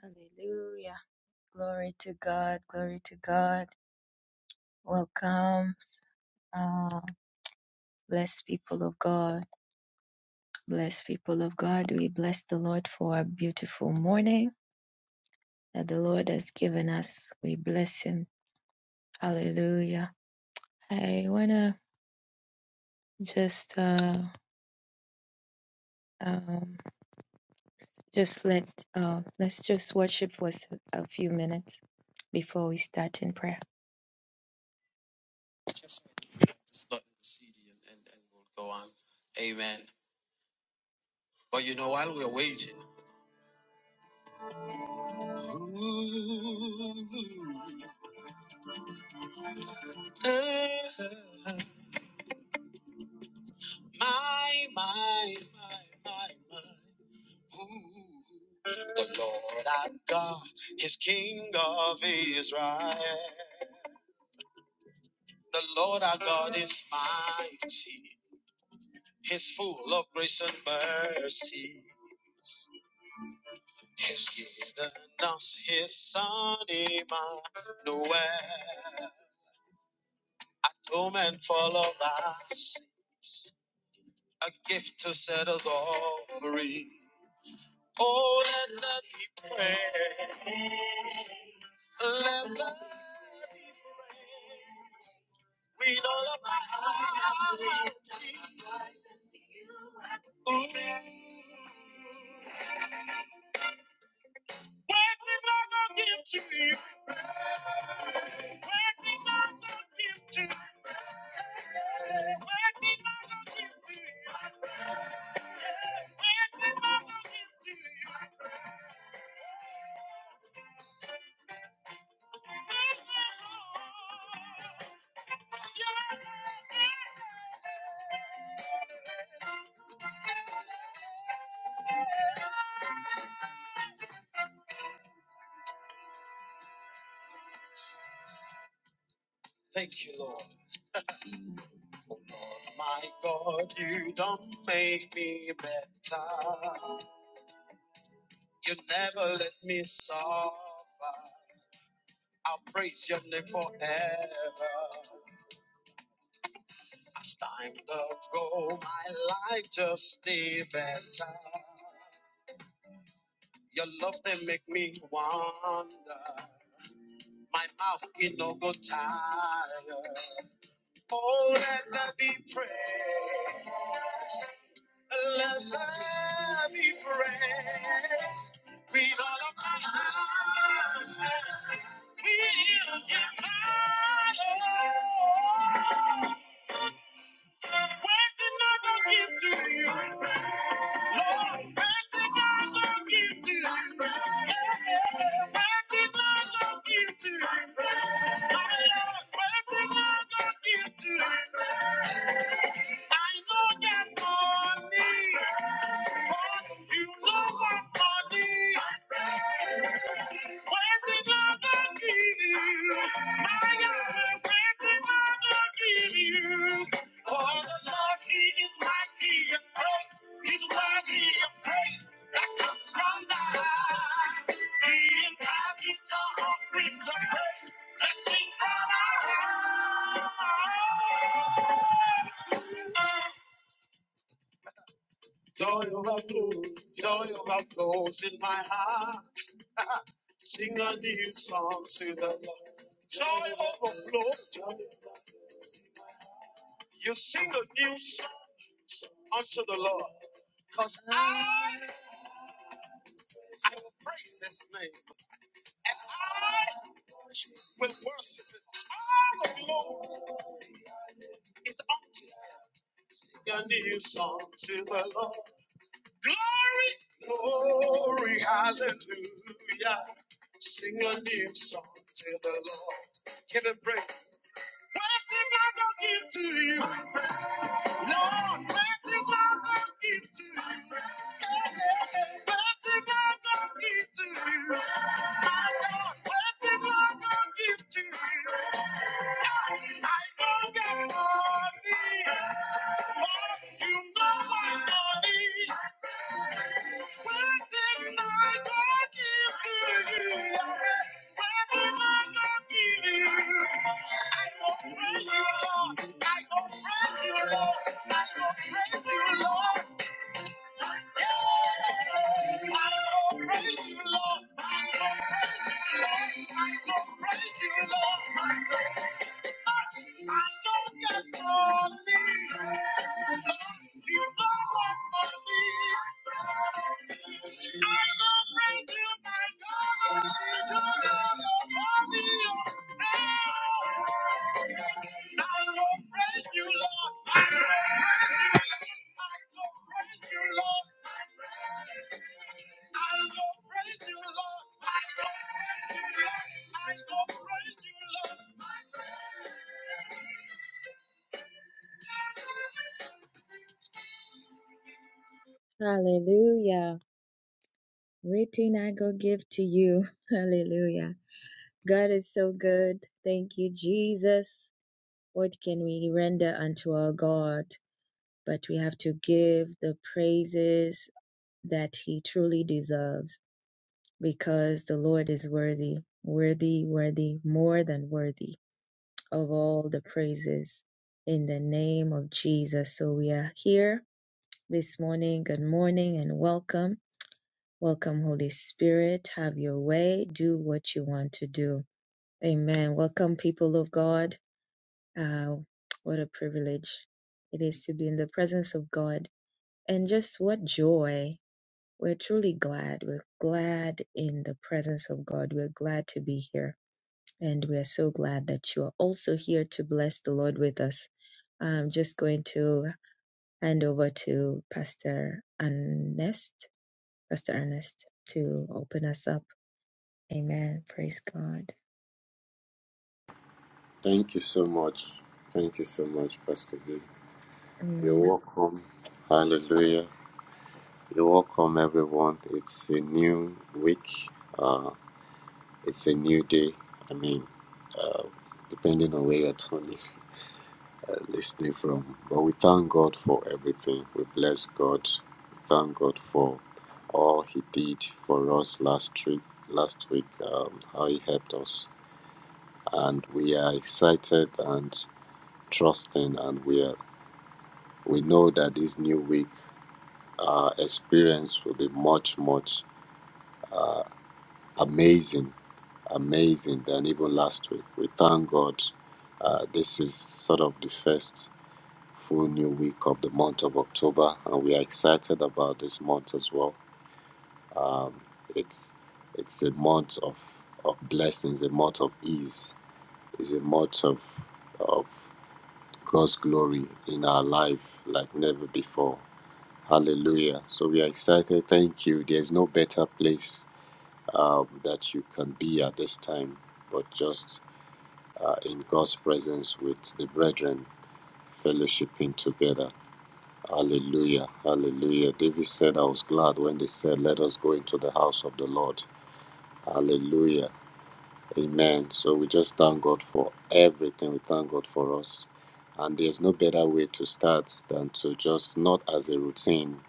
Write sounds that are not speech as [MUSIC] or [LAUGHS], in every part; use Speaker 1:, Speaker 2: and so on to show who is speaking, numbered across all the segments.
Speaker 1: Hallelujah. Glory to God. Glory to God. Welcome. Uh, blessed people of God. Blessed people of God. We bless the Lord for a beautiful morning that the Lord has given us. We bless Him. Hallelujah. I want to just. Uh, um, just let uh, let's just worship for s- a few minutes before we start in prayer. Just let the CD and, and, and we'll go on. Amen. But you know, while we're waiting, Ooh, ah, my, my, my, my, my. Ooh, the Lord our God is King of Israel. The Lord our God is mighty, He's full of grace and mercy. He's given us His Son, Emmanuel, to men full of us. a gift to set us all free. Oh, let love be praised. Let love be praised. with all of my heart is Ooh. What did I not give to you? What did I not give to you? What did I not give to you? Thank you, Lord. My God, you don't make me better. You never let me suffer. I'll praise your name forever. As time to go, my life just stay better. Your love they make me wonder. My mouth it no go tired. Oh, let there be praise. Let her be praised with all of my heart. We'll get my Lord. What did another give to you? Lord, what another give to you? What another give to you? My Lord, what another give to you? I know that money. But you love my body. Something I do give you. My love, something I don't give you. For the Lord, He is mighty and great. He's worthy of praise that comes from the high. He inhabits our praise. Let's sing from our heart. Joy overflows, joy overflows in my heart. [LAUGHS] Sing a new song to the Lord. Joy overflows. You sing a new song unto the Lord. Because I, I will praise his name. And I will worship him. I, the Lord, is unto him. Sing a new song to the Lord. Glory, glory, hallelujah. Sing a new song to the Lord. Give him praise. What did I not give to you? Lord, what did I not give to you? What did I not give to you? My Lord, what did I not give to you? I don't get money. But you know I'm money you? I will praise you, Lord. I will praise you, Lord. I will praise you, Lord. Thank you. I will praise Hallelujah. Waiting, I go give to you. [LAUGHS] Hallelujah. God is so good. Thank you, Jesus. What can we render unto our God? But we have to give the praises that He truly deserves because the Lord is worthy, worthy, worthy, more than worthy of all the praises in the name of Jesus. So we are here this morning. Good morning and welcome. Welcome, Holy Spirit. Have your way. Do what you want to do. Amen. Welcome, people of God. Uh, what a privilege it is to be in the presence of God. And just what joy. We're truly glad. We're glad in the presence of God. We're glad to be here. And we are so glad that you are also here to bless the Lord with us. I'm just going to hand over to Pastor Ernest, Pastor Ernest, to open us up. Amen. Praise God.
Speaker 2: Thank you so much. Thank you so much, Pastor B. You're
Speaker 1: Amen.
Speaker 2: welcome. Hallelujah. You're welcome, everyone. It's a new week. Uh, it's a new day. I mean, uh, depending on where you're tuning, uh, listening from. But we thank God for everything. We bless God. We thank God for all He did for us last week. Last week, um, how He helped us, and we are excited and trusting, and we are We know that this new week uh, experience will be much, much uh, amazing, amazing than even last week. We thank God. Uh, this is sort of the first full new week of the month of October, and we are excited about this month as well. Um, it's it's a month of of blessings, a month of ease, is a month of of God's glory in our life like never before. Hallelujah. So we are excited. Thank you. There's no better place um, that you can be at this time, but just uh, in God's presence with the brethren, fellowshipping together. Hallelujah. Hallelujah. David said, I was glad when they said, Let us go into the house of the Lord. Hallelujah. Amen. So we just thank God for everything. We thank God for us. And there's no better way to start than to just, not as a routine,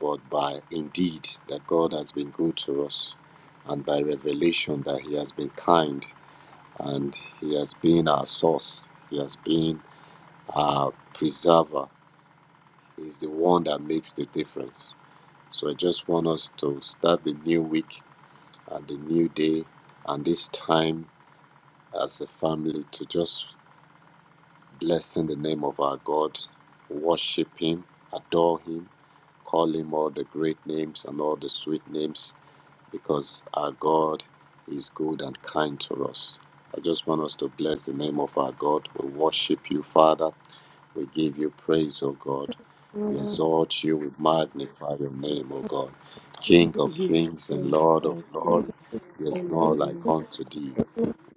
Speaker 2: but by indeed that God has been good to us, and by revelation that He has been kind and He has been our source, He has been our preserver. He's the one that makes the difference. So I just want us to start the new week and the new day and this time as a family to just bless in the name of our God, worship Him, adore Him, call Him all the great names and all the sweet names because our God is good and kind to us. I just want us to bless the name of our God. We worship you, Father. We give you praise, O God. We exalt you. We magnify your name, O God. King of
Speaker 3: give you
Speaker 2: kings and
Speaker 3: praise
Speaker 2: Lord of
Speaker 3: and
Speaker 2: lords,
Speaker 3: praise.
Speaker 2: there's
Speaker 3: honor
Speaker 2: no like
Speaker 3: you,
Speaker 2: unto thee.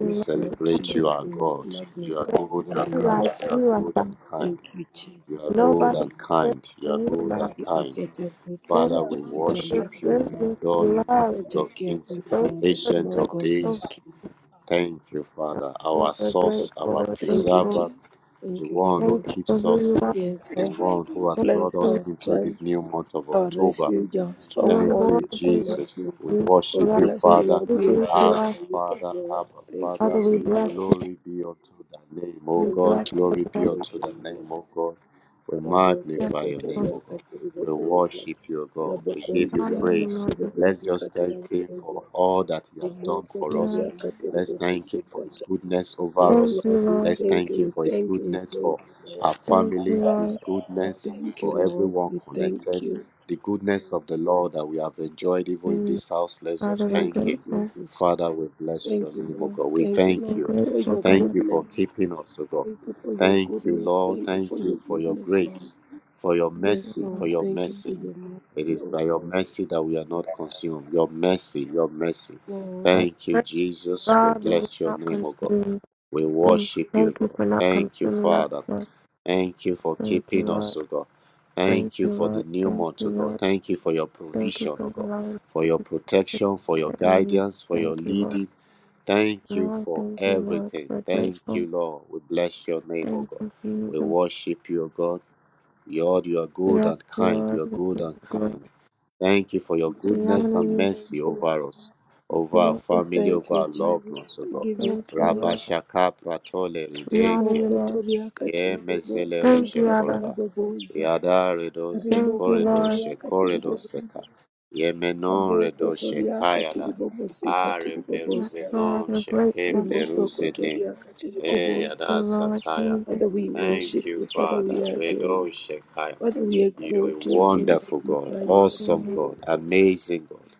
Speaker 2: We
Speaker 3: exalt you,
Speaker 2: celebrate you,
Speaker 3: Lord,
Speaker 2: our
Speaker 3: and
Speaker 2: God. You are
Speaker 3: magnify
Speaker 2: good
Speaker 3: your
Speaker 2: and
Speaker 3: holy name.
Speaker 2: kind.
Speaker 4: like
Speaker 2: You are
Speaker 4: you,
Speaker 2: good and
Speaker 4: Asa.
Speaker 2: kind.
Speaker 3: Thank you,
Speaker 2: You
Speaker 3: Jesus.
Speaker 2: are
Speaker 3: Thank you,
Speaker 2: good
Speaker 4: Nobody
Speaker 2: and
Speaker 3: Lord.
Speaker 4: like
Speaker 2: kind. You are
Speaker 4: you,
Speaker 2: good
Speaker 4: Asa.
Speaker 2: and
Speaker 3: You are
Speaker 2: kind.
Speaker 3: such a good God.
Speaker 2: Father,
Speaker 4: Thank
Speaker 3: You're
Speaker 4: you
Speaker 2: we
Speaker 3: such a
Speaker 4: for
Speaker 2: worship
Speaker 4: your
Speaker 3: loving
Speaker 2: you, we
Speaker 3: God.
Speaker 4: gracious
Speaker 2: adore you,
Speaker 3: You're
Speaker 4: love.
Speaker 2: King
Speaker 3: such a
Speaker 2: of Kings,
Speaker 3: caring
Speaker 4: Thank you
Speaker 3: God. There is
Speaker 4: for
Speaker 2: Ancient
Speaker 3: no
Speaker 2: of
Speaker 3: God
Speaker 4: grateful.
Speaker 2: Days.
Speaker 3: like you.
Speaker 2: Thank you, Father,
Speaker 4: I'm
Speaker 2: our
Speaker 4: so
Speaker 2: source, our
Speaker 4: grateful. I'm
Speaker 3: Thank you,
Speaker 4: grateful.
Speaker 2: preserver,
Speaker 3: Jesus.
Speaker 2: the
Speaker 3: Thank you,
Speaker 2: one who
Speaker 3: Lord.
Speaker 4: Thank you for
Speaker 2: keeps
Speaker 4: who you
Speaker 2: us,
Speaker 4: are.
Speaker 3: Yes,
Speaker 2: the
Speaker 3: our
Speaker 2: one
Speaker 3: hiding
Speaker 2: who has
Speaker 4: Thank
Speaker 2: brought
Speaker 3: place,
Speaker 2: us
Speaker 4: you.
Speaker 3: our
Speaker 2: into this
Speaker 3: strength,
Speaker 2: new month of
Speaker 3: our
Speaker 2: October.
Speaker 3: refuge, our
Speaker 4: You are
Speaker 2: Thank
Speaker 4: more
Speaker 3: stronghold,
Speaker 2: you,
Speaker 3: we
Speaker 4: than
Speaker 3: honor
Speaker 2: Jesus.
Speaker 3: you.
Speaker 2: We
Speaker 4: enough
Speaker 3: We
Speaker 4: for
Speaker 2: worship you,
Speaker 4: us. You
Speaker 3: bless
Speaker 4: are
Speaker 3: you,
Speaker 2: Father.
Speaker 3: Lord. We
Speaker 4: everything to
Speaker 2: Abba,
Speaker 4: us.
Speaker 3: exalt you, O
Speaker 2: Father,
Speaker 3: God.
Speaker 2: Abba,
Speaker 3: Thank
Speaker 2: Father.
Speaker 4: Father,
Speaker 3: you,
Speaker 4: we bless
Speaker 3: Jesus.
Speaker 4: you.
Speaker 2: Glory be unto the name, O
Speaker 4: We
Speaker 3: Thank
Speaker 2: God.
Speaker 3: you,
Speaker 4: bless you.
Speaker 3: Jesus.
Speaker 2: Glory
Speaker 4: We
Speaker 2: be
Speaker 4: bless
Speaker 3: Thank
Speaker 2: unto
Speaker 3: you,
Speaker 2: the
Speaker 3: my
Speaker 2: name,
Speaker 3: Lord.
Speaker 2: O God. We
Speaker 3: Rabo
Speaker 2: magnify
Speaker 3: soko
Speaker 2: your name,
Speaker 4: you.
Speaker 3: toria
Speaker 2: O God.
Speaker 3: katiribo
Speaker 2: We
Speaker 3: boza.
Speaker 2: worship you, O God.
Speaker 3: Rabo
Speaker 2: We
Speaker 4: We
Speaker 2: give you
Speaker 3: kondria
Speaker 4: honor you,
Speaker 2: praise.
Speaker 3: katiribo
Speaker 4: Lord.
Speaker 2: Let's
Speaker 3: bozi
Speaker 2: just thank
Speaker 3: katara
Speaker 2: him
Speaker 3: boza.
Speaker 2: for all that he has done
Speaker 3: Rimoko
Speaker 2: for us.
Speaker 4: Yeah.
Speaker 3: toria
Speaker 2: Let's
Speaker 3: katiribo
Speaker 2: thank him
Speaker 3: bozi
Speaker 2: for his
Speaker 3: kata.
Speaker 2: goodness over
Speaker 3: Yes,
Speaker 4: Thank
Speaker 2: us.
Speaker 4: you,
Speaker 3: Lord, we
Speaker 4: Lord.
Speaker 2: Let's
Speaker 3: thank
Speaker 2: thank
Speaker 3: you,
Speaker 2: him
Speaker 3: we
Speaker 2: for his
Speaker 3: thank you, we
Speaker 2: goodness for
Speaker 3: thank you,
Speaker 2: our
Speaker 3: Lord.
Speaker 4: Thank you,
Speaker 2: family, his
Speaker 4: Lord.
Speaker 3: We
Speaker 2: goodness
Speaker 3: thank you,
Speaker 2: for
Speaker 3: Lord,
Speaker 2: everyone
Speaker 3: we
Speaker 2: connected
Speaker 3: thank you.
Speaker 2: the goodness of the Lord that we have enjoyed even in
Speaker 4: Mm.
Speaker 2: this house. Let's
Speaker 4: Father,
Speaker 2: just
Speaker 4: we're
Speaker 3: Thank
Speaker 2: thank
Speaker 3: you,
Speaker 4: grateful.
Speaker 2: Him.
Speaker 4: We're
Speaker 3: Jesus.
Speaker 2: Father, we bless your
Speaker 3: Thank you,
Speaker 2: name, O God.
Speaker 3: Lord.
Speaker 2: We
Speaker 3: Thank you,
Speaker 2: thank
Speaker 3: Lord,
Speaker 2: you.
Speaker 3: for
Speaker 4: grateful,
Speaker 3: your
Speaker 2: Thank
Speaker 4: God.
Speaker 2: you for
Speaker 3: goodness.
Speaker 2: keeping us, O God.
Speaker 3: Thank you for your
Speaker 2: Thank you,
Speaker 3: goodness.
Speaker 2: Lord.
Speaker 3: Thank you for
Speaker 2: Thank
Speaker 3: your
Speaker 2: you for your
Speaker 3: goodness, Lord.
Speaker 2: grace, for your
Speaker 3: Yes,
Speaker 2: mercy, for
Speaker 3: Lord.
Speaker 2: your
Speaker 3: Thank you for
Speaker 2: mercy.
Speaker 3: your
Speaker 2: It
Speaker 3: mercy,
Speaker 2: is
Speaker 3: oh
Speaker 2: by your
Speaker 3: Lord.
Speaker 2: mercy that we are not consumed. Your mercy, your mercy.
Speaker 3: Lord.
Speaker 2: Thank you,
Speaker 4: Lord.
Speaker 2: Jesus. We
Speaker 4: Father, we're
Speaker 2: bless your
Speaker 4: not
Speaker 2: name, O God.
Speaker 4: consumed.
Speaker 2: We
Speaker 4: Mm.
Speaker 2: worship you,
Speaker 4: Thank you
Speaker 2: God.
Speaker 4: for not
Speaker 2: Thank you,
Speaker 4: consuming us,
Speaker 2: Father.
Speaker 4: Lord.
Speaker 2: Thank you for
Speaker 4: Thank you,
Speaker 2: keeping us, O
Speaker 4: Lord.
Speaker 2: God.
Speaker 4: Thank
Speaker 2: Thank you
Speaker 4: you,
Speaker 2: for the
Speaker 4: Lord.
Speaker 2: new
Speaker 4: Thank
Speaker 2: month,
Speaker 4: you,
Speaker 2: O God.
Speaker 4: Lord.
Speaker 2: Thank you for your
Speaker 4: Thank you
Speaker 2: provision, O
Speaker 4: for
Speaker 2: God,
Speaker 4: allowing
Speaker 2: for your protection, for your
Speaker 4: the enemy.
Speaker 2: guidance, for your
Speaker 4: Thank you, Lord.
Speaker 2: leading. Thank you
Speaker 4: Lord,
Speaker 2: for
Speaker 4: thank you, Lord.
Speaker 2: everything.
Speaker 4: We're
Speaker 2: Thank
Speaker 4: grateful.
Speaker 2: you, Lord. We bless your name, O
Speaker 4: Thank
Speaker 2: God.
Speaker 4: you,
Speaker 2: We
Speaker 4: Jesus.
Speaker 2: worship you, O God. Lord, you are good and
Speaker 4: Yes,
Speaker 2: kind.
Speaker 4: Lord.
Speaker 2: You are
Speaker 4: We
Speaker 2: good
Speaker 4: give
Speaker 2: and
Speaker 4: you glory.
Speaker 2: kind. Thank you for your
Speaker 4: We honor
Speaker 2: goodness
Speaker 3: Jesus,
Speaker 2: and
Speaker 3: we
Speaker 4: you.
Speaker 2: mercy
Speaker 3: thank you, Lord.
Speaker 2: over us, over
Speaker 4: We
Speaker 2: our
Speaker 3: We
Speaker 2: family,
Speaker 3: thank
Speaker 2: over
Speaker 3: you,
Speaker 2: our loved ones,
Speaker 3: Jesus.
Speaker 2: O
Speaker 3: We
Speaker 2: God.
Speaker 3: give you
Speaker 4: thank you,
Speaker 2: Rabba
Speaker 4: Lord.
Speaker 3: praise.
Speaker 2: Shaka Pratole
Speaker 4: We
Speaker 2: Ride
Speaker 4: honor you, Lord.
Speaker 3: Mokotoria
Speaker 2: Ye Mezele
Speaker 3: katiribobosa,
Speaker 4: Thank
Speaker 2: Rushe
Speaker 4: you, Abba.
Speaker 2: Koroda.
Speaker 3: katarabobosa.
Speaker 2: Yada Redo Ze
Speaker 4: Thank you,
Speaker 2: Korido
Speaker 4: Lord.
Speaker 3: Rimokotoria
Speaker 2: She Korido Seka.
Speaker 3: katiribobosa.
Speaker 2: Ye Menon Redo She
Speaker 3: Abokotoria
Speaker 2: Kayada.
Speaker 3: katiribobosi,
Speaker 2: Are
Speaker 4: Yes,
Speaker 2: Bleruze
Speaker 3: katiribobosa.
Speaker 4: Lord.
Speaker 2: Non
Speaker 4: We're
Speaker 2: She Ke
Speaker 4: grateful.
Speaker 2: Bleruze Ne.
Speaker 3: Rimosokotoria
Speaker 2: E
Speaker 4: You,
Speaker 3: katiribobosa.
Speaker 2: Yada
Speaker 4: Lord
Speaker 2: Sataya.
Speaker 3: Father,
Speaker 4: Jesus.
Speaker 3: we
Speaker 2: Thank
Speaker 3: worship
Speaker 2: you,
Speaker 3: you. Father, we
Speaker 2: Father.
Speaker 3: adore
Speaker 2: Redo
Speaker 3: you.
Speaker 2: Shekiah.
Speaker 3: Father, we
Speaker 2: You're a
Speaker 3: exalt you and we
Speaker 2: wonderful God,
Speaker 3: magnify you.
Speaker 2: awesome
Speaker 4: Yeah.
Speaker 2: God,
Speaker 3: Yes,
Speaker 2: amazing God.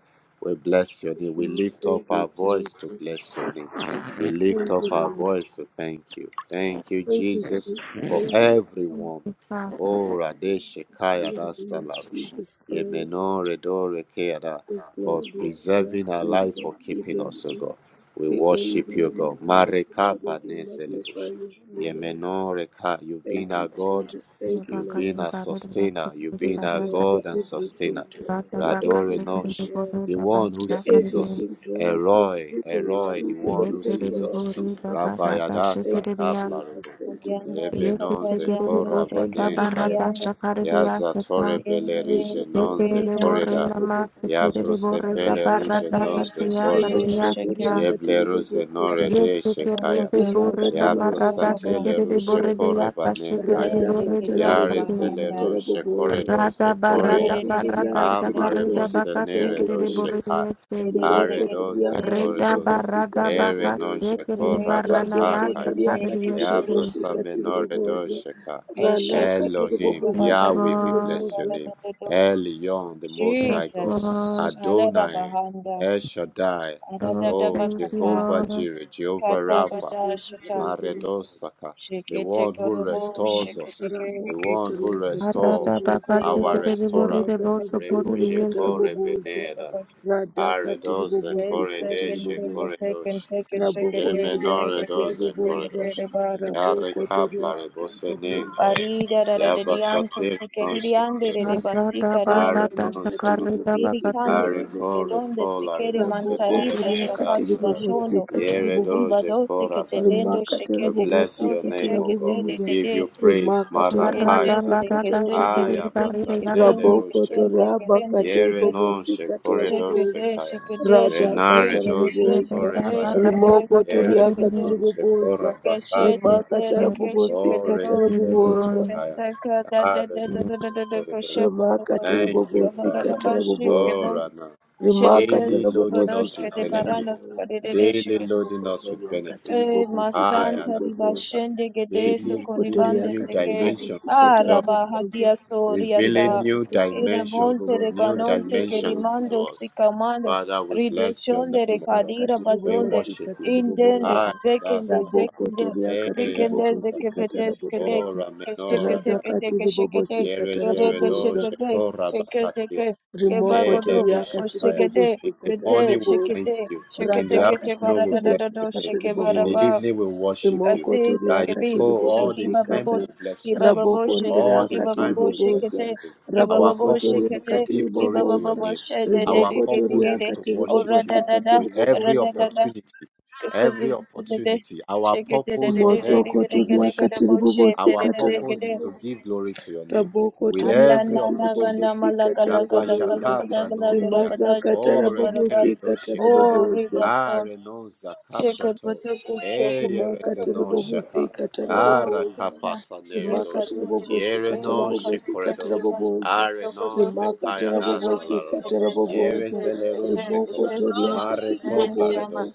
Speaker 2: We bless your name. We
Speaker 3: Lord.
Speaker 2: lift up
Speaker 3: Thank
Speaker 2: our
Speaker 3: you,
Speaker 2: voice
Speaker 3: Jesus.
Speaker 2: to bless your name. We lift
Speaker 3: Thank you,
Speaker 2: up our
Speaker 3: Lord.
Speaker 2: voice to thank you. Thank you,
Speaker 3: Thank you, Jesus.
Speaker 2: Jesus, for
Speaker 3: Thank you
Speaker 4: Thank
Speaker 2: everyone.
Speaker 4: you, Father.
Speaker 2: Oh, Radeshekaya
Speaker 3: in the name of
Speaker 2: Rastalarush.
Speaker 3: Jesus Christ.
Speaker 2: Yemeno Redo Rekeada.
Speaker 3: Yes,
Speaker 2: For
Speaker 3: Lord, we
Speaker 2: preserving
Speaker 3: bless
Speaker 2: our
Speaker 3: you,
Speaker 2: life, for
Speaker 3: bless you,
Speaker 2: keeping us,
Speaker 3: bless
Speaker 2: O
Speaker 3: you.
Speaker 2: God. We
Speaker 3: We honor
Speaker 2: worship you,
Speaker 3: you, we
Speaker 2: God.
Speaker 3: exalt you, Lord, and
Speaker 2: Marekapa
Speaker 3: we
Speaker 2: Nezelerush.
Speaker 3: magnify you in the
Speaker 2: Yemenon Reka, you've
Speaker 3: name.
Speaker 2: been
Speaker 3: Thank
Speaker 2: our
Speaker 3: you,
Speaker 2: God,
Speaker 3: Jesus.
Speaker 4: Yes,
Speaker 3: Thank you,
Speaker 2: you've
Speaker 3: Lord.
Speaker 2: been our sustainer, you've been
Speaker 3: Yes,
Speaker 2: our
Speaker 3: Lord, you're
Speaker 2: God and
Speaker 3: everything
Speaker 2: sustainer.
Speaker 3: to us. You're
Speaker 2: Rador
Speaker 3: everything
Speaker 2: Enosh,
Speaker 3: to
Speaker 2: the
Speaker 3: us.
Speaker 2: one who
Speaker 3: You're
Speaker 2: sees us.
Speaker 3: everything to us. You're the
Speaker 2: Eroi,
Speaker 3: reason,
Speaker 2: Eroi, the
Speaker 3: Lord. You're the
Speaker 2: one who
Speaker 3: reason
Speaker 2: sees
Speaker 3: for all
Speaker 2: us.
Speaker 3: being.
Speaker 2: Rabbi Adasa
Speaker 3: Thank you,
Speaker 2: Kaplarebo,
Speaker 3: Jesus. Thank you, Lord.
Speaker 1: Orianda
Speaker 2: Yebenon
Speaker 1: rikataria
Speaker 2: Zeko
Speaker 1: ando
Speaker 3: Thank you,
Speaker 2: Rabanenkaya,
Speaker 3: Lord.
Speaker 1: sekerindi
Speaker 2: Yazatore
Speaker 3: Thank
Speaker 1: Yendere
Speaker 2: Belerige
Speaker 3: you, Lord.
Speaker 2: non ze
Speaker 1: nekeyda
Speaker 3: Kate
Speaker 2: Corrida,
Speaker 3: Bobo Sikate.
Speaker 2: Yabrosepele
Speaker 1: şekerida
Speaker 2: Ruge
Speaker 1: gadere
Speaker 2: non ze Cordos,
Speaker 1: şekerida şeker
Speaker 3: rimokotoriakati
Speaker 2: Yebleruse
Speaker 3: ribobosikata
Speaker 2: Norede
Speaker 1: kapsada
Speaker 2: Shekaya.
Speaker 1: koda
Speaker 3: rimakati
Speaker 1: koşun
Speaker 2: Ya
Speaker 1: koşala bu
Speaker 3: ribobosikata
Speaker 2: brosatele rushe
Speaker 3: rabobooza
Speaker 2: kore banenkaya.
Speaker 1: mende
Speaker 3: radhakata
Speaker 1: kederi
Speaker 2: Yare zele
Speaker 1: bahanda
Speaker 3: rabobosikata
Speaker 2: rushe kore
Speaker 3: rabobooza
Speaker 2: do se
Speaker 4: Rada
Speaker 2: kore
Speaker 4: barada
Speaker 2: ya.
Speaker 1: dererere gede
Speaker 4: barada
Speaker 3: rimokotoriakati
Speaker 1: gede
Speaker 2: Amare
Speaker 1: gede
Speaker 4: shakarida
Speaker 2: bose
Speaker 4: baka
Speaker 3: ribobosikata
Speaker 2: nere do
Speaker 4: sekere
Speaker 3: rabobooza
Speaker 2: sheka.
Speaker 4: borriese.
Speaker 1: dererere
Speaker 2: Are
Speaker 1: gede
Speaker 2: doze
Speaker 1: gede
Speaker 3: rimokotoriakati
Speaker 2: kore
Speaker 4: Reda
Speaker 2: dos.
Speaker 4: barada
Speaker 3: ribobosikata
Speaker 2: Ere
Speaker 4: baka
Speaker 3: rabobooza
Speaker 2: noje
Speaker 4: sekere
Speaker 2: kora
Speaker 1: yeşe
Speaker 4: barana
Speaker 2: batakaya.
Speaker 1: kererere
Speaker 4: masakarida
Speaker 3: rabokotoriakati
Speaker 2: Ya
Speaker 1: keşe
Speaker 4: yekete.
Speaker 2: brosa
Speaker 3: ribobosikati
Speaker 2: menore do
Speaker 3: ribobooza
Speaker 2: sheka.
Speaker 1: eşe
Speaker 3: ranakati
Speaker 1: teke teke
Speaker 2: Elohim,
Speaker 4: Yes,
Speaker 1: baba
Speaker 3: ribobosikati
Speaker 2: Yahweh, we
Speaker 4: Lord.
Speaker 2: bless your
Speaker 3: ribobooza
Speaker 1: kumara
Speaker 2: name.
Speaker 1: dedo
Speaker 2: Elion, the Most High
Speaker 4: Yes,
Speaker 2: God.
Speaker 4: Lord.
Speaker 1: Jesus alada
Speaker 2: Adonai,
Speaker 1: bahanda
Speaker 2: El Shaddai.
Speaker 4: Oh,
Speaker 1: alada da
Speaker 2: Oh,
Speaker 4: thank you,
Speaker 1: bakata
Speaker 2: Jehovah
Speaker 4: Lord.
Speaker 2: Jireh, Jehovah
Speaker 1: kata
Speaker 3: thank you
Speaker 2: Rapha.
Speaker 1: bada
Speaker 3: jesus
Speaker 1: Shata.
Speaker 3: thank you lord
Speaker 2: Maredosaka, the
Speaker 1: Shekete
Speaker 2: one who
Speaker 1: korobo,
Speaker 2: restores
Speaker 3: katiri
Speaker 1: shekete
Speaker 2: us,
Speaker 1: ke,
Speaker 2: the one
Speaker 3: katiri
Speaker 2: who
Speaker 3: katiri
Speaker 4: Arada
Speaker 2: restores
Speaker 3: boboza,
Speaker 4: baka
Speaker 1: shekorobo,
Speaker 2: our
Speaker 4: sekere
Speaker 3: ila
Speaker 2: restorer.
Speaker 4: borride
Speaker 1: shekete
Speaker 3: katiri
Speaker 4: boso
Speaker 3: bobosi katara
Speaker 4: korriese.
Speaker 2: Rebojeko
Speaker 3: boboza,
Speaker 2: rebeneda,
Speaker 3: rada katiri
Speaker 2: aredose
Speaker 3: bobosi katiri
Speaker 2: koredeshe
Speaker 1: kente
Speaker 3: boboza,
Speaker 1: kente
Speaker 2: koredosh,
Speaker 1: kente ke,
Speaker 3: rabo
Speaker 1: shekete
Speaker 3: kondria
Speaker 1: shekete ke,
Speaker 2: yemenoredose
Speaker 1: shekete ke
Speaker 2: koredosh,
Speaker 1: rebata.
Speaker 3: Karabokotoria
Speaker 2: yarekapla
Speaker 3: katiribobosa,
Speaker 2: rebosenenkaya,
Speaker 1: Parida da da da dianto,
Speaker 2: yabasatir
Speaker 1: shekete
Speaker 2: nonse
Speaker 1: diande de de
Speaker 2: koredos,
Speaker 4: Arada
Speaker 1: basika riando,
Speaker 4: barada
Speaker 2: arenonse
Speaker 3: katiri
Speaker 4: shakarida
Speaker 3: katarabobosa,
Speaker 1: riri
Speaker 3: radakatiribobosi
Speaker 1: kande,
Speaker 4: bakate.
Speaker 2: Areko
Speaker 3: katiribobosa,
Speaker 1: kedonde
Speaker 2: reko la
Speaker 1: sekere
Speaker 2: rebosene
Speaker 1: mantarita
Speaker 3: rabokondria katara rabokotoria katiribobosa, imakatiribobosi katiri rabokotoria
Speaker 1: stafati
Speaker 2: kayadasela.
Speaker 3: katiri
Speaker 1: bashondo,
Speaker 2: Yere
Speaker 1: riba
Speaker 3: katiribobosa.
Speaker 2: doje
Speaker 1: dose
Speaker 2: korabane.
Speaker 1: ketelendo,
Speaker 3: rimakatira
Speaker 2: We
Speaker 1: shekete
Speaker 2: bless your
Speaker 1: kosoto,
Speaker 3: bobosikatira
Speaker 2: name, O
Speaker 1: shekete
Speaker 2: God.
Speaker 1: de
Speaker 2: We
Speaker 3: boboza
Speaker 1: de
Speaker 2: give
Speaker 1: de.
Speaker 2: you praise.
Speaker 3: rimakatira
Speaker 4: Arada
Speaker 2: Marakayada.
Speaker 1: ketente,
Speaker 4: barada
Speaker 3: bobosikatira
Speaker 1: ketente,
Speaker 4: shekere
Speaker 2: Aya
Speaker 3: boboza
Speaker 1: ketente,
Speaker 4: barride
Speaker 2: basatele
Speaker 1: ketente,
Speaker 4: yasate.
Speaker 3: rabokoto
Speaker 1: ketente,
Speaker 2: rushekos.
Speaker 1: kerende,
Speaker 3: rabakatiri
Speaker 2: Yere
Speaker 1: shekete,
Speaker 2: non
Speaker 3: bobosikatira
Speaker 2: shekore doze
Speaker 1: shekede,
Speaker 3: boboza
Speaker 2: kaya.
Speaker 1: shekede, shekede,
Speaker 2: Renare
Speaker 3: radhakatira
Speaker 4: Yes,
Speaker 1: shekede,
Speaker 2: doze
Speaker 4: yes,
Speaker 3: boboza
Speaker 4: reda
Speaker 1: shekede,
Speaker 2: korebaya.
Speaker 4: barada
Speaker 1: shekede,
Speaker 4: baka
Speaker 3: rimokoto
Speaker 1: shekede,
Speaker 2: Yere
Speaker 1: shekede,
Speaker 4: sekere.
Speaker 3: riakatiri
Speaker 2: zenon
Speaker 3: boboza
Speaker 2: shekora
Speaker 1: keshe, tete,
Speaker 2: bakakiyada.
Speaker 3: rimakatira
Speaker 1: reke, shekede,
Speaker 2: Ore
Speaker 1: go,
Speaker 3: bobosikatira
Speaker 4: give
Speaker 2: zele
Speaker 4: you
Speaker 3: boboza
Speaker 4: glory.
Speaker 1: pesaka, da, da,
Speaker 2: Are
Speaker 1: da, da,
Speaker 2: non
Speaker 1: da, da, da, da,
Speaker 2: shekore doze.
Speaker 1: koshe, koto,
Speaker 3: rimakatiri
Speaker 1: koto,
Speaker 2: Thank
Speaker 1: koto,
Speaker 2: you,
Speaker 1: barara,
Speaker 2: Father.
Speaker 3: bobosikatira
Speaker 1: bashi,
Speaker 3: boboza
Speaker 2: Oh,
Speaker 1: kebo,
Speaker 2: Rana,
Speaker 3: Rimaka
Speaker 1: shebede,
Speaker 2: daily loading
Speaker 3: tarabobosi
Speaker 1: saborosh,
Speaker 2: us with
Speaker 1: kede, barana,
Speaker 2: benefits.
Speaker 3: katarabobosa.
Speaker 2: Daily
Speaker 1: skadede,
Speaker 2: loading
Speaker 3: Ramoko
Speaker 2: us with
Speaker 3: toria
Speaker 2: benefits.
Speaker 1: Eh,
Speaker 3: katiribobosi
Speaker 2: Ah, yeah,
Speaker 1: mastanta
Speaker 2: that's better.
Speaker 3: katiribobosa.
Speaker 1: ribashende gedeso
Speaker 2: Daily
Speaker 3: Rimoko
Speaker 2: revealing
Speaker 3: toria
Speaker 1: koribande
Speaker 2: new
Speaker 1: seke
Speaker 2: dimensions
Speaker 3: katiribobosi
Speaker 2: of yourself,
Speaker 1: araba
Speaker 2: to us.
Speaker 3: katarabobosa.
Speaker 1: hadia
Speaker 2: revealing
Speaker 1: soriata
Speaker 3: Rimoko
Speaker 2: new
Speaker 3: toria
Speaker 2: dimensions,
Speaker 1: iramonte
Speaker 3: katiribobosi
Speaker 2: new
Speaker 1: reganonte
Speaker 2: dimensions
Speaker 3: katiribobosa.
Speaker 2: to
Speaker 1: kerimando
Speaker 2: us.
Speaker 1: sikamando
Speaker 2: Father, we bless your name,
Speaker 1: rideshonde
Speaker 2: O God.
Speaker 3: Rimaka
Speaker 1: rekadira
Speaker 2: We
Speaker 1: bazonde
Speaker 3: tiribobosi
Speaker 2: worship you.
Speaker 1: indende
Speaker 2: Ah,
Speaker 3: katiribobosa.
Speaker 2: yeah,
Speaker 1: zekende
Speaker 2: that's better.
Speaker 3: Raboko
Speaker 1: zekende
Speaker 3: toria
Speaker 2: Eh, yeah,
Speaker 1: zekende
Speaker 2: that's
Speaker 3: katiribobosi
Speaker 2: better.
Speaker 1: zekepetes kede
Speaker 2: Oh,
Speaker 3: katarabobosa.
Speaker 2: Rameno,
Speaker 1: keshekete
Speaker 3: Radaka
Speaker 1: kede
Speaker 2: Radasaka.
Speaker 1: keshekete
Speaker 3: tiribobosi
Speaker 2: Yere,
Speaker 1: kerede
Speaker 2: Jeredo,
Speaker 3: katarabobosa.
Speaker 1: shekete shekete
Speaker 2: Shekora,
Speaker 1: ke
Speaker 3: Rimoko
Speaker 1: kebagodo
Speaker 3: toriaka
Speaker 2: Elerushakaya.
Speaker 1: oshekete
Speaker 2: In the
Speaker 3: tiribobosika
Speaker 1: Kete,
Speaker 2: morning we'll thank
Speaker 3: tarabobosa.
Speaker 1: shekete,
Speaker 2: you. In
Speaker 1: shekete,
Speaker 2: the
Speaker 3: Radhaka
Speaker 1: kete,
Speaker 2: afternoon
Speaker 1: bara,
Speaker 2: we'll
Speaker 1: da, da,
Speaker 2: bless
Speaker 1: da,
Speaker 2: your
Speaker 1: do,
Speaker 3: tarabobosika
Speaker 2: name.
Speaker 1: sheke,
Speaker 2: In
Speaker 1: bara,
Speaker 2: the
Speaker 3: tiribobosa.
Speaker 1: ba,
Speaker 2: evening we'll worship you.
Speaker 3: Rimoko
Speaker 1: kasi,
Speaker 2: Rayeko,
Speaker 3: toriaka
Speaker 1: kebi,
Speaker 2: all
Speaker 1: sheki,
Speaker 2: the
Speaker 3: tiribobosika
Speaker 1: baba,
Speaker 2: time
Speaker 1: bo,
Speaker 3: ta.
Speaker 2: we'll bless
Speaker 1: ki,
Speaker 2: your name.
Speaker 1: baba, bo,
Speaker 3: Raboko
Speaker 1: she,
Speaker 2: All the
Speaker 1: ki,
Speaker 3: ndiriaka
Speaker 1: baba,
Speaker 2: time
Speaker 1: bo,
Speaker 2: we'll bless
Speaker 3: tiribobosa.
Speaker 2: your
Speaker 1: shekete,
Speaker 2: name.
Speaker 1: ki,
Speaker 2: Our
Speaker 1: baba,
Speaker 3: Raboko
Speaker 1: bo,
Speaker 2: purpose is
Speaker 3: toriaka
Speaker 2: to
Speaker 1: shekete,
Speaker 2: give
Speaker 1: ki,
Speaker 2: glory
Speaker 1: baba,
Speaker 2: to
Speaker 1: bo,
Speaker 2: your
Speaker 3: tiribobosa.
Speaker 1: bo,
Speaker 2: name.
Speaker 1: she, de, de,
Speaker 2: Our
Speaker 3: Rimoko
Speaker 1: de, de, de,
Speaker 2: purpose
Speaker 1: de,
Speaker 2: is
Speaker 1: de,
Speaker 3: toriaka
Speaker 2: to
Speaker 1: o,
Speaker 2: worship
Speaker 1: ra,
Speaker 2: you
Speaker 1: da,
Speaker 3: tiribobosika
Speaker 1: da, da,
Speaker 2: with
Speaker 1: ra,
Speaker 2: every
Speaker 1: da,
Speaker 3: tiribobosa.
Speaker 1: da, da,
Speaker 2: opportunity.
Speaker 1: kete,
Speaker 2: Every
Speaker 1: de, de, de, de,
Speaker 2: opportunity. Our
Speaker 1: shekete, de,
Speaker 2: purpose
Speaker 1: de, de,
Speaker 2: on
Speaker 1: de, de,
Speaker 2: earth
Speaker 3: Mosoko
Speaker 2: is to
Speaker 1: de, de, de,
Speaker 2: worship.
Speaker 3: toriaka
Speaker 1: de, de, bo, she, de,
Speaker 2: Our
Speaker 3: tiribobosika
Speaker 1: de, de, de, de,
Speaker 2: purpose is
Speaker 1: de,
Speaker 2: to
Speaker 3: tarabobosa.
Speaker 2: give glory to your name
Speaker 3: Raboko
Speaker 2: with
Speaker 3: toria
Speaker 1: anda,
Speaker 2: every
Speaker 1: na,
Speaker 3: katiri
Speaker 1: na, ganda,
Speaker 2: opportunity.
Speaker 3: bobosi
Speaker 1: mala, gala,
Speaker 3: katara
Speaker 1: gala, gala,
Speaker 3: boboza.
Speaker 2: Rabashaka
Speaker 1: gala, gala, gala, gala,
Speaker 2: pranonkea.
Speaker 3: Rimasa
Speaker 2: O
Speaker 3: katara
Speaker 1: gala, gala, gala,
Speaker 2: renere
Speaker 3: bobosi katara
Speaker 2: doshekaya.
Speaker 3: boboza.
Speaker 1: gala,
Speaker 2: Ah,
Speaker 1: gala,
Speaker 2: renon zaka
Speaker 1: Jacob
Speaker 2: proto.
Speaker 1: Botoko
Speaker 2: Eye
Speaker 1: Shoko
Speaker 3: Rimaka tiri
Speaker 2: rezenon
Speaker 1: Botota
Speaker 2: shaka.
Speaker 3: bobosi katara
Speaker 2: Ah,
Speaker 3: boboza.
Speaker 2: rakapasa nere
Speaker 3: Rimaka tiri
Speaker 1: Nepados
Speaker 3: bobosi
Speaker 2: Yere
Speaker 3: katara
Speaker 1: Ela
Speaker 2: no
Speaker 3: bobosi
Speaker 1: Kaka
Speaker 3: katara
Speaker 2: shekoredos.
Speaker 3: boboza.
Speaker 2: Ah, renon
Speaker 1: Estokodos
Speaker 3: Rimaka
Speaker 2: zekaya
Speaker 3: tara
Speaker 1: Jacob
Speaker 3: bobosi
Speaker 2: dazalaro.
Speaker 3: katara
Speaker 2: Yere
Speaker 3: boboza.
Speaker 2: zelero
Speaker 3: Riboko
Speaker 2: sheko.
Speaker 3: toria
Speaker 2: Mare
Speaker 3: katiri
Speaker 1: and Kama
Speaker 2: koplaredos.
Speaker 3: boboza.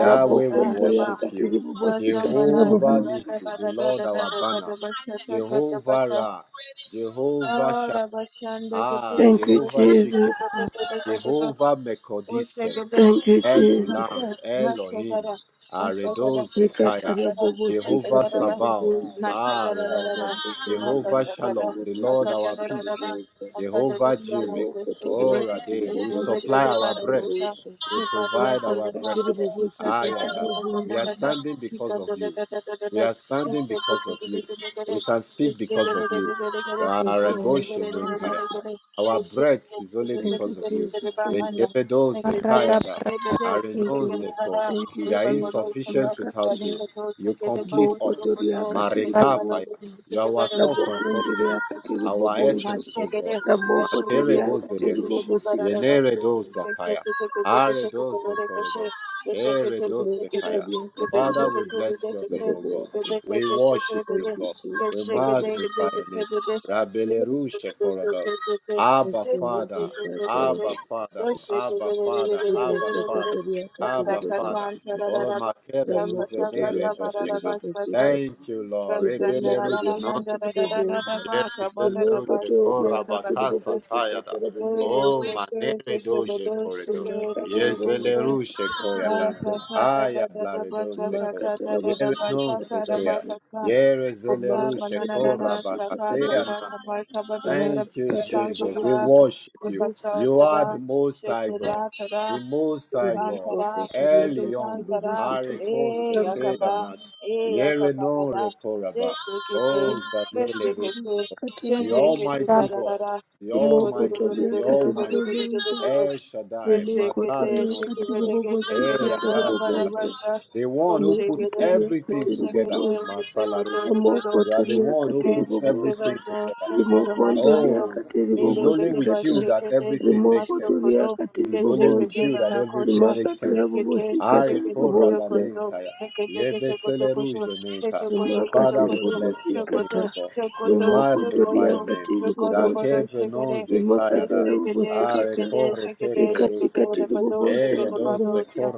Speaker 1: and
Speaker 2: we
Speaker 3: ndoria
Speaker 1: Jasanaba
Speaker 2: worship you.
Speaker 3: katiri bobosi katara
Speaker 1: Jamana
Speaker 2: Jehovah
Speaker 3: boboza.
Speaker 1: Kazanda
Speaker 2: Nisi, the
Speaker 1: Bada
Speaker 2: Lord
Speaker 1: Bada
Speaker 2: our
Speaker 1: Bada
Speaker 2: banner.
Speaker 1: Bada Bashata Bada
Speaker 2: Jehovah
Speaker 1: Bata
Speaker 2: Ra, Jehovah Shah,
Speaker 1: Ora Bashanda
Speaker 2: ah,
Speaker 1: Gatin
Speaker 3: Thank you,
Speaker 1: Jacob
Speaker 2: Jehovah Shikim,
Speaker 3: Jesus.
Speaker 1: Bada Bada Bada Bada
Speaker 2: Jehovah Mekodiske,
Speaker 1: Osegede,
Speaker 3: Thank you,
Speaker 2: El
Speaker 3: Jesus.
Speaker 2: Olam,
Speaker 1: Master, Mastagara,
Speaker 2: Elohim,
Speaker 1: Mastagara,
Speaker 2: Aredos Zekaya,
Speaker 3: Rekatara
Speaker 1: Mastagara,
Speaker 3: bobo
Speaker 2: Jehovah
Speaker 3: sikatara
Speaker 1: Mastagara,
Speaker 2: Sabaoth,
Speaker 3: bobonza.
Speaker 2: Arenos,
Speaker 1: Mastagara,
Speaker 3: Rabokondia
Speaker 2: Jehovah
Speaker 3: katiri
Speaker 1: Mastagara,
Speaker 2: Shalom, the
Speaker 3: bobo
Speaker 2: Lord our
Speaker 3: sikatiri
Speaker 2: peace,
Speaker 1: Akagara,
Speaker 3: bobonza.
Speaker 2: Jehovah
Speaker 1: Akadaluya
Speaker 2: Jireh,
Speaker 1: Montes,
Speaker 3: Rabokotoria
Speaker 1: Sekede,
Speaker 3: katiri
Speaker 2: Orade, you
Speaker 3: bobo
Speaker 2: supply
Speaker 1: Ezumbekede
Speaker 2: our
Speaker 3: sikatara
Speaker 2: bread,
Speaker 1: Barakuta,
Speaker 3: bobonza.
Speaker 2: you
Speaker 1: Kibado
Speaker 2: provide
Speaker 3: Rabo
Speaker 2: our
Speaker 1: Sakata,
Speaker 2: bread.
Speaker 3: katiri bobo sikatara
Speaker 2: Ayadat, we
Speaker 3: bobonza.
Speaker 2: are
Speaker 1: Ikatakatakatakatakata,
Speaker 2: standing because of you. We
Speaker 1: Ikatakatakatakatakata,
Speaker 2: are standing because of you. We
Speaker 1: Esekekekekekekekeke,
Speaker 2: can speak because of you.
Speaker 1: Esekekekekekekeke,
Speaker 3: Yes, Lord.
Speaker 2: Aredoshene
Speaker 3: Thank you,
Speaker 2: Kaya.
Speaker 3: Jesus.
Speaker 1: Osegererereregere,
Speaker 2: Our breath is only
Speaker 3: Thank you,
Speaker 2: because of you.
Speaker 1: Esekekekekekekekeke,
Speaker 3: Jesus. Thank you,
Speaker 1: Bahanda.
Speaker 3: Lord.
Speaker 2: Rejevedo
Speaker 1: Thank
Speaker 4: Barada
Speaker 2: zekayada,
Speaker 1: you.
Speaker 3: Thank you,
Speaker 2: areno
Speaker 3: Lord.
Speaker 2: zeko.
Speaker 3: Thank you,
Speaker 2: We are
Speaker 3: Jesus.
Speaker 2: insufficient without
Speaker 3: Makatiria
Speaker 2: you. You complete
Speaker 3: Raboko
Speaker 2: us.
Speaker 3: toriakati
Speaker 2: Marekapaya.
Speaker 3: ribobozo.
Speaker 2: You are our source and
Speaker 3: Raboko
Speaker 2: sustenance,
Speaker 3: ndiriakati
Speaker 2: our
Speaker 3: ribobozo.
Speaker 2: essence, O
Speaker 1: Mashekere,
Speaker 2: God.
Speaker 3: Raboko
Speaker 1: bashekete,
Speaker 2: Makerebo
Speaker 1: kete,
Speaker 3: toriakati
Speaker 1: kete,
Speaker 2: zelerush,
Speaker 1: kete,
Speaker 3: ribobosi
Speaker 1: bararara,
Speaker 2: yeneredo
Speaker 3: katarabobozo.
Speaker 1: kete,
Speaker 2: zakaya,
Speaker 1: kete, kete, kete, kete,
Speaker 2: aredo
Speaker 1: bere,
Speaker 2: zekoredo,
Speaker 1: kete, kete, kete, kete,
Speaker 2: eredo
Speaker 1: kete,
Speaker 3: Raboko
Speaker 2: zekaya.
Speaker 3: toriakati
Speaker 1: bebe,
Speaker 2: Father,
Speaker 1: kete,
Speaker 2: we
Speaker 3: ribobosi
Speaker 2: bless your
Speaker 1: kete,
Speaker 2: name, O God.
Speaker 3: katarabobozo.
Speaker 1: bebe,
Speaker 2: We
Speaker 1: kete,
Speaker 2: worship
Speaker 1: bebe,
Speaker 2: you,
Speaker 3: Thank you,
Speaker 2: God.
Speaker 3: Jesus.
Speaker 2: We
Speaker 1: kete, kete,
Speaker 3: Thank
Speaker 1: kete,
Speaker 3: you.
Speaker 1: bebe,
Speaker 2: magnify your
Speaker 1: kete,
Speaker 2: name.
Speaker 1: kete,
Speaker 2: Rabelerusha
Speaker 1: kete, kete, bebe, kete, kete, kete, kete, kete,
Speaker 2: Korados.
Speaker 1: kete,
Speaker 3: Yes,
Speaker 2: Abba
Speaker 3: Lord.
Speaker 2: Father,
Speaker 1: kete, kete,
Speaker 2: Abba
Speaker 3: Akatarabobozo.
Speaker 2: Father,
Speaker 1: kete, kete,
Speaker 2: Abba
Speaker 1: bere, bere,
Speaker 2: Father,
Speaker 1: bere, bere,
Speaker 2: Abba
Speaker 1: bere, bere,
Speaker 2: Father,
Speaker 3: ribosokotoria
Speaker 2: Abba
Speaker 1: Aksaka,
Speaker 2: Father.
Speaker 1: kwan,
Speaker 3: katiribobosikata
Speaker 2: Oh
Speaker 1: tararara,
Speaker 2: Makele
Speaker 1: baksa, kata,
Speaker 3: ramokotoria
Speaker 1: kata,
Speaker 2: Ruzenere
Speaker 1: barara,
Speaker 2: Dosheka.
Speaker 1: baksa,
Speaker 3: katiribobosikata
Speaker 2: Thank you, Lord.
Speaker 1: Sandra
Speaker 2: Rebelerusha
Speaker 3: ribokotoria
Speaker 1: Ramanda, da da
Speaker 2: Nonsheko.
Speaker 1: da da da
Speaker 3: katiribobosa
Speaker 1: ba, Kabada da ba,
Speaker 2: Yerezelerusha
Speaker 3: rimokotoria
Speaker 1: Sandra da ba,
Speaker 2: Korabakasa Tayada.
Speaker 3: katiribobosikata
Speaker 1: Yakaba,
Speaker 3: rabobosa
Speaker 2: Oh Manere Doje Koredo. Yerezelerusha
Speaker 3: rimakatiribobosikata
Speaker 2: Koyada.
Speaker 3: rabobosa
Speaker 2: Aya Blaredoseko. Yere non
Speaker 3: rimakatarabobosikata
Speaker 2: sekea.
Speaker 3: rabobosa
Speaker 2: Yere zeleru shekora
Speaker 3: rimakatarabobosikata rabobosa
Speaker 2: Thank you, Jesus. We
Speaker 3: radakatarabobosikata
Speaker 2: worship you.
Speaker 3: ribobo
Speaker 2: You are the Most High God, the Most High God.
Speaker 3: rimosokotoria
Speaker 2: Elion,
Speaker 3: katiribobosikata
Speaker 2: Ariko
Speaker 3: rabobosa.
Speaker 2: Seteanash,
Speaker 1: eh,
Speaker 2: Yere
Speaker 1: yakaba,
Speaker 2: no
Speaker 1: nada, eh,
Speaker 2: Rekoraba,
Speaker 1: sekete,
Speaker 2: O
Speaker 1: eh,
Speaker 2: Zanele
Speaker 1: sekete,
Speaker 3: katela
Speaker 2: the
Speaker 3: bobo
Speaker 1: tendekete,
Speaker 2: Almighty
Speaker 4: barada
Speaker 2: God,
Speaker 1: bararara,
Speaker 2: the
Speaker 1: Thank
Speaker 3: rimoko
Speaker 2: Almighty,
Speaker 3: toria
Speaker 2: the
Speaker 3: katela
Speaker 2: Almighty,
Speaker 3: bobonzo
Speaker 2: El Shaddai,
Speaker 3: rimoko
Speaker 2: Makare
Speaker 3: toria katela
Speaker 2: Nostiko,
Speaker 3: bobosi
Speaker 2: E
Speaker 3: katela bobonzo
Speaker 2: Adazalarush, the one who
Speaker 3: rimoko
Speaker 2: puts
Speaker 3: toria
Speaker 2: everything
Speaker 3: katela
Speaker 2: together,
Speaker 3: bobosi
Speaker 2: Masalarush.
Speaker 1: you.
Speaker 3: ramoko
Speaker 2: You are the
Speaker 3: toria
Speaker 2: one who
Speaker 3: katela
Speaker 2: puts
Speaker 3: bobosi
Speaker 2: everything
Speaker 1: Yesekebazo
Speaker 2: together.
Speaker 1: Sokodo
Speaker 3: rimoko ndoria
Speaker 1: Mashando
Speaker 2: Oh,
Speaker 3: katela
Speaker 2: it is only
Speaker 3: bobosi
Speaker 1: Lilekete
Speaker 2: with
Speaker 3: kata
Speaker 2: you that
Speaker 1: Bashekete
Speaker 2: everything
Speaker 3: rimoko
Speaker 2: makes sense.
Speaker 3: toria
Speaker 1: Mastokodo
Speaker 2: It
Speaker 3: katela
Speaker 2: is only with
Speaker 1: Kesekete
Speaker 3: bobozo
Speaker 2: you that everything
Speaker 1: Banakosha
Speaker 2: makes
Speaker 3: rimakatela
Speaker 2: sense.
Speaker 3: bobosi
Speaker 1: Tekete
Speaker 2: Are
Speaker 3: katela
Speaker 1: Tekete
Speaker 2: ko
Speaker 3: bobonzo
Speaker 1: Burokoto
Speaker 2: rabanenka
Speaker 1: Tekete Kesokoto Kosho Tete Kosho Koto
Speaker 2: Father,
Speaker 3: rimakatiri
Speaker 2: we
Speaker 1: Koto
Speaker 2: bless your name,
Speaker 1: Sokoto
Speaker 3: bobosikata
Speaker 2: O God. We
Speaker 1: Sokoto
Speaker 2: magnify
Speaker 1: Sokoto
Speaker 2: your name.
Speaker 3: rimokotoriakatiri
Speaker 1: Sokoto
Speaker 3: bobosa
Speaker 1: Koto
Speaker 2: Rake
Speaker 1: Sekete
Speaker 2: brenon
Speaker 3: rimakatara
Speaker 1: Yesekete
Speaker 2: Are
Speaker 3: bobosikata
Speaker 1: Shekete
Speaker 2: ko reke
Speaker 1: Shekete Shekete
Speaker 2: perusene.
Speaker 3: rikatikatiri
Speaker 1: Rabado
Speaker 3: bobosa
Speaker 2: E
Speaker 1: Shekete
Speaker 3: rabobosa
Speaker 1: Bado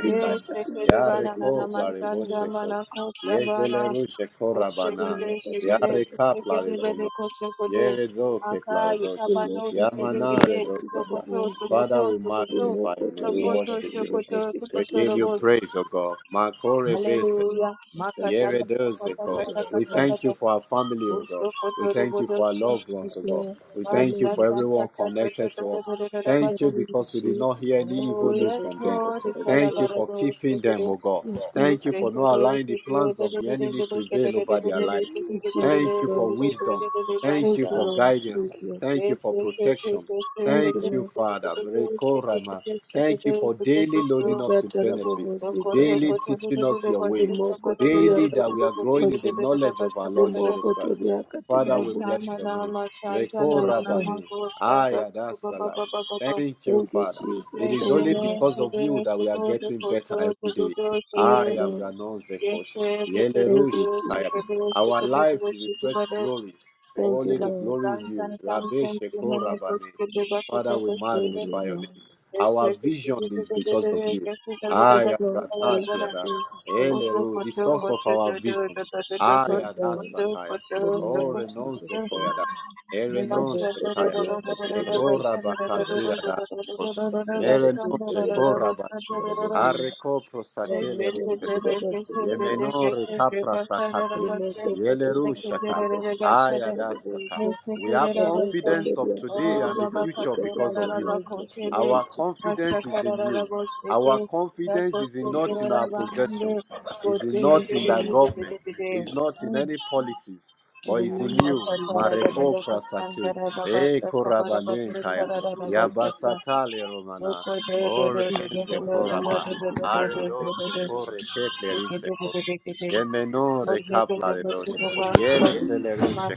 Speaker 3: rimakatiri
Speaker 1: Yeshekede banana
Speaker 3: bobosikata
Speaker 1: masanda
Speaker 3: rabobosa
Speaker 1: mana
Speaker 2: plarevoshekos.
Speaker 1: kosha bana.
Speaker 2: Yezeleru je ko
Speaker 1: Ushekede
Speaker 3: rimakatiri
Speaker 1: shekede shekede
Speaker 3: bobosikata
Speaker 1: bede kosha kode.
Speaker 2: Yerezo
Speaker 1: Makai
Speaker 2: keplaredos.
Speaker 1: kabado shekede kede
Speaker 3: rimosokotoriakatiri
Speaker 2: Yamanaredosaka.
Speaker 1: kukoto
Speaker 3: bobosa
Speaker 2: Father,
Speaker 1: kukoto
Speaker 2: we
Speaker 1: kukoto
Speaker 2: magnify your name. We
Speaker 1: kukoto
Speaker 2: worship
Speaker 3: rimokotoriakatiri
Speaker 2: you, God.
Speaker 1: kukoto
Speaker 2: We
Speaker 1: kukoto
Speaker 3: bobosikatiri
Speaker 2: give you
Speaker 1: robo.
Speaker 3: bobosa
Speaker 2: praise, O God. Makore
Speaker 1: Hallelujah. Makata
Speaker 3: rimakatiri
Speaker 1: kata kata
Speaker 2: Yeredozeko.
Speaker 3: bobosikata
Speaker 1: kata
Speaker 2: We
Speaker 1: kata
Speaker 2: thank you
Speaker 3: rabobosa
Speaker 1: kata.
Speaker 2: for our family, O God.
Speaker 1: Ushokoto
Speaker 2: We thank
Speaker 1: robo
Speaker 2: you for our
Speaker 1: dosho.
Speaker 2: loved ones,
Speaker 3: Yes,
Speaker 2: O God.
Speaker 3: Lord,
Speaker 2: We
Speaker 3: in the
Speaker 2: thank you
Speaker 1: Basa
Speaker 3: name
Speaker 2: for
Speaker 3: of Jesus.
Speaker 1: kata
Speaker 2: everyone
Speaker 1: kata
Speaker 2: connected
Speaker 1: kata
Speaker 2: to us.
Speaker 1: kata kata
Speaker 3: In the
Speaker 2: Thank you
Speaker 1: kata.
Speaker 3: name of
Speaker 2: because we did not
Speaker 3: Jesus,
Speaker 2: hear any
Speaker 3: that you
Speaker 2: evil
Speaker 1: Oh
Speaker 3: would
Speaker 2: news
Speaker 1: yes
Speaker 2: from
Speaker 3: receive
Speaker 2: them.
Speaker 3: a
Speaker 1: Lord,
Speaker 3: terrible
Speaker 2: Thank you
Speaker 1: kalabara
Speaker 3: voice.
Speaker 2: for
Speaker 1: dosho
Speaker 2: keeping
Speaker 1: kede.
Speaker 2: them, O God.
Speaker 3: Yes, Lord,
Speaker 2: Thank
Speaker 1: Yes,
Speaker 2: you for
Speaker 3: thank
Speaker 2: not
Speaker 3: you.
Speaker 2: allowing the plans of the enemy prevail over their
Speaker 3: In the
Speaker 2: life.
Speaker 3: name of Jesus
Speaker 2: Thank you for
Speaker 3: Christ.
Speaker 2: wisdom. Thank
Speaker 3: Thank
Speaker 2: you
Speaker 3: you,
Speaker 2: for
Speaker 3: Lord.
Speaker 2: guidance.
Speaker 3: Thank you.
Speaker 2: Thank you for protection.
Speaker 3: Thank you,
Speaker 2: Thank you,
Speaker 3: Lord.
Speaker 2: Father. Rekorama. Thank you for daily loading us with
Speaker 3: Ikata
Speaker 2: benefit,
Speaker 3: rabobosi kata
Speaker 2: daily teaching us your way
Speaker 3: remoko toria
Speaker 2: daily that
Speaker 3: kata
Speaker 2: we are growing in the
Speaker 3: rabobosi
Speaker 2: knowledge of our Lord Jesus
Speaker 3: remoko
Speaker 2: Christ.
Speaker 3: toria kata
Speaker 2: Father, we bless
Speaker 3: rabobosi.
Speaker 2: your name. Reko
Speaker 3: Yes, Lord.
Speaker 2: Rabani. Ayadasala. Thank you,
Speaker 3: Thank you,
Speaker 2: Father.
Speaker 3: Jesus.
Speaker 2: It is
Speaker 3: Thank
Speaker 2: only
Speaker 3: you, Lord.
Speaker 2: because of you that we are getting better every day.
Speaker 3: Yes,
Speaker 2: Aya
Speaker 3: Lord.
Speaker 2: Branon
Speaker 1: Yes,
Speaker 2: Zekosh.
Speaker 1: sir. This is a
Speaker 2: Yeleru
Speaker 3: Thank you,
Speaker 1: very,
Speaker 2: Shekaya.
Speaker 3: Jesus.
Speaker 1: very, very
Speaker 2: Our life
Speaker 1: difficult issue,
Speaker 2: reflects
Speaker 1: but
Speaker 2: glory.
Speaker 3: Thank you,
Speaker 2: Only the
Speaker 3: Lord.
Speaker 2: glory in
Speaker 1: sometimes,
Speaker 2: you. Rabbe
Speaker 1: sometimes we may
Speaker 2: Sheko
Speaker 1: not push
Speaker 2: Rabani.
Speaker 1: to the button,
Speaker 2: Father,
Speaker 1: but we
Speaker 2: we
Speaker 1: push to
Speaker 3: Thank
Speaker 1: the
Speaker 3: you,
Speaker 2: magnify your
Speaker 3: Lord.
Speaker 2: name.
Speaker 1: Yes,
Speaker 2: Our
Speaker 1: sir. This
Speaker 2: vision
Speaker 1: is a
Speaker 2: is
Speaker 1: very,
Speaker 2: because
Speaker 1: very,
Speaker 2: of
Speaker 1: very
Speaker 2: you.
Speaker 1: difficult issue, but we
Speaker 3: Yes,
Speaker 1: push
Speaker 2: Aya
Speaker 3: Lord. Thank you, Jesus. Thank
Speaker 1: the
Speaker 3: you.
Speaker 1: button, push the button,
Speaker 2: Eleru, the
Speaker 3: Lord.
Speaker 2: source
Speaker 1: push
Speaker 2: of
Speaker 1: the
Speaker 2: our vision.
Speaker 1: button, push
Speaker 3: Yes,
Speaker 2: Ayada
Speaker 3: Lord,
Speaker 2: Sakaya.
Speaker 3: in the name
Speaker 2: Oh,
Speaker 3: of
Speaker 2: Renon
Speaker 3: Jesus
Speaker 2: Zekoyada.
Speaker 3: Christ.
Speaker 2: Erenon
Speaker 3: Rabokotoria katerebobosi
Speaker 2: Ekora
Speaker 3: katerebobo.
Speaker 2: adasekos. Mele
Speaker 1: the button, push
Speaker 2: noje
Speaker 3: Rabokonterebobosi
Speaker 1: the button.
Speaker 3: katerebobo.
Speaker 2: Areko
Speaker 1: Thank
Speaker 2: prosakele rusekos.
Speaker 3: Rabokonterebobasi kata.
Speaker 2: Yemenore
Speaker 1: you.
Speaker 2: kapra sakate. Yele
Speaker 3: Rimosokotoria katerebobosi katerebobozo.
Speaker 2: We have confidence of
Speaker 3: Rabokotoria
Speaker 2: today and the
Speaker 3: katerebobosi
Speaker 2: future because of you.
Speaker 3: katerebobozo. Thank you,
Speaker 2: Our
Speaker 3: Jesus.
Speaker 2: confidence is in you. Our confidence is in
Speaker 3: Thank
Speaker 2: not
Speaker 3: you,
Speaker 2: in our
Speaker 3: Jesus.
Speaker 2: possession, is in not
Speaker 3: Yes,
Speaker 2: in the
Speaker 3: Lord,
Speaker 2: government, is not in any policies,
Speaker 3: in
Speaker 2: but
Speaker 3: the
Speaker 2: is in
Speaker 3: name of
Speaker 2: you.
Speaker 3: Jesus
Speaker 2: Mareko
Speaker 3: Christ.
Speaker 2: prasate. E korabanenkaya.
Speaker 3: Katerebobosi
Speaker 2: Yabasatale romana. Orenenze koraba. Aredoje kore
Speaker 1: Thank
Speaker 2: keplerise kos. Yemenore kaplaredosh. Yerezelerushe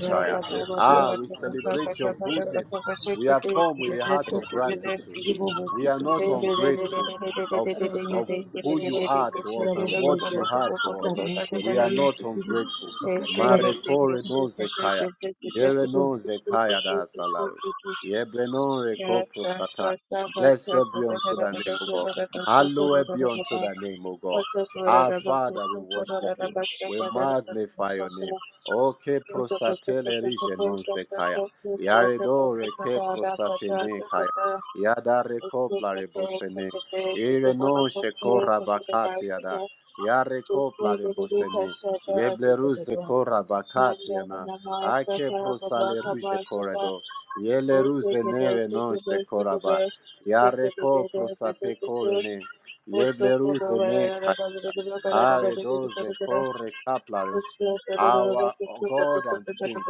Speaker 2: Ah, we celebrate your goodness. We have come with a heart of gratitude. We are not ungrateful of, of who you are to us and what you are to us. We are not ungrateful. Marekore
Speaker 3: Ramokontiri
Speaker 2: nozekaya. Yerenon Zekaya da Zalarush. Yebrenon Reko Prosata. Blessed be unto thy name, O God. Hallowed be unto thy name, O God. Our Father, we worship you. We magnify your name.
Speaker 1: you.
Speaker 2: Oke
Speaker 1: Thank
Speaker 2: prosatele rije non sekaya. Yaredo reke prosapene kaya. Yada reko plarebosene. Ire non sheko rabakati yada. Yareko plarebosene. Yebleru zeko rabakati yana. Ake prosale ruje corado. Yele ruze nere non she Yareko prosape corene. Yeble ruze Aredoze kore kaplaris, our oh, God and King.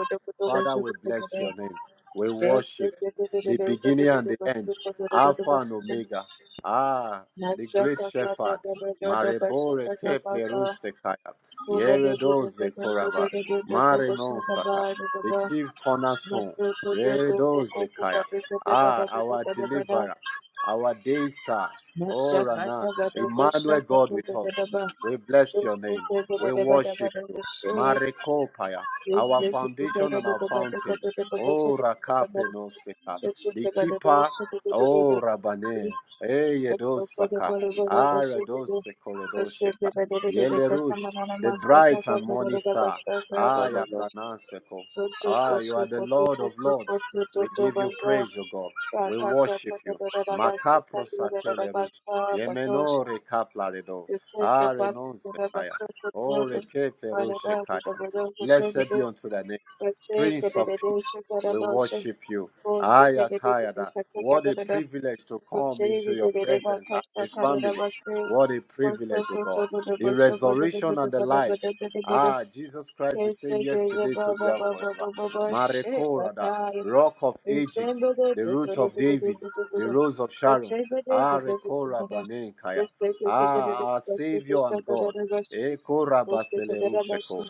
Speaker 2: Father, we bless
Speaker 1: you.
Speaker 2: your name. We worship you. the beginning and the end, Alpha and Omega. Ah, the great shepherd. Marebore kepleruse kaya. Yeredoze koraba. Mare non saka. The chief cornerstone. Redoze kaya. Ah, our deliverer, our day star. Oh, Rana, Emmanuel, God with us. We bless your name. We worship you. Marekopaya, our foundation and our fountain. Oh, Rakape no Seka, the keeper. Oh,
Speaker 1: Master
Speaker 2: Rabane,
Speaker 1: Thank
Speaker 2: Eyedosaka, Aredosekoredosheka, Yelerush, the bright and morning star. Aya Branaseko. Ah, you are the Lord of Lords. We give you praise, O God. We worship you. Macapro satele rush. Yemenore caplaredo. Are non sekaya. Ore keple rushe kaya. Blessed be unto thy name. Prince of peace, we worship you. Aya kayada. What a
Speaker 1: you.
Speaker 2: privilege to come
Speaker 1: Shit,
Speaker 2: into your presence as a family. What a privilege, O God. The resurrection and the life. Ah, Jesus Christ, the same yesterday, today, and forever. Marekorada, Rock of Ages, the Root of David, the Rose of Sharon, Arekora Banenkaya, Ah, our Savior and God, Ekora Baselerusheko,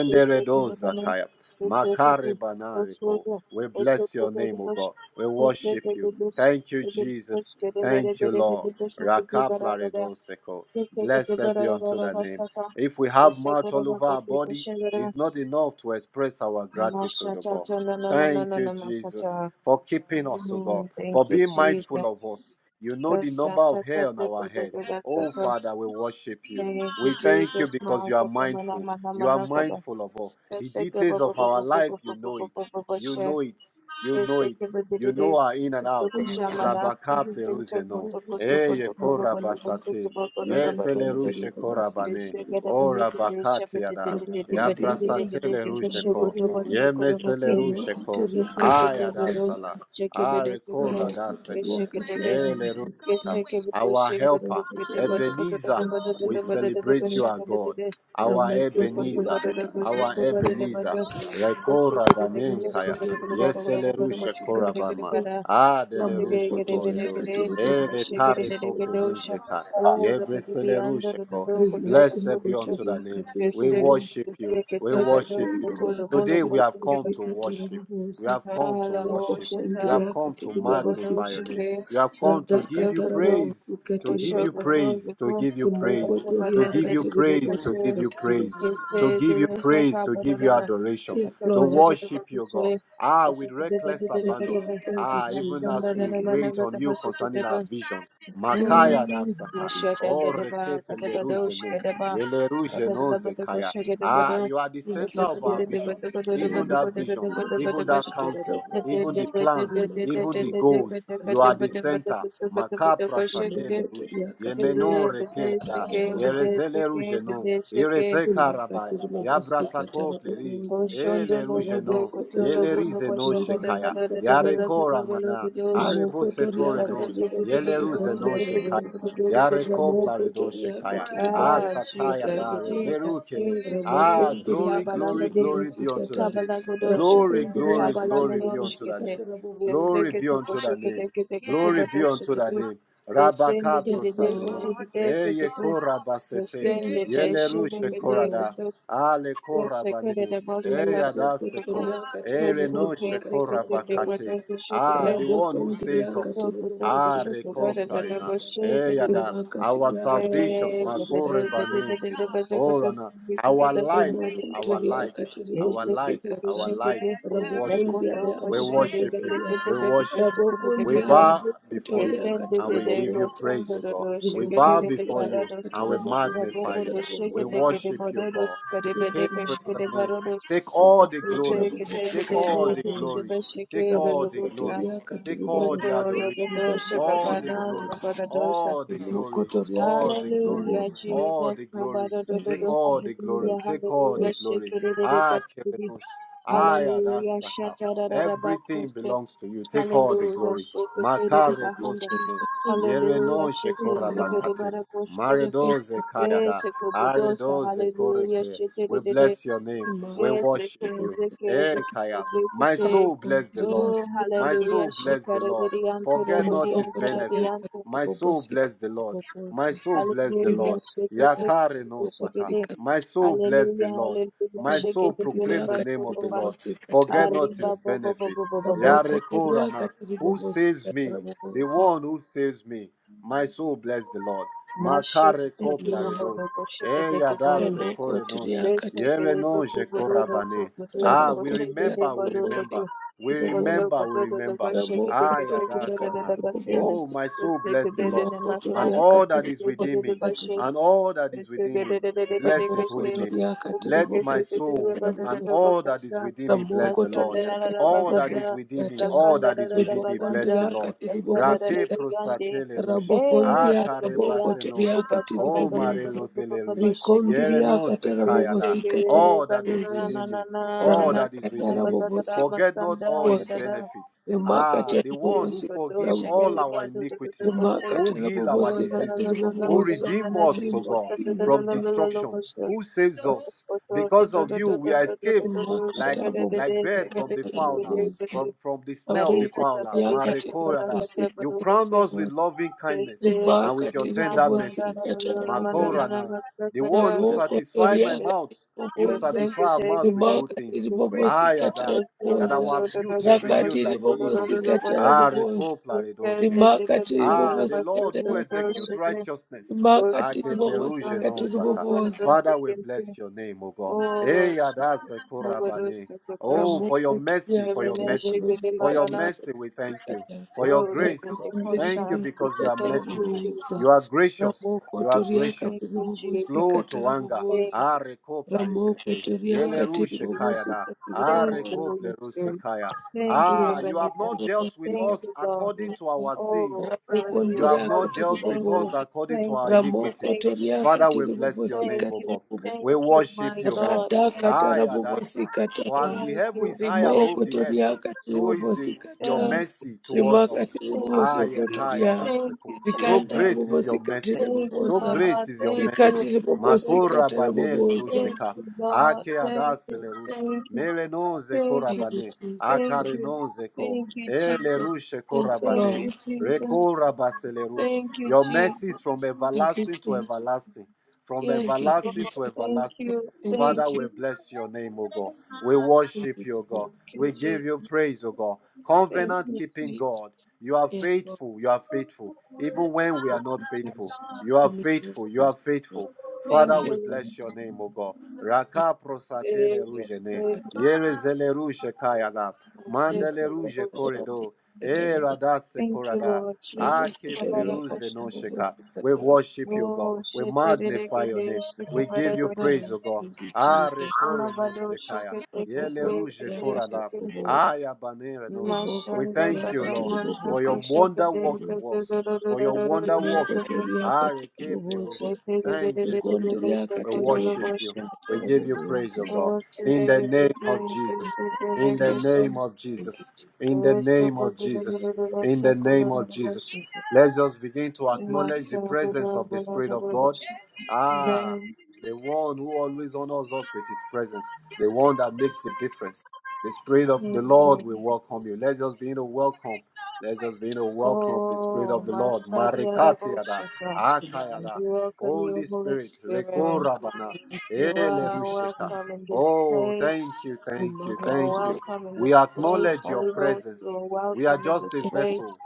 Speaker 1: Mm,
Speaker 2: Kaya, Makare Banareko. We bless your name, O God. We worship you. Thank you, Jesus. Thank you, Lord. Rakaplaredoseko. Blessed be unto thy name. If we have mouth all over our body, is
Speaker 1: Thank
Speaker 2: not enough to express our gratitude, oh God. Thank you, Jesus, for keeping us, oh God, for
Speaker 1: you,
Speaker 2: being mindful
Speaker 1: Jesus.
Speaker 2: of us. You know the
Speaker 1: That's
Speaker 2: number
Speaker 1: that's
Speaker 2: of
Speaker 1: that's
Speaker 2: hair
Speaker 1: that's
Speaker 2: on
Speaker 1: that's
Speaker 2: our
Speaker 1: that's that's
Speaker 2: head.
Speaker 1: that's
Speaker 2: Oh, Father,
Speaker 1: that's
Speaker 2: we worship you.
Speaker 1: Thank you,
Speaker 2: We thank you
Speaker 1: Jesus.
Speaker 2: because
Speaker 1: Mana
Speaker 2: you are
Speaker 1: mana
Speaker 2: mindful.
Speaker 1: mana
Speaker 2: You are
Speaker 1: mana kada.
Speaker 2: mindful of all. The
Speaker 1: That's it. Go
Speaker 2: details
Speaker 1: go go
Speaker 2: of
Speaker 1: go
Speaker 2: our
Speaker 1: go go
Speaker 2: life,
Speaker 1: go go
Speaker 2: you know it.
Speaker 1: go go go
Speaker 2: You
Speaker 1: go.
Speaker 2: know it. You know
Speaker 1: Shake
Speaker 2: it. You know our in and out. Rabaka pleruzeno. Eye korabasate. Yes, elerushe
Speaker 3: babasika
Speaker 2: korabane.
Speaker 3: tiri
Speaker 2: Oh,
Speaker 3: boboza
Speaker 2: rabakate yada.
Speaker 3: rabokondiri
Speaker 2: Yabrasatele
Speaker 3: babasikata
Speaker 2: Rujeko,
Speaker 3: raboboza
Speaker 2: Yemesele Rujeko,
Speaker 3: rimokotoriakati
Speaker 2: Ayadasala,
Speaker 3: ribobasikata
Speaker 2: Arekora Dasekos,
Speaker 3: ramokotoriakati
Speaker 2: Ele
Speaker 3: ribobasikata
Speaker 2: Rujeka, our helper,
Speaker 3: ramokotoriakati
Speaker 2: Ebenezer, we
Speaker 3: ribobasikata
Speaker 2: celebrate you, our
Speaker 3: riboboza
Speaker 2: God, our
Speaker 1: Yes,
Speaker 2: Ebenezer,
Speaker 3: ramokotoriakati
Speaker 2: our
Speaker 3: ribobasikata
Speaker 2: Ebenezer, Rekora Banenkaya,
Speaker 3: ramokotoriakati
Speaker 2: Yesele Rujekora
Speaker 3: ribobasikata
Speaker 2: Bama, Adele Ruze Koredo,
Speaker 3: ramokotoriakati
Speaker 2: Ele
Speaker 3: ribobasikata
Speaker 2: Kareko
Speaker 3: riboboza
Speaker 2: Penizeka, Yebresele Rujeko, blessed be unto the name.
Speaker 3: rimosokotoriakati
Speaker 2: We
Speaker 3: riboboza
Speaker 2: worship you. We worship
Speaker 3: Rabokondi
Speaker 2: you.
Speaker 3: riakati
Speaker 2: Today we have come to
Speaker 3: ribobosikata
Speaker 2: worship. We
Speaker 3: rabobosa
Speaker 2: have come to worship.
Speaker 3: rabokondi
Speaker 2: We have come
Speaker 3: riakati
Speaker 2: to magnify your
Speaker 3: ribobosikata
Speaker 2: name. We have come to give you
Speaker 3: radhakata
Speaker 2: praise,
Speaker 3: rabobosikati
Speaker 2: to give you
Speaker 3: ribobosa
Speaker 2: praise, to give you praise,
Speaker 3: rimokoto
Speaker 2: to give you
Speaker 3: riakati
Speaker 2: praise, to give you
Speaker 3: ribobosikati
Speaker 1: Thank
Speaker 2: praise,
Speaker 3: ribobosa
Speaker 1: you.
Speaker 2: to give you praise, to give you adoration,
Speaker 3: Yes
Speaker 2: to
Speaker 3: Lord
Speaker 2: worship you, God. Ah, with reckless
Speaker 3: Yes
Speaker 2: abandon.
Speaker 3: Lord thank you
Speaker 2: Ah, even
Speaker 3: Jesus
Speaker 2: as we
Speaker 3: thank you
Speaker 2: wait on you concerning our vision.
Speaker 3: Yes Lord
Speaker 2: Makaya
Speaker 3: thank
Speaker 2: dasaka.
Speaker 3: you
Speaker 2: Oh,
Speaker 3: Jesus
Speaker 2: rekepe leruzene. Yeleruze noze kaya. Ah, you are the
Speaker 3: thank
Speaker 2: center
Speaker 3: you
Speaker 2: of our vision.
Speaker 3: Jesus
Speaker 2: Even that
Speaker 3: rimakati
Speaker 2: vision, even that
Speaker 3: ribobosikata
Speaker 2: counsel,
Speaker 3: rabobosa
Speaker 2: even the plans, even
Speaker 3: rimakati
Speaker 2: the goals. You
Speaker 3: ribobosikata
Speaker 2: are the
Speaker 3: rabobosa
Speaker 2: center. Makapra satele rush.
Speaker 3: imokotoria katiri
Speaker 2: Yemeno
Speaker 3: bobosi
Speaker 2: reke ada.
Speaker 3: katarabobosa
Speaker 2: Yerezele ruje no. Irezeka rabai.
Speaker 3: imakatiri bobosi
Speaker 2: Yabrasako pleri.
Speaker 3: katarabobosa
Speaker 1: Oshondo
Speaker 2: Ele
Speaker 1: logo
Speaker 2: ruje no.
Speaker 1: dogo tolo
Speaker 3: rabosokotoria
Speaker 1: kodo
Speaker 2: Yelerize no
Speaker 1: bosha
Speaker 3: katiri
Speaker 1: gada
Speaker 2: shekaya.
Speaker 3: bobosi
Speaker 1: gada gada bala gada
Speaker 2: Yarekora
Speaker 3: katarabobosa
Speaker 1: bala
Speaker 2: mana.
Speaker 1: gada osh.
Speaker 2: Arebo
Speaker 3: rimokotoria
Speaker 2: setore no.
Speaker 3: katiri
Speaker 1: Akate kudu
Speaker 2: Yele
Speaker 3: bobosi
Speaker 1: kudu
Speaker 2: ruze
Speaker 1: kudu
Speaker 2: no
Speaker 1: kudu
Speaker 2: shekaya.
Speaker 1: kudu kudu
Speaker 3: katarabobosa
Speaker 1: kudu kudu
Speaker 2: Yare
Speaker 1: kudu kudu kudu.
Speaker 2: koplare do
Speaker 3: ramokotoria
Speaker 2: shekaya.
Speaker 3: katiri
Speaker 2: Ah,
Speaker 1: Ah,
Speaker 3: bobosi
Speaker 2: sataya
Speaker 1: Jesus,
Speaker 2: dare.
Speaker 3: katarabobosa
Speaker 1: Jesus,
Speaker 2: Bleru kele.
Speaker 1: Jesus,
Speaker 2: Ah,
Speaker 1: Jesus.
Speaker 3: ramokondiria
Speaker 2: glory,
Speaker 1: Kabala
Speaker 3: katiri
Speaker 2: glory,
Speaker 1: gade,
Speaker 2: glory
Speaker 3: bobosi
Speaker 2: be unto
Speaker 3: kata
Speaker 2: thy name.
Speaker 1: kabala godosha,
Speaker 2: Glory,
Speaker 3: rabokondiria
Speaker 2: glory,
Speaker 1: kabala
Speaker 3: katiri
Speaker 2: glory be
Speaker 1: godosh
Speaker 3: bobosi
Speaker 2: unto thy
Speaker 1: kete.
Speaker 2: name.
Speaker 1: Kete
Speaker 3: katarabobosa
Speaker 2: Glory be
Speaker 1: kete
Speaker 2: unto
Speaker 1: kosho
Speaker 2: thy
Speaker 1: kete
Speaker 2: name.
Speaker 1: kete kete
Speaker 2: Glory be
Speaker 1: badosha
Speaker 2: unto thy
Speaker 1: kudu.
Speaker 2: name.
Speaker 1: Descende
Speaker 2: Rabaka
Speaker 1: de de
Speaker 3: yes
Speaker 1: de kete
Speaker 2: prosamino.
Speaker 3: lord
Speaker 1: de de kete
Speaker 2: Eye
Speaker 1: kudu.
Speaker 2: korabasete. basete.
Speaker 3: thank you
Speaker 1: Descende de
Speaker 2: Yele
Speaker 3: jesus
Speaker 2: rushe
Speaker 1: de
Speaker 3: thank you
Speaker 1: de
Speaker 3: lord
Speaker 2: korada.
Speaker 1: kete
Speaker 2: Ale kora
Speaker 1: Yesekerere the most sacred
Speaker 2: Eya
Speaker 3: Boboso
Speaker 2: daseko.
Speaker 3: kotoria katiri
Speaker 2: Ere no
Speaker 3: bobosi
Speaker 2: shekora
Speaker 3: katara bobosa.
Speaker 1: motoko
Speaker 2: Ah,
Speaker 1: shekete
Speaker 2: the
Speaker 3: Rabo
Speaker 2: one who
Speaker 3: kondria
Speaker 2: saves
Speaker 1: kutoka
Speaker 2: us.
Speaker 3: katiri
Speaker 1: kutoka
Speaker 3: bobosi
Speaker 2: Ah,
Speaker 1: shuto
Speaker 3: katara
Speaker 2: reko
Speaker 1: bara da da
Speaker 3: bobosa.
Speaker 1: boshe
Speaker 2: Eya
Speaker 1: dedede
Speaker 2: da.
Speaker 3: Ima
Speaker 2: Our
Speaker 3: katiria katiri
Speaker 2: salvation.
Speaker 3: bobosi
Speaker 1: kebede
Speaker 2: Makore
Speaker 3: katiri
Speaker 1: dedede
Speaker 2: banenke.
Speaker 1: dedede
Speaker 3: bobosa.
Speaker 1: baze koto
Speaker 2: Orana.
Speaker 1: bitu
Speaker 2: Our
Speaker 1: bada bada
Speaker 2: light.
Speaker 3: Ima
Speaker 1: bada kebe
Speaker 2: Our
Speaker 3: kotoria
Speaker 2: light.
Speaker 3: katiri
Speaker 2: Our
Speaker 3: bobosi
Speaker 2: light.
Speaker 1: yesekerere
Speaker 3: kata.
Speaker 2: Our light.
Speaker 1: The
Speaker 2: We
Speaker 3: Rabo
Speaker 1: da
Speaker 2: worship
Speaker 3: kondia
Speaker 2: you.
Speaker 1: koto
Speaker 2: We
Speaker 1: boshe
Speaker 3: raboso
Speaker 2: worship
Speaker 1: dedede the
Speaker 2: you.
Speaker 3: kotoria.
Speaker 2: We
Speaker 1: dedede
Speaker 2: worship.
Speaker 3: Rabo
Speaker 1: shekete
Speaker 2: We
Speaker 3: kondia
Speaker 1: kebede
Speaker 2: bow
Speaker 3: rabo
Speaker 2: before
Speaker 3: kotoria
Speaker 2: you
Speaker 1: yese
Speaker 2: and
Speaker 3: katiri
Speaker 2: we
Speaker 1: dedede
Speaker 2: give you
Speaker 3: bobosa.
Speaker 1: boshe
Speaker 2: praise, O God.
Speaker 1: dedede
Speaker 2: We
Speaker 3: Ribo
Speaker 1: shekete
Speaker 2: bow
Speaker 1: dedede
Speaker 2: before
Speaker 3: kondria
Speaker 2: you and
Speaker 3: katara
Speaker 2: we
Speaker 3: bobosi
Speaker 2: magnify you.
Speaker 3: katara
Speaker 2: We
Speaker 3: bobosa.
Speaker 2: worship you, God.
Speaker 3: Yes, Lord.
Speaker 2: Take all the glory.
Speaker 1: Hallelujah,
Speaker 2: Take all the glory. Take all the glory. Take all the adoration all the glory, all the glory, all the glory, all
Speaker 1: Jesus.
Speaker 2: the glory.
Speaker 3: Thank you,
Speaker 2: Take
Speaker 1: Kabadodododo.
Speaker 2: all
Speaker 3: Jesus.
Speaker 2: the glory,
Speaker 3: Thank
Speaker 1: Hallelujah,
Speaker 3: you.
Speaker 2: take all the
Speaker 1: hallelujah.
Speaker 3: Thank you.
Speaker 2: glory. Ah,
Speaker 1: Shikiriririkatiri.
Speaker 2: Kerenos,
Speaker 3: Thank
Speaker 2: ah,
Speaker 1: Hallelujah,
Speaker 2: Adasaka. Everything
Speaker 1: shatadadadabakuse.
Speaker 2: belongs to you. Take all the
Speaker 1: Hallelujah,
Speaker 2: glory. Makare
Speaker 3: you,
Speaker 1: shikiririribahanda.
Speaker 2: kosene,
Speaker 3: Jesus. Thank you.
Speaker 1: Hallelujah,
Speaker 2: yereno
Speaker 3: Thank you,
Speaker 2: shekora
Speaker 3: Lord.
Speaker 2: bakate,
Speaker 1: shikiririribarakushkiri.
Speaker 3: Thank
Speaker 2: maredoze
Speaker 3: you.
Speaker 1: Yea,
Speaker 2: kayada,
Speaker 1: chikubudosa.
Speaker 2: aredoze
Speaker 1: Hallelujah,
Speaker 2: koreke.
Speaker 1: Shake
Speaker 2: We
Speaker 1: it.
Speaker 2: bless your name.
Speaker 3: Mark
Speaker 2: We worship
Speaker 1: Ezeke,
Speaker 2: you.
Speaker 3: katiribobosa.
Speaker 1: Ezeke,
Speaker 2: Eh,
Speaker 1: Ezeke,
Speaker 2: Kaya.
Speaker 1: Ezeke.
Speaker 2: My
Speaker 1: che.
Speaker 2: soul bless the
Speaker 3: Rabokondria
Speaker 2: Lord.
Speaker 1: Oh,
Speaker 2: My soul
Speaker 1: hallelujah.
Speaker 2: bless the Lord.
Speaker 1: Shikaragadian,
Speaker 2: Forget not
Speaker 1: Karagadian,
Speaker 2: his
Speaker 3: Rimosokotoria
Speaker 1: Karadian.
Speaker 2: benefits. My soul
Speaker 3: katiribobosa
Speaker 2: bless the Lord. My
Speaker 3: katiribobosa.
Speaker 2: soul bless the
Speaker 1: Hallelujah.
Speaker 2: Lord.
Speaker 1: Shake it,
Speaker 2: Yakare
Speaker 1: shake
Speaker 2: no
Speaker 1: it, shake
Speaker 2: saka.
Speaker 3: Rimokotoria
Speaker 2: My soul bless the
Speaker 1: Hallelujah,
Speaker 2: Lord.
Speaker 1: hallelujah.
Speaker 2: My
Speaker 1: Shake
Speaker 2: soul
Speaker 1: it,
Speaker 3: Rabokondiria
Speaker 1: very
Speaker 2: proclaim the
Speaker 1: fast,
Speaker 2: name
Speaker 3: katiri
Speaker 2: of the
Speaker 1: Baba.
Speaker 2: Lord.
Speaker 3: bobosi katiri
Speaker 2: Forget not
Speaker 3: bobosa.
Speaker 2: his
Speaker 1: Arriba, Baba, Baba,
Speaker 2: benefit.
Speaker 1: Baba, Baba.
Speaker 2: Yare
Speaker 3: Rabokondiria
Speaker 2: korana.
Speaker 3: katiri
Speaker 2: Who
Speaker 3: bobosi
Speaker 2: saves me?
Speaker 3: katiri
Speaker 2: The
Speaker 3: bobosa.
Speaker 2: one who saves me. My soul bless the Lord.
Speaker 1: Mash it,
Speaker 2: Makare
Speaker 1: Baba,
Speaker 3: Amen.
Speaker 1: Baba,
Speaker 2: toplaridos.
Speaker 1: Baba. Shake it, shake it.
Speaker 2: Eyadas
Speaker 3: Rabokondiria
Speaker 2: korenos.
Speaker 1: basically
Speaker 3: katiri
Speaker 2: Yereno
Speaker 1: looking
Speaker 2: je
Speaker 1: below the top
Speaker 2: korabane.
Speaker 1: below the
Speaker 2: Ah, we
Speaker 1: bushy
Speaker 3: Rabokondiria
Speaker 1: below
Speaker 2: remember, we
Speaker 1: below
Speaker 3: bobosi
Speaker 2: remember.
Speaker 1: the
Speaker 3: katiri
Speaker 2: We
Speaker 1: also
Speaker 3: bobosa.
Speaker 2: remember, we
Speaker 1: below the
Speaker 2: remember.
Speaker 1: bushy the bushy
Speaker 3: Rabokondiria
Speaker 1: below
Speaker 2: Ayadasana.
Speaker 1: the
Speaker 3: katiri
Speaker 1: bushy
Speaker 2: Oh,
Speaker 3: bobosa.
Speaker 2: my soul,
Speaker 1: basically
Speaker 2: bless the
Speaker 1: below
Speaker 2: Lord,
Speaker 1: the
Speaker 2: and
Speaker 1: mustang
Speaker 3: Rabokondiria
Speaker 2: all that
Speaker 3: katiri
Speaker 2: is within
Speaker 1: below
Speaker 3: bobosi
Speaker 1: the
Speaker 2: me,
Speaker 3: katiri
Speaker 1: bushy
Speaker 2: and
Speaker 3: bobosa.
Speaker 2: all that is
Speaker 1: basically
Speaker 2: within me,
Speaker 1: below the dead in the
Speaker 2: bless his holy
Speaker 1: bushy
Speaker 2: name.
Speaker 3: Rabokondiria katiri
Speaker 2: Let my
Speaker 3: bobosi
Speaker 1: basically
Speaker 2: soul
Speaker 3: katiri
Speaker 1: below the
Speaker 2: and
Speaker 1: Keseki
Speaker 3: bobosa.
Speaker 1: the
Speaker 2: all
Speaker 1: bushy
Speaker 2: that is
Speaker 1: mustang
Speaker 2: within me bless
Speaker 3: Ramoko
Speaker 2: the Lord.
Speaker 3: toria
Speaker 1: below the
Speaker 2: All that is
Speaker 1: baganda
Speaker 2: within me,
Speaker 3: katiribobosikata.
Speaker 2: all
Speaker 1: rakan
Speaker 2: that is
Speaker 1: below the
Speaker 2: within me, bless
Speaker 3: Ribokondria
Speaker 2: the
Speaker 1: baganda
Speaker 2: Lord.
Speaker 1: rakha below the Kabara
Speaker 2: Rake
Speaker 3: katiribobosikata.
Speaker 2: prosatele
Speaker 1: Gigandi.
Speaker 2: rush,
Speaker 1: Hey,
Speaker 3: Rabokondia raboko
Speaker 1: hallelujah.
Speaker 3: toria
Speaker 2: akarebasenosh, o
Speaker 3: katiribobosa.
Speaker 2: marerosele rush,
Speaker 3: Rikondria
Speaker 2: yereno
Speaker 1: Yes,
Speaker 2: sekayada.
Speaker 3: katarabobosikata
Speaker 2: All that is
Speaker 3: rabobosa.
Speaker 2: within me all that is
Speaker 3: Ramakata
Speaker 2: within me.
Speaker 3: rabobosikata
Speaker 2: Forget not all his
Speaker 3: bosa.
Speaker 2: benefits.
Speaker 3: Rimakata
Speaker 2: Ah, the one who
Speaker 3: ribobosikata
Speaker 2: forgive all
Speaker 3: rabobosa.
Speaker 2: our iniquities,
Speaker 3: Rimakata
Speaker 2: who heal our
Speaker 3: rabobosikata
Speaker 2: diseases, who
Speaker 3: ribobosa.
Speaker 2: redeem
Speaker 3: In the
Speaker 2: us, O
Speaker 3: name of
Speaker 2: God,
Speaker 3: Jesus
Speaker 2: from
Speaker 3: Christ.
Speaker 2: destruction, who saves us. Because of you, we are escaped
Speaker 3: Rimakata
Speaker 2: like
Speaker 3: rabobosikata
Speaker 2: like bird from the fowler,
Speaker 3: rabobosa.
Speaker 2: from, from the snare of the
Speaker 3: Raboko
Speaker 2: fowler.
Speaker 3: yakati
Speaker 2: Marekoyada.
Speaker 3: ribobosika
Speaker 2: You crown us with
Speaker 3: tiribobosa,
Speaker 2: loving kindness and with
Speaker 3: ribakati
Speaker 2: your tender
Speaker 3: ribobosika
Speaker 2: mercies.
Speaker 3: tarabobosa,
Speaker 2: Makorana, the one who
Speaker 3: raboko
Speaker 2: satisfies my
Speaker 3: toriakati
Speaker 2: mouth who
Speaker 1: Oh, Oh,
Speaker 3: ribobosa,
Speaker 1: Thank
Speaker 2: satisfy
Speaker 1: you,
Speaker 2: our mouth
Speaker 1: Jesus.
Speaker 2: with
Speaker 1: Thank
Speaker 2: good
Speaker 1: you,
Speaker 3: ribakati
Speaker 2: things.
Speaker 1: Jesus.
Speaker 2: Ay,
Speaker 3: ribobosika
Speaker 2: Adas, that
Speaker 3: tarabobosa,
Speaker 2: our youth is
Speaker 3: rakati
Speaker 2: renewed like the eagles.
Speaker 3: ribobosika
Speaker 2: Ah,
Speaker 3: tarabobosa,
Speaker 2: Rekopla Redo Shekam.
Speaker 3: rimakati
Speaker 2: Ah, the
Speaker 3: ribobosika
Speaker 2: Lord who executes
Speaker 3: tarabobosa,
Speaker 2: righteousness. Ah,
Speaker 3: rimakati
Speaker 2: kepleruje Ruje
Speaker 3: ribobosika
Speaker 2: no Saka.
Speaker 3: tiribobosa.
Speaker 2: Father, we bless your name, O God. Hey, Adas Ekorabane. Oh, for your
Speaker 3: Ramokotiya
Speaker 2: mercy, for your
Speaker 3: katiri
Speaker 2: mercy, for
Speaker 3: babosika
Speaker 2: your
Speaker 3: tiri
Speaker 2: mercy, we thank you.
Speaker 3: babosikata
Speaker 2: For your grace,
Speaker 3: ramokumbiri
Speaker 2: thank you because you are
Speaker 3: babasikata
Speaker 2: merciful.
Speaker 3: raboboza
Speaker 2: You are gracious. You are
Speaker 3: ramokotoriya
Speaker 2: gracious
Speaker 3: katiri
Speaker 2: slow
Speaker 3: babosikata
Speaker 2: to anger.
Speaker 1: Thank
Speaker 3: raboboza
Speaker 1: you,
Speaker 2: Are kopla rishete.
Speaker 3: ramokotoriya
Speaker 1: thank
Speaker 2: Yele
Speaker 3: katiri
Speaker 2: rushe
Speaker 1: you, Jesus.
Speaker 2: kaya da.
Speaker 3: babosika tiri
Speaker 1: Thank
Speaker 2: Are
Speaker 3: baboza
Speaker 1: you, Holy
Speaker 2: kople ruse
Speaker 1: Spirit.
Speaker 2: kaya.
Speaker 1: Thank you,
Speaker 2: Ah, you
Speaker 1: Ebenezer.
Speaker 2: have not dealt
Speaker 3: imakatiri
Speaker 2: with
Speaker 1: Thank
Speaker 2: us
Speaker 3: babosikata
Speaker 1: you, God.
Speaker 2: according to
Speaker 3: raboboza
Speaker 2: our
Speaker 1: Oh,
Speaker 2: sins.
Speaker 1: Father, you
Speaker 2: You
Speaker 1: are
Speaker 2: have
Speaker 3: ramokondiriya
Speaker 1: helpful.
Speaker 2: not
Speaker 3: katiri
Speaker 2: dealt with
Speaker 1: Thank
Speaker 2: us
Speaker 1: you.
Speaker 3: baboza
Speaker 2: according to
Speaker 1: Thank
Speaker 2: our
Speaker 1: you.
Speaker 2: iniquities.
Speaker 1: Thank you.
Speaker 3: ramokotoriya
Speaker 2: Father, we
Speaker 3: katiri
Speaker 2: bless your
Speaker 1: Thank
Speaker 2: name, O
Speaker 3: babosikata
Speaker 1: you.
Speaker 2: God. We
Speaker 3: raboboza
Speaker 1: Thank you,
Speaker 2: worship
Speaker 1: my
Speaker 2: you, God.
Speaker 1: God.
Speaker 3: Rada
Speaker 1: Thank,
Speaker 3: katara bobosi
Speaker 2: Ayadasa. For as the
Speaker 3: katara.
Speaker 1: thank
Speaker 2: heaven
Speaker 1: you.
Speaker 2: is high
Speaker 3: Rimo
Speaker 1: Thank,
Speaker 2: above
Speaker 1: you.
Speaker 2: the earth,
Speaker 3: kotoria katiri
Speaker 2: so is
Speaker 3: bobosi
Speaker 2: the, your
Speaker 1: thank
Speaker 3: kata.
Speaker 1: you,
Speaker 2: mercy towards
Speaker 3: Rima
Speaker 1: Jesus.
Speaker 2: us.
Speaker 3: katiri
Speaker 1: Thank you,
Speaker 3: boboso
Speaker 1: Jesus.
Speaker 3: kotoria.
Speaker 1: Thank
Speaker 2: Ayakayadasako.
Speaker 1: you, Jesus.
Speaker 2: So
Speaker 3: Rikanda
Speaker 2: great is
Speaker 3: bobosi
Speaker 2: your mercy.
Speaker 3: katiri
Speaker 1: Thank you,
Speaker 2: So
Speaker 3: bobosa.
Speaker 2: great
Speaker 1: Baba.
Speaker 2: is your
Speaker 1: Thank
Speaker 2: mercy.
Speaker 1: you.
Speaker 3: Rikatiri
Speaker 1: Spirit.
Speaker 3: bobosi
Speaker 2: Makora
Speaker 3: katara
Speaker 2: banel
Speaker 3: bobosa.
Speaker 1: Thank
Speaker 2: rusheka.
Speaker 1: you, God.
Speaker 2: Ake
Speaker 1: Thank you.
Speaker 2: adasele rush.
Speaker 1: Thank you.
Speaker 2: Mere nonze
Speaker 1: Thank
Speaker 3: Thank
Speaker 1: you.
Speaker 3: you,
Speaker 2: korabane.
Speaker 3: Jesus.
Speaker 1: Thank
Speaker 2: Akare
Speaker 1: you.
Speaker 2: nonze ko.
Speaker 1: Thank you,
Speaker 2: Ele
Speaker 1: Jesus.
Speaker 2: rushe
Speaker 3: Thank you,
Speaker 1: Thank
Speaker 2: korabane.
Speaker 1: you,
Speaker 3: Lord.
Speaker 1: Jesus.
Speaker 2: Rekora basele rush.
Speaker 1: Thank you,
Speaker 2: Your mercy is from
Speaker 1: Jesus.
Speaker 3: Thank you,
Speaker 2: everlasting to
Speaker 3: Jesus.
Speaker 2: everlasting. From
Speaker 1: Yes,
Speaker 3: Thank you, Holy
Speaker 2: everlasting
Speaker 1: Lord.
Speaker 2: to
Speaker 3: Spirit.
Speaker 1: Thank
Speaker 2: everlasting.
Speaker 1: you.
Speaker 3: Thank you,
Speaker 1: Thank
Speaker 2: Father,
Speaker 3: Jesus.
Speaker 2: we
Speaker 1: you.
Speaker 2: bless your name, O God. We
Speaker 3: Thank
Speaker 2: worship
Speaker 3: you,
Speaker 2: you, O
Speaker 3: Jesus.
Speaker 2: God.
Speaker 1: Thank you,
Speaker 2: We
Speaker 3: Thank you.
Speaker 2: give
Speaker 1: Jesus.
Speaker 2: you praise, O God.
Speaker 1: Thank
Speaker 2: Covenant
Speaker 1: you,
Speaker 2: keeping
Speaker 1: Jesus.
Speaker 2: God. You are
Speaker 3: Yes, Lord.
Speaker 2: faithful. You are faithful. Even when we are not faithful, you are
Speaker 3: Let me move
Speaker 2: faithful. You are
Speaker 3: Jesus. Lord.
Speaker 2: faithful.
Speaker 1: Thank
Speaker 2: Father,
Speaker 3: Yes,
Speaker 1: you,
Speaker 2: we
Speaker 1: Lord.
Speaker 2: bless your name, O God.
Speaker 3: thank
Speaker 2: Raka
Speaker 3: you.
Speaker 2: prosatele
Speaker 1: Savior,
Speaker 2: rujene.
Speaker 1: Savior,
Speaker 3: Katara.
Speaker 2: Yere zele ruje kayala.
Speaker 1: my
Speaker 3: Rima
Speaker 2: Mandele
Speaker 1: Savior,
Speaker 2: ruje
Speaker 1: Lord.
Speaker 3: katara bobosi
Speaker 2: koredo. E
Speaker 3: katara.
Speaker 2: radase
Speaker 1: Thank you,
Speaker 2: korada.
Speaker 1: Lord
Speaker 3: Rabo
Speaker 1: Jesus.
Speaker 2: Ake
Speaker 3: Kotoria
Speaker 2: pleruze no
Speaker 1: Kabarakosha.
Speaker 3: Katabobo
Speaker 2: sheka. We
Speaker 3: Sikatabo.
Speaker 2: worship you, God.
Speaker 1: Oh,
Speaker 2: We magnify your name.
Speaker 1: shetererekedesh,
Speaker 2: We give
Speaker 3: Yes,
Speaker 2: you praise,
Speaker 1: kabarakados.
Speaker 3: Lord.
Speaker 2: O God.
Speaker 3: Thank you,
Speaker 2: Are
Speaker 3: Jesus.
Speaker 2: kore no
Speaker 1: Alabado,
Speaker 2: shekaya. Yele
Speaker 3: Raboko
Speaker 2: ruje
Speaker 3: tobiakati
Speaker 2: korada.
Speaker 1: sheketeketeketesh,
Speaker 3: ribobosi.
Speaker 2: Aya banere nosh.
Speaker 3: Riboko
Speaker 2: We
Speaker 1: Mashanda
Speaker 2: thank you,
Speaker 3: tobiakati
Speaker 2: Lord,
Speaker 1: katamanto
Speaker 2: for
Speaker 3: ribobosi
Speaker 2: your wonder
Speaker 1: koshekede
Speaker 2: work
Speaker 3: ribobosi.
Speaker 2: was, for your wonder
Speaker 1: kekederororororo
Speaker 3: Riboko
Speaker 2: works.
Speaker 1: shekede
Speaker 2: Are
Speaker 3: tobiakati
Speaker 2: keple rush.
Speaker 3: ribobosi.
Speaker 2: Thank you,
Speaker 1: shekedededededede
Speaker 3: Rikondo
Speaker 2: Jesus. We
Speaker 3: biakati
Speaker 2: worship
Speaker 3: ribobosi
Speaker 2: you.
Speaker 1: koloroboshe
Speaker 2: We give you praise,
Speaker 3: ribobosi.
Speaker 2: O God. In the name of
Speaker 1: otekefente
Speaker 3: Yes,
Speaker 2: Jesus.
Speaker 3: Lord.
Speaker 2: In the
Speaker 3: yes.
Speaker 1: sekelekeshe
Speaker 2: name
Speaker 3: Lord.
Speaker 2: of
Speaker 3: Thank you,
Speaker 2: Jesus. In the name of Jesus. In
Speaker 1: osokoderororororotso
Speaker 2: the name of Jesus.
Speaker 1: koloroboshe
Speaker 3: Jesus.
Speaker 2: Let's just begin to acknowledge the presence of the Spirit of God.
Speaker 1: matsokororororororoshe.
Speaker 3: Thank you,
Speaker 2: Ah,
Speaker 1: Amen.
Speaker 2: the one who always honors us with his presence, the one that makes the difference. The Spirit of the
Speaker 1: Hmm.
Speaker 2: Lord will welcome you. Let's just begin to welcome. Let's just begin to welcome of the Spirit
Speaker 1: Oh,
Speaker 2: of the Lord.
Speaker 1: Masadia
Speaker 2: Marikatiada,
Speaker 1: Raboshaka,
Speaker 3: ribobosi.
Speaker 2: Akayada.
Speaker 1: we welcome you,
Speaker 2: Holy
Speaker 1: Holy
Speaker 2: Spirit,
Speaker 1: Spirit.
Speaker 3: Rimaka
Speaker 2: Rekorabana,
Speaker 3: ribobosi
Speaker 1: You
Speaker 2: Ele
Speaker 1: are
Speaker 2: Rusheka.
Speaker 1: welcome
Speaker 3: ribobosi.
Speaker 1: in this
Speaker 2: Oh,
Speaker 1: place.
Speaker 2: thank you, thank you,
Speaker 1: You
Speaker 3: Rimaka
Speaker 1: are
Speaker 2: thank
Speaker 3: ribobosi
Speaker 2: you.
Speaker 1: welcome in
Speaker 2: We
Speaker 1: this place,
Speaker 3: ribobosi.
Speaker 2: acknowledge your
Speaker 1: Holy Ghost. You
Speaker 2: presence.
Speaker 1: are
Speaker 2: We are
Speaker 1: welcome in
Speaker 2: just a
Speaker 1: this
Speaker 3: Yes, Lord.
Speaker 1: place.
Speaker 2: vessel.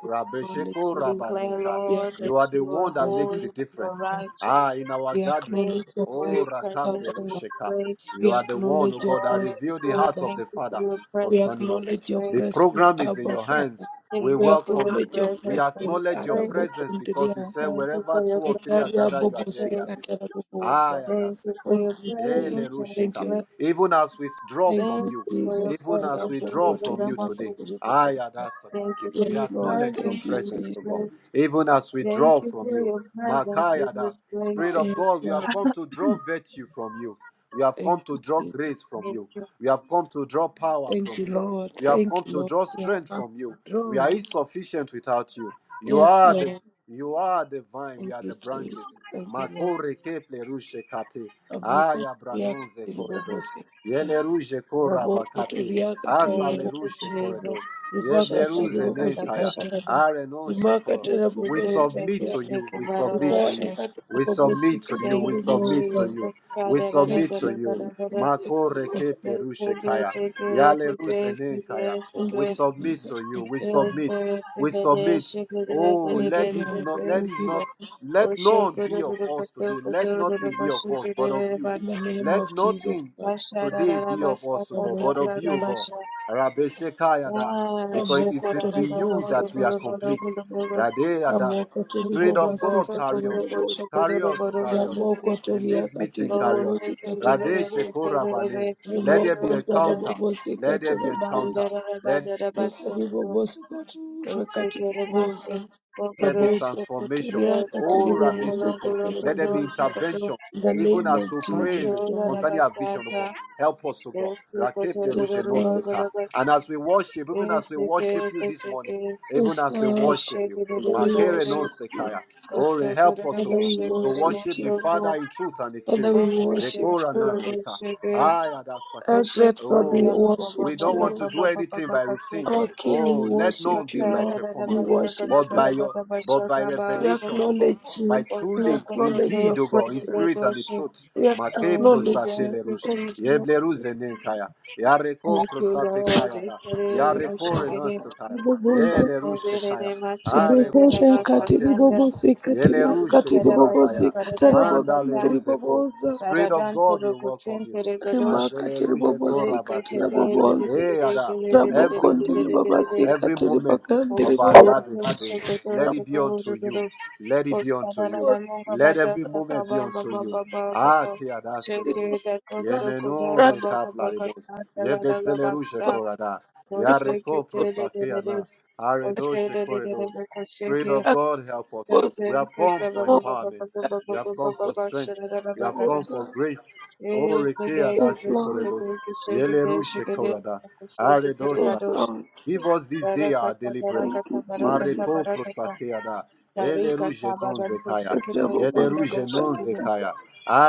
Speaker 3: Lord, let
Speaker 2: Rabesheko
Speaker 1: We
Speaker 3: you
Speaker 1: declare,
Speaker 2: Rabaneka.
Speaker 3: We
Speaker 1: Lord,
Speaker 3: acknowledge
Speaker 1: that
Speaker 2: You are the
Speaker 1: you
Speaker 3: your
Speaker 1: are
Speaker 2: one that makes
Speaker 1: holy,
Speaker 2: the
Speaker 3: presence,
Speaker 1: you
Speaker 3: Abba.
Speaker 1: are
Speaker 2: difference.
Speaker 3: Father.
Speaker 1: righteous.
Speaker 2: Ah, in our
Speaker 3: We
Speaker 2: gathering.
Speaker 1: Thank
Speaker 3: acknowledge
Speaker 1: you
Speaker 3: your
Speaker 1: for your
Speaker 2: Oh,
Speaker 3: presence,
Speaker 2: Rakape
Speaker 1: presence
Speaker 3: Abba.
Speaker 1: in
Speaker 3: Father.
Speaker 1: this
Speaker 2: Rusheka.
Speaker 1: place.
Speaker 2: You
Speaker 3: We
Speaker 2: are the one, oh
Speaker 3: acknowledge your
Speaker 2: God, that
Speaker 1: Holy
Speaker 3: presence,
Speaker 2: revealed the
Speaker 1: Spirit,
Speaker 2: heart
Speaker 3: Abba.
Speaker 2: of
Speaker 1: thank
Speaker 2: the
Speaker 1: you for
Speaker 2: Father
Speaker 1: your
Speaker 3: We
Speaker 1: presence
Speaker 2: concerning
Speaker 1: in
Speaker 2: us.
Speaker 1: this
Speaker 3: acknowledge your
Speaker 2: The
Speaker 1: place.
Speaker 3: presence,
Speaker 2: program is in
Speaker 3: Abba
Speaker 2: your
Speaker 3: Father.
Speaker 2: hands.
Speaker 1: Thank
Speaker 2: We
Speaker 3: We
Speaker 1: you for
Speaker 2: welcome
Speaker 1: your
Speaker 2: you.
Speaker 3: acknowledge your
Speaker 2: We
Speaker 1: presence in
Speaker 3: presence,
Speaker 1: this
Speaker 2: acknowledge your
Speaker 1: place.
Speaker 3: Arabo
Speaker 2: presence because you
Speaker 3: Kundria,
Speaker 2: said
Speaker 1: Thank you
Speaker 2: wherever
Speaker 1: for
Speaker 2: two
Speaker 1: your
Speaker 2: or three are
Speaker 1: presence
Speaker 3: Itaria
Speaker 1: in
Speaker 2: gathered,
Speaker 1: this
Speaker 2: you are there in
Speaker 3: Bobosi
Speaker 1: place.
Speaker 2: their midst. Ah,
Speaker 3: Katarabobosa.
Speaker 2: yeah,
Speaker 1: Thank
Speaker 2: that's the
Speaker 1: you for
Speaker 2: call.
Speaker 3: Thank
Speaker 1: your
Speaker 3: you, Jesus.
Speaker 2: Ele
Speaker 1: presence in this
Speaker 3: Thank
Speaker 2: rusheka.
Speaker 3: you,
Speaker 1: place.
Speaker 3: Lord.
Speaker 2: Even as we draw
Speaker 3: Thank
Speaker 2: from
Speaker 1: Thank
Speaker 3: you,
Speaker 2: you,
Speaker 1: you for your
Speaker 3: Jesus.
Speaker 2: even as we
Speaker 1: presence
Speaker 3: Arabo
Speaker 1: in
Speaker 2: draw
Speaker 1: this
Speaker 2: from you
Speaker 3: Kotoria
Speaker 2: today,
Speaker 1: Adamaku.
Speaker 2: ah, yeah,
Speaker 3: Katarabobosa.
Speaker 2: that's the
Speaker 1: Thank you for
Speaker 2: we
Speaker 1: your
Speaker 3: Yes, Lord.
Speaker 2: acknowledge your
Speaker 3: Thank
Speaker 1: presence
Speaker 3: you,
Speaker 1: in
Speaker 2: presence,
Speaker 1: this
Speaker 3: Jesus.
Speaker 2: O God.
Speaker 1: place.
Speaker 2: Even as we
Speaker 1: Thank
Speaker 2: draw
Speaker 1: you
Speaker 2: from
Speaker 1: for
Speaker 2: you,
Speaker 1: your presence in
Speaker 2: Makayada,
Speaker 1: this
Speaker 2: Spirit
Speaker 1: place.
Speaker 2: of
Speaker 3: Yes,
Speaker 2: God, we
Speaker 3: Lord.
Speaker 2: have come to draw virtue from you. We have
Speaker 3: Thank
Speaker 2: come to
Speaker 3: you,
Speaker 2: draw
Speaker 3: Jesus.
Speaker 2: grace from
Speaker 1: Thank
Speaker 2: you.
Speaker 1: you.
Speaker 2: We have come to draw power
Speaker 3: Thank
Speaker 2: from
Speaker 3: you,
Speaker 2: you.
Speaker 3: Lord.
Speaker 2: We have come
Speaker 3: Thank you,
Speaker 2: to
Speaker 3: Lord.
Speaker 2: draw
Speaker 3: We have
Speaker 2: strength
Speaker 3: come
Speaker 2: from you.
Speaker 3: to
Speaker 2: We
Speaker 3: draw.
Speaker 2: are insufficient without you. You
Speaker 3: Yes,
Speaker 2: are the
Speaker 3: Lord.
Speaker 2: you are the vine. We
Speaker 3: Thank
Speaker 2: are
Speaker 3: you,
Speaker 2: the
Speaker 3: Jesus.
Speaker 2: branches.
Speaker 3: Thank you, Lord.
Speaker 2: Makore keple rushe kate.
Speaker 3: Raboko
Speaker 2: Aya
Speaker 3: turiaka
Speaker 2: branonze corridos.
Speaker 3: tiribobosikata.
Speaker 2: Yele ruje
Speaker 3: Raboko
Speaker 2: korabakate.
Speaker 3: turiaka
Speaker 2: Asale
Speaker 1: Thank you,
Speaker 2: rushe
Speaker 3: tiribobosa.
Speaker 2: corridor.
Speaker 1: Jesus.
Speaker 3: Ribaka
Speaker 2: Yeble ruze
Speaker 1: Shakatakataka
Speaker 2: nekaya.
Speaker 3: tiribobosikata.
Speaker 1: shakata.
Speaker 2: Are no
Speaker 3: Rimaka
Speaker 2: sheko.
Speaker 1: It's the
Speaker 2: We
Speaker 1: place like
Speaker 2: submit
Speaker 3: tarabobosikata.
Speaker 2: to
Speaker 1: it's
Speaker 2: you.
Speaker 1: like
Speaker 2: We submit to you.
Speaker 1: Barorosha.
Speaker 3: Rikata
Speaker 2: We submit to
Speaker 3: rabobosika
Speaker 2: you.
Speaker 1: Thank
Speaker 2: We
Speaker 1: you,
Speaker 2: submit to
Speaker 3: tiribobosa.
Speaker 2: you.
Speaker 1: Jesus.
Speaker 2: We submit
Speaker 3: Thank
Speaker 2: to
Speaker 3: you,
Speaker 2: you.
Speaker 3: Jesus.
Speaker 1: Kadadadadadadadada.
Speaker 3: Thank you,
Speaker 2: Makore
Speaker 3: Lord.
Speaker 2: keple
Speaker 1: Yes,
Speaker 2: rushe
Speaker 1: yes, yes,
Speaker 2: kaya.
Speaker 1: yes,
Speaker 2: Yale
Speaker 1: yes,
Speaker 2: ruze
Speaker 1: yes,
Speaker 2: ne kaya.
Speaker 1: yes,
Speaker 2: We
Speaker 3: Thank
Speaker 1: yes.
Speaker 3: you,
Speaker 2: submit
Speaker 3: Jesus.
Speaker 2: to you.
Speaker 3: Thank
Speaker 2: We
Speaker 3: you, Lord.
Speaker 2: submit. We submit. Oh,
Speaker 3: Thank you,
Speaker 2: let this
Speaker 3: Lord.
Speaker 2: not let
Speaker 3: Thank
Speaker 2: this
Speaker 3: you,
Speaker 2: not
Speaker 3: Lord.
Speaker 2: let none be of us today. Let nothing be of us but of you.
Speaker 3: In the name
Speaker 2: Let
Speaker 3: of Jesus
Speaker 2: nothing
Speaker 3: Christ.
Speaker 2: today be of us, O God, but of you, O God. Rabbe Shekayada, because it
Speaker 3: Ramoko
Speaker 2: is in you that
Speaker 3: toribabasika
Speaker 2: we are complete. Radeyadas,
Speaker 3: ramoko
Speaker 2: Spirit of God,
Speaker 3: toribabasika
Speaker 2: carry us,
Speaker 3: terabobosa
Speaker 2: carry us, carry us.
Speaker 3: ramoko
Speaker 2: In this
Speaker 3: toriaka
Speaker 2: meeting, carry us.
Speaker 3: teribobosika
Speaker 2: Rade
Speaker 3: terabobosa
Speaker 2: Shekorabane, let there
Speaker 3: rimoko
Speaker 2: be encounter,
Speaker 3: ndarabobosika
Speaker 2: let there be
Speaker 3: terabobosa
Speaker 2: encounter.
Speaker 1: Bandara
Speaker 2: let
Speaker 1: Badara Basso,
Speaker 3: rikaribobosika
Speaker 1: Okoro
Speaker 3: turakatibobosa
Speaker 1: Basso,
Speaker 2: there be
Speaker 1: Okoro
Speaker 3: raboso
Speaker 2: transformation.
Speaker 1: Thank you.
Speaker 3: kotoriaka
Speaker 2: Oh, Rabbi
Speaker 3: teribobosika
Speaker 2: Seko, let there be
Speaker 3: terabobosa
Speaker 2: intervention,
Speaker 3: in the
Speaker 2: even
Speaker 3: name of
Speaker 2: as we
Speaker 3: Jesus
Speaker 2: pray
Speaker 3: Christ
Speaker 2: concerning our vision, oh God. Help us, oh God. Rakeple
Speaker 3: yes
Speaker 2: ruje non
Speaker 3: Lord
Speaker 2: seka. And as we worship, even as we worship you this morning, even
Speaker 3: yes
Speaker 2: as we
Speaker 3: Lord
Speaker 2: worship you,
Speaker 3: Father we
Speaker 2: Makere non
Speaker 3: worship you
Speaker 2: sekaya. Oh, re- help us, oh
Speaker 3: Father
Speaker 2: God,
Speaker 3: we
Speaker 2: to
Speaker 3: worship
Speaker 2: worship the
Speaker 3: you
Speaker 2: Father in truth and in
Speaker 3: Father,
Speaker 2: spirit.
Speaker 3: we worship
Speaker 2: Rekora na
Speaker 3: you.
Speaker 2: seka. Ayada saka.
Speaker 3: Our great God, we
Speaker 2: Oh,
Speaker 3: worship
Speaker 2: we don't want
Speaker 3: you.
Speaker 2: to do anything by routine.
Speaker 3: Our King, we
Speaker 2: Oh, let
Speaker 3: worship
Speaker 2: none be
Speaker 3: you,
Speaker 2: by
Speaker 3: Lord. We
Speaker 2: performance,
Speaker 3: worship
Speaker 2: but
Speaker 3: you.
Speaker 2: by your but by
Speaker 3: We
Speaker 2: revelation, O God,
Speaker 3: acknowledge
Speaker 2: by
Speaker 3: you. We
Speaker 2: truly
Speaker 3: acknowledge your
Speaker 2: indeed, O God, in spirit
Speaker 3: presence.
Speaker 2: and in truth.
Speaker 3: We
Speaker 2: Make
Speaker 1: Thank you,
Speaker 3: acknowledge
Speaker 1: thank
Speaker 3: you.
Speaker 2: prosatele
Speaker 1: you,
Speaker 2: rush.
Speaker 3: Okay,
Speaker 1: Jesus.
Speaker 3: Lord.
Speaker 2: Yeble ruzene kaya. Yareko
Speaker 1: Thank you,
Speaker 2: prosape
Speaker 1: Lord.
Speaker 2: kaya da.
Speaker 1: Ekere
Speaker 2: Yareko
Speaker 1: Moshegere
Speaker 2: renanse kaya.
Speaker 3: Riboboza.
Speaker 2: Yele rushe
Speaker 1: Kasendere
Speaker 2: kaya.
Speaker 1: Machadere
Speaker 2: Areko
Speaker 3: Ribokosha yakati
Speaker 2: prosatele
Speaker 1: Bakasanda
Speaker 2: rush.
Speaker 3: ribobosi katiri
Speaker 2: Yele
Speaker 1: Ari
Speaker 2: rushe
Speaker 3: yakati
Speaker 1: Karabatin
Speaker 3: ribobosi
Speaker 2: korabaya.
Speaker 1: Paradadam
Speaker 2: Mandale
Speaker 3: katarabogandi
Speaker 1: Pata
Speaker 2: ruzeko.
Speaker 3: riboboza.
Speaker 2: Spirit of
Speaker 1: Paradan
Speaker 2: God
Speaker 1: Toro
Speaker 2: will welcome
Speaker 1: Kutsin
Speaker 2: you.
Speaker 1: Teregadosh
Speaker 2: Mazele
Speaker 3: Rimakati
Speaker 2: ruje
Speaker 3: ribobosi
Speaker 1: Rete
Speaker 2: korabatiada.
Speaker 3: kataraboboza.
Speaker 2: Eh, Ada. Every
Speaker 3: Rabokondi
Speaker 2: minute,
Speaker 3: ribabasi
Speaker 1: Tete,
Speaker 2: every
Speaker 3: katiri
Speaker 2: moment
Speaker 3: bagandi
Speaker 2: of our
Speaker 1: Orosco
Speaker 2: gathering
Speaker 3: riboboza.
Speaker 2: today,
Speaker 1: potential guru
Speaker 2: let it
Speaker 1: to
Speaker 2: be
Speaker 1: guru
Speaker 2: unto you.
Speaker 1: guru
Speaker 2: Let it be
Speaker 1: Costa
Speaker 2: unto
Speaker 1: da da
Speaker 2: you.
Speaker 1: da monga
Speaker 2: Let
Speaker 1: bada
Speaker 2: every
Speaker 1: saka
Speaker 2: moment be
Speaker 1: ba ba
Speaker 2: unto
Speaker 1: ba
Speaker 2: you.
Speaker 1: ba ba ba
Speaker 2: Ah,
Speaker 1: ba
Speaker 2: kiada
Speaker 1: Shake
Speaker 2: selerush.
Speaker 1: da
Speaker 3: zilizoanza
Speaker 1: kotso kuda
Speaker 2: Yemeno
Speaker 3: rada
Speaker 1: kaba kaba
Speaker 2: rekaplaridos.
Speaker 1: kasa da la la la
Speaker 2: Yebeseleruje
Speaker 1: basa
Speaker 2: korada.
Speaker 1: Oseke
Speaker 2: Yareko
Speaker 1: te de de de de
Speaker 2: prosakeana.
Speaker 1: Ose de
Speaker 2: Aredoshe
Speaker 1: de de de
Speaker 2: koredos.
Speaker 1: de
Speaker 2: Spirit
Speaker 1: kosheke
Speaker 2: of God, help us.
Speaker 3: kuoza
Speaker 1: Kese
Speaker 2: We have come
Speaker 1: kese ba
Speaker 2: for
Speaker 1: ba ba ba
Speaker 2: empowerment.
Speaker 1: ba ba ba
Speaker 2: We
Speaker 1: ba
Speaker 2: have
Speaker 1: ba ba
Speaker 2: come
Speaker 1: ba
Speaker 2: for
Speaker 1: ba
Speaker 2: strength.
Speaker 1: shara da da
Speaker 2: We
Speaker 1: ba
Speaker 2: have
Speaker 1: kada
Speaker 2: come for
Speaker 3: kuoza.
Speaker 2: grace. O
Speaker 1: Eh de
Speaker 2: reke
Speaker 1: de de
Speaker 3: Yes,
Speaker 2: adashe
Speaker 1: de
Speaker 3: Lord.
Speaker 1: shake de
Speaker 2: koredos,
Speaker 1: kese de
Speaker 2: yele
Speaker 1: de
Speaker 2: rushe
Speaker 1: shake de
Speaker 2: korada,
Speaker 1: Kese de
Speaker 2: are
Speaker 1: kiri
Speaker 3: Yes,
Speaker 2: dosaka.
Speaker 1: badoshi
Speaker 3: Lord.
Speaker 2: Give us this day our
Speaker 1: Barakata
Speaker 2: daily bread.
Speaker 3: Thank
Speaker 1: barakata
Speaker 3: you,
Speaker 1: barakata
Speaker 2: Mareko
Speaker 3: Jesus.
Speaker 1: barakata
Speaker 2: prosakeada, ele
Speaker 1: Tarika
Speaker 2: ruje non
Speaker 1: Tabaran for
Speaker 2: zekaya,
Speaker 3: Katia
Speaker 1: Secretary
Speaker 2: yele
Speaker 3: bobosi
Speaker 1: Gandabo
Speaker 2: ruje non
Speaker 3: katara
Speaker 1: Shakida,
Speaker 3: kata.
Speaker 2: zekaya,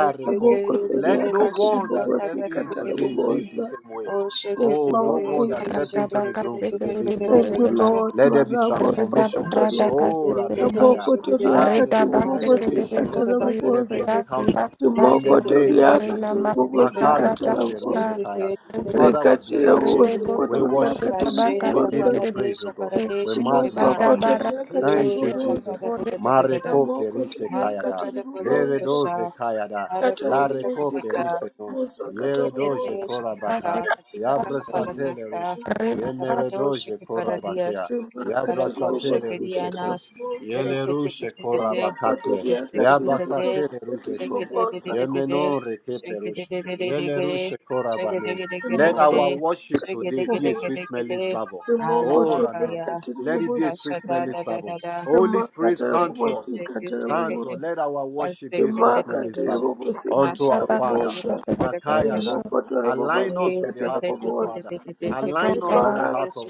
Speaker 1: O
Speaker 3: Naboko
Speaker 1: Secretary
Speaker 2: Let
Speaker 3: toria
Speaker 2: no
Speaker 3: katiri
Speaker 2: one
Speaker 1: Vashanta
Speaker 2: that
Speaker 3: bobosi
Speaker 2: step in
Speaker 3: katara
Speaker 1: Katakabu,
Speaker 2: today live the
Speaker 3: boboza.
Speaker 2: same
Speaker 1: O
Speaker 2: way.
Speaker 3: Yes,
Speaker 2: Oh, no
Speaker 3: Lord.
Speaker 1: Secretary
Speaker 2: one that
Speaker 3: Thank you,
Speaker 2: step
Speaker 4: barada
Speaker 2: into
Speaker 3: Jesus.
Speaker 4: baka
Speaker 2: this room today live
Speaker 4: sekere
Speaker 2: the same
Speaker 3: Thank you,
Speaker 2: way.
Speaker 4: boreba.
Speaker 1: Vashanta,
Speaker 3: Lord.
Speaker 2: Let there be
Speaker 3: Marabo
Speaker 4: Reda
Speaker 3: soko
Speaker 2: transformation.
Speaker 4: barada
Speaker 3: toria.
Speaker 4: ka
Speaker 2: Oh,
Speaker 4: sekere.
Speaker 2: Rabekaya,
Speaker 3: Naboko
Speaker 1: Mashakiri,
Speaker 3: toria
Speaker 2: Ah,
Speaker 4: Reda
Speaker 3: katiri
Speaker 4: ba
Speaker 2: recall. Let there be a
Speaker 1: Mashaki
Speaker 3: bobosi
Speaker 4: sekere
Speaker 1: for
Speaker 2: shift.
Speaker 1: the
Speaker 3: katara
Speaker 4: boto
Speaker 1: Bako
Speaker 2: Let there
Speaker 4: yoto
Speaker 2: be an
Speaker 3: boboza.
Speaker 1: Secret,
Speaker 4: yasi
Speaker 2: encounter.
Speaker 4: yasi
Speaker 1: the
Speaker 2: In
Speaker 4: yasa.
Speaker 2: the name of
Speaker 1: Secretary
Speaker 3: rimokotoriaka
Speaker 4: Rena
Speaker 2: Jesus.
Speaker 1: for
Speaker 3: tiri
Speaker 4: ma
Speaker 1: Secretary,
Speaker 3: mumosika
Speaker 2: Makare
Speaker 4: karada
Speaker 2: kople
Speaker 3: taramukoza
Speaker 4: shaka.
Speaker 2: rushekaya.
Speaker 1: Secretary
Speaker 4: Rede
Speaker 2: Father, we
Speaker 3: rekatira
Speaker 2: bless your
Speaker 4: korede
Speaker 2: name.
Speaker 1: Shakida,
Speaker 4: boto
Speaker 2: We
Speaker 3: mumosikotoriaka
Speaker 2: worship
Speaker 4: koreda
Speaker 2: you.
Speaker 3: tiri
Speaker 1: Vashi
Speaker 4: baka
Speaker 2: We give
Speaker 3: mumoza
Speaker 2: you
Speaker 4: sekere.
Speaker 1: Tabarade,
Speaker 2: praise, O God.
Speaker 1: Shabarade,
Speaker 2: We
Speaker 1: Shakidiba,
Speaker 2: magnify
Speaker 4: Ada
Speaker 2: your name.
Speaker 4: barada
Speaker 3: rimosokotoriaka
Speaker 4: ka
Speaker 3: tiri
Speaker 2: Thank you,
Speaker 4: sekere
Speaker 3: mumoza
Speaker 2: Jesus.
Speaker 4: boreba
Speaker 2: Mare
Speaker 1: Sakata.
Speaker 2: kople rishekaya
Speaker 3: ramokotoriaka
Speaker 2: da.
Speaker 3: tiri
Speaker 1: Masakada
Speaker 2: Lere
Speaker 3: mumoza
Speaker 2: doze
Speaker 1: Bolokosha,
Speaker 2: kaya da.
Speaker 3: katara
Speaker 2: Lare
Speaker 1: Harakusha
Speaker 2: kople
Speaker 3: mumosika
Speaker 1: Kapata,
Speaker 2: rise no.
Speaker 3: taramumoza
Speaker 2: Yere doje
Speaker 1: Esikatete
Speaker 3: katamumoza
Speaker 2: korabaka.
Speaker 1: Shikapata, Katika
Speaker 4: sekere.
Speaker 2: Yabrasatele rush.
Speaker 1: Sakaparadasa,
Speaker 4: Reda
Speaker 2: Yemere
Speaker 1: Kapado
Speaker 2: doje
Speaker 1: Shikiparadias,
Speaker 2: korabakia.
Speaker 3: rimaka tiri
Speaker 1: Varakosha
Speaker 2: Yabrasatele
Speaker 3: mumosika
Speaker 2: rushekos.
Speaker 1: Girianas,
Speaker 3: taramumoza
Speaker 2: Yele
Speaker 1: Erekete
Speaker 2: rushe
Speaker 1: Pisikite,
Speaker 2: korabakatie.
Speaker 3: rimokotoriaka
Speaker 1: Esikite
Speaker 3: tiri
Speaker 1: Bade,
Speaker 2: Yabasatele
Speaker 3: mumosika tiri
Speaker 2: ruzekos.
Speaker 1: Shekete Bede
Speaker 3: mumoza
Speaker 1: Bede,
Speaker 2: Yemenon
Speaker 1: Shekete
Speaker 2: Rekeperush.
Speaker 1: Bede Gede,
Speaker 2: Yelerush
Speaker 1: Shekete
Speaker 2: Korabane.
Speaker 1: Gede Shakete Gede
Speaker 2: Let our
Speaker 1: Gede,
Speaker 3: rimokotoriaka
Speaker 2: worship
Speaker 3: tiri
Speaker 1: Shekete
Speaker 2: today be
Speaker 1: Gede
Speaker 2: a sweet
Speaker 1: Gede
Speaker 3: mumoza
Speaker 2: smelling
Speaker 1: Gede,
Speaker 2: savour. Oh
Speaker 3: Rimokotoria
Speaker 2: Ranas,
Speaker 1: Alabakaya,
Speaker 2: let it be a sweet
Speaker 1: Kasha Da
Speaker 2: smelling
Speaker 3: katiribobosikata
Speaker 1: Da Da
Speaker 2: savour.
Speaker 1: Da Da.
Speaker 2: Holy Spirit,
Speaker 1: Shake
Speaker 2: come to us. Come to us.
Speaker 3: rimakatarabobosikatarabobosa
Speaker 2: Let our worship be a sweet smelling savour unto our
Speaker 4: baka
Speaker 2: Father.
Speaker 3: rimakatiribobosikatarabobosa
Speaker 4: sekere
Speaker 2: Makaya,
Speaker 4: boto.
Speaker 2: that's align us with the heart of the
Speaker 3: rimokotorabobosikatarabobosa
Speaker 2: Father.
Speaker 4: Thank you,
Speaker 2: Align us with
Speaker 4: God.
Speaker 2: the heart of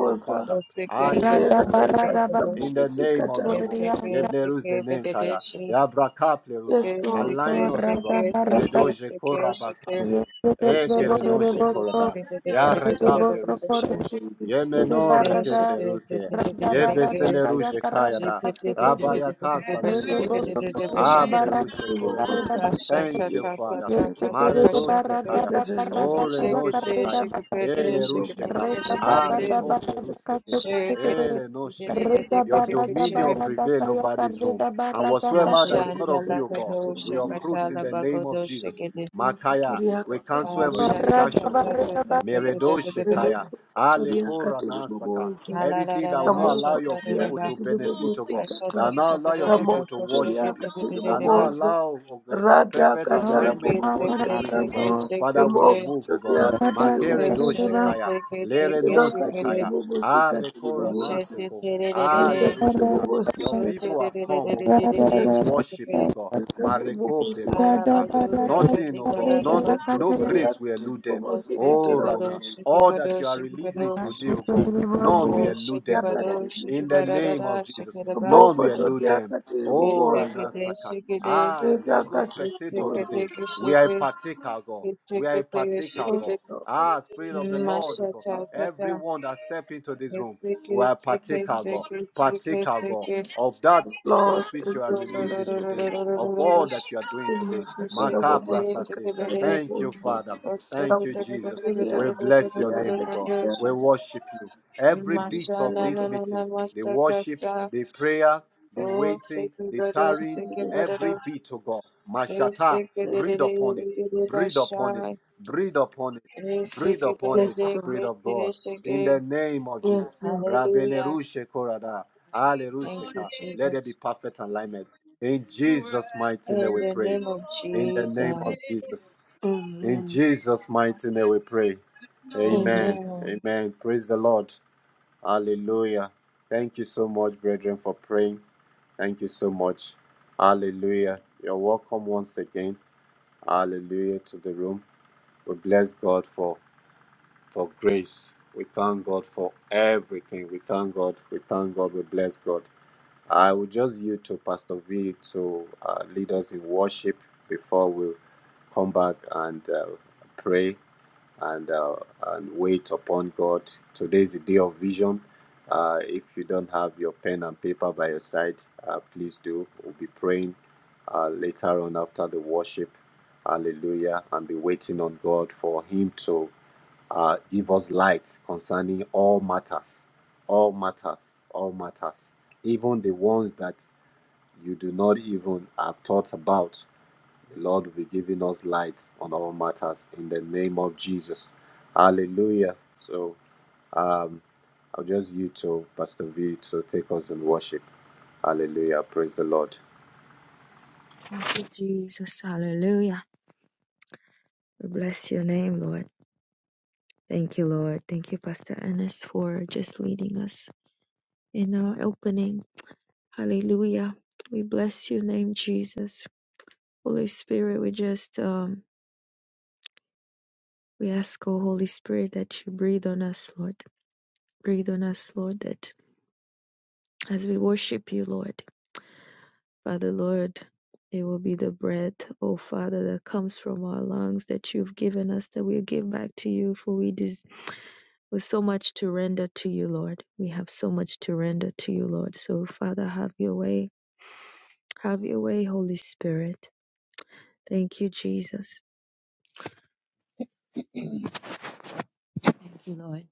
Speaker 2: the Father. Aye,
Speaker 4: Radha
Speaker 2: Branose Kaya.
Speaker 4: Barada
Speaker 2: In the name of Jesus.
Speaker 3: rirakatarabobosikatarabobosa
Speaker 4: Buridiasa,
Speaker 2: Yeblerus Enenkaya. Yabrakaplerus.
Speaker 3: Yes,
Speaker 4: yes,
Speaker 3: Lord.
Speaker 2: Align
Speaker 4: Lord,
Speaker 2: us, O
Speaker 4: Radha
Speaker 2: God.
Speaker 3: Yes,
Speaker 4: Barada,
Speaker 2: Redoje Korabakate.
Speaker 4: yes, the
Speaker 2: Ekerenoshe
Speaker 4: Boriboso,
Speaker 2: Korada.
Speaker 4: Riboso
Speaker 2: Yarekaplerus
Speaker 4: for the
Speaker 2: Kosh.
Speaker 3: thank you, Jesus.
Speaker 2: Yemenore
Speaker 4: Barada,
Speaker 2: Kepleruke.
Speaker 4: Radha Barada
Speaker 2: Yebeseleruje
Speaker 4: Kayaka Radha
Speaker 2: Kayada.
Speaker 4: Pasikid,
Speaker 2: Rabaya Kasa
Speaker 4: Riboso
Speaker 2: Ninkoredos.
Speaker 4: for the Barada,
Speaker 2: Ablerushe Koredo.
Speaker 4: Barada,
Speaker 3: Rimokotoria
Speaker 1: Shake
Speaker 2: Thank you, Father.
Speaker 4: yes,
Speaker 3: katiribobosikata
Speaker 4: the
Speaker 2: Maredose
Speaker 4: Barada
Speaker 2: Kaya.
Speaker 4: Bakarada
Speaker 3: rikatarabobosa
Speaker 2: Ore no
Speaker 4: Kayaka
Speaker 2: Shekaya.
Speaker 4: Rida Bakasi,
Speaker 2: Ele
Speaker 3: rimokotoria
Speaker 2: rusheka.
Speaker 4: Rita
Speaker 2: Are
Speaker 4: Barada
Speaker 2: kople
Speaker 4: Barada
Speaker 3: katiribobosikata
Speaker 2: rusede.
Speaker 4: Kasikid,
Speaker 2: Ele nosheka.
Speaker 4: Rita
Speaker 2: Your
Speaker 4: Barada
Speaker 2: dominion will
Speaker 4: Barada
Speaker 2: prevail over
Speaker 4: Kayaka
Speaker 2: this room.
Speaker 4: Rida
Speaker 2: And
Speaker 4: Barada
Speaker 2: whatsoever that
Speaker 4: Kasi.
Speaker 2: is
Speaker 3: makatili
Speaker 2: not of you, O
Speaker 3: mukosi
Speaker 2: God,
Speaker 3: katili
Speaker 2: we
Speaker 3: mubonza
Speaker 2: uproot in the name of Jesus. Makaya,
Speaker 3: mukotoria
Speaker 2: we
Speaker 3: katili
Speaker 2: cancel
Speaker 4: Rada barada, rada
Speaker 2: every
Speaker 3: mukosi
Speaker 2: distractions, O God. Meredo shekaya.
Speaker 3: remoso
Speaker 2: Ale
Speaker 3: kotoria
Speaker 2: kora
Speaker 3: katili
Speaker 2: nasaka.
Speaker 3: Ramo
Speaker 2: Anything that will not allow your
Speaker 3: ramokotoria
Speaker 2: people to
Speaker 3: katili
Speaker 2: benefit, O
Speaker 3: mukosi
Speaker 2: God. That
Speaker 3: kata
Speaker 2: will not allow your people to
Speaker 3: ramokotoria
Speaker 2: worship you.
Speaker 3: katili
Speaker 2: That will not
Speaker 3: mubonza
Speaker 2: allow, O God,
Speaker 3: rada
Speaker 2: perfect
Speaker 3: kata
Speaker 2: alignment with
Speaker 3: ramokosi
Speaker 2: what you are doing,
Speaker 3: kata
Speaker 2: O God. Father, we remove, O God.
Speaker 3: remokotoria katili
Speaker 2: Makere do
Speaker 3: mukosi
Speaker 2: shekaya. Lere non
Speaker 3: reda
Speaker 1: it,
Speaker 3: katili
Speaker 2: sekaya.
Speaker 3: mukosi
Speaker 2: Are
Speaker 3: katili
Speaker 2: kora nan
Speaker 1: Mashata
Speaker 3: mubonza
Speaker 2: seko. Ale
Speaker 3: rekatili
Speaker 2: rushka.
Speaker 3: mukosi
Speaker 2: Your
Speaker 3: kata
Speaker 2: people have come, O God, to
Speaker 3: rekatili
Speaker 2: worship you, God. Mareko
Speaker 3: mukosi katili
Speaker 2: plerisheka.
Speaker 3: mubonza
Speaker 2: Nothing, O God, none,
Speaker 4: ya
Speaker 2: no
Speaker 4: katse,
Speaker 3: Ribokotori
Speaker 2: grace will
Speaker 3: yakati
Speaker 2: elude them.
Speaker 3: ribobosi
Speaker 2: Oh,
Speaker 3: katara
Speaker 2: Rana,
Speaker 3: bobosi.
Speaker 2: all that you are releasing today, O God, none
Speaker 4: rada
Speaker 2: will
Speaker 3: Ribokotori
Speaker 2: elude them, O
Speaker 3: yakati
Speaker 2: God. In the
Speaker 3: ribobosi.
Speaker 2: name of Jesus, none will
Speaker 3: Ribokotori
Speaker 2: elude them.
Speaker 3: yakati
Speaker 2: Oh,
Speaker 3: ribobosi.
Speaker 2: Rana Saka. Ah, there is no
Speaker 3: Ritakati
Speaker 2: spectator
Speaker 3: ribobosi.
Speaker 2: today. We are a partaker, God. We are a partaker, God. Ah, Spirit of the Lord, O God.
Speaker 1: tata,
Speaker 2: Everyone that step into this
Speaker 1: it's
Speaker 2: room
Speaker 1: sick,
Speaker 2: will
Speaker 1: it's sick, it's
Speaker 2: partaker,
Speaker 1: sick,
Speaker 2: God,
Speaker 1: it's
Speaker 2: partaker, God,
Speaker 1: sick,
Speaker 2: of that
Speaker 3: Yes, Lord,
Speaker 2: which
Speaker 1: Hallelujah.
Speaker 3: thank
Speaker 2: you are
Speaker 3: you,
Speaker 2: releasing
Speaker 3: Jesus.
Speaker 2: today, of all that you are doing today.
Speaker 3: Rimakatara bobosi
Speaker 2: Makaprasate.
Speaker 3: katara
Speaker 2: Thank you,
Speaker 3: bobosi.
Speaker 2: Father. Thank you, Jesus.
Speaker 3: Ribokotori
Speaker 2: We
Speaker 3: yakati
Speaker 2: bless your name, O
Speaker 3: riakati
Speaker 2: God. We worship you. Every bit
Speaker 3: riakati
Speaker 2: of this
Speaker 3: ribobosi.
Speaker 2: meeting, the worship, the prayer, the waiting, the tarrying, every bit, O God. Mashata, breathe upon it, breathe upon it, breathe upon it, breathe upon it,
Speaker 3: Yes,
Speaker 2: Spirit
Speaker 3: Lord.
Speaker 2: of God. In the name of Jesus.
Speaker 3: Yes, Lord.
Speaker 2: Rabele Rushe Korada.
Speaker 1: Thank you,
Speaker 2: Hallelujah. Let there be
Speaker 1: Jesus.
Speaker 2: perfect alignment. In
Speaker 1: In
Speaker 2: Jesus' mighty name we
Speaker 1: the
Speaker 2: pray.
Speaker 1: name of
Speaker 2: In the name of
Speaker 1: Jesus.
Speaker 2: Jesus. In
Speaker 3: Amen.
Speaker 2: Jesus' mighty name we pray.
Speaker 3: Amen.
Speaker 2: Amen.
Speaker 1: Amen.
Speaker 2: Amen. Praise the Lord. Hallelujah. Thank you so much, brethren, for praying. Thank you so much. Hallelujah. You're welcome once again. Hallelujah to the room. We bless God for for grace. We thank God for everything. We thank God. We thank God. We bless God. I will just yield to Pastor V to uh, lead us in worship before we come back and uh, pray and, uh, and wait upon God. Today is a day of vision. Uh, if you don't have your pen and paper by your side, uh, please do. We'll be praying uh, later on after the worship. Hallelujah. And be waiting on God for Him to uh, give us light concerning all matters, all matters, all matters, even the ones that you do not even have thought about. The Lord will be giving us light on all matters in the name of Jesus. Hallelujah. So um, I'll just you to Pastor V to take us in worship. Hallelujah. Praise the Lord.
Speaker 1: Thank you, Jesus. Hallelujah. We bless your name, Lord. Thank you, Lord. Thank you, Pastor Ernest, for just leading us in our opening. Hallelujah. We bless your name, Jesus. Holy Spirit, we just um we ask, oh Holy Spirit, that you breathe on us, Lord. Breathe on us, Lord, that as we worship you, Lord, Father, Lord, it will be the breath, oh Father, that comes from our lungs that you've given us, that we give back to you, for we deserve. with so much to render to you, Lord. We have so much to render to you, Lord. So, Father, have your way. Have your way, Holy Spirit. Thank you, Jesus. Thank you, Lord.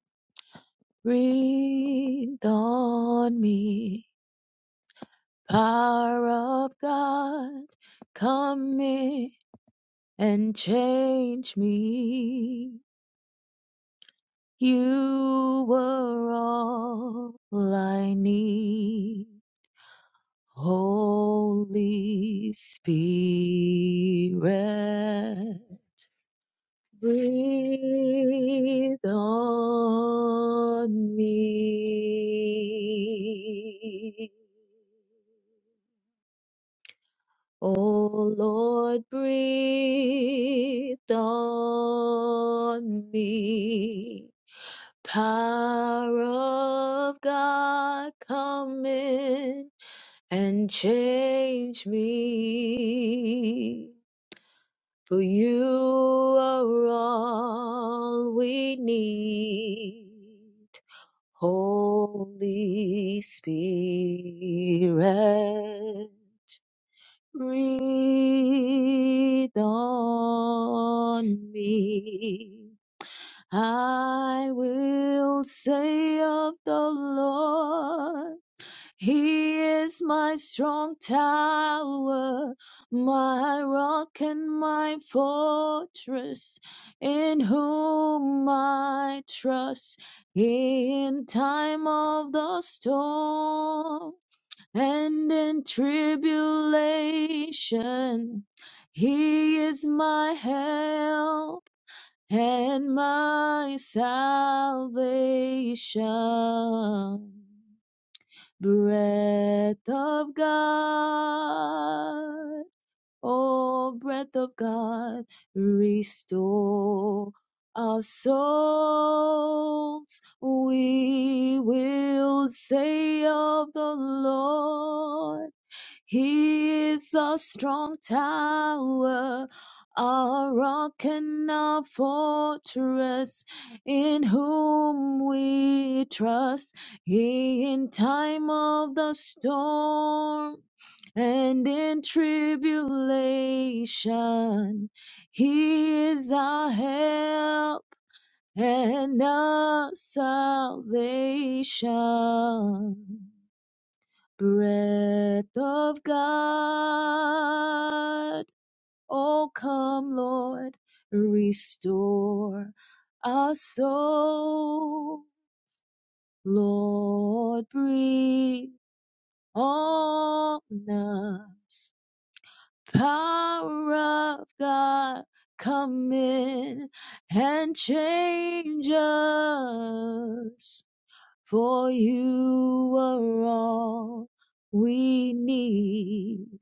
Speaker 1: Breathe on me, power of God. Come in and change me. You were all I need, Holy Spirit. breathe on me. Oh Lord, breathe on me. Power of God, come in and change me. For you are all we need. Holy Spirit, breathe on me. I will say of the Lord, He is my strong tower, my rock and my fortress, in whom I trust in time of the storm. in tribulation. He is my help and my love of God. Oh, breath of God, restore our souls. We will say of the Lord. He is a strong tower, a rock and a fortress in whom we trust. He in time of the storm and in tribulation, He is our help and our salvation. Breath of God. Come, Lord, restore our soul. Lord, breathe on us. Power of God, come in and change us. For you are all we need.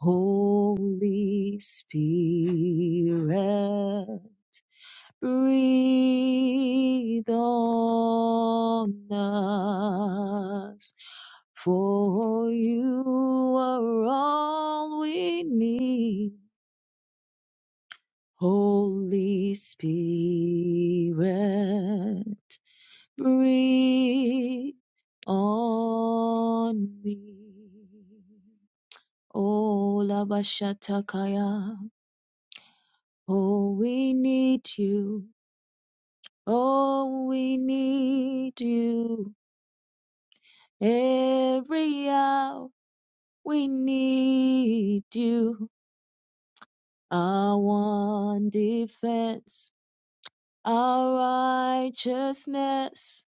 Speaker 1: Holy Spirit. breathe on us. For you are all we need. Holy Spirit, breathe on me. Oh, Labashatakaya. Oh, we need you. Oh, we need you. Every hour we need you. Our one defense, our righteousness.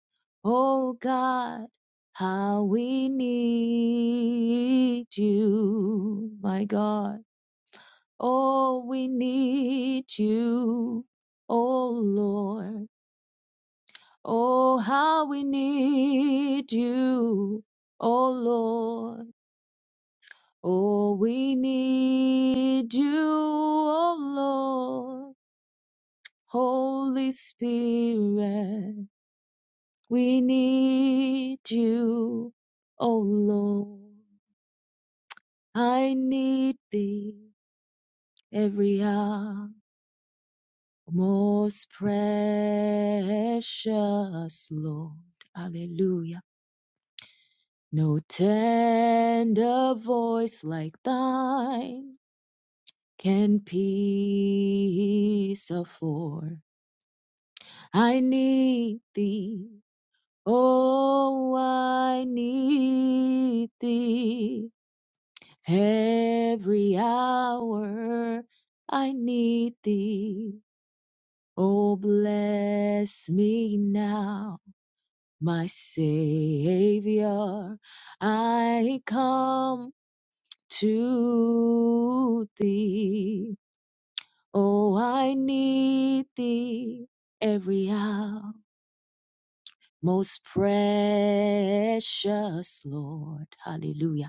Speaker 1: Oh God, how we need you, my God. Oh, we need you, oh Lord. Oh, how we need you, oh Lord. Oh, we need you, oh Lord. Holy Spirit, we need you, O Lord. I need thee every hour, most precious Lord. Hallelujah. No tender voice like thine can peace afford. I need thee Oh, I need thee every hour. I need thee. Oh, bless me now, my Savior. I come to thee. Oh, I need thee every hour. Most precious Lord. Hallelujah.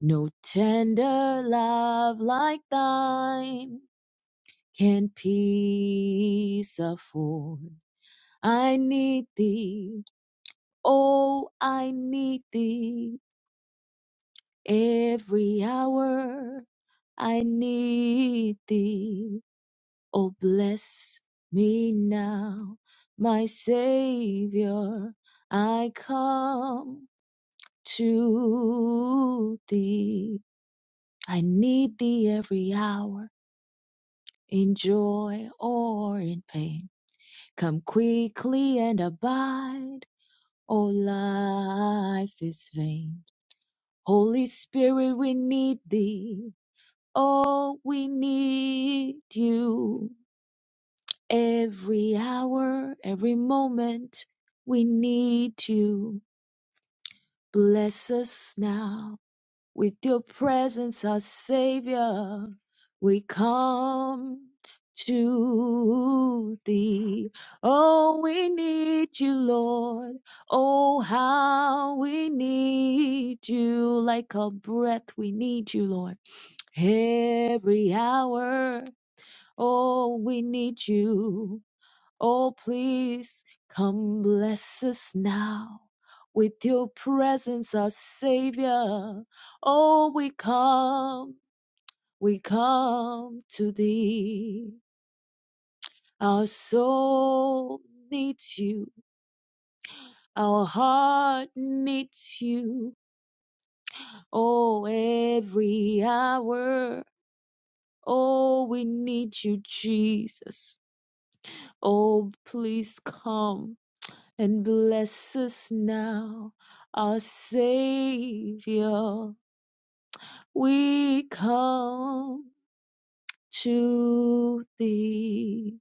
Speaker 1: No tender love like thine can peace afford. I need thee, oh, I need thee every hour. I need thee, oh, bless me now, my Savior. I come to thee. I need thee every hour. in joy or in pain. Come quickly and abide, or life is vain. Holy Spirit, we need thee. Oh, we need you. Every hour, every moment, we need you. Bless us now With your presence, our Savior, we come to thee. Oh, we need you, Lord. Oh, how we need you. Like a breath, we need you, Lord. Every hour, oh, we need you. Oh, please come bless us now with your presence, our Savior. Oh, we come, we come to thee. Our soul needs you, our heart needs you. Oh, every hour. Oh, we need you, Jesus. Oh, please come and bless us now, our Savior. We come to thee,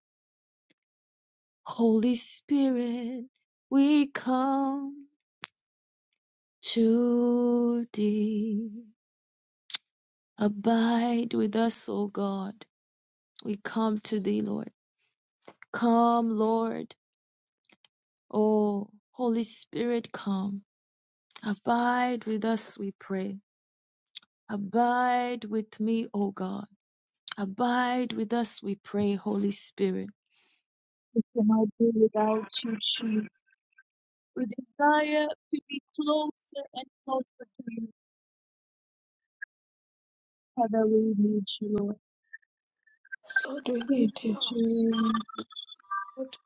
Speaker 1: Holy Spirit. We come to thee. Abide with us, O God. We come to thee, Lord. Come, Lord. O Holy Spirit, come. Abide with us, we pray. Abide with me, O God. Abide with us, we pray, Holy Spirit.
Speaker 3: Yes, Lord, we need you. Lord,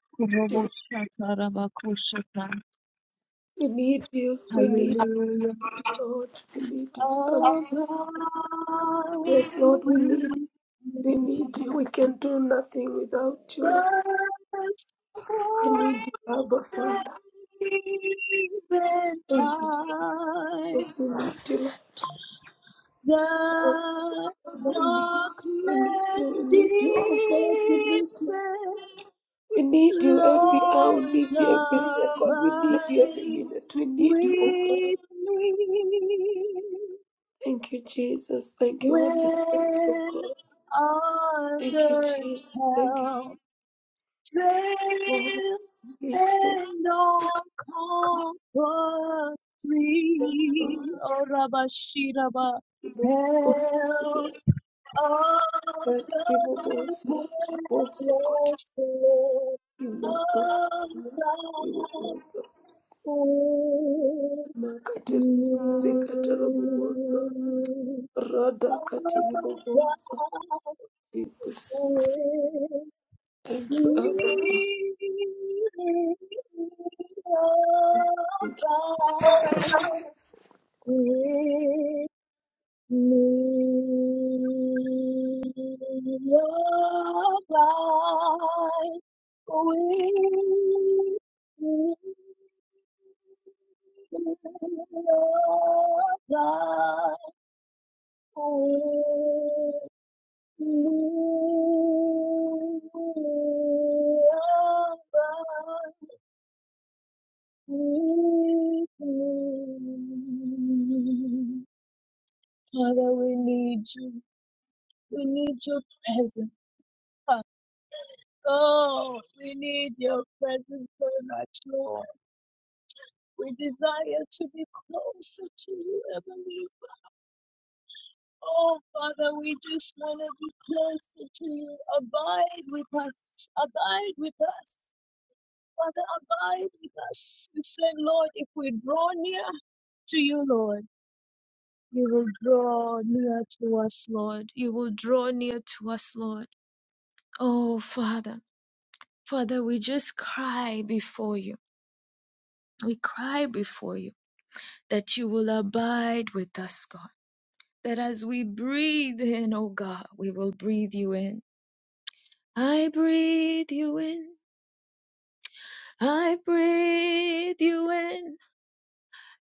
Speaker 3: we need you. We need you, Lord. We need you, Father. Yes, Lord, we need we need you. We can do nothing without you, Lord. We need you, Abba, Father.
Speaker 1: even
Speaker 3: Thank you,
Speaker 1: time
Speaker 3: Jesus. We need you, Lord. Oh,
Speaker 1: the
Speaker 3: Father, we need you. We need you.
Speaker 1: darkness
Speaker 3: We need you. Oh, God, we need
Speaker 1: deepens,
Speaker 3: you. We need you every hour. We
Speaker 1: Lord,
Speaker 3: need you every second. We need you every
Speaker 1: abide.
Speaker 3: minute. We need you, oh, God.
Speaker 1: with me
Speaker 3: Thank you, Jesus. Thank you, Holy Spirit, oh,
Speaker 1: when
Speaker 3: God. Thank you,
Speaker 1: others
Speaker 3: Jesus. Thank you.
Speaker 1: help
Speaker 3: Rada
Speaker 1: fail and all comfort free. Oh, Rabba Shiraba, help of the helpless, Lord, of the
Speaker 3: katiri boboza. Jesus, thank you, Abba,
Speaker 1: With Father, we need you. We need your presence. Father. Oh, you will draw us, Lord. You will draw near to us, Lord. Oh, Father. Father, we just cry before you. We cry before you that you will abide with us, God. That as we breathe in, oh God, we will breathe you in I breathe you in. I breathe you in.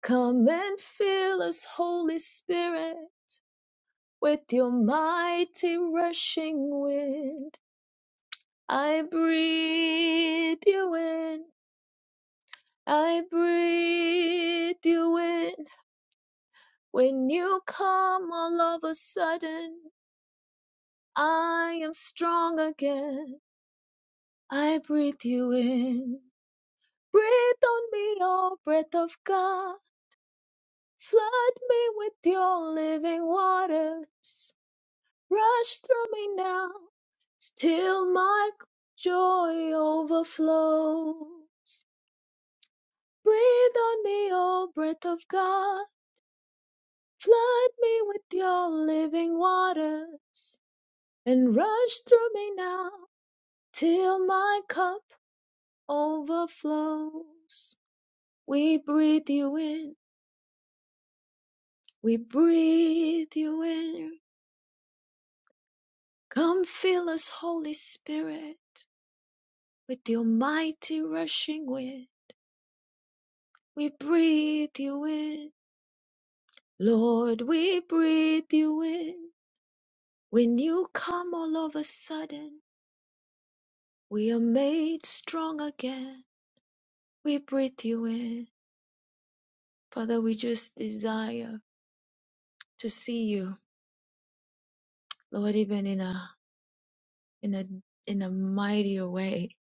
Speaker 1: Come and fill us, Holy Spirit, with your mighty rushing wind. I breathe you in. I breathe you in. When you come all of a sudden, I am strong again. I breathe you in. Breathe on me, O breath of God. Flood me with your living waters. Rush through me now, till my joy overflow. Breathe on me, O breath of God. Flood me with your living waters. And rush through me now, till my cup overflows. We breathe you in, we breathe you in. Come fill us, Holy Spirit. With your mighty rushing wind, we breathe you in. Lord, we breathe you in. When you come all of a sudden, we are made strong again. We breathe you in. Father, we just desire to see you, Lord, even in a in a in a mightier way.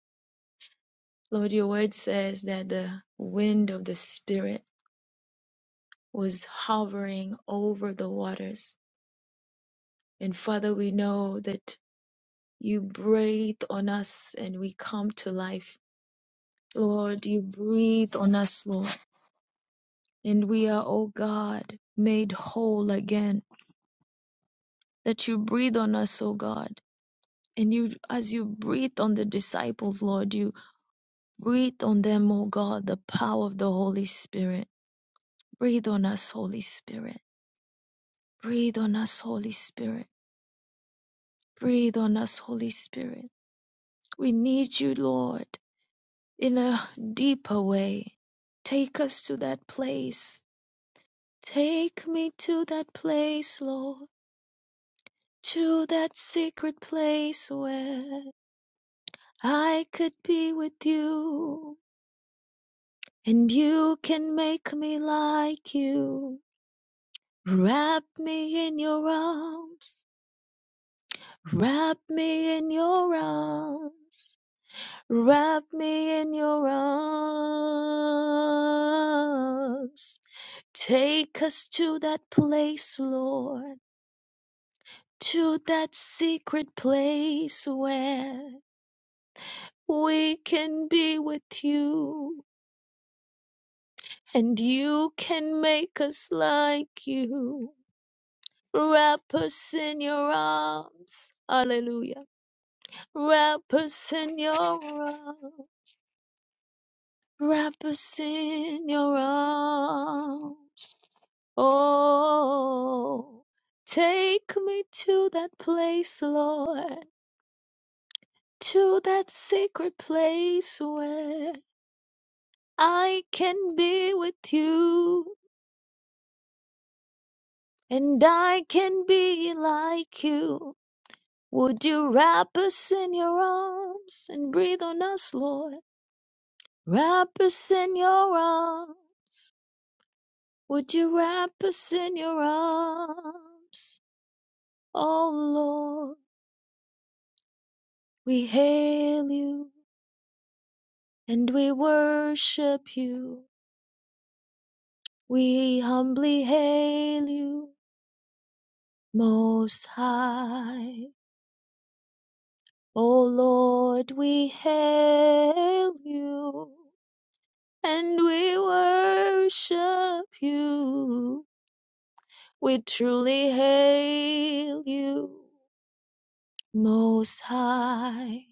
Speaker 1: Lord, your word says that the wind of the Spirit was hovering over the waters. And Father, we know that You breathe on us and we come to life. Lord, you breathe on us, Lord, and we are, O God, made whole again. That you breathe on us, O God. And you, as you breathe on the disciples, Lord, you breathe on them, O God, the power of the Holy Spirit. Breathe on us, Holy Spirit. Breathe on us, Holy Spirit. Breathe on us, Holy Spirit. We need you, Lord, in a deeper way. Take us to that place Take me to that place, Lord, to that secret place where I could be with you and you can make me like you. Wrap me in your arms, wrap me in your arms, wrap me in your arms. Take us to that place, Lord. to that secret place where we can be with you and you can make us like you. Wrap us in your arms. Hallelujah. Wrap us in your arms. Wrap us in your arms. Oh, take me to that place, Lord, to that secret place where I can be with you, and I can be like you. Would you wrap us in your arms and breathe on us, Lord? Wrap us in your arms. Would you wrap us in your arms? Oh Lord, we hail you and we worship you. We humbly hail you, Most High. O Lord, we hail you and we worship you. We truly hail you, Most High.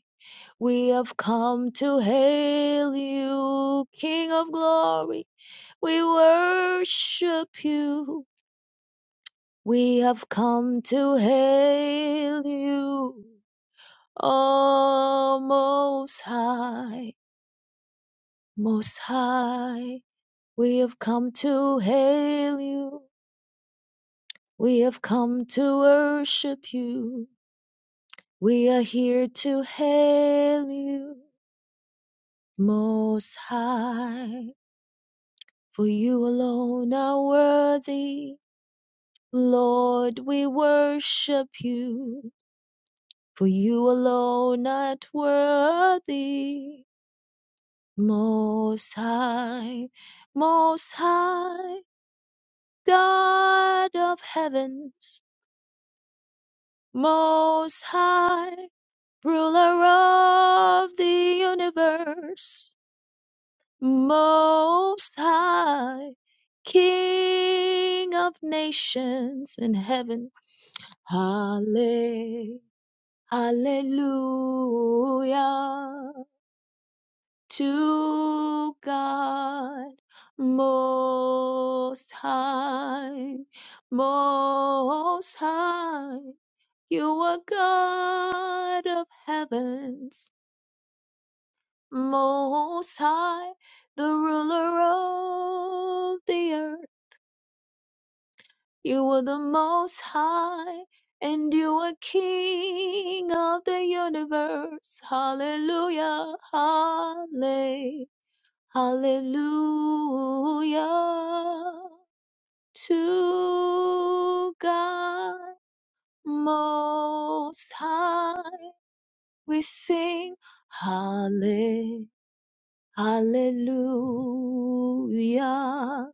Speaker 1: We have come to hail you, King of Glory. We worship you. We have come to hail you, O Most High, Most High. We have come to hail you. We have come to worship you. We are here to hail you, Most High. For you alone are worthy. Lord, we worship you. For you alone are worthy, Most High. Most High, God of heavens, Most High. ruler of the universe, most high, King of nations in heaven. Halle, hallelujah to God most high, most high. You are God of heavens Most High, the ruler of the earth. You are the Most High, and you are King of the universe. Hallelujah, halle, hallelujah to God Most High. We sing halle, hallelujah.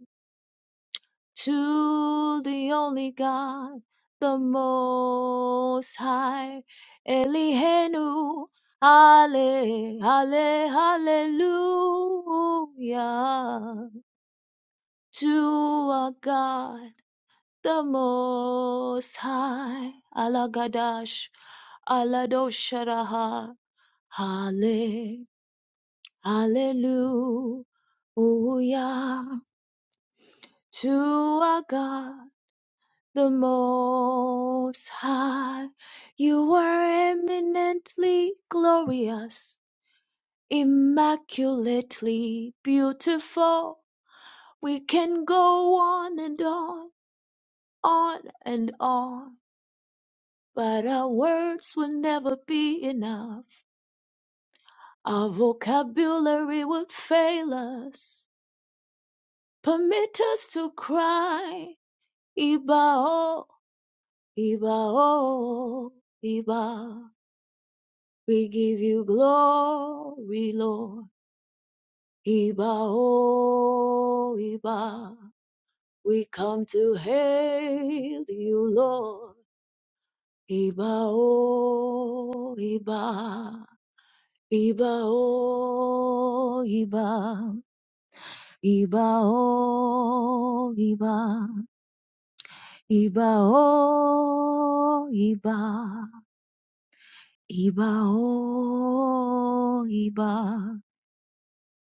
Speaker 1: to the only God, the Most High, Elihenu, Ale, Ale, Hallelujah, to our God, the Most High, Alagadash, Aladosharaha, Ale, Hallelujah, to our God. the Most High. You are eminently glorious, immaculately beautiful. We can go on and on, on and on, but our words will never be enough. Our vocabulary would fail us. Permit us to cry, Iba oh, Iba Ibao, Iba. We give you glory, Lord. Iba, oh, Iba. We come to hail you, Lord. Iba, oh, Iba. Iba, oh, Iba. Iba, oh, Iba. Iba, oh, Iba. Iba, oh, Iba.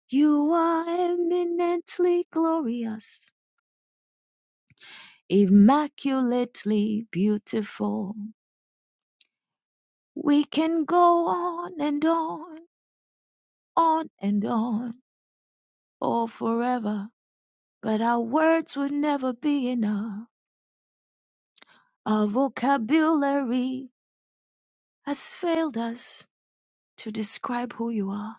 Speaker 1: You are eminently glorious, immaculately beautiful. We can go on and on, on and on, all forever, but our words would never be enough. Our vocabulary has failed us to describe who you are.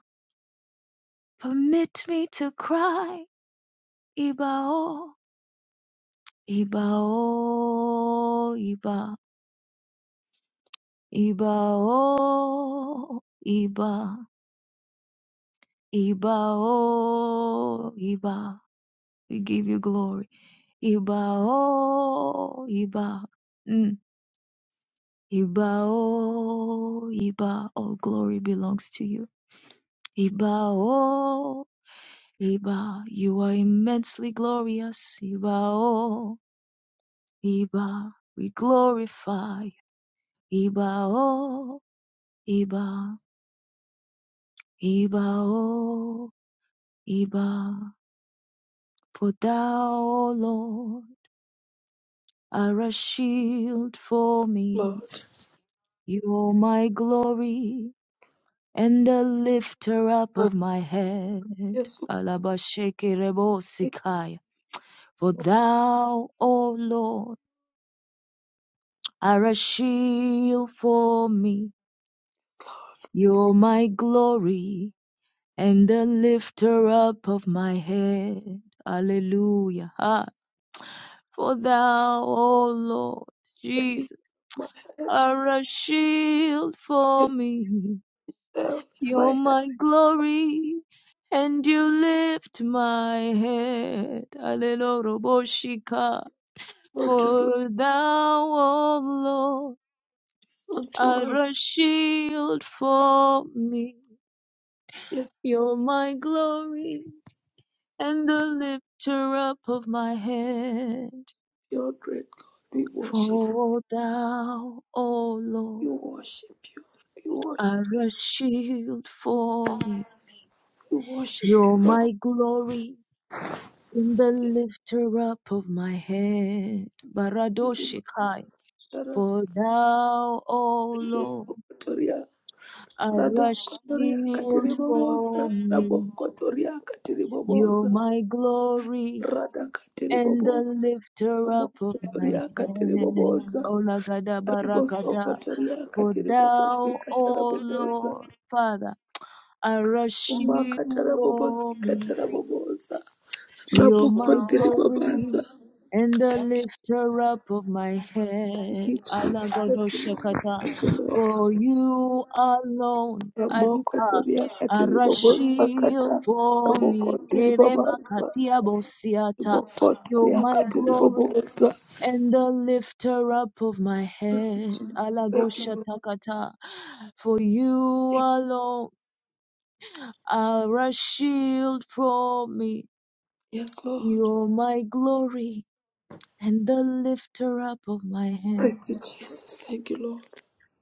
Speaker 1: Permit me to cry, Ibao, Ibao, Iba, Ibao, Iba. Iba, oh, Iba, we give you glory. Iba, oh, Iba, mm. Iba, oh, Iba, all glory belongs to you. Iba, oh, Iba, you are immensely glorious. Iba, oh, Iba, we glorify. you. Iba, oh, Iba, Iba, oh, Iba, for thou, O Lord. are a shield for me.
Speaker 3: Lord.
Speaker 1: You're my glory and the lifter up
Speaker 3: Ah,
Speaker 1: of my head.
Speaker 3: yes, Lord, thank
Speaker 1: Alabashekerebosikaya.
Speaker 3: you,
Speaker 1: For
Speaker 3: Lord.
Speaker 1: thou, O Lord, are a shield for me. You're my glory and the lifter up of my head. Hallelujah. Ah, For thou, O Lord,
Speaker 3: The lift
Speaker 1: Jesus,
Speaker 3: of my head,
Speaker 1: are a shield for
Speaker 3: it
Speaker 1: me.
Speaker 3: fell. My
Speaker 1: You're
Speaker 3: head,
Speaker 1: my glory, and you lift my head. Aleloroboshika,
Speaker 3: Lord, to bless
Speaker 1: for thou, O Lord,
Speaker 3: unto Him.
Speaker 1: are a shield for me.
Speaker 3: Yes,
Speaker 1: You're my glory, and the lifter up of my head.
Speaker 3: you are great God. We worship.
Speaker 1: For thou, O Lord,
Speaker 3: You worship you. You worship
Speaker 1: are
Speaker 3: you.
Speaker 1: a shield for me.
Speaker 3: We Worship
Speaker 1: You're
Speaker 3: you.
Speaker 1: my glory In the lifter up of my head, Baradoshikai.
Speaker 3: Tara.
Speaker 1: For thou, O
Speaker 3: Boso
Speaker 1: Lord,
Speaker 3: kotoria.
Speaker 1: are
Speaker 3: Rada
Speaker 1: a
Speaker 3: kotoria
Speaker 1: shield
Speaker 3: katiri
Speaker 1: for
Speaker 3: boboza. Rabo
Speaker 1: me.
Speaker 3: kotoria katiri
Speaker 1: You're my glory
Speaker 3: Rada katiri
Speaker 1: and the
Speaker 3: boboza.
Speaker 1: lifter
Speaker 3: Rabo
Speaker 1: up of my
Speaker 3: kotoria katiri
Speaker 1: head.
Speaker 3: boboza.
Speaker 1: Olagada
Speaker 3: Riboso
Speaker 1: barakada.
Speaker 3: kotoria
Speaker 1: For
Speaker 3: katiri bobosi
Speaker 1: thou,
Speaker 3: katara
Speaker 1: O
Speaker 3: boboza.
Speaker 1: Lord, Father, are a
Speaker 3: Uma
Speaker 1: shield
Speaker 3: katara bobosi
Speaker 1: for me. You're
Speaker 3: Rabo
Speaker 1: my
Speaker 3: kontiri
Speaker 1: glory and the
Speaker 3: Thank you.
Speaker 1: lifter up of my
Speaker 3: Thank
Speaker 1: head.
Speaker 3: you, Jesus. Thank you, Lord.
Speaker 1: Alagodoshakata.
Speaker 3: Thank you, Lord.
Speaker 1: For you alone,
Speaker 3: Ramoko
Speaker 1: Aripa,
Speaker 3: toriakati
Speaker 1: are a
Speaker 3: ribobosakata
Speaker 1: shield for
Speaker 3: ramoko
Speaker 1: me.
Speaker 3: ndiribabaza
Speaker 1: Keremakatia bosiata.
Speaker 3: ramoko
Speaker 1: You're my
Speaker 3: toriakati
Speaker 1: glory
Speaker 3: riboboza.
Speaker 1: and the lifter up of my
Speaker 3: Thank you,
Speaker 1: head.
Speaker 3: Jesus. Thank you, Lord.
Speaker 1: Alagoshatakata. For you
Speaker 3: Thank you.
Speaker 1: alone are a shield for me.
Speaker 3: Yes, Lord.
Speaker 1: You're my glory and the lifter up of my head.
Speaker 3: Thank you, Jesus. Thank you, Lord.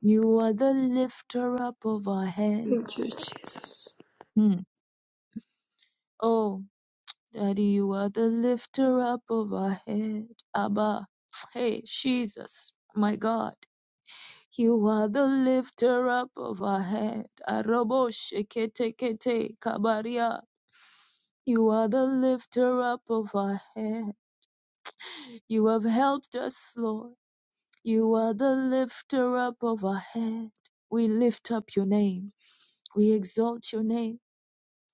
Speaker 1: You are the lifter up of our head.
Speaker 3: Thank you, Jesus.
Speaker 1: Hmm. Oh, Daddy, you are the lifter up of our head. Abba, hey, Jesus, my God. You are the lifter up of our head. Arobo shekete kete kabaria. You are the lifter up of our head. You have helped us, Lord. You are the lifter up of our head. We lift up your name. We exalt your name.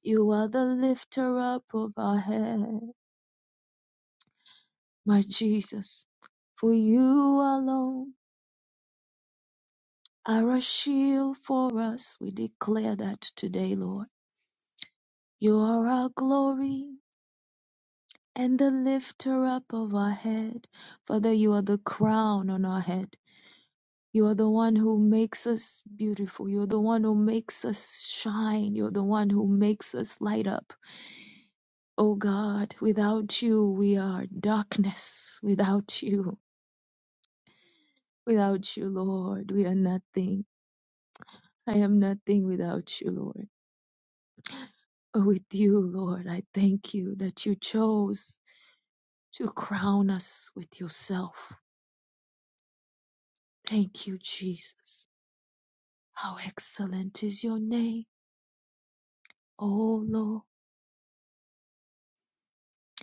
Speaker 1: You are the lifter up of our head, my Jesus. For you alone are a shield for us. We declare that today, Lord. You are our glory and the lifter up of our head. Father, you are the crown on our head. You are the one who makes us beautiful. You're the one who makes us shine. You're the one who makes us light up. O God, without you we are darkness. Without you, without you, Lord, we are nothing. I am nothing without you, Lord. But with you, Lord, I thank you that you chose to crown us with yourself. Thank you, Jesus. How excellent is your name, O Lord.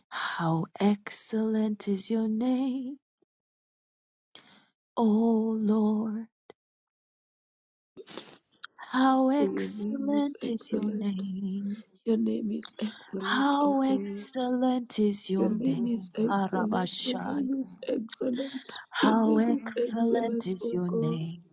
Speaker 1: How excellent is your name, O Lord. How
Speaker 3: Your name is
Speaker 1: excellent is your
Speaker 3: excellent.
Speaker 1: name.
Speaker 3: Your name is excellent, O
Speaker 1: How
Speaker 3: God.
Speaker 1: excellent is
Speaker 3: Your
Speaker 1: your
Speaker 3: name
Speaker 1: name,
Speaker 3: is excellent. Your
Speaker 1: Arabashai.
Speaker 3: name is excellent. Your
Speaker 1: How
Speaker 3: name is
Speaker 1: excellent
Speaker 3: excellent,
Speaker 1: is
Speaker 3: O
Speaker 1: your
Speaker 3: God.
Speaker 1: name.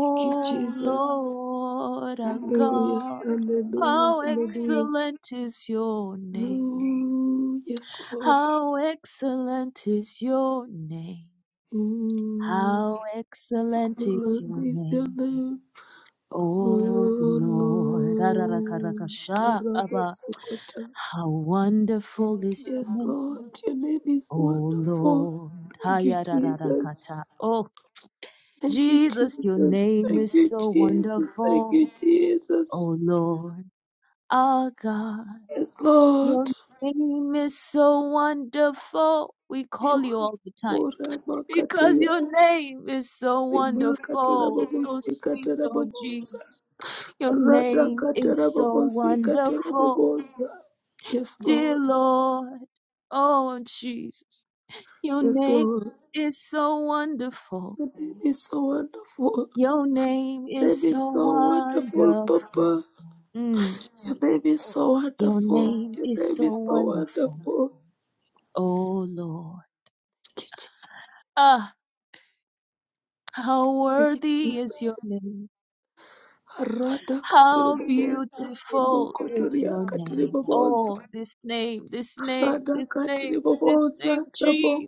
Speaker 3: Thank you, Jesus.
Speaker 1: Lord our
Speaker 3: Hallelujah,
Speaker 1: God,
Speaker 3: hallelujah,
Speaker 1: how
Speaker 3: hallelujah.
Speaker 1: excellent is your name.
Speaker 3: Ooh, yes, Lord.
Speaker 1: How excellent is your name.
Speaker 3: Ooh,
Speaker 1: How excellent is
Speaker 3: excellent
Speaker 1: your
Speaker 3: is your
Speaker 1: name.
Speaker 3: name,
Speaker 1: O
Speaker 3: oh
Speaker 1: Lord,
Speaker 3: Lord.
Speaker 1: Ararakarakasha, Abba.
Speaker 3: Arabasokota.
Speaker 1: How wonderful is your
Speaker 3: Yes,
Speaker 1: name.
Speaker 3: Lord, your name is
Speaker 1: Oh
Speaker 3: wonderful.
Speaker 1: Lord,
Speaker 3: Thank you,
Speaker 1: Hayararakata.
Speaker 3: Jesus.
Speaker 1: Oh
Speaker 3: Thank you,
Speaker 1: Jesus, your
Speaker 3: Jesus.
Speaker 1: name
Speaker 3: Thank
Speaker 1: is
Speaker 3: you,
Speaker 1: so
Speaker 3: Jesus. Thank
Speaker 1: wonderful.
Speaker 3: you,
Speaker 1: Oh
Speaker 3: Jesus.
Speaker 1: Lord, our God,
Speaker 3: Yes, Lord.
Speaker 1: your name is so wonderful. We call you
Speaker 3: You
Speaker 1: all the time because your
Speaker 3: are
Speaker 1: name is so
Speaker 3: rimakatara
Speaker 1: wonderful, so sweet,
Speaker 3: bobosikatara
Speaker 1: oh
Speaker 3: bobosa
Speaker 1: Jesus. Your name is
Speaker 3: radakatara
Speaker 1: so
Speaker 3: bobosikatara
Speaker 1: wonderful,
Speaker 3: bobosa yes
Speaker 1: dear
Speaker 3: lord
Speaker 1: Lord. Oh Jesus, your
Speaker 3: yes
Speaker 1: name
Speaker 3: lord
Speaker 1: is so wonderful.
Speaker 3: your name is so wonderful
Speaker 1: Your name
Speaker 3: your
Speaker 1: is
Speaker 3: name is
Speaker 1: so
Speaker 3: so wonderful
Speaker 1: wonderful.
Speaker 3: papa
Speaker 1: Mm,
Speaker 3: your name is so
Speaker 1: your
Speaker 3: wonderful
Speaker 1: name
Speaker 3: your
Speaker 1: is
Speaker 3: name
Speaker 1: so
Speaker 3: is so
Speaker 1: wonderful.
Speaker 3: wonderful
Speaker 1: Oh Lord.
Speaker 3: thank you
Speaker 1: Ah, how
Speaker 3: Je- thank you,
Speaker 1: worthy is your
Speaker 3: jesus
Speaker 1: name.
Speaker 3: radakatara
Speaker 1: How
Speaker 3: bobosa
Speaker 1: beautiful is your
Speaker 3: rimokotoriakatara
Speaker 1: name.
Speaker 3: bobosa
Speaker 1: Oh, this name, this name, this
Speaker 3: radakatara
Speaker 1: name, this
Speaker 3: bobosa
Speaker 1: name, Jesus.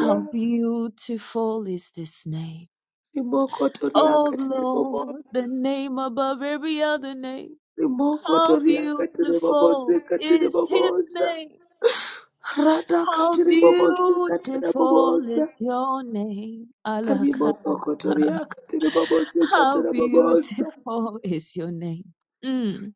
Speaker 1: How beautiful is this name. Oh
Speaker 3: rimokotoriaka tiri
Speaker 1: Lord,
Speaker 3: boboza
Speaker 1: the name above every other name. How
Speaker 3: rimokotoriaka tiri
Speaker 1: beautiful
Speaker 3: bobozika tiri
Speaker 1: is his
Speaker 3: boboza
Speaker 1: name.
Speaker 3: radaka
Speaker 1: How
Speaker 3: tiri bobozika tiri
Speaker 1: beautiful
Speaker 3: boboza
Speaker 1: is your name, Alaka.
Speaker 3: rimosokotoriaka
Speaker 1: How beautiful is your name. Mm.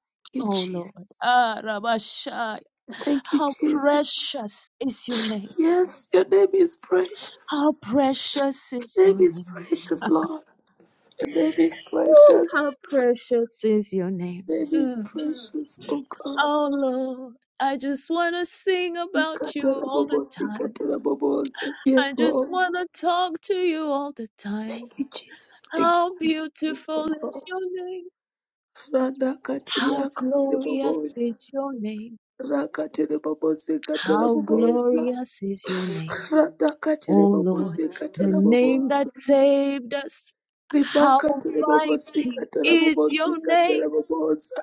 Speaker 3: you
Speaker 1: Oh Lord.
Speaker 3: jesus
Speaker 1: Ah, Rabashai.
Speaker 3: thank you
Speaker 1: How
Speaker 3: jesus
Speaker 1: precious is your name.
Speaker 3: yes your name is precious
Speaker 1: How precious is
Speaker 3: your name
Speaker 1: your
Speaker 3: is
Speaker 1: name.
Speaker 3: precious lord your name is precious your
Speaker 1: Ooh, how precious is your name.
Speaker 3: name is
Speaker 1: Mm.
Speaker 3: precious oh god
Speaker 1: Oh Lord. I just want to sing about you all the
Speaker 3: Katarabobosi,
Speaker 1: time.
Speaker 3: katarabobosa.
Speaker 1: I
Speaker 3: Yes,
Speaker 1: just
Speaker 3: Lord.
Speaker 1: want to talk to you all the time.
Speaker 3: Thank you, Jesus. Thank you,
Speaker 1: How
Speaker 3: Holy Spirit
Speaker 1: beautiful
Speaker 3: of God.
Speaker 1: is your name.
Speaker 3: Rada katiri
Speaker 1: How
Speaker 3: akatiri
Speaker 1: glorious
Speaker 3: babosa.
Speaker 1: is your name.
Speaker 3: Rakatiri babosi katara
Speaker 1: How
Speaker 3: babosa.
Speaker 1: glorious is your name.
Speaker 3: Rada katiri
Speaker 1: O Lord,
Speaker 3: babosi
Speaker 1: the
Speaker 3: katara
Speaker 1: name that
Speaker 3: babosa.
Speaker 1: saved us. How
Speaker 3: Ribaka tiri babosi
Speaker 1: mighty
Speaker 3: katara
Speaker 1: is
Speaker 3: babosi
Speaker 1: your name.
Speaker 3: katara babosa.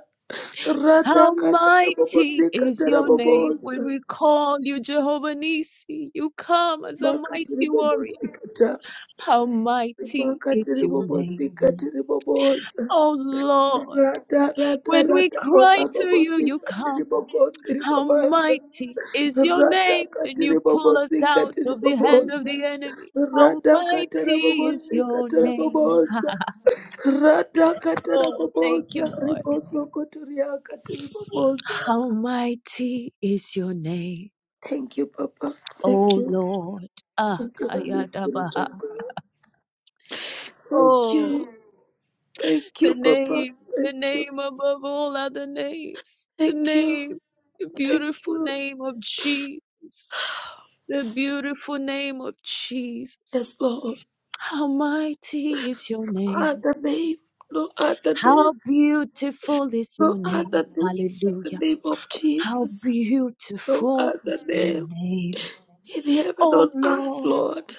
Speaker 3: Rada
Speaker 1: How
Speaker 3: katara
Speaker 1: mighty
Speaker 3: babosi
Speaker 1: is
Speaker 3: katara
Speaker 1: your name. When
Speaker 3: babosa.
Speaker 1: we call you Jehovah Nissi, you come as a
Speaker 3: Baka tiri
Speaker 1: mighty warrior.
Speaker 3: babosa, katara.
Speaker 1: How mighty
Speaker 3: Ribaka
Speaker 1: is
Speaker 3: tiri
Speaker 1: your name.
Speaker 3: babosi katiri babosa.
Speaker 1: O Lord,
Speaker 3: Rada rada
Speaker 1: when we
Speaker 3: rada
Speaker 1: cry
Speaker 3: ora
Speaker 1: to you,
Speaker 3: bobosi
Speaker 1: you come.
Speaker 3: katiri bobondi
Speaker 1: How
Speaker 3: ribabanza.
Speaker 1: mighty is your
Speaker 3: Rada
Speaker 1: name, and
Speaker 3: katiri
Speaker 1: you pull us
Speaker 3: bobosi
Speaker 1: out
Speaker 3: katiri
Speaker 1: of the
Speaker 3: bobo
Speaker 1: hand of the
Speaker 3: sika
Speaker 1: enemy.
Speaker 3: tiri boboza.
Speaker 1: How
Speaker 3: Rada katara
Speaker 1: mighty is
Speaker 3: bobosi
Speaker 1: your
Speaker 3: katara
Speaker 1: name.
Speaker 3: boboza.
Speaker 1: [LAUGHS]
Speaker 3: Rada katara
Speaker 1: Oh, thank
Speaker 3: boboza
Speaker 1: you, Lord.
Speaker 3: riboso kotoria katiri boboza.
Speaker 1: How mighty is your name,
Speaker 3: Thank you, Papa. Thank
Speaker 1: oh
Speaker 3: you.
Speaker 1: Lord. Ah,
Speaker 3: Thank you, Holy Spirit
Speaker 1: Kayadabaha.
Speaker 3: of God. Thank
Speaker 1: Oh,
Speaker 3: you. Thank you,
Speaker 1: the
Speaker 3: Papa.
Speaker 1: name, the
Speaker 3: Thank you.
Speaker 1: name above all other names, the
Speaker 3: Thank you.
Speaker 1: name, the
Speaker 3: Thank
Speaker 1: beautiful
Speaker 3: you.
Speaker 1: name of Jesus, the beautiful name of Jesus.
Speaker 3: Yes, Lord.
Speaker 1: How mighty is your name.
Speaker 3: other name, no other name,
Speaker 1: How beautiful is your
Speaker 3: no
Speaker 1: name.
Speaker 3: other name but the
Speaker 1: Hallelujah.
Speaker 3: name of
Speaker 1: How
Speaker 3: Jesus. No
Speaker 1: beautiful
Speaker 3: other
Speaker 1: is your
Speaker 3: name
Speaker 1: name.
Speaker 3: in heaven on
Speaker 1: Oh
Speaker 3: earth,
Speaker 1: Lord.
Speaker 3: Lord.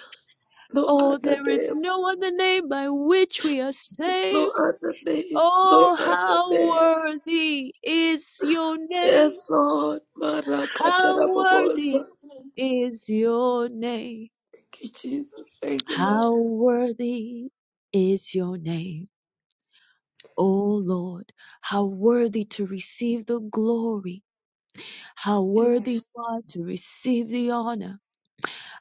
Speaker 3: No
Speaker 1: Oh,
Speaker 3: other
Speaker 1: there is
Speaker 3: name.
Speaker 1: no other name by which we are
Speaker 3: There's no
Speaker 1: saved.
Speaker 3: other name. No
Speaker 1: Oh,
Speaker 3: other
Speaker 1: how
Speaker 3: name.
Speaker 1: worthy is your name.
Speaker 3: Yes, Lord.
Speaker 1: How
Speaker 3: Marakatarabobosa.
Speaker 1: worthy is your name.
Speaker 3: Thank you, Jesus. Thank you, Lord.
Speaker 1: How worthy is your name. Oh Lord, how worthy to receive the glory How worthy
Speaker 3: Yes.
Speaker 1: you are to receive the honor.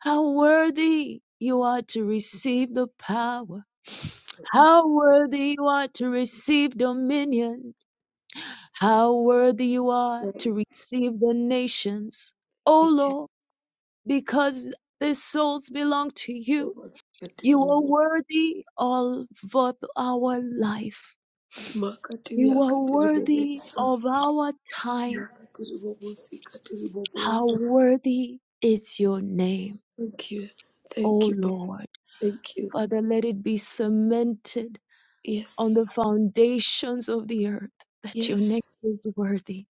Speaker 1: How worthy you are to receive the power. How worthy you are to receive dominion. How worthy you are
Speaker 3: Thank
Speaker 1: to receive the nations.
Speaker 3: you,
Speaker 1: O
Speaker 3: Jesus.
Speaker 1: Lord, because the souls belong to you, you are
Speaker 3: Mabasikatiribobo-
Speaker 1: worthy of our life. You are worthy
Speaker 3: makatiriakatiribobosa.
Speaker 1: of our time. How
Speaker 3: Makatiribobosikatiribobosa.
Speaker 1: worthy is your name.
Speaker 3: Thank you.
Speaker 1: O
Speaker 3: Thank you, Papa.
Speaker 1: Lord.
Speaker 3: Thank you.
Speaker 1: Father, let it be cemented on the
Speaker 3: Yes.
Speaker 1: foundations of the earth that your name
Speaker 3: Yes.
Speaker 1: is worthy.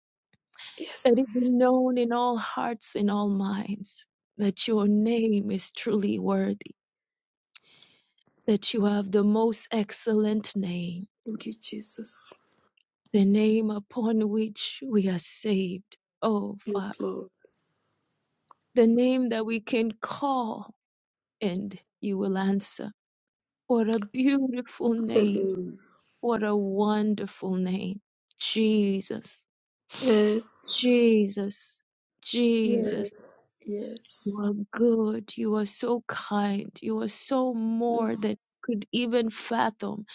Speaker 1: Let it be
Speaker 3: Yes.
Speaker 1: known in all hearts and all minds that your name is truly worthy, that you have the most excellent name,
Speaker 3: Thank you, Jesus.
Speaker 1: the name upon which we are saved. O Father,
Speaker 3: Yes, Lord.
Speaker 1: the name that we can call and you will answer. What a beautiful name
Speaker 3: Hallelujah.
Speaker 1: What a wonderful name. Jesus.
Speaker 3: Yes.
Speaker 1: Jesus. Jesus.
Speaker 3: Yes.
Speaker 1: You
Speaker 3: Yes.
Speaker 1: are good. You are so kind. You are so more than
Speaker 3: Yes.
Speaker 1: could even fathom.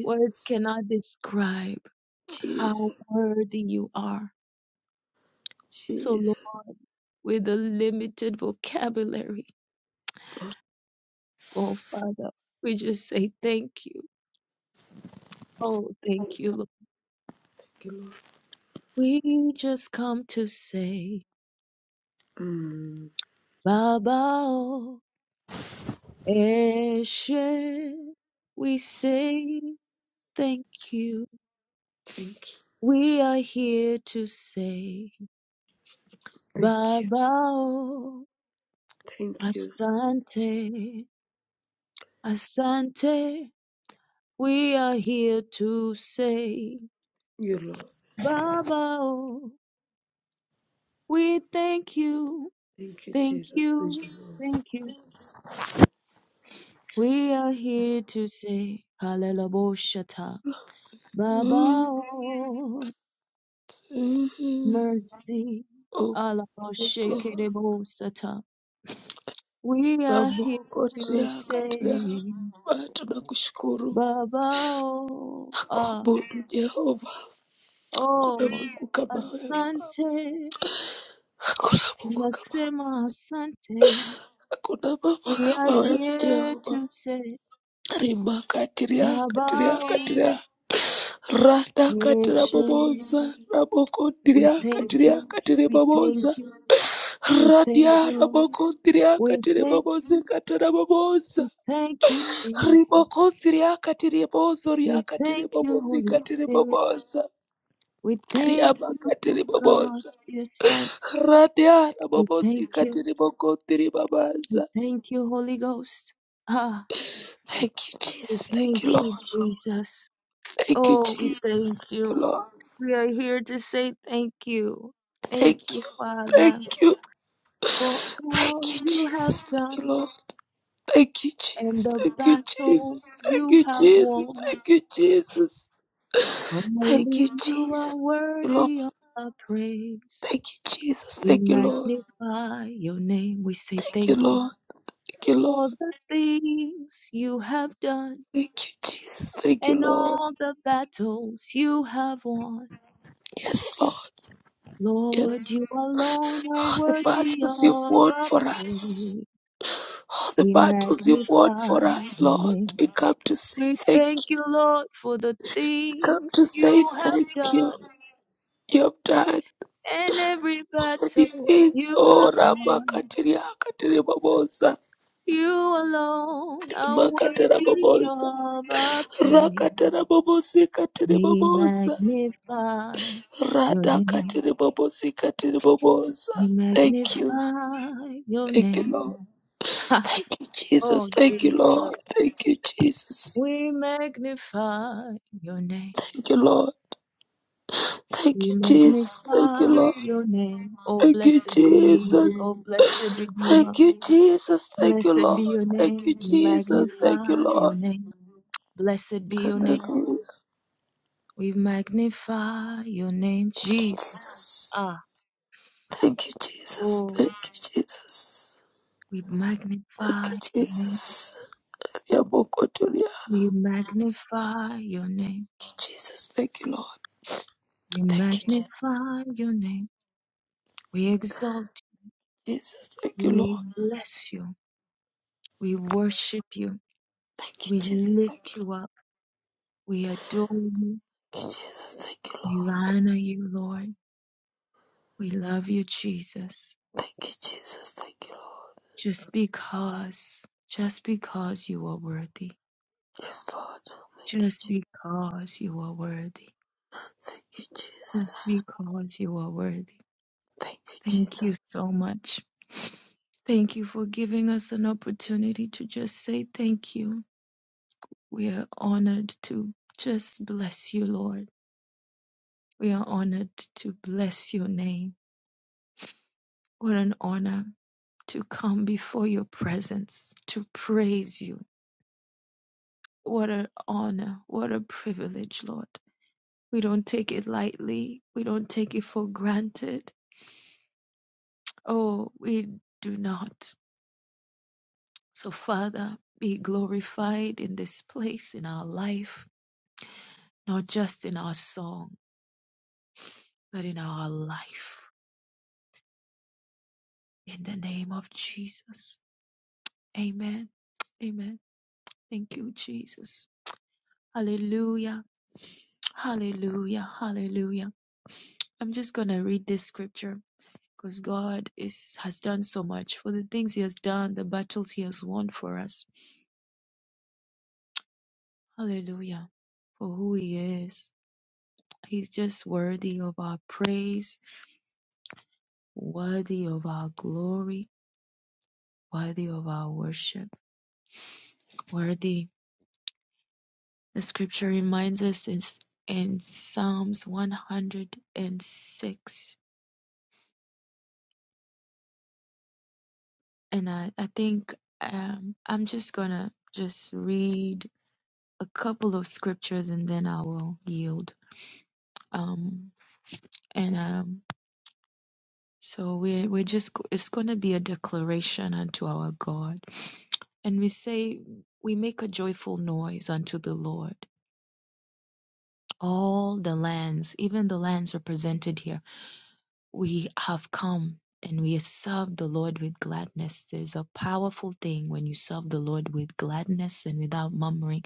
Speaker 1: Words cannot describe how
Speaker 3: Jesus.
Speaker 1: worthy you are. So,
Speaker 3: Jesus.
Speaker 1: Lord, with a limited vocabulary,
Speaker 3: Yes, Lord.
Speaker 1: oh Father, we just say thank you. Oh,
Speaker 3: Thank
Speaker 1: thank you, Lord.
Speaker 3: you, Lord.
Speaker 1: We just come to say,
Speaker 3: Mm.
Speaker 1: Baba. oh. Eshe, we say thank you.
Speaker 3: Thank you.
Speaker 1: We are here to say
Speaker 3: Thank you.
Speaker 1: Babao,
Speaker 3: Thank you.
Speaker 1: Asante, Asante. We are here to say
Speaker 3: You, Lord.
Speaker 1: Babao, we thank you,
Speaker 3: Thank you,
Speaker 1: thank
Speaker 3: Jesus. Thank
Speaker 1: you,
Speaker 3: you,
Speaker 1: thank you. We are here to say Kalelabo Shata,
Speaker 3: Lord. Mm.
Speaker 1: Babao.
Speaker 3: Mhm.
Speaker 1: mercy.
Speaker 3: Oh, yes, Lord.
Speaker 1: Alabashikidibosata. We are here
Speaker 3: Mungu
Speaker 1: to
Speaker 3: tia katika
Speaker 1: say,
Speaker 3: Baba tunakushukuru
Speaker 1: Baba, oh,
Speaker 3: na
Speaker 1: ah,
Speaker 3: kuabudu Jehova. Hakuna
Speaker 1: oh,
Speaker 3: Mungu kama wewe,
Speaker 1: Asante,
Speaker 3: hakuna Mungu kama wewe,
Speaker 1: Nasema Asante.
Speaker 3: hakuna Baba
Speaker 1: We are
Speaker 3: kama wewe
Speaker 1: here
Speaker 3: Jehova.
Speaker 1: to say,
Speaker 3: Rima katiria katiria
Speaker 1: Baba, oh,
Speaker 3: katiria rada katira
Speaker 1: Yeshe.
Speaker 3: boboza raboko
Speaker 1: We
Speaker 3: diria
Speaker 1: thank
Speaker 3: katiria
Speaker 1: you,
Speaker 3: katiri
Speaker 1: we thank
Speaker 3: boboza
Speaker 1: you, we thank
Speaker 3: radia
Speaker 1: you, Lord.
Speaker 3: raboko diria
Speaker 1: We
Speaker 3: katiri
Speaker 1: thank,
Speaker 3: bobozi katira boboza
Speaker 1: we thank you, Jesus.
Speaker 3: riboko diria katiri bozo ria
Speaker 1: We
Speaker 3: katiri
Speaker 1: thank you,
Speaker 3: bobozi
Speaker 1: Holy
Speaker 3: katiri
Speaker 1: Spirit.
Speaker 3: boboza
Speaker 1: We thank you, oh
Speaker 3: Riamakatiri
Speaker 1: God,
Speaker 3: babosa.
Speaker 1: dear Son.
Speaker 3: Radiara
Speaker 1: We
Speaker 3: babosi
Speaker 1: thank you.
Speaker 3: katiri bokotiri babaza.
Speaker 1: We thank you, Holy Ghost. Ah,
Speaker 3: Thank you,
Speaker 1: we
Speaker 3: Jesus. Thank
Speaker 1: thank
Speaker 3: you,
Speaker 1: you,
Speaker 3: Lord.
Speaker 1: Jesus.
Speaker 3: Thank you,
Speaker 1: Oh, we
Speaker 3: Jesus.
Speaker 1: thank
Speaker 3: Thank you,
Speaker 1: you.
Speaker 3: Lord.
Speaker 1: We are here to say thank you.
Speaker 3: Thank
Speaker 1: Thank you,
Speaker 3: you.
Speaker 1: Father,
Speaker 3: Thank you.
Speaker 1: for
Speaker 3: Thank
Speaker 1: all
Speaker 3: you,
Speaker 1: you have
Speaker 3: Jesus. Thank
Speaker 1: done
Speaker 3: you, Lord. Thank you,
Speaker 1: and
Speaker 3: Jesus.
Speaker 1: the
Speaker 3: Thank you,
Speaker 1: battle
Speaker 3: Jesus. Thank
Speaker 1: you
Speaker 3: you,
Speaker 1: have
Speaker 3: Jesus.
Speaker 1: won.
Speaker 3: Thank you, Jesus. Thank you,
Speaker 1: Only you are
Speaker 3: Jesus. Thank you, Lord.
Speaker 1: worthy of our praise.
Speaker 3: Thank you, Jesus.
Speaker 1: We
Speaker 3: Thank you, Lord.
Speaker 1: magnify your name. We say
Speaker 3: Thank you,
Speaker 1: thank you.
Speaker 3: Lord. Thank you,
Speaker 1: for
Speaker 3: Lord.
Speaker 1: the things you have done
Speaker 3: Thank you, Jesus. Thank you,
Speaker 1: and
Speaker 3: Lord.
Speaker 1: all the battles you have won.
Speaker 3: Yes, Lord. Yes.
Speaker 1: Lord, you alone are
Speaker 3: All the
Speaker 1: worthy
Speaker 3: battles you've
Speaker 1: of
Speaker 3: won
Speaker 1: our
Speaker 3: for us.
Speaker 1: praise.
Speaker 3: All the
Speaker 1: We
Speaker 3: battles you've won
Speaker 1: magnify
Speaker 3: for us,
Speaker 1: your
Speaker 3: Lord.
Speaker 1: name.
Speaker 3: We come to say
Speaker 1: We
Speaker 3: thank
Speaker 1: thank
Speaker 3: you.
Speaker 1: you, Lord, for the
Speaker 3: We come to
Speaker 1: things
Speaker 3: say
Speaker 1: you have
Speaker 3: thank you.
Speaker 1: done
Speaker 3: You have done
Speaker 1: and every
Speaker 3: many
Speaker 1: battle
Speaker 3: things.
Speaker 1: you
Speaker 3: Oh,
Speaker 1: have won.
Speaker 3: Ramakatiria Katiri Babosa.
Speaker 1: You alone are
Speaker 3: Makatara
Speaker 1: worthy
Speaker 3: Babosa.
Speaker 1: of our praise.
Speaker 3: Rakatara Babosi Katiri
Speaker 1: We
Speaker 3: Babosa.
Speaker 1: magnify your
Speaker 3: Rada
Speaker 1: name.
Speaker 3: Katiri Babosi Katiri Babosa.
Speaker 1: We
Speaker 3: Thank you.
Speaker 1: magnify your
Speaker 3: Thank you,
Speaker 1: name.
Speaker 3: Lord.
Speaker 1: [LAUGHS]
Speaker 3: Thank you, Jesus.
Speaker 1: oh,
Speaker 3: Thank you,
Speaker 1: Jesus.
Speaker 3: Lord. Thank you, Jesus.
Speaker 1: We magnify your name.
Speaker 3: Thank you, Lord. Thank
Speaker 1: We
Speaker 3: you, Jesus. Thank you,
Speaker 1: magnify
Speaker 3: Lord.
Speaker 1: your name. Oh,
Speaker 3: Thank you,
Speaker 1: blessed be,
Speaker 3: Jesus.
Speaker 1: oh, blessed Redeemer.
Speaker 3: Thank you, Jesus. Thank you,
Speaker 1: Blessed be
Speaker 3: Lord.
Speaker 1: your
Speaker 3: Thank you,
Speaker 1: name. We
Speaker 3: Jesus. Thank you,
Speaker 1: magnify your
Speaker 3: Lord.
Speaker 1: name. Blessed be your name.
Speaker 3: Hallelujah.
Speaker 1: We magnify your name,
Speaker 3: Thank you,
Speaker 1: Jesus.
Speaker 3: Jesus.
Speaker 1: Ah,
Speaker 3: Thank you, Jesus.
Speaker 1: oh,
Speaker 3: Thank you, Jesus.
Speaker 1: we
Speaker 3: Thank
Speaker 1: magnify
Speaker 3: you,
Speaker 1: your name.
Speaker 3: Jesus. Yabokotoria.
Speaker 1: We magnify your name.
Speaker 3: Thank you, Jesus. Thank you, Lord.
Speaker 1: We
Speaker 3: Thank you, Je-
Speaker 1: magnify your name. We exalt
Speaker 3: Jesus. Thank
Speaker 1: you.
Speaker 3: you, Lord.
Speaker 1: We bless you. We worship you.
Speaker 3: Thank you,
Speaker 1: We
Speaker 3: Jesus. Thank you,
Speaker 1: lift
Speaker 3: Lord.
Speaker 1: you up. We adore you.
Speaker 3: Thank you, Jesus. Thank you,
Speaker 1: We
Speaker 3: Lord.
Speaker 1: honor you, Lord. We love you, Jesus.
Speaker 3: Thank you, Jesus. Thank you, Lord.
Speaker 1: Just because, just because you are worthy.
Speaker 3: Yes, Lord. Thank you,
Speaker 1: Just
Speaker 3: Jesus.
Speaker 1: because you are worthy.
Speaker 3: Thank you,
Speaker 1: Just
Speaker 3: Jesus.
Speaker 1: because you are worthy.
Speaker 3: Thank you,
Speaker 1: Thank
Speaker 3: Jesus.
Speaker 1: you so much. Thank you for giving us an opportunity to just say thank you. We are honored to just bless you, Lord. We are honored to bless your name. What an honor to come before your presence to praise you. What an honor. What a privilege, Lord. We don't take it lightly. We don't take it for granted. Oh, we do not. So, Father, be glorified in this place, in our life, not just in our song, but in our life. In the name of Jesus. Amen. Amen. Thank you, Jesus. Hallelujah. Hallelujah. Hallelujah. I'm just going to read this scripture because God is has done so much for the things he has done, the battles he has won for us. Hallelujah. For who he is. He's just worthy of our praise, worthy of our glory, worthy of our worship, worthy. The scripture reminds us in, in Psalms 106 and I, I think um, I'm just gonna just read a couple of scriptures and then I will yield. Um, and um, so we're we're just it's gonna be a declaration unto our God, and we say we make a joyful noise unto the Lord. All the lands, even the lands represented here, we have come. And we serve the Lord with gladness. There's a powerful thing when you serve the Lord with gladness and without murmuring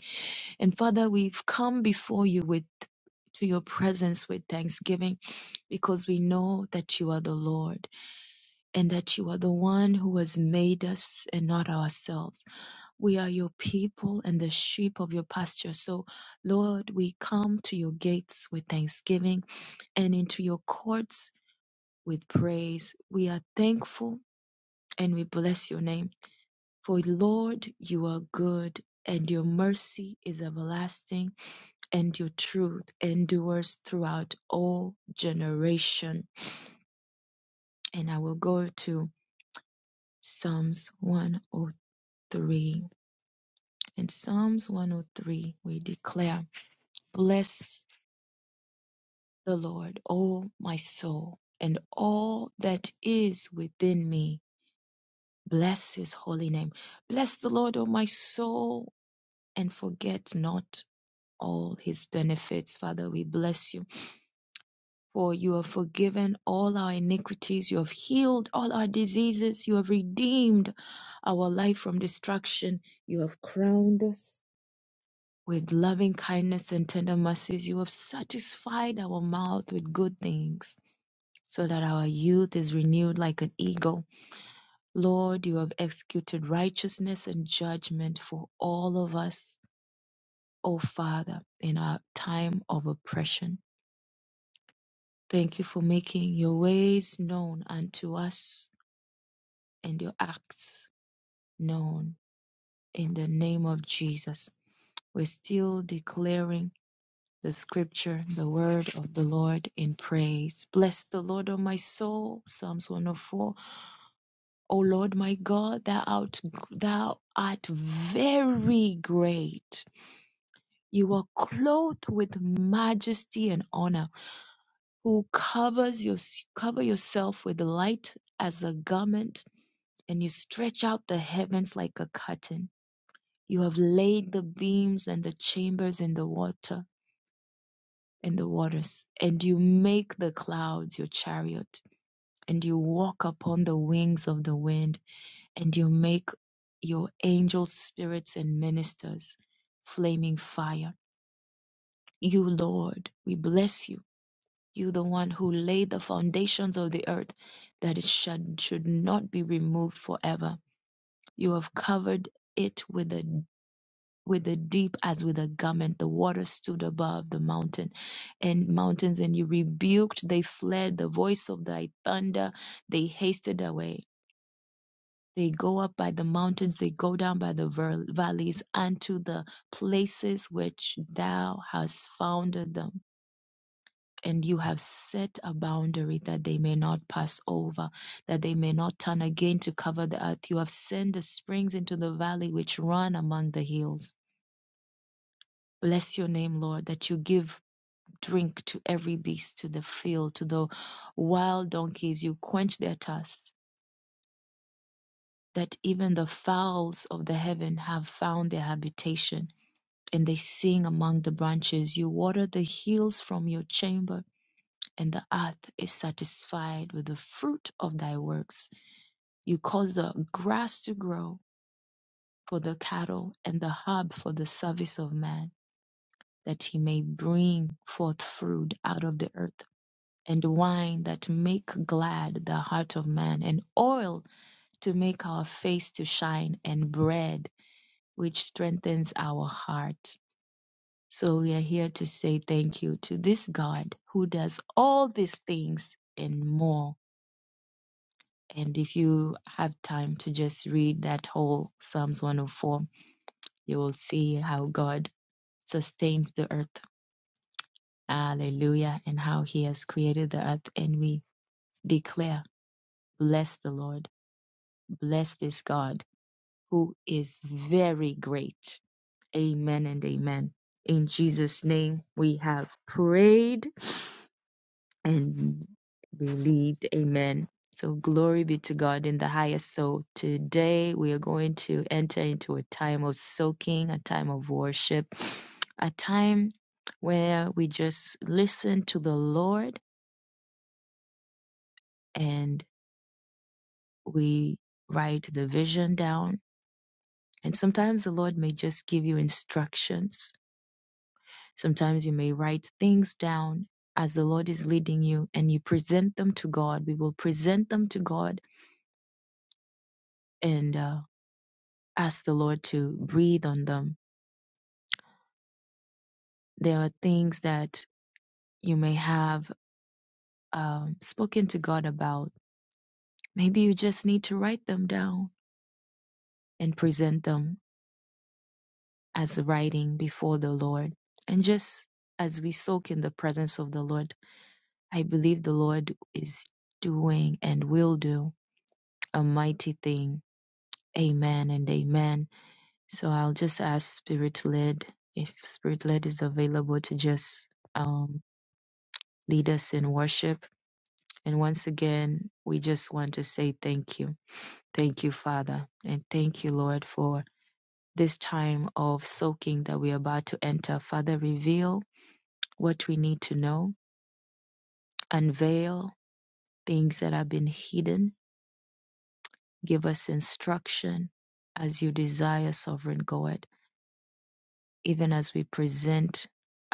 Speaker 1: And Father, we've come before you with to your presence with thanksgiving because we know that you are the Lord and that you are the one who has made us and not ourselves. We are your people and the sheep of your pasture. So, Lord, we come to your gates with thanksgiving and into your courts with praise. We are thankful and we bless your name. For Lord, you are good, and your mercy is everlasting, and your truth endures throughout all generation. And I will go to Psalms 103. In Psalms 103, we declare, Bless the Lord, O my soul, and all that is within me. Bless his holy name. Bless the Lord, O my soul, and forget not all his benefits. Father, we bless you. For you have forgiven all our iniquities, you have healed all our diseases, you have redeemed our life from destruction, you have crowned us with loving kindness and tender mercies, you have satisfied our mouth with good things, so that our youth is renewed like an eagle. Lord, you have executed righteousness and judgment for all of us, O Father, in our time of oppression. Thank you for making your ways known unto us and your acts known in the name of Jesus. We're still declaring the scripture, the word of the Lord in praise. Bless the Lord, O my soul. Psalms 104. O Lord my God, thou art, thou art very great. You are clothed with majesty and honor who covers your cover yourself with the light as a garment and you stretch out the heavens like a curtain you have laid the beams and the chambers in the water in the waters and you make the clouds your chariot and you walk upon the wings of the wind and you make your angels spirits and ministers flaming fire you lord we bless you You, the one who laid the foundations of the earth, that it should, should not be removed forever. You have covered it with a with the deep as with a garment, the water stood above the mountain and mountains, and you rebuked, they fled the voice of thy thunder, they hasted away. They go up by the mountains, they go down by the ver- valleys, unto the places which thou hast founded them. and you have set a boundary that they may not pass over, that they may not turn again to cover the earth. You have sent the springs into the valley which run among the hills. Bless your name, Lord, that you give drink to every beast, to the field, to the wild donkeys. You quench their thirst, that even the fowls of the heaven have found their habitation. And they sing among the branches. You water the hills from your chamber and the earth is satisfied with the fruit of thy works. You cause the grass to grow for the cattle and the herb for the service of man, that he may bring forth fruit out of the earth, and wine that make glad the heart of man, and oil to make our face to shine, and bread which strengthens our heart. So we are here to say thank you to this God who does all these things and more And if you have time to just read that whole Psalms 104, you will see how God sustains the earth. Hallelujah. And how he has created the earth. And we declare, bless the Lord, bless this God who is very great. Amen and amen. In Jesus' name, we have prayed. and believed. Amen. So glory be to God in the highest. So today we are going to enter into a time of soaking, a time of worship, a time where we just listen to the Lord and we write the vision down. And sometimes the Lord may just give you instructions. Sometimes you may write things down as the Lord is leading you and you present them to God. We will present them to God and uh, ask the Lord to breathe on them. There are things that you may have um, spoken to God about. Maybe you just need to write them down and present them as writing before the Lord. And just as we soak in the presence of the Lord, I believe the Lord is doing and will do a mighty thing. Amen and amen. So I'll just ask Spirit led if Spirit led is available to just um, lead us in worship And once again, we just want to say thank you. Thank you, Father. And thank you, Lord, for this time of soaking that we're about to enter. Father, reveal what we need to know, unveil things that have been hidden, give us instruction as you desire, sovereign God, even as we present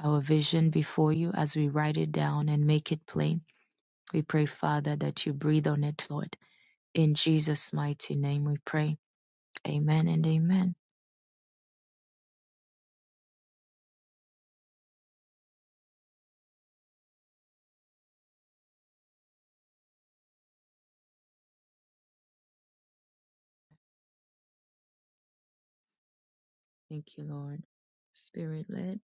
Speaker 1: our vision before you, as we write it down and make it plain. We pray, Father, that you breathe on it, Lord. In Jesus' mighty name we pray. Amen and amen. Thank you, Lord. Spirit led.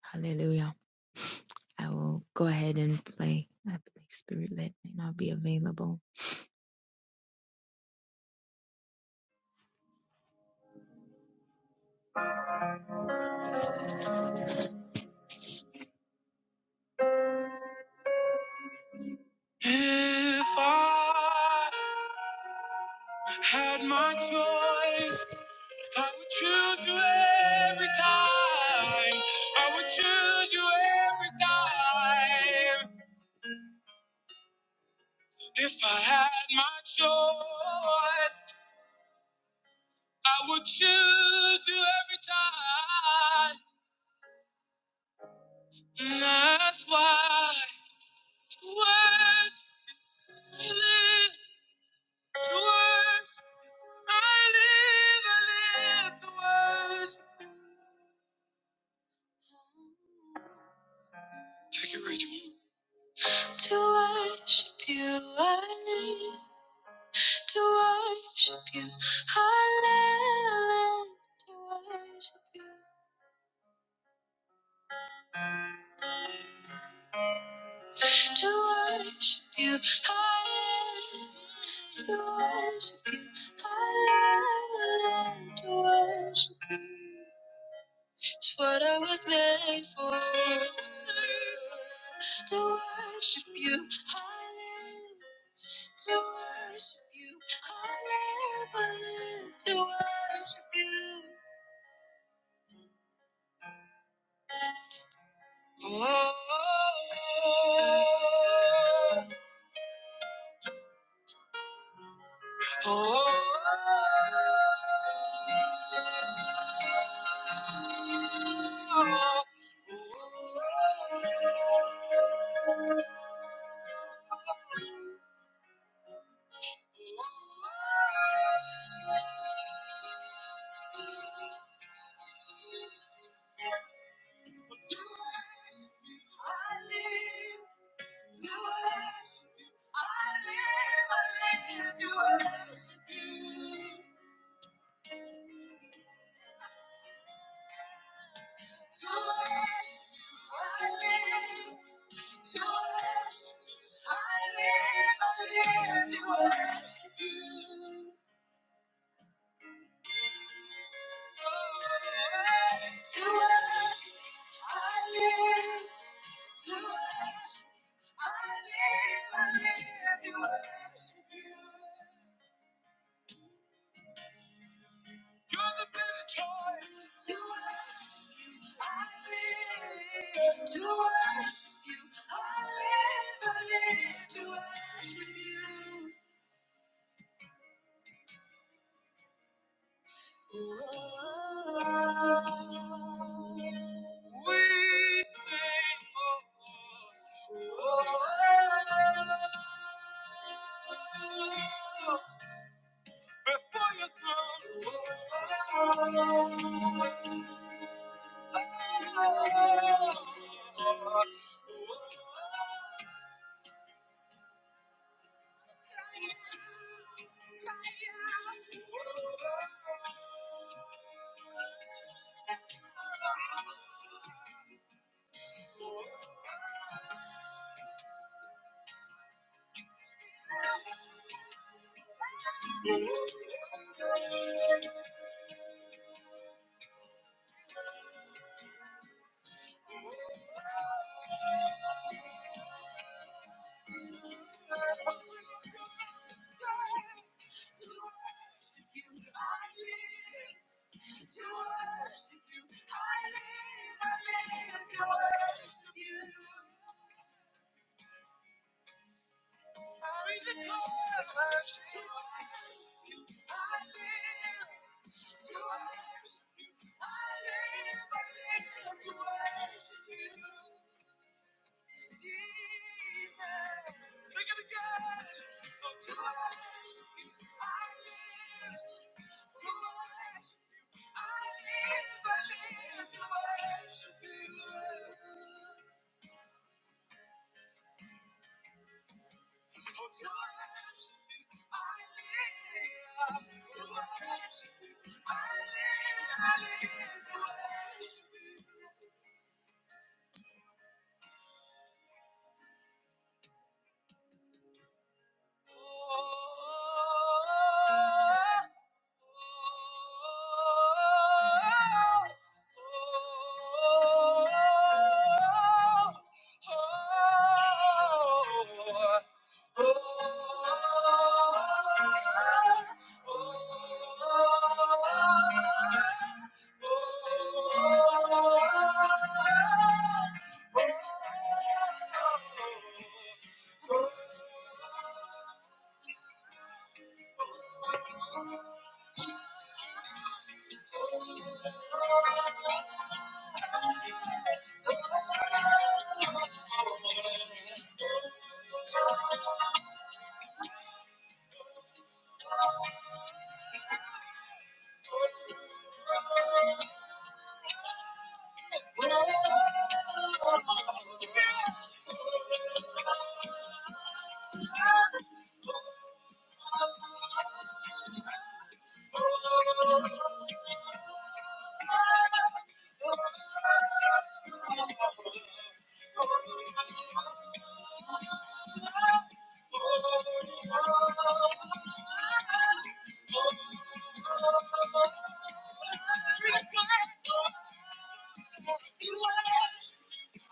Speaker 1: Hallelujah. I will go ahead and play. I believe spirit led may not be available. If I had my choice I would choose you every time. I would choose you every time. If I had my choice, I would choose you every time. And that's why to worship we live, to worship I live, I live to worship. Take it, Rachel. To worship you, I live. to worship you. I live to worship you. To worship you. I live to worship you. I live to worship you. It's what I was made for. To worship you. I live to worship you. I live, I live to worship you. Oh, oh, oh. To worship you, I live. To worship you, I live. I live. To worship you. To worship you, I live. To worship you, I live. I live. To worship you. To us, I live. To us, I live. I live to worship you. You're the better choice. To us, I live. To worship you. I live. I live to worship you. We sing, oh, oh, before your throne. Try out, try out, oh. To worship you, I live. To worship you, I live. I live to worship you. Sorry to cost of mercy. I live to worship you. I live, I live to worship you. Jesus. Sing it again. Oh, to worship you. I live to worship you. I live, I live to worship you. Oh, Thank you.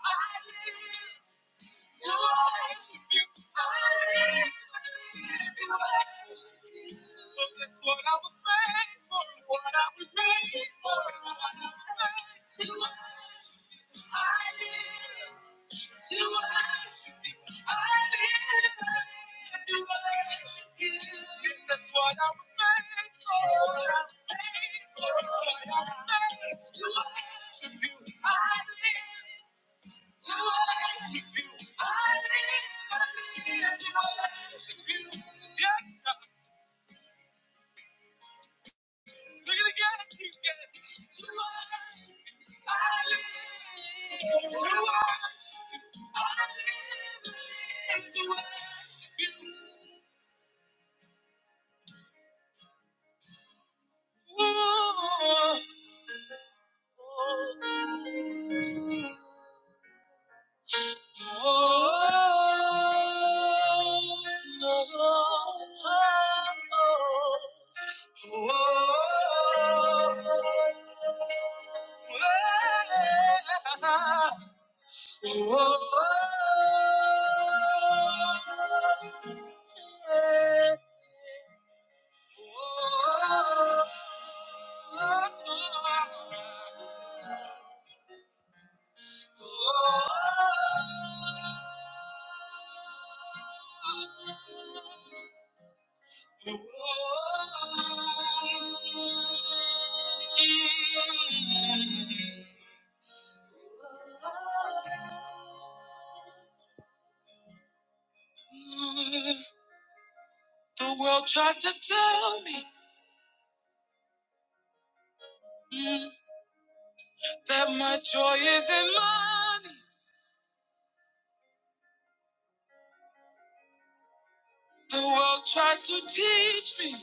Speaker 1: are, I live. To worship you, I live, I live to worship Yeah, sing it again, keep To worship, I live. To worship, I live, to worship The world tried to tell me mm, that my joy is in money. The world tried to teach me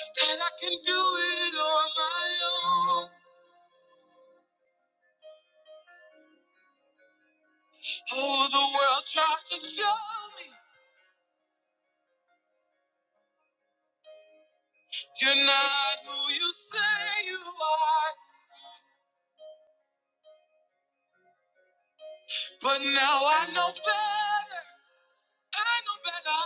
Speaker 1: that I can do it on my own. Oh, the world tried to show me you're not who you say you are. But now I know better. I know better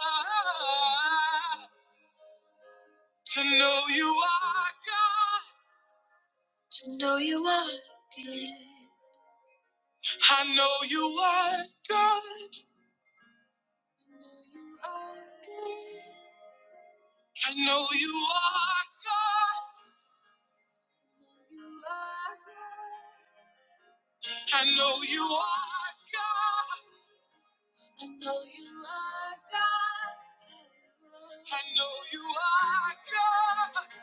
Speaker 1: to know you are God. To know you are good. I know you are God. I know you are good. I know you are God. I know you are God. I know you are God. I know you are God.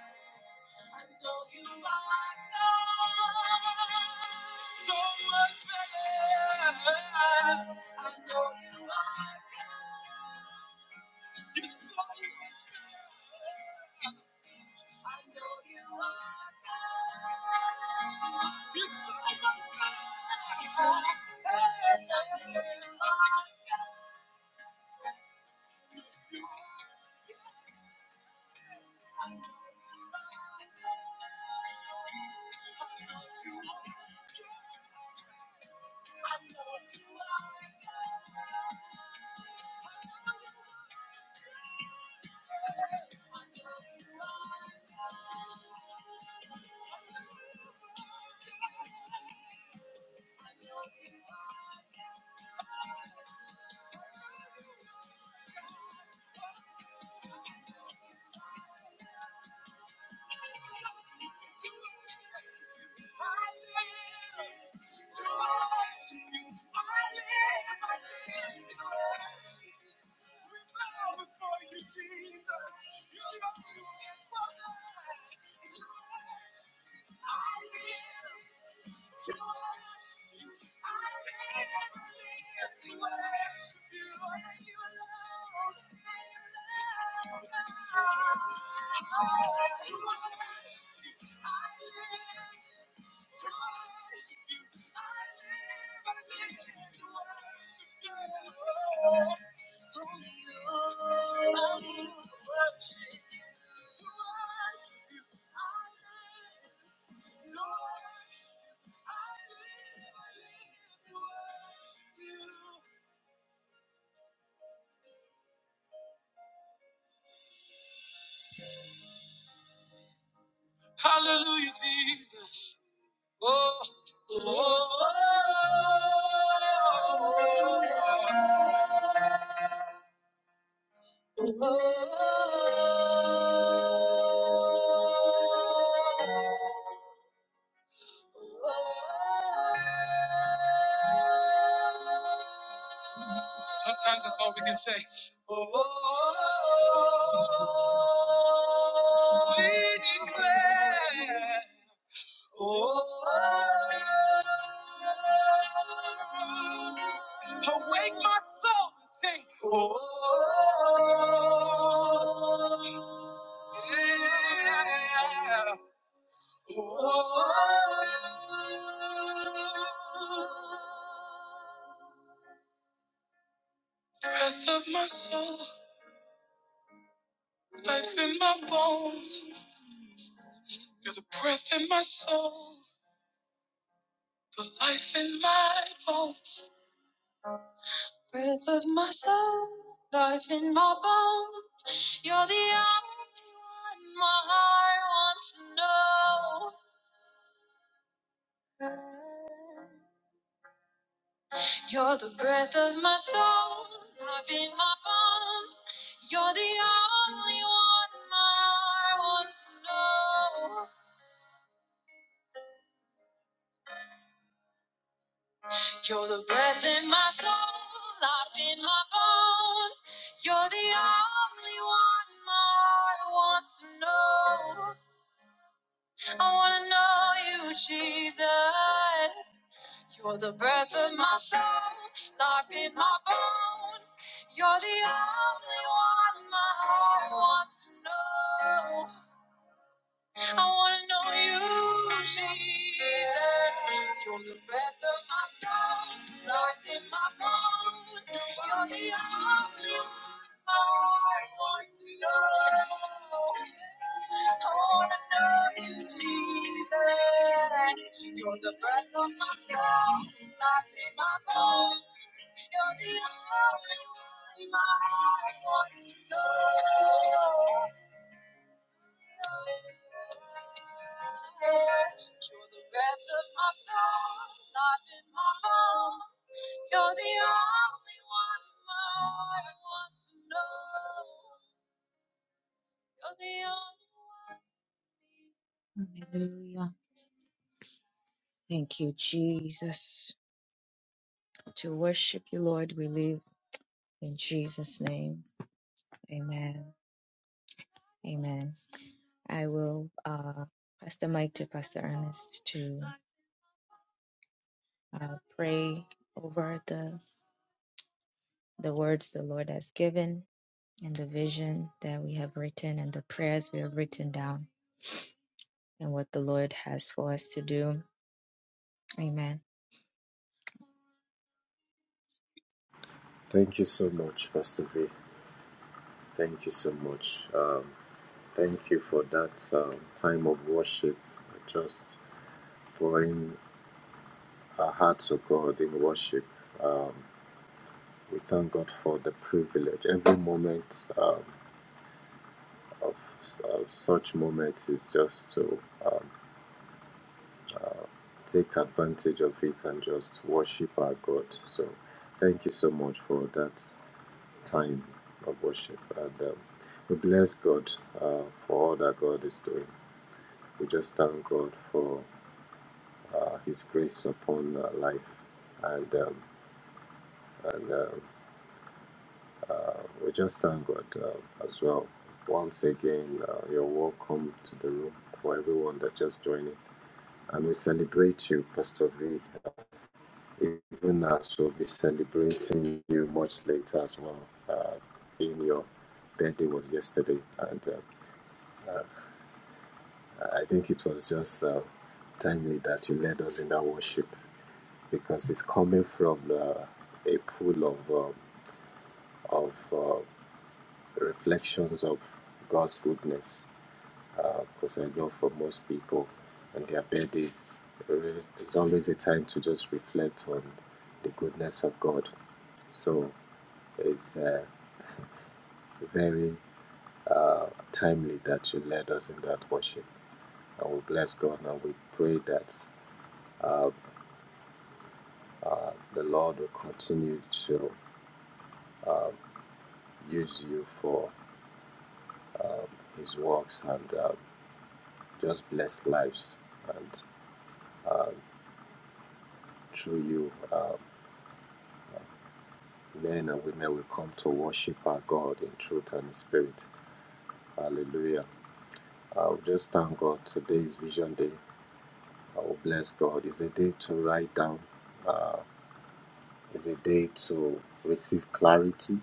Speaker 1: Hallelujah, Jesus. Oh. Sometimes that's all we can say. Oh, We declare. Oh, awake myself and sing. Oh, yeah. Oh, breath of my soul, life in my bones. You're the breath in my soul, the life in my bones. Breath of my soul, life in my bones. You're the only one my heart wants to know. You're the breath of my soul, life in my bones. You're the only one my heart wants to know. You're the breath in my soul, life in my bones. You're the only one my heart wants to know. I wanna know you, Jesus. You're the breath of my soul, life in my bones. You're the only one my heart wants to know. I wanna know you, Jesus. You're the breath of my soul, life in my bones. You're the only one my heart wants to know. I wanna know you, Jesus. You're the breath of my soul, life in my bones. You're the only one my heart wants to know. You're the breath of my soul, life in my bones. You're the only one my heart wants to know. You're the only one. Hallelujah. Thank you, Jesus. To worship you, Lord, we live in Jesus' name. Amen. Amen. I will uh, pass the mic to Pastor Ernest to uh, pray over the the words the Lord has given and the vision that we have written and the prayers we have written down and what the Lord has for us to do. Amen.
Speaker 2: Thank you so much, Pastor V. Thank you so much. Um, thank you for that um, time of worship, just pouring our hearts to God in worship. Um, we thank God for the privilege. Every moment um, uh, such moments is just to um, take advantage of it and just worship our God. So, thank you so much for that time of worship. And um, we bless God uh, for all that God is doing. We just thank God for uh, His grace upon our life. And, um, and um uh, we just thank God uh, as well. Once again, uh, you're welcome to the room for everyone that just joining. And we celebrate you, Pastor V, even as we'll be celebrating you much later as well. Uh, in your birthday was yesterday, and uh, I think it was just uh, timely that you led us in that worship because it's coming from uh, a pool of um of uh, reflections of God's goodness because uh, I know for most people on their birthdays, there is- it's always a time to just reflect on the goodness of God. So it's uh, very uh, timely that you led us in that worship. And we bless God and we pray that uh, uh, the Lord will continue to use you for His works and uh, just bless lives. And through you, uh, men and women will come to worship our God in truth and in spirit. Hallelujah. I'll just thank God. Today is Vision Day. I will bless God. It's a day to write down, uh, it's a day to receive clarity,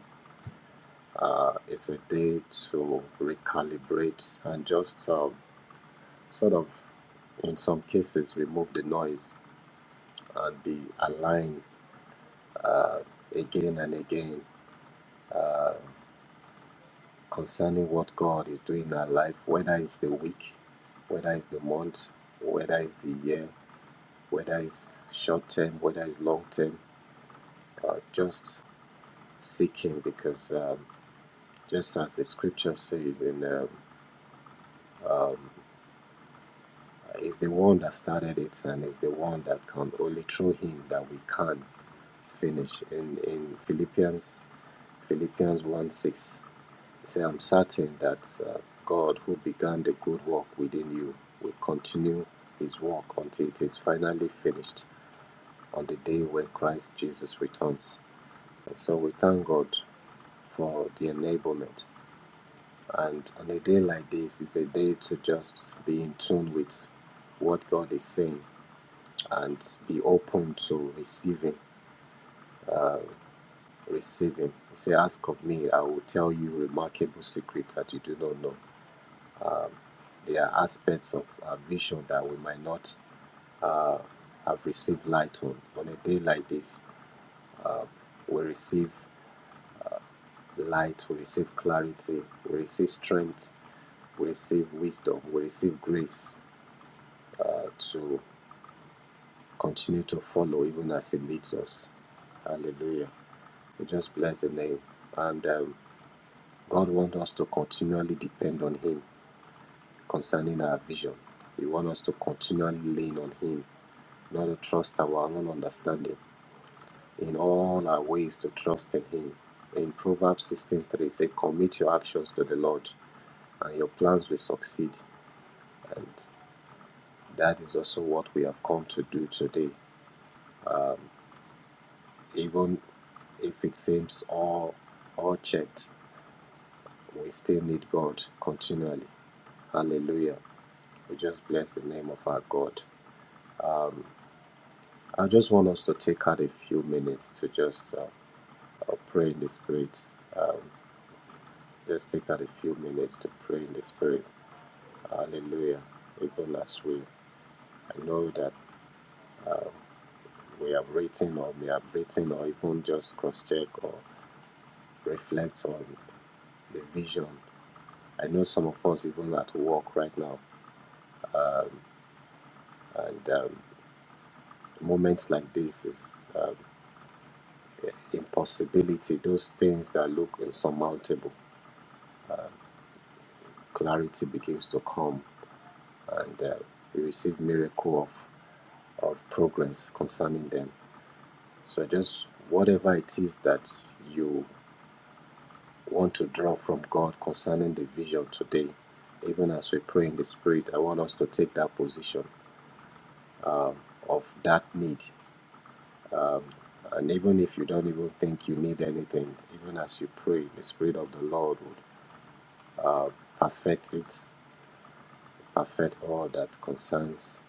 Speaker 2: uh, it's a day to recalibrate and just um, sort of, in some cases, remove the noise and be aligned uh, again and again. concerning what God is doing in our life, whether it's the week, whether it's the month, whether it's the year, whether it's short term, whether it's long term, uh, just seek Him because um, just as the scripture says, in um, um, is the one that started it and is the one that can only through Him that we can finish. In in Philippians, Philippians one six. Say, I'm certain that uh, God, who began the good work within you, will continue his work until it is finally finished on the day when Christ Jesus returns. And so we thank God for the enablement. And on a day like this is a day to just be in tune with what God is saying and be open to receiving. Receiving. He say, Ask of me, I will tell you remarkable secret that you do not know. There are aspects of our vision that we might not uh, have received light on. On a day like this, we receive light, we receive clarity, we receive strength, we receive wisdom, we receive grace uh, to continue to follow even as it leads us. Hallelujah. We just bless the name. And um, God wants us to continually depend on Him concerning our vision. He wants us to continually lean on Him, not to trust our own understanding in all our ways to trust in Him. In Proverbs 16:3, say, Commit your actions to the Lord, and your plans will succeed. And that is also what we have come to do today. Even if it seems all all checked, we still need God continually. Hallelujah. We just bless the name of our God. I just want us to take out a few minutes to just uh, uh, pray in the Spirit. Um, just take out a few minutes to pray in the Spirit. Hallelujah. Even as we I know that we have written or we have written or even just cross check or reflect on the vision. I know some of us even at work right now and um, moments like this is um, impossibility, those things that look insurmountable. Clarity begins to come and uh, we receive miracle of, of progress concerning them. So just whatever it is that you want to draw from God concerning the vision today, even as we pray in the Spirit, I want us to take that position of that need. And even if you don't even think you need anything, even as you pray, the Spirit of the Lord would uh, perfect it, perfect all that concerns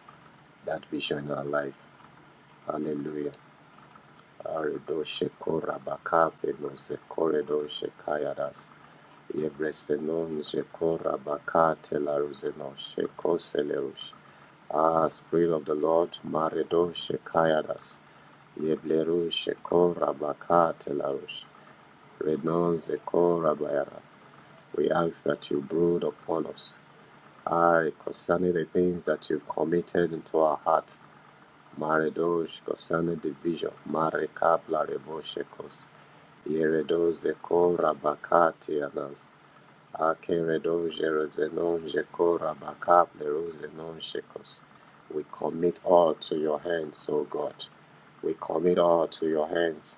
Speaker 2: that vision in our life. Hallelujah. Aredo shekora bakape no zekore shekayadas. Yebresenon Shekora Bakate Laruzeno Sheko Selerush. Ah, Spirit of the Lord, Maredo Shekayadas. Yebleru Shekora Bakate Larush. Renon Zekora Bayara. We ask that you brood upon us. Ah, concerning the things that you've committed into our heart. Maredosh concerning the vision. Marekab Larebo Shekos. Yeredo Zekora Bakate Anas. We commit all to your hands, O God. We commit all to your hands.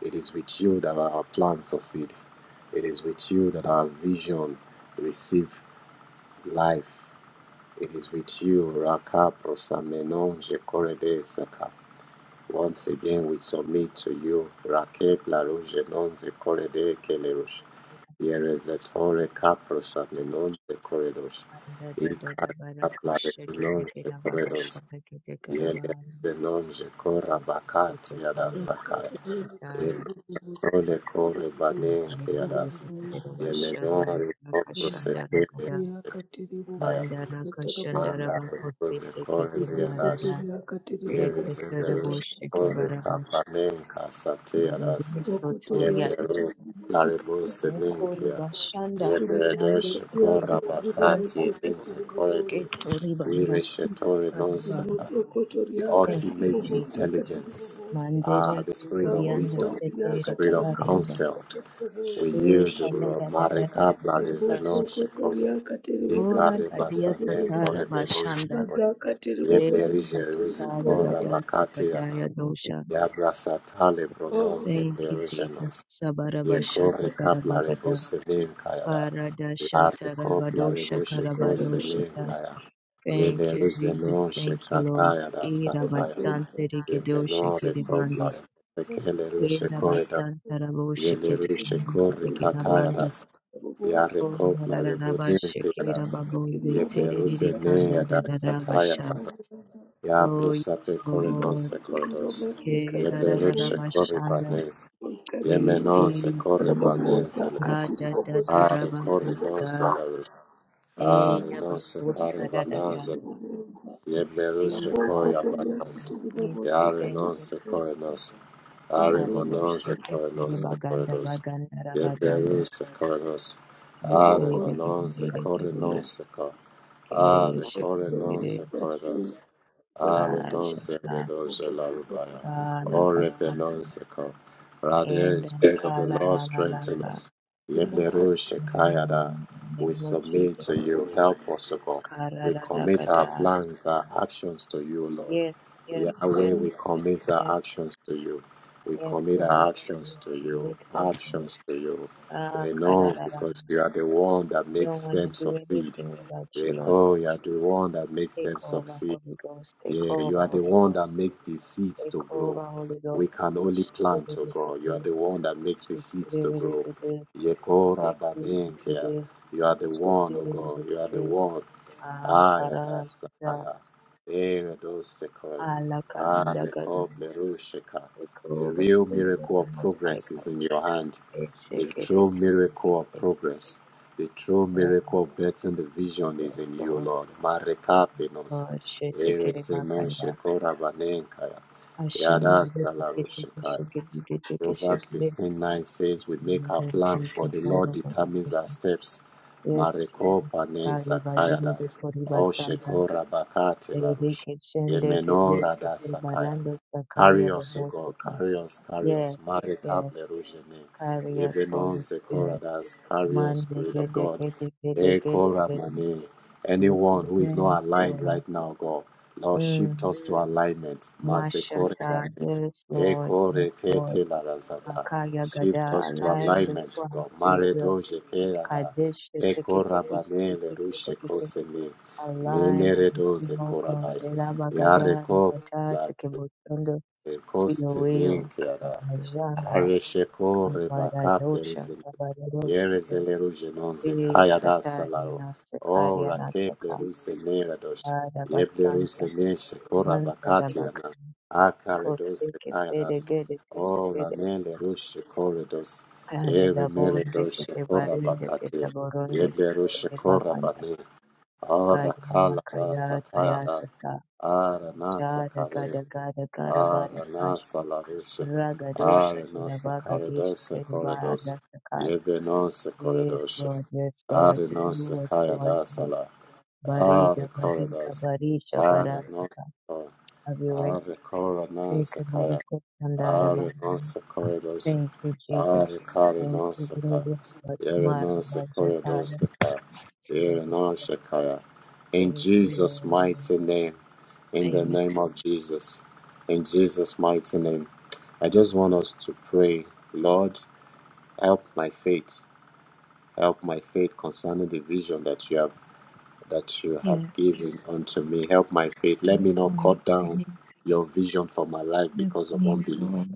Speaker 2: It is with you that our plans succeed. It is with you that our vision receive life. It is with you, Raka prosamenonje korede once again, we submit to you, Rake Larouche Nonze Correde Kelerush, Yerezetore Caprosa Menonze Corredos, Icarat Lares Nonze Corredos, Yelerze Nonze Cora Bacat Yada Sakai,
Speaker 1: [LAUGHS]
Speaker 3: Rabokondiria
Speaker 1: Amen.
Speaker 3: katiri
Speaker 2: Erole Core Banen Kiadas,
Speaker 1: Bashanda
Speaker 2: Yemenore
Speaker 1: Rakashanda
Speaker 2: Coprosecule
Speaker 1: Ragada
Speaker 2: Kaya,
Speaker 1: Mandara Kashandara
Speaker 2: Manda
Speaker 1: Bakotse
Speaker 2: Rose Corre
Speaker 1: Tekete
Speaker 2: Yadas,
Speaker 1: Barada Eketara
Speaker 2: Yebizimberush
Speaker 1: Bosheke
Speaker 2: Kore
Speaker 1: Baradosh
Speaker 2: Kapaninka Satiras
Speaker 1: Mundiso Toria
Speaker 2: Yeberu Laribus de
Speaker 1: Mukori
Speaker 2: Ninkia
Speaker 1: Bashanda Mande
Speaker 2: Yeberedosh
Speaker 1: Kotori
Speaker 2: Kora
Speaker 1: Basanta
Speaker 2: Bakati Linze Korebe
Speaker 1: Ketori Banda Supa
Speaker 2: Wireshetori
Speaker 1: Karibanda
Speaker 2: Nonsaka The
Speaker 1: Thank you
Speaker 2: ultimate
Speaker 1: Jesus
Speaker 2: intelligence Ah
Speaker 1: Mandere
Speaker 2: the spirit of
Speaker 1: Sukurianda
Speaker 2: wisdom
Speaker 1: Sete
Speaker 2: the spirit of
Speaker 3: bobosi
Speaker 1: Rekabareda
Speaker 2: counsel
Speaker 3: katiri
Speaker 2: we
Speaker 3: bobosi
Speaker 2: yield to
Speaker 1: Ekadada Dada
Speaker 2: Marika
Speaker 1: Dada
Speaker 3: Boboso
Speaker 2: Plarizenon
Speaker 1: Basha
Speaker 2: Shekos
Speaker 3: kotoria katiri bobosi
Speaker 1: Tora
Speaker 2: Ikare
Speaker 3: katiri
Speaker 1: Kadia
Speaker 2: Basanen
Speaker 3: bobosa.
Speaker 1: Satara
Speaker 2: Korebe Linze
Speaker 1: Bashanda
Speaker 3: Rada katiri bobosi
Speaker 1: Renda
Speaker 2: Yeblerije
Speaker 3: katiri
Speaker 1: katala
Speaker 2: Kora
Speaker 3: bobosa.
Speaker 1: gadata
Speaker 2: bakati Bakatiana,
Speaker 1: gadaya dosha.
Speaker 2: Yabra Satale Bronon
Speaker 3: Oh,
Speaker 1: Thank you, Jesus.
Speaker 2: keblerizenos. Ye
Speaker 3: yes,
Speaker 1: Sabarabashata
Speaker 2: kori
Speaker 3: Lord.
Speaker 2: Kapla
Speaker 1: karabagada.
Speaker 2: Rebose Ninkayada, Lare
Speaker 1: Paradashata
Speaker 2: Kopla
Speaker 1: rabadosha
Speaker 2: Reboshe
Speaker 3: the
Speaker 2: Kose
Speaker 3: bobosa,
Speaker 1: karabadoshata.
Speaker 2: Ninkaya,
Speaker 1: Thank you,
Speaker 2: Yelerije
Speaker 1: Jesus.
Speaker 2: Non
Speaker 1: Thank you, Lord.
Speaker 2: Shekatayada
Speaker 3: the
Speaker 1: Ira
Speaker 2: Sataya,
Speaker 3: bobosa.
Speaker 1: bastante rigedosha
Speaker 2: Yemenore
Speaker 3: Rada
Speaker 2: Kopla
Speaker 1: kiribandos.
Speaker 2: Rekelerushe
Speaker 1: Ira
Speaker 3: Katiri
Speaker 2: Korida,
Speaker 3: bobosi
Speaker 1: bastante rabosha
Speaker 2: Yelerushe
Speaker 1: kiribandos
Speaker 2: Kori Katayadas,
Speaker 3: katiri
Speaker 1: kiribandas.
Speaker 3: bobosi katiri
Speaker 2: Yare
Speaker 3: bobosa.
Speaker 1: Onda
Speaker 2: Kopla
Speaker 1: rararabasha
Speaker 3: Rima
Speaker 2: Rebodinkayadas,
Speaker 3: Katiri
Speaker 1: kirababozi.
Speaker 3: bobosi
Speaker 2: Yebleruse
Speaker 1: Tererere
Speaker 3: katiri
Speaker 2: Neyada
Speaker 3: bobosi katiri
Speaker 1: kandadadadabasha.
Speaker 2: Shataya
Speaker 3: bobosa.
Speaker 1: Oh,
Speaker 2: Yabrusape
Speaker 1: yes, Lord.
Speaker 2: correnonse
Speaker 3: Moko tori
Speaker 2: corridos.
Speaker 3: bobosi katiri
Speaker 2: Yeblerushe
Speaker 3: bobosa.
Speaker 1: Kirarararabashanda.
Speaker 2: corribanes.
Speaker 1: We
Speaker 3: Katiri
Speaker 1: receive
Speaker 3: bobosi
Speaker 2: Yemenonse
Speaker 3: katiri
Speaker 1: you,
Speaker 2: corribanes
Speaker 3: bobosa.
Speaker 2: elever.
Speaker 1: Rada
Speaker 3: Katiri
Speaker 1: da
Speaker 3: bobosi
Speaker 1: da
Speaker 2: Are
Speaker 1: Rabba
Speaker 3: katiri bobosa.
Speaker 2: corrinonse
Speaker 1: Massa,
Speaker 2: elever.
Speaker 3: In
Speaker 2: Are
Speaker 3: the
Speaker 2: nonse
Speaker 1: Eyabakosa da da
Speaker 2: carribananze.
Speaker 1: Yanta. We receive
Speaker 2: Yebleruse
Speaker 1: you, we
Speaker 2: coyabanas.
Speaker 1: receive, you.
Speaker 2: Yare
Speaker 1: thank you.
Speaker 2: nonse corrinos. Are
Speaker 3: name
Speaker 1: Haribo
Speaker 3: of
Speaker 2: mononse
Speaker 3: Jesus
Speaker 1: Shota Tere
Speaker 2: corrinonse
Speaker 3: Christ,
Speaker 1: Baganda
Speaker 2: corridos.
Speaker 1: Baganda Rabadanda.
Speaker 2: Yebleruse corrinos.
Speaker 1: We
Speaker 2: Are
Speaker 1: say the
Speaker 3: Ribokon,
Speaker 2: manonse
Speaker 1: Gingere Gire,
Speaker 3: Katibo,
Speaker 2: corrinonse cor. Are
Speaker 1: Kere
Speaker 3: Rikatio,
Speaker 2: corrinonse
Speaker 1: Shikire,
Speaker 2: corridos.
Speaker 3: Katri, Bokotel,
Speaker 1: Kasha,
Speaker 2: Arenose Redosha
Speaker 3: Katibo,
Speaker 2: Larubaya.
Speaker 3: Sikatibo,
Speaker 1: Kana
Speaker 2: O
Speaker 1: Kasan,
Speaker 2: Rebenoseko. Rade,
Speaker 1: and
Speaker 2: Spirit of the
Speaker 1: Kala
Speaker 2: Lord,
Speaker 1: Lala
Speaker 2: strengthen
Speaker 1: Lala.
Speaker 2: us.
Speaker 3: Rimakatri,
Speaker 2: Yeblerusha shekayada.
Speaker 1: In the name
Speaker 2: We
Speaker 1: of
Speaker 2: submit
Speaker 1: Jesus,
Speaker 2: to you. Help us, O God.
Speaker 1: Kara
Speaker 2: We
Speaker 1: Rada
Speaker 2: commit our
Speaker 1: Gada.
Speaker 2: plans, our actions to you, Lord.
Speaker 1: Yes, yes,
Speaker 2: Yahweh,
Speaker 1: yes,
Speaker 2: we
Speaker 1: yes,
Speaker 2: commit
Speaker 1: yes,
Speaker 2: our actions to you. We
Speaker 1: yes,
Speaker 2: commit our
Speaker 1: Lord. We
Speaker 2: actions to you.
Speaker 1: we turn to you.
Speaker 2: Actions to you.
Speaker 1: Ah,
Speaker 2: They know
Speaker 1: kararara.
Speaker 2: because you are the one that
Speaker 1: We don't
Speaker 2: makes
Speaker 1: want to
Speaker 2: them
Speaker 1: do
Speaker 2: succeed.
Speaker 1: anything without you,
Speaker 2: They
Speaker 1: Lord.
Speaker 2: call you are the one that makes
Speaker 1: Take
Speaker 2: them
Speaker 1: over,
Speaker 2: succeed.
Speaker 1: Holy Ghost. Take
Speaker 2: Yeah, you
Speaker 1: over,
Speaker 2: are the
Speaker 1: Holy
Speaker 2: one
Speaker 1: Ghost.
Speaker 2: that makes the seeds
Speaker 1: Take
Speaker 2: to grow.
Speaker 1: over, Holy
Speaker 2: We
Speaker 1: Ghost.
Speaker 2: can only
Speaker 1: Ish, dee,
Speaker 2: plant,
Speaker 1: dee,
Speaker 2: oh
Speaker 1: dee,
Speaker 2: God.
Speaker 1: dee,
Speaker 2: You are
Speaker 1: dee.
Speaker 2: the one that makes the
Speaker 1: Shake,
Speaker 2: seeds
Speaker 1: dee,
Speaker 2: to
Speaker 1: dee, dee,
Speaker 2: grow.
Speaker 1: dee,
Speaker 2: Yeko
Speaker 1: dee. Shake, dee, dee, dee,
Speaker 2: rabanenkia.
Speaker 1: dee.
Speaker 2: You are the
Speaker 1: Shake,
Speaker 2: one,
Speaker 1: dee,
Speaker 2: oh
Speaker 1: dee, dee, dee,
Speaker 2: God. You are
Speaker 1: dee,
Speaker 2: the
Speaker 1: dee.
Speaker 2: one.
Speaker 1: Ah,
Speaker 2: Aya
Speaker 1: Karara
Speaker 2: dasa
Speaker 1: Sita,
Speaker 2: aya. Ere dose kola.
Speaker 1: Alaka and
Speaker 2: Are
Speaker 1: Agadama,
Speaker 2: kople rusheka.
Speaker 1: take
Speaker 2: The
Speaker 1: over,
Speaker 2: real
Speaker 1: Spirit of
Speaker 2: miracle
Speaker 1: the
Speaker 2: of
Speaker 1: Most High
Speaker 2: progress
Speaker 1: God.
Speaker 2: is in your hand. The
Speaker 1: Shake it, shake it,
Speaker 2: true
Speaker 1: shake
Speaker 2: miracle of
Speaker 1: it.
Speaker 2: progress. The true miracle of getting the vision
Speaker 1: Yes,
Speaker 2: is in you,
Speaker 1: Lord.
Speaker 2: Lord.
Speaker 1: Yes,
Speaker 2: Marekapinos.
Speaker 1: Lord.
Speaker 2: Ere
Speaker 1: Shetekere
Speaker 2: zenon
Speaker 1: makanda.
Speaker 2: shekora vanenkaya.
Speaker 1: Ashanda
Speaker 2: Yada
Speaker 1: de kete
Speaker 2: salarushekaya.
Speaker 1: keshe gede gete keshe
Speaker 2: Proverbs
Speaker 1: gede.
Speaker 2: 16:9 says, We make our plans, but
Speaker 1: Gete
Speaker 2: the Lord
Speaker 1: koro
Speaker 2: determines our
Speaker 1: keshe.
Speaker 2: steps.
Speaker 1: Yes.
Speaker 2: Mareko panen
Speaker 1: Kali
Speaker 2: zakayada.
Speaker 1: bajundu kori
Speaker 2: O
Speaker 1: batsanda.
Speaker 2: shekora bakate
Speaker 1: Dede
Speaker 2: larush.
Speaker 1: keshende gede
Speaker 2: Yemeno rada
Speaker 1: kete
Speaker 2: sakaya.
Speaker 1: barando sakaya
Speaker 2: Carry us, O God.
Speaker 1: babotika.
Speaker 2: Carry us, carry us.
Speaker 1: Yes.
Speaker 2: Marekap
Speaker 1: Yes.
Speaker 2: lerujene.
Speaker 1: Carry us,
Speaker 2: Yebenon
Speaker 1: Holy Spirit.
Speaker 2: zekoradas. Carry us,
Speaker 1: Mande
Speaker 2: Spirit of
Speaker 1: gede
Speaker 2: God.
Speaker 1: gede gede gede gede.
Speaker 2: Ekoramane.
Speaker 1: We
Speaker 2: Anyone who is
Speaker 1: present,
Speaker 2: not aligned
Speaker 1: Lord.
Speaker 2: right now, God, Lord, shift
Speaker 1: Mm.
Speaker 2: us to alignment.
Speaker 1: Mashata.
Speaker 2: Mazekorebane.
Speaker 1: Yes, Lord.
Speaker 2: Echo
Speaker 1: Yes, Lord.
Speaker 2: rekete la razata.
Speaker 1: Makaya
Speaker 2: Shift
Speaker 1: Gada,
Speaker 2: us to
Speaker 1: align the
Speaker 2: alignment,
Speaker 1: plans
Speaker 2: God.
Speaker 1: to your will.
Speaker 2: Maredo jekerada.
Speaker 1: Kadesh, the take
Speaker 2: Echo
Speaker 1: it, take it, take
Speaker 2: rabane le
Speaker 1: it, take it,
Speaker 2: rushe
Speaker 1: take it, take it.
Speaker 2: koseme.
Speaker 1: align
Speaker 2: Meneredo
Speaker 1: everything, oh God.
Speaker 2: zekorabaya.
Speaker 1: Elaba Gada,
Speaker 2: Yareko
Speaker 1: Nabata,
Speaker 2: la
Speaker 1: Tekebotondo, to your
Speaker 2: koseme
Speaker 1: will.
Speaker 2: kiada.
Speaker 1: Kamajanda,
Speaker 2: Aresheko rebakap le
Speaker 1: Kamadadosha,
Speaker 2: ruzeme. Yereze
Speaker 1: Kabadadosha,
Speaker 2: le ruje nonze
Speaker 1: Eh,
Speaker 2: kaya da
Speaker 1: Tatari,
Speaker 2: salaro. O
Speaker 1: Anasakari,
Speaker 2: rakep le
Speaker 1: Anasaka,
Speaker 2: ruse nera dosh. Yeb le ruse
Speaker 1: Adabatanta,
Speaker 2: neshe
Speaker 1: Manta,
Speaker 2: korabakati
Speaker 1: Rabaka,
Speaker 2: Acaridos
Speaker 1: Koseke, Tede,
Speaker 2: Secaras,
Speaker 1: Gede, Kete,
Speaker 2: O
Speaker 1: Gede,
Speaker 2: Ramele Rushe Corridos,
Speaker 1: Kare,
Speaker 2: Ere Meridos
Speaker 1: Kete, Barinde,
Speaker 2: Corabacate,
Speaker 1: Ketande,
Speaker 2: Eberushe
Speaker 1: Sanda,
Speaker 2: Corabane, Ara
Speaker 1: Kaya,
Speaker 2: Calara Satara,
Speaker 1: na
Speaker 2: aranasa Nasa
Speaker 1: Gada
Speaker 2: Care,
Speaker 1: gada gada gada bada
Speaker 2: Ara
Speaker 1: kasha.
Speaker 2: Nasa Larushe, Ara
Speaker 1: Ragadosha
Speaker 2: Nasa
Speaker 1: Davagadesha
Speaker 2: Caridos
Speaker 1: Kedibada
Speaker 2: Corridos,
Speaker 1: Sakai.
Speaker 2: Ebenos
Speaker 1: Yes,
Speaker 2: Corridos,
Speaker 1: Lord, yes, Lord,
Speaker 2: Are
Speaker 1: do
Speaker 2: Nos
Speaker 1: what you want
Speaker 2: Cayadas
Speaker 1: to do.
Speaker 2: Ala, Are
Speaker 1: Barida Barika
Speaker 2: Corridos,
Speaker 1: Barisha
Speaker 2: Are
Speaker 1: Barasaka. Have your way.
Speaker 2: are kora non
Speaker 1: Take a
Speaker 2: sakaya.
Speaker 1: moment, put them there,
Speaker 2: Are
Speaker 1: Abba.
Speaker 2: non sakaya dos.
Speaker 1: Thank you,
Speaker 2: Are
Speaker 1: Jesus.
Speaker 2: kara
Speaker 1: Thank
Speaker 2: non
Speaker 1: you,
Speaker 2: sakaya.
Speaker 1: glorious Lord.
Speaker 2: Yere non
Speaker 1: Marva
Speaker 2: sakaya dos
Speaker 1: Jataya.
Speaker 2: sakaya. Yere
Speaker 1: Kibadosha.
Speaker 2: non sakaya. In
Speaker 1: Thank you,
Speaker 2: Jesus'
Speaker 1: Lord.
Speaker 2: mighty name. In the
Speaker 1: Amen.
Speaker 2: name of Jesus. In Jesus' mighty name. I just want us to pray, Lord, help my faith. Help my faith concerning the vision that you have that you have given
Speaker 1: Yes.
Speaker 2: unto me. Help my faith. Let
Speaker 1: Good
Speaker 2: me not
Speaker 1: morning,
Speaker 2: cut
Speaker 1: good
Speaker 2: down
Speaker 1: evening,
Speaker 2: your vision for my life
Speaker 1: good
Speaker 2: because of
Speaker 1: evening,
Speaker 2: unbelief.
Speaker 1: God.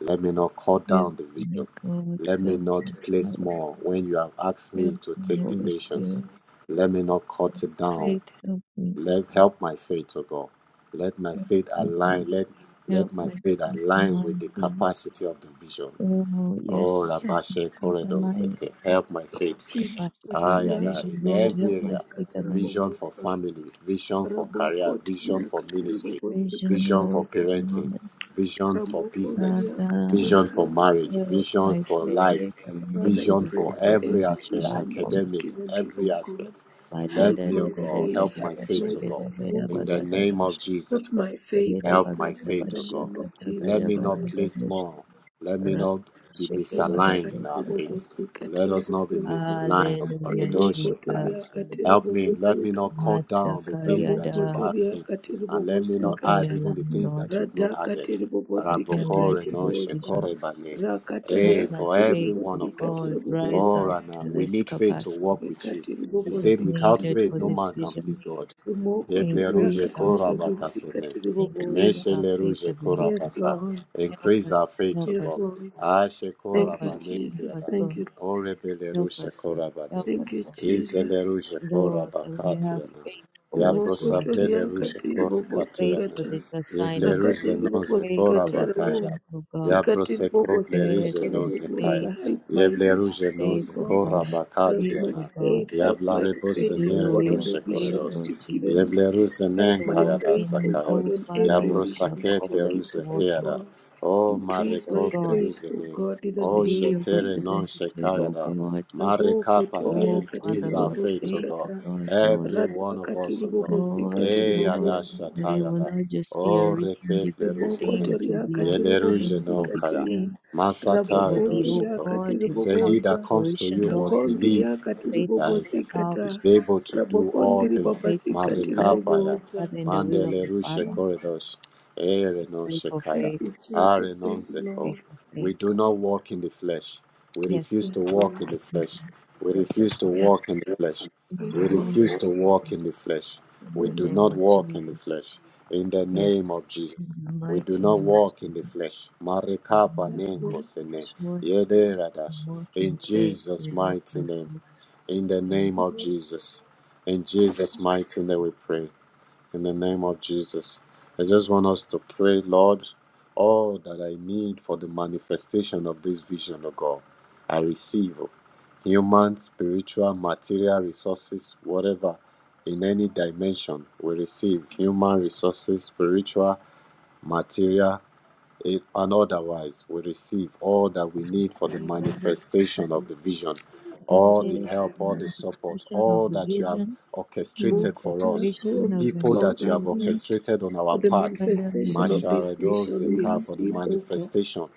Speaker 2: Let me not cut
Speaker 1: Help
Speaker 2: down the
Speaker 1: me,
Speaker 2: vision.
Speaker 1: God.
Speaker 2: Let me
Speaker 1: Help
Speaker 2: not
Speaker 1: me,
Speaker 2: place
Speaker 1: Father.
Speaker 2: more when you have asked
Speaker 1: Help
Speaker 2: me to
Speaker 1: me,
Speaker 2: take the
Speaker 1: Holy
Speaker 2: nations.
Speaker 1: Spirit.
Speaker 2: Let me not cut it down.
Speaker 1: Faith, help me.
Speaker 2: Let help my faith, O God. Let my
Speaker 1: Help
Speaker 2: faith
Speaker 1: me, Lord.
Speaker 2: align. Let let
Speaker 1: help
Speaker 2: my
Speaker 1: my
Speaker 2: faith
Speaker 1: faith
Speaker 2: align with
Speaker 1: align
Speaker 2: the
Speaker 1: to you.
Speaker 2: capacity of the vision.
Speaker 1: Oh,
Speaker 2: Oh,
Speaker 1: yes, help my
Speaker 2: Rabashe
Speaker 1: faith align
Speaker 2: Koredoseke, help my
Speaker 1: to
Speaker 2: faith.
Speaker 1: the
Speaker 3: Fid,
Speaker 1: capacity
Speaker 2: Ah,
Speaker 1: of the
Speaker 3: Katiria,
Speaker 2: yada,
Speaker 1: vision,
Speaker 2: in
Speaker 1: Lord.
Speaker 3: Katibo,
Speaker 2: every
Speaker 1: Help my
Speaker 2: area.
Speaker 1: faith align
Speaker 2: Vision for
Speaker 3: Sikatarabosa,
Speaker 2: family, vision for career,
Speaker 3: Rabokot,
Speaker 2: vision for
Speaker 3: Yakatiribo,
Speaker 2: ministry,
Speaker 1: to vision,
Speaker 2: vision for
Speaker 1: Lord. From
Speaker 3: Sikatarabosa,
Speaker 2: parenting, vision for business,
Speaker 3: Ramokondria,
Speaker 1: Father,
Speaker 2: vision
Speaker 3: Katiribo,
Speaker 2: for marriage,
Speaker 3: Sikatarabosa.
Speaker 1: help
Speaker 2: vision
Speaker 1: my
Speaker 2: for life,
Speaker 1: faith align
Speaker 3: Father, I
Speaker 1: to
Speaker 2: vision
Speaker 1: the
Speaker 3: pray
Speaker 2: for
Speaker 1: vision
Speaker 3: for every
Speaker 2: every
Speaker 1: that
Speaker 2: aspect,
Speaker 1: you have
Speaker 3: vision
Speaker 1: for
Speaker 3: that you've
Speaker 2: academic,
Speaker 3: given me,
Speaker 2: every
Speaker 3: oh
Speaker 2: aspect.
Speaker 3: God.
Speaker 2: Let
Speaker 3: Help
Speaker 2: me, O
Speaker 3: my
Speaker 2: God, help
Speaker 3: faith,
Speaker 2: my
Speaker 3: help
Speaker 2: faith,
Speaker 3: my
Speaker 2: O God.
Speaker 3: faith, oh
Speaker 2: In
Speaker 3: God.
Speaker 2: the name
Speaker 1: me.
Speaker 2: of Jesus
Speaker 3: Help
Speaker 2: Christ,
Speaker 3: my faith,
Speaker 1: Era
Speaker 3: oh
Speaker 2: help
Speaker 3: God,
Speaker 2: my
Speaker 1: baganda
Speaker 2: faith,
Speaker 3: in the
Speaker 2: O God.
Speaker 3: name of
Speaker 2: Let
Speaker 1: bashakatagada
Speaker 3: Jesus
Speaker 2: me not
Speaker 3: Christ.
Speaker 2: place
Speaker 1: banagadoshara
Speaker 2: more. Let me not be
Speaker 1: sheke
Speaker 2: misaligned in our
Speaker 1: baradosaka.
Speaker 2: faith.
Speaker 3: Imakatiribobosi
Speaker 2: Let us not be
Speaker 3: katarabobosa.
Speaker 2: misaligned. O God.
Speaker 1: Hallelujah,
Speaker 2: Edoshikaya.
Speaker 3: Rimokotoria
Speaker 1: Jesus.
Speaker 2: Help me. Let
Speaker 3: katiribobosi
Speaker 2: me not
Speaker 3: kata.
Speaker 2: cut down the things that you've
Speaker 1: Matakayada.
Speaker 2: asked
Speaker 3: Ramokotoria
Speaker 2: me. And let me
Speaker 3: katiribobosi
Speaker 2: not
Speaker 1: Help
Speaker 2: add
Speaker 1: me
Speaker 3: kata.
Speaker 2: even the
Speaker 1: alone,
Speaker 2: things
Speaker 1: Lord.
Speaker 2: that you've not
Speaker 3: Rada
Speaker 2: added.
Speaker 1: Help
Speaker 3: katiribobosi
Speaker 1: me alone
Speaker 2: Rabokore
Speaker 1: to
Speaker 2: no
Speaker 1: this
Speaker 3: katiribobosa.
Speaker 2: shekore
Speaker 1: vision.
Speaker 2: bale.
Speaker 1: Help
Speaker 2: Hey,
Speaker 3: Rakataria
Speaker 1: my
Speaker 2: for every
Speaker 1: faith,
Speaker 2: one
Speaker 1: oh
Speaker 3: katiribobosi
Speaker 2: of us.
Speaker 1: God, rise
Speaker 2: Oh,
Speaker 3: katiribobosa.
Speaker 1: up
Speaker 2: Rana,
Speaker 1: to
Speaker 2: we
Speaker 1: this
Speaker 2: need faith to
Speaker 1: capacity
Speaker 2: walk with you.
Speaker 3: Ikatiri
Speaker 2: He
Speaker 1: that is
Speaker 3: bobosi,
Speaker 2: said, without
Speaker 3: katiri
Speaker 1: needed
Speaker 2: faith,
Speaker 1: for
Speaker 2: no
Speaker 1: this
Speaker 2: man
Speaker 3: bobosa.
Speaker 2: can please
Speaker 1: vision.
Speaker 2: God.
Speaker 3: Imoko toriaka
Speaker 2: Yebleruje
Speaker 1: Increase our
Speaker 3: tiri
Speaker 1: faith.
Speaker 3: bobosi,
Speaker 2: korabakasene.
Speaker 3: katiri
Speaker 1: Increase
Speaker 3: bobosa.
Speaker 2: Eneshe
Speaker 1: our faith,
Speaker 2: leruje
Speaker 3: Yes,
Speaker 1: Ebenezer.
Speaker 2: korabaka.
Speaker 3: Lord.
Speaker 1: Help
Speaker 2: Increase our
Speaker 1: us,
Speaker 2: faith,
Speaker 1: help
Speaker 2: O
Speaker 3: Yes,
Speaker 1: us,
Speaker 2: God.
Speaker 3: Lord.
Speaker 2: Ashe
Speaker 1: help
Speaker 3: Thank you,
Speaker 1: us,
Speaker 2: korabane
Speaker 1: help
Speaker 3: Jesus.
Speaker 1: us,
Speaker 2: kiada.
Speaker 3: Thank
Speaker 1: Lord.
Speaker 3: you.
Speaker 2: ore
Speaker 1: Help
Speaker 2: leruje
Speaker 1: us, Lord.
Speaker 2: korabane.
Speaker 1: Help us,
Speaker 3: Thank you,
Speaker 1: Lord.
Speaker 2: Ize
Speaker 3: Jesus.
Speaker 2: leruje
Speaker 1: Lord, that we may have
Speaker 2: korabakatiana.
Speaker 1: faith for what you
Speaker 2: Yabrosa
Speaker 1: want us
Speaker 2: pele
Speaker 3: Rimokotoria
Speaker 1: to do,
Speaker 2: ruje
Speaker 3: katiri
Speaker 1: faith
Speaker 2: korikatiana.
Speaker 1: for
Speaker 3: bobosikata.
Speaker 1: these
Speaker 2: Yeble
Speaker 1: assignments,
Speaker 2: ruje
Speaker 3: Rakatiri
Speaker 2: noze
Speaker 1: faith for
Speaker 3: bobosikata
Speaker 1: the
Speaker 2: korabakaira.
Speaker 3: rabo.
Speaker 1: visions, oh God.
Speaker 3: Ikatiri
Speaker 2: Yabrose kople
Speaker 1: Yes,
Speaker 2: ruje
Speaker 3: bobosikata
Speaker 1: Lord,
Speaker 2: noze kaya.
Speaker 3: rabobosa.
Speaker 1: faith,
Speaker 3: Help my
Speaker 2: Yeble
Speaker 3: vision,
Speaker 2: ruje
Speaker 3: oh
Speaker 1: faith,
Speaker 2: noze
Speaker 1: oh
Speaker 3: God.
Speaker 1: God,
Speaker 3: Help
Speaker 1: faith,
Speaker 3: my
Speaker 1: oh
Speaker 2: korabakatiana.
Speaker 1: God,
Speaker 3: faith. Help
Speaker 2: Yabla
Speaker 3: my
Speaker 1: to
Speaker 2: rebose
Speaker 3: faith,
Speaker 1: do
Speaker 3: oh
Speaker 1: your
Speaker 2: nere
Speaker 3: God, on
Speaker 1: will,
Speaker 3: the
Speaker 2: noze
Speaker 1: faith,
Speaker 3: vision
Speaker 2: koredos.
Speaker 3: that
Speaker 1: oh
Speaker 3: you've given
Speaker 1: Jesus,
Speaker 3: me.
Speaker 2: Yevlerus
Speaker 3: Help
Speaker 2: enen
Speaker 1: to
Speaker 3: my
Speaker 1: walk
Speaker 3: faith, oh
Speaker 1: in,
Speaker 2: kaya
Speaker 3: God,
Speaker 1: oh
Speaker 3: on
Speaker 1: Father,
Speaker 3: every
Speaker 1: what you
Speaker 3: vision
Speaker 1: have
Speaker 3: that
Speaker 2: Yabrosake
Speaker 1: called
Speaker 3: you've
Speaker 1: us to
Speaker 3: given,
Speaker 2: Peruze
Speaker 1: walk
Speaker 3: oh
Speaker 1: in,
Speaker 2: Keada.
Speaker 3: God.
Speaker 2: O
Speaker 3: Increase
Speaker 1: oh
Speaker 2: Mareko
Speaker 3: my
Speaker 1: God,
Speaker 3: faith, O
Speaker 2: Peruzene.
Speaker 3: God, in the
Speaker 1: to
Speaker 2: O
Speaker 3: name
Speaker 1: be
Speaker 3: of
Speaker 1: your
Speaker 2: Shetere
Speaker 3: Jesus.
Speaker 2: non
Speaker 1: representative, oh
Speaker 2: Shekayada.
Speaker 1: God,
Speaker 3: Raboko
Speaker 2: Marekapaya.
Speaker 3: toria
Speaker 1: oh
Speaker 3: katiri
Speaker 1: Father,
Speaker 2: Increase our
Speaker 1: Lord,
Speaker 2: faith, O
Speaker 1: faith,
Speaker 2: God.
Speaker 1: oh
Speaker 3: bobosikata.
Speaker 1: God, Lord.
Speaker 2: Every
Speaker 3: Rada
Speaker 2: one of us, O
Speaker 3: katiri
Speaker 2: God.
Speaker 1: Lord,
Speaker 3: bobosikatiri
Speaker 2: E Yada
Speaker 1: Lord,
Speaker 3: bobosa.
Speaker 1: that it will
Speaker 2: Shatayada.
Speaker 1: not just be a
Speaker 2: O
Speaker 1: written
Speaker 2: Reke
Speaker 3: Rimoko
Speaker 2: Peruzene.
Speaker 1: thing, it will
Speaker 3: toria
Speaker 1: be a
Speaker 3: katiri
Speaker 1: seen,
Speaker 2: Yeleruje
Speaker 1: it will
Speaker 2: non
Speaker 1: be
Speaker 2: Kaya.
Speaker 3: bobosikatiria.
Speaker 1: seen. It will
Speaker 2: Masatare do
Speaker 1: be, oh
Speaker 3: Rabokondiria
Speaker 2: Sheko.
Speaker 1: God,
Speaker 3: katiri
Speaker 2: He
Speaker 1: it will
Speaker 2: said, He
Speaker 1: come to
Speaker 2: that
Speaker 3: bobosa.
Speaker 2: comes to
Speaker 1: fruition,
Speaker 2: you
Speaker 1: Lord.
Speaker 2: must believe.
Speaker 3: Rakondiria katiri
Speaker 1: Faith to step
Speaker 2: Guys
Speaker 1: out,
Speaker 2: is
Speaker 3: bobosikata.
Speaker 2: able to do all
Speaker 3: Rabokondiri
Speaker 2: things.
Speaker 1: faith to
Speaker 3: babasikatiri
Speaker 1: walk,
Speaker 2: Marikapaya,
Speaker 1: oh
Speaker 3: bobosa.
Speaker 1: Father, in the will of
Speaker 2: Mandele
Speaker 1: the
Speaker 2: Rushe
Speaker 1: Father.
Speaker 3: Thank
Speaker 2: Corridos,
Speaker 1: We
Speaker 2: Erenon
Speaker 1: pray for
Speaker 2: Shekaya,
Speaker 1: faith,
Speaker 3: you, Jesus.
Speaker 2: Arenon
Speaker 3: Thank you,
Speaker 1: pray
Speaker 2: Zeko.
Speaker 3: Lord.
Speaker 1: for
Speaker 2: We
Speaker 1: faith,
Speaker 2: do
Speaker 1: God.
Speaker 2: not walk in the flesh. We
Speaker 1: Yes,
Speaker 2: refuse to
Speaker 3: Yes,
Speaker 2: walk
Speaker 3: Lord.
Speaker 2: in the
Speaker 1: we do.
Speaker 2: flesh. We
Speaker 1: Abba, cha,
Speaker 2: refuse to
Speaker 1: cha, cha.
Speaker 2: walk in the flesh.
Speaker 1: In the
Speaker 2: We
Speaker 3: Yes, Lord.
Speaker 1: name
Speaker 2: refuse to
Speaker 1: of
Speaker 2: walk
Speaker 1: Jesus,
Speaker 2: in the flesh.
Speaker 1: in
Speaker 2: We
Speaker 1: the
Speaker 3: Yes,
Speaker 2: do
Speaker 1: name
Speaker 3: Lord.
Speaker 2: not
Speaker 1: of
Speaker 2: walk
Speaker 1: Jesus,
Speaker 2: in the flesh. In the
Speaker 1: yes,
Speaker 2: name of Jesus.
Speaker 1: in the
Speaker 2: We do
Speaker 1: mighty
Speaker 2: not
Speaker 1: name of
Speaker 2: walk in the
Speaker 1: Jesus,
Speaker 2: flesh.
Speaker 1: we
Speaker 2: Marikapa
Speaker 1: bring
Speaker 3: Yes,
Speaker 1: it to the
Speaker 2: nenko
Speaker 3: Lord.
Speaker 2: sene.
Speaker 1: flesh, Lord.
Speaker 2: Yede
Speaker 1: We
Speaker 2: radash.
Speaker 1: walk
Speaker 2: In
Speaker 1: in faith. We
Speaker 2: Jesus'
Speaker 1: walk
Speaker 2: mighty
Speaker 1: by
Speaker 2: name
Speaker 1: faith.
Speaker 2: in the name
Speaker 3: Oh,
Speaker 2: of Jesus. In Jesus' mighty name we pray. In the name of Jesus. I just want us to pray, Lord, all that I need for the manifestation of this vision, of God, I receive. oh. Human, spiritual, material resources, whatever, in any dimension, we receive. Human resources, spiritual, material, it, and otherwise we receive all that we need for the manifestation of the vision, all the help, all
Speaker 3: Lord,
Speaker 2: the support, all that you have orchestrated for
Speaker 3: Mukta,
Speaker 2: us,
Speaker 3: O
Speaker 2: people
Speaker 3: Lord,
Speaker 2: that you
Speaker 3: we
Speaker 2: have
Speaker 3: need
Speaker 2: orchestrated on our
Speaker 3: for the
Speaker 2: path.
Speaker 3: manifestation of this vision we
Speaker 2: Masharedozeka for the
Speaker 3: receive, O God.
Speaker 2: manifestation.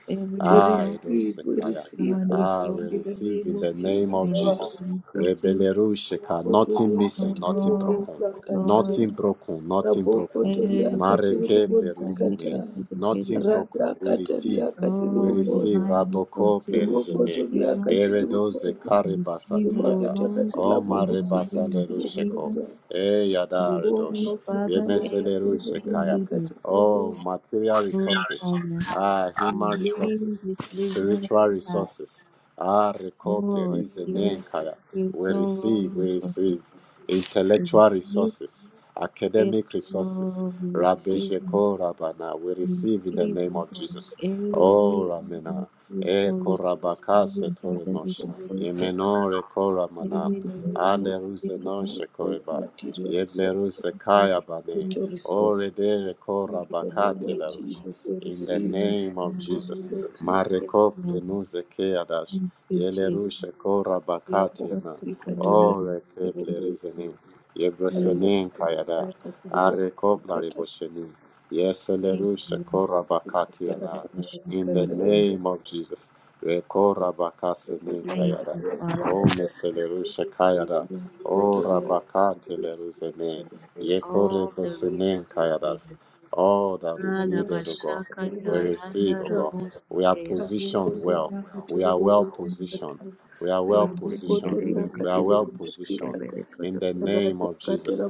Speaker 3: We
Speaker 2: Ah,
Speaker 3: receive, we
Speaker 2: Redozekaya.
Speaker 3: receive, O
Speaker 2: Ah, we
Speaker 3: God, in the
Speaker 2: receive
Speaker 3: name
Speaker 2: in the
Speaker 3: of
Speaker 2: name of
Speaker 3: Jesus
Speaker 1: Financial
Speaker 2: Jesus.
Speaker 3: Christ.
Speaker 1: resources,
Speaker 2: Rebelerusheka, nothing
Speaker 3: Rabokotoria
Speaker 1: oh
Speaker 2: missing, nothing
Speaker 1: God,
Speaker 2: broken,
Speaker 3: kateribobosa
Speaker 1: Lord,
Speaker 3: katara.
Speaker 2: nothing broken, nothing broken.
Speaker 1: eh,
Speaker 3: Rabokotoria
Speaker 1: because
Speaker 2: Mareke
Speaker 1: we
Speaker 3: kateribobosi
Speaker 1: can reach
Speaker 2: plerusene
Speaker 1: it
Speaker 3: katara.
Speaker 2: nothing
Speaker 1: together.
Speaker 2: broken.
Speaker 3: Rada
Speaker 2: We receive,
Speaker 3: kataria
Speaker 2: we
Speaker 1: Oh,
Speaker 2: receive.
Speaker 3: kateribobosa.
Speaker 1: divine
Speaker 2: Raboko
Speaker 1: resources, we
Speaker 2: plerigene,
Speaker 1: receive
Speaker 3: Rimokotoria
Speaker 1: them.
Speaker 2: eredoze
Speaker 3: kateribobosa.
Speaker 1: We
Speaker 2: karibasa
Speaker 1: receive, oh
Speaker 2: tiara,
Speaker 3: Rimakata
Speaker 1: Lord,
Speaker 2: o
Speaker 1: in
Speaker 3: katelabobosi
Speaker 1: the
Speaker 2: marebasa
Speaker 1: name of
Speaker 2: lerusheko,
Speaker 1: Jesus.
Speaker 3: kateribobosa.
Speaker 2: e yada
Speaker 1: We receive,
Speaker 2: redosh,
Speaker 3: Uso
Speaker 1: Father,
Speaker 3: kotoria katiri bobosi
Speaker 2: yemeselerushekaya.
Speaker 1: everything needed.
Speaker 3: katiri
Speaker 2: Oh,
Speaker 3: bobosi.
Speaker 2: material
Speaker 1: Oh,
Speaker 2: resources,
Speaker 1: Father,
Speaker 2: ah, human
Speaker 3: Yes, Lord
Speaker 1: bring
Speaker 2: resources,
Speaker 1: this vision
Speaker 2: spiritual
Speaker 1: to pass.
Speaker 2: resources, ah, reko
Speaker 1: Lord,
Speaker 3: Jesus. You
Speaker 1: yes,
Speaker 2: plerigene
Speaker 3: are
Speaker 2: kaya. We
Speaker 1: spiritual world
Speaker 2: receive, we
Speaker 1: resources
Speaker 2: receive
Speaker 1: we
Speaker 2: intellectual
Speaker 1: receive.
Speaker 2: resources,
Speaker 1: Yes,
Speaker 2: academic resources.
Speaker 1: Lord, we
Speaker 2: Rabbi
Speaker 3: full of
Speaker 1: receive
Speaker 2: Sheko Rabana. We
Speaker 1: with
Speaker 2: receive in the name
Speaker 1: evil
Speaker 2: of
Speaker 1: God,
Speaker 2: Jesus. Oh
Speaker 1: every evil
Speaker 2: Ramena.
Speaker 1: spiritual
Speaker 2: Eko
Speaker 1: resistance,
Speaker 2: Rabaka
Speaker 1: every pandemic
Speaker 2: Setorimosh.
Speaker 3: bobosi.
Speaker 1: result,
Speaker 2: Yemenore
Speaker 1: and
Speaker 2: Koramana.
Speaker 3: Yes,
Speaker 1: in the
Speaker 3: Lord.
Speaker 1: name of
Speaker 2: Ale
Speaker 3: Physical
Speaker 1: Jesus,
Speaker 2: Ruzenon
Speaker 3: resources,
Speaker 2: Shekoriba.
Speaker 3: material resources,
Speaker 2: Yebleruse
Speaker 1: King Holy
Speaker 2: Kayabane.
Speaker 3: spiritual
Speaker 1: Spirit,
Speaker 3: resources.
Speaker 2: Ore
Speaker 3: We
Speaker 2: Dere
Speaker 3: receive in the
Speaker 2: Korabaka
Speaker 3: name of
Speaker 1: please,
Speaker 2: Telarush.
Speaker 3: Jesus. We
Speaker 2: In the
Speaker 3: receive
Speaker 1: yes,
Speaker 2: name
Speaker 1: Lord,
Speaker 2: of
Speaker 3: in the
Speaker 2: Jesus.
Speaker 3: name of Jesus.
Speaker 1: yes,
Speaker 2: Mareko
Speaker 1: Lord,
Speaker 2: Plenuze Keadash.
Speaker 1: thank you, Jesus,
Speaker 2: Yelerushe
Speaker 3: Ya
Speaker 1: God
Speaker 2: Korabakatiana.
Speaker 1: to
Speaker 3: bobosi
Speaker 1: God
Speaker 3: kataria
Speaker 1: already,
Speaker 2: Ore
Speaker 3: katiri
Speaker 1: thank you,
Speaker 3: bobosi.
Speaker 2: Keplerizenin.
Speaker 3: Karibu
Speaker 1: please,
Speaker 2: Yebrosenin Kayada.
Speaker 3: ya katiri bobosi
Speaker 2: Arekoblari
Speaker 3: katiri
Speaker 2: bosheni.
Speaker 1: thank
Speaker 2: Yeseleru
Speaker 1: you, Lord.
Speaker 2: shekora
Speaker 3: Katiri bobosi
Speaker 1: precious
Speaker 2: In the
Speaker 1: Lord,
Speaker 3: katiri
Speaker 1: thank
Speaker 3: bobosi.
Speaker 2: name of Jesus. Rekora bakaseni
Speaker 3: Kotoria
Speaker 1: thank
Speaker 2: kayada.
Speaker 1: you,
Speaker 3: katiri
Speaker 1: Father,
Speaker 2: O
Speaker 3: bobosi
Speaker 2: meseleru
Speaker 1: unity,
Speaker 2: shekayada. O
Speaker 1: unity,
Speaker 3: Yes,
Speaker 2: rabakate
Speaker 1: unity,
Speaker 2: leruzene. Yekore
Speaker 1: all the
Speaker 2: bosene
Speaker 1: resources
Speaker 2: kayadas.
Speaker 1: needed
Speaker 2: All that is
Speaker 1: Nala
Speaker 2: needed, O God.
Speaker 1: bashaka
Speaker 2: We
Speaker 1: tayanda
Speaker 2: receive, O God.
Speaker 1: rabosi
Speaker 2: We are
Speaker 1: keya.
Speaker 2: positioned well. We are well positioned. We are well
Speaker 1: Wende
Speaker 2: positioned.
Speaker 1: negede gede
Speaker 2: We are
Speaker 1: gede
Speaker 2: well
Speaker 1: bosha
Speaker 2: positioned.
Speaker 1: kebele
Speaker 2: In
Speaker 1: koto
Speaker 2: the name of Jesus.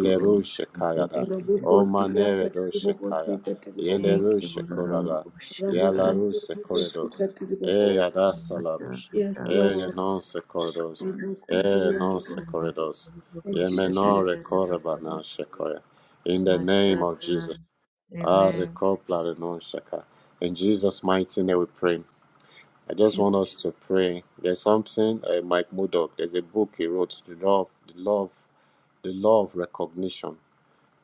Speaker 1: koro. Gede
Speaker 2: Shekayada,
Speaker 1: gede
Speaker 2: O
Speaker 1: baka.
Speaker 2: Maneredo Shekaya,
Speaker 1: Thank
Speaker 2: Yeleru
Speaker 1: you, Bororo
Speaker 2: Shekorada,
Speaker 1: Boshaka.
Speaker 2: Yalaru Sekoredos, E Yada
Speaker 1: Mata
Speaker 2: Salarush, E
Speaker 1: Mataka
Speaker 3: Lord.
Speaker 2: Renon Sekoredos, E Renon
Speaker 1: Shanko
Speaker 2: Sekoredos,
Speaker 3: Thank you,
Speaker 1: Bosha
Speaker 2: Yemenore
Speaker 3: Jesus.
Speaker 2: Korebana Shekoya. In the name of
Speaker 1: Masata.
Speaker 2: Jesus, Ah
Speaker 1: Amen.
Speaker 2: Rekopla Renon Sheka. In Jesus' mighty name we pray. I just want us to pray. There's something uh, Mike Mudok, there's a book he wrote, The Law, the Law, the Law of Recognition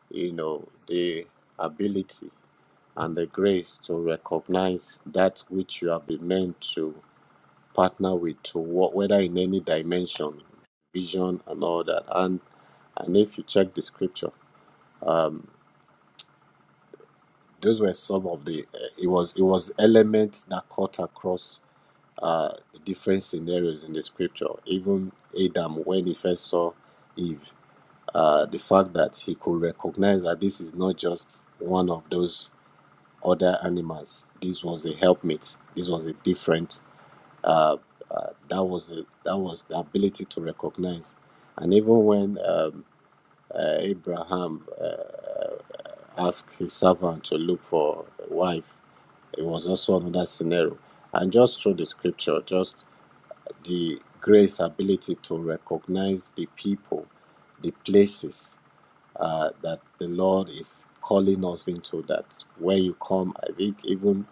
Speaker 2: you know, the ability and the grace to recognize that which you have been meant to partner with, to work, whether in any dimension, vision, and all that. And and if you check the scripture, um, those were some of the. Uh, it was it was elements that cut across uh, the different scenarios in the scripture. Even Adam, when he first saw Eve, uh, the fact that he could recognize that this is not just one of those other animals. This was a helpmate. This was a different. Uh, uh, that was a, that was the ability to recognize, and even when um, uh, Abraham uh, asked his servant to look for a wife, it was also another scenario. And just through the scripture, just the grace ability to recognize the people, the places, uh, that the Lord is calling us into that. When you come, I think even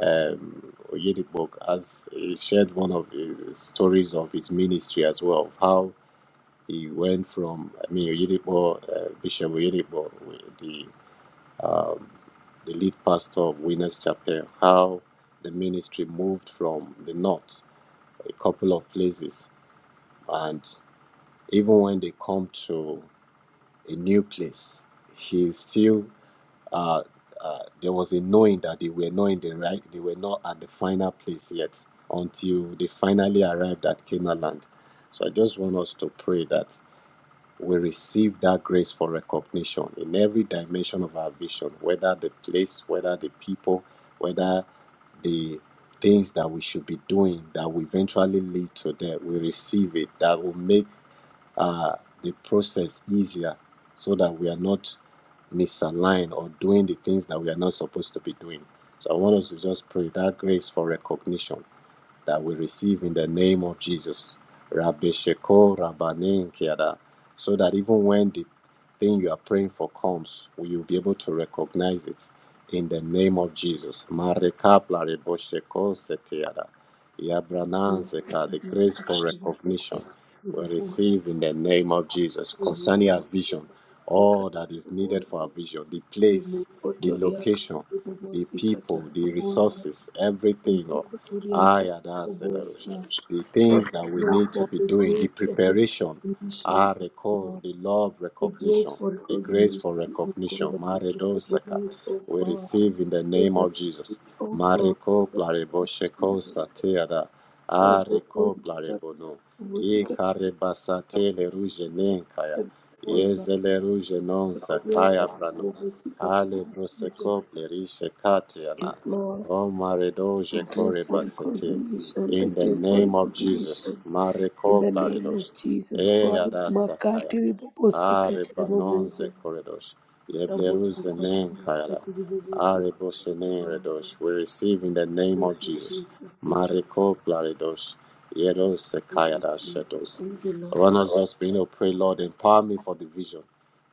Speaker 2: um, Oyedipok has he shared one of the stories of his ministry as well, of how he went from, I mean, Oyedipok, uh, Bishop Oyedipok, the, um, the lead pastor of Winners Chapel, how the ministry moved from the north, a couple of places, and even when they come to a new place, he still uh, uh, there was a knowing that they were not in the right they were not at the final place yet until they finally arrived at Canaan land. So I just want us to pray that we receive that grace for recognition in every dimension of our vision, whether the place, whether the people, whether the things that we should be doing that will eventually lead to that. We receive it that will make uh, the process easier so that we are not misaligned or doing the things that we are not supposed to be doing. So I want us to just pray that grace for recognition that we receive in the name of Jesus. Rabbi Sheko Rabbanin Kiada. So that even when the thing you are praying for comes, you'll be able to recognize it in the name of Jesus. Marekapla Rebo Sheko Setiada.
Speaker 3: for the grace
Speaker 2: Yabranan
Speaker 3: of
Speaker 2: Zeka, The grace for recognition we receive in the name of Jesus. Concerning our vision, all that is needed for our vision, the place, the location, the people, the resources, everything, Lord Ah, yeah, that's the things that we need to be doing, the preparation,
Speaker 3: recognition,
Speaker 2: ah,
Speaker 3: O
Speaker 2: recall,
Speaker 3: God,
Speaker 2: the love
Speaker 3: the grace
Speaker 2: recognition,
Speaker 3: for
Speaker 2: the grace
Speaker 3: recognition,
Speaker 2: for
Speaker 3: O God,
Speaker 2: recognition,
Speaker 3: that we
Speaker 2: Maredo Saka,
Speaker 3: recognize, O
Speaker 2: we
Speaker 3: God,
Speaker 2: receive in the
Speaker 3: in
Speaker 2: name
Speaker 3: the
Speaker 2: of Jesus.
Speaker 3: spirit, O God,
Speaker 2: Mareko
Speaker 3: that
Speaker 2: plarebo
Speaker 3: we
Speaker 2: sheko
Speaker 3: Jesus.
Speaker 2: sateada, ah, reko plarebo no, e karebasate le ruje nenkaya,
Speaker 3: Uwezo
Speaker 2: yeze le ruje non
Speaker 3: kutulia
Speaker 2: zakaya
Speaker 3: katika
Speaker 2: brano,
Speaker 3: uguzi
Speaker 2: ale broseko plerishe Katiana.
Speaker 3: Yes, Lord.
Speaker 2: Oh, Marido
Speaker 3: The grace
Speaker 2: Jekore
Speaker 3: for
Speaker 2: Basete.
Speaker 3: recognition, the
Speaker 2: In the
Speaker 3: grace for
Speaker 2: name of Jesus.
Speaker 3: recognition. In
Speaker 2: Mareko
Speaker 3: the name
Speaker 2: Blaridos.
Speaker 3: of Jesus
Speaker 2: Eh,
Speaker 3: Christ,
Speaker 2: Adasakaya.
Speaker 3: makati ribobosi
Speaker 2: Are
Speaker 3: katika
Speaker 2: Banonze
Speaker 3: bobozo.
Speaker 2: Koredos.
Speaker 3: Raboso
Speaker 2: Yebleruze Nen
Speaker 3: kotoria
Speaker 2: Kayala.
Speaker 3: katika bobosi
Speaker 2: Are
Speaker 3: katika
Speaker 2: Bosene
Speaker 3: bobozo.
Speaker 2: Redos. We receive in the name of
Speaker 3: Thank you,
Speaker 2: Jesus.
Speaker 3: Jesus. Thank you.
Speaker 2: Mareko Blaridos. Yeros
Speaker 3: Thank you,
Speaker 2: Sekayada
Speaker 3: Jesus.
Speaker 2: Shetos.
Speaker 3: Thank you,
Speaker 2: I want
Speaker 3: Lord.
Speaker 2: us just begin to pray, Lord, empower me for the vision.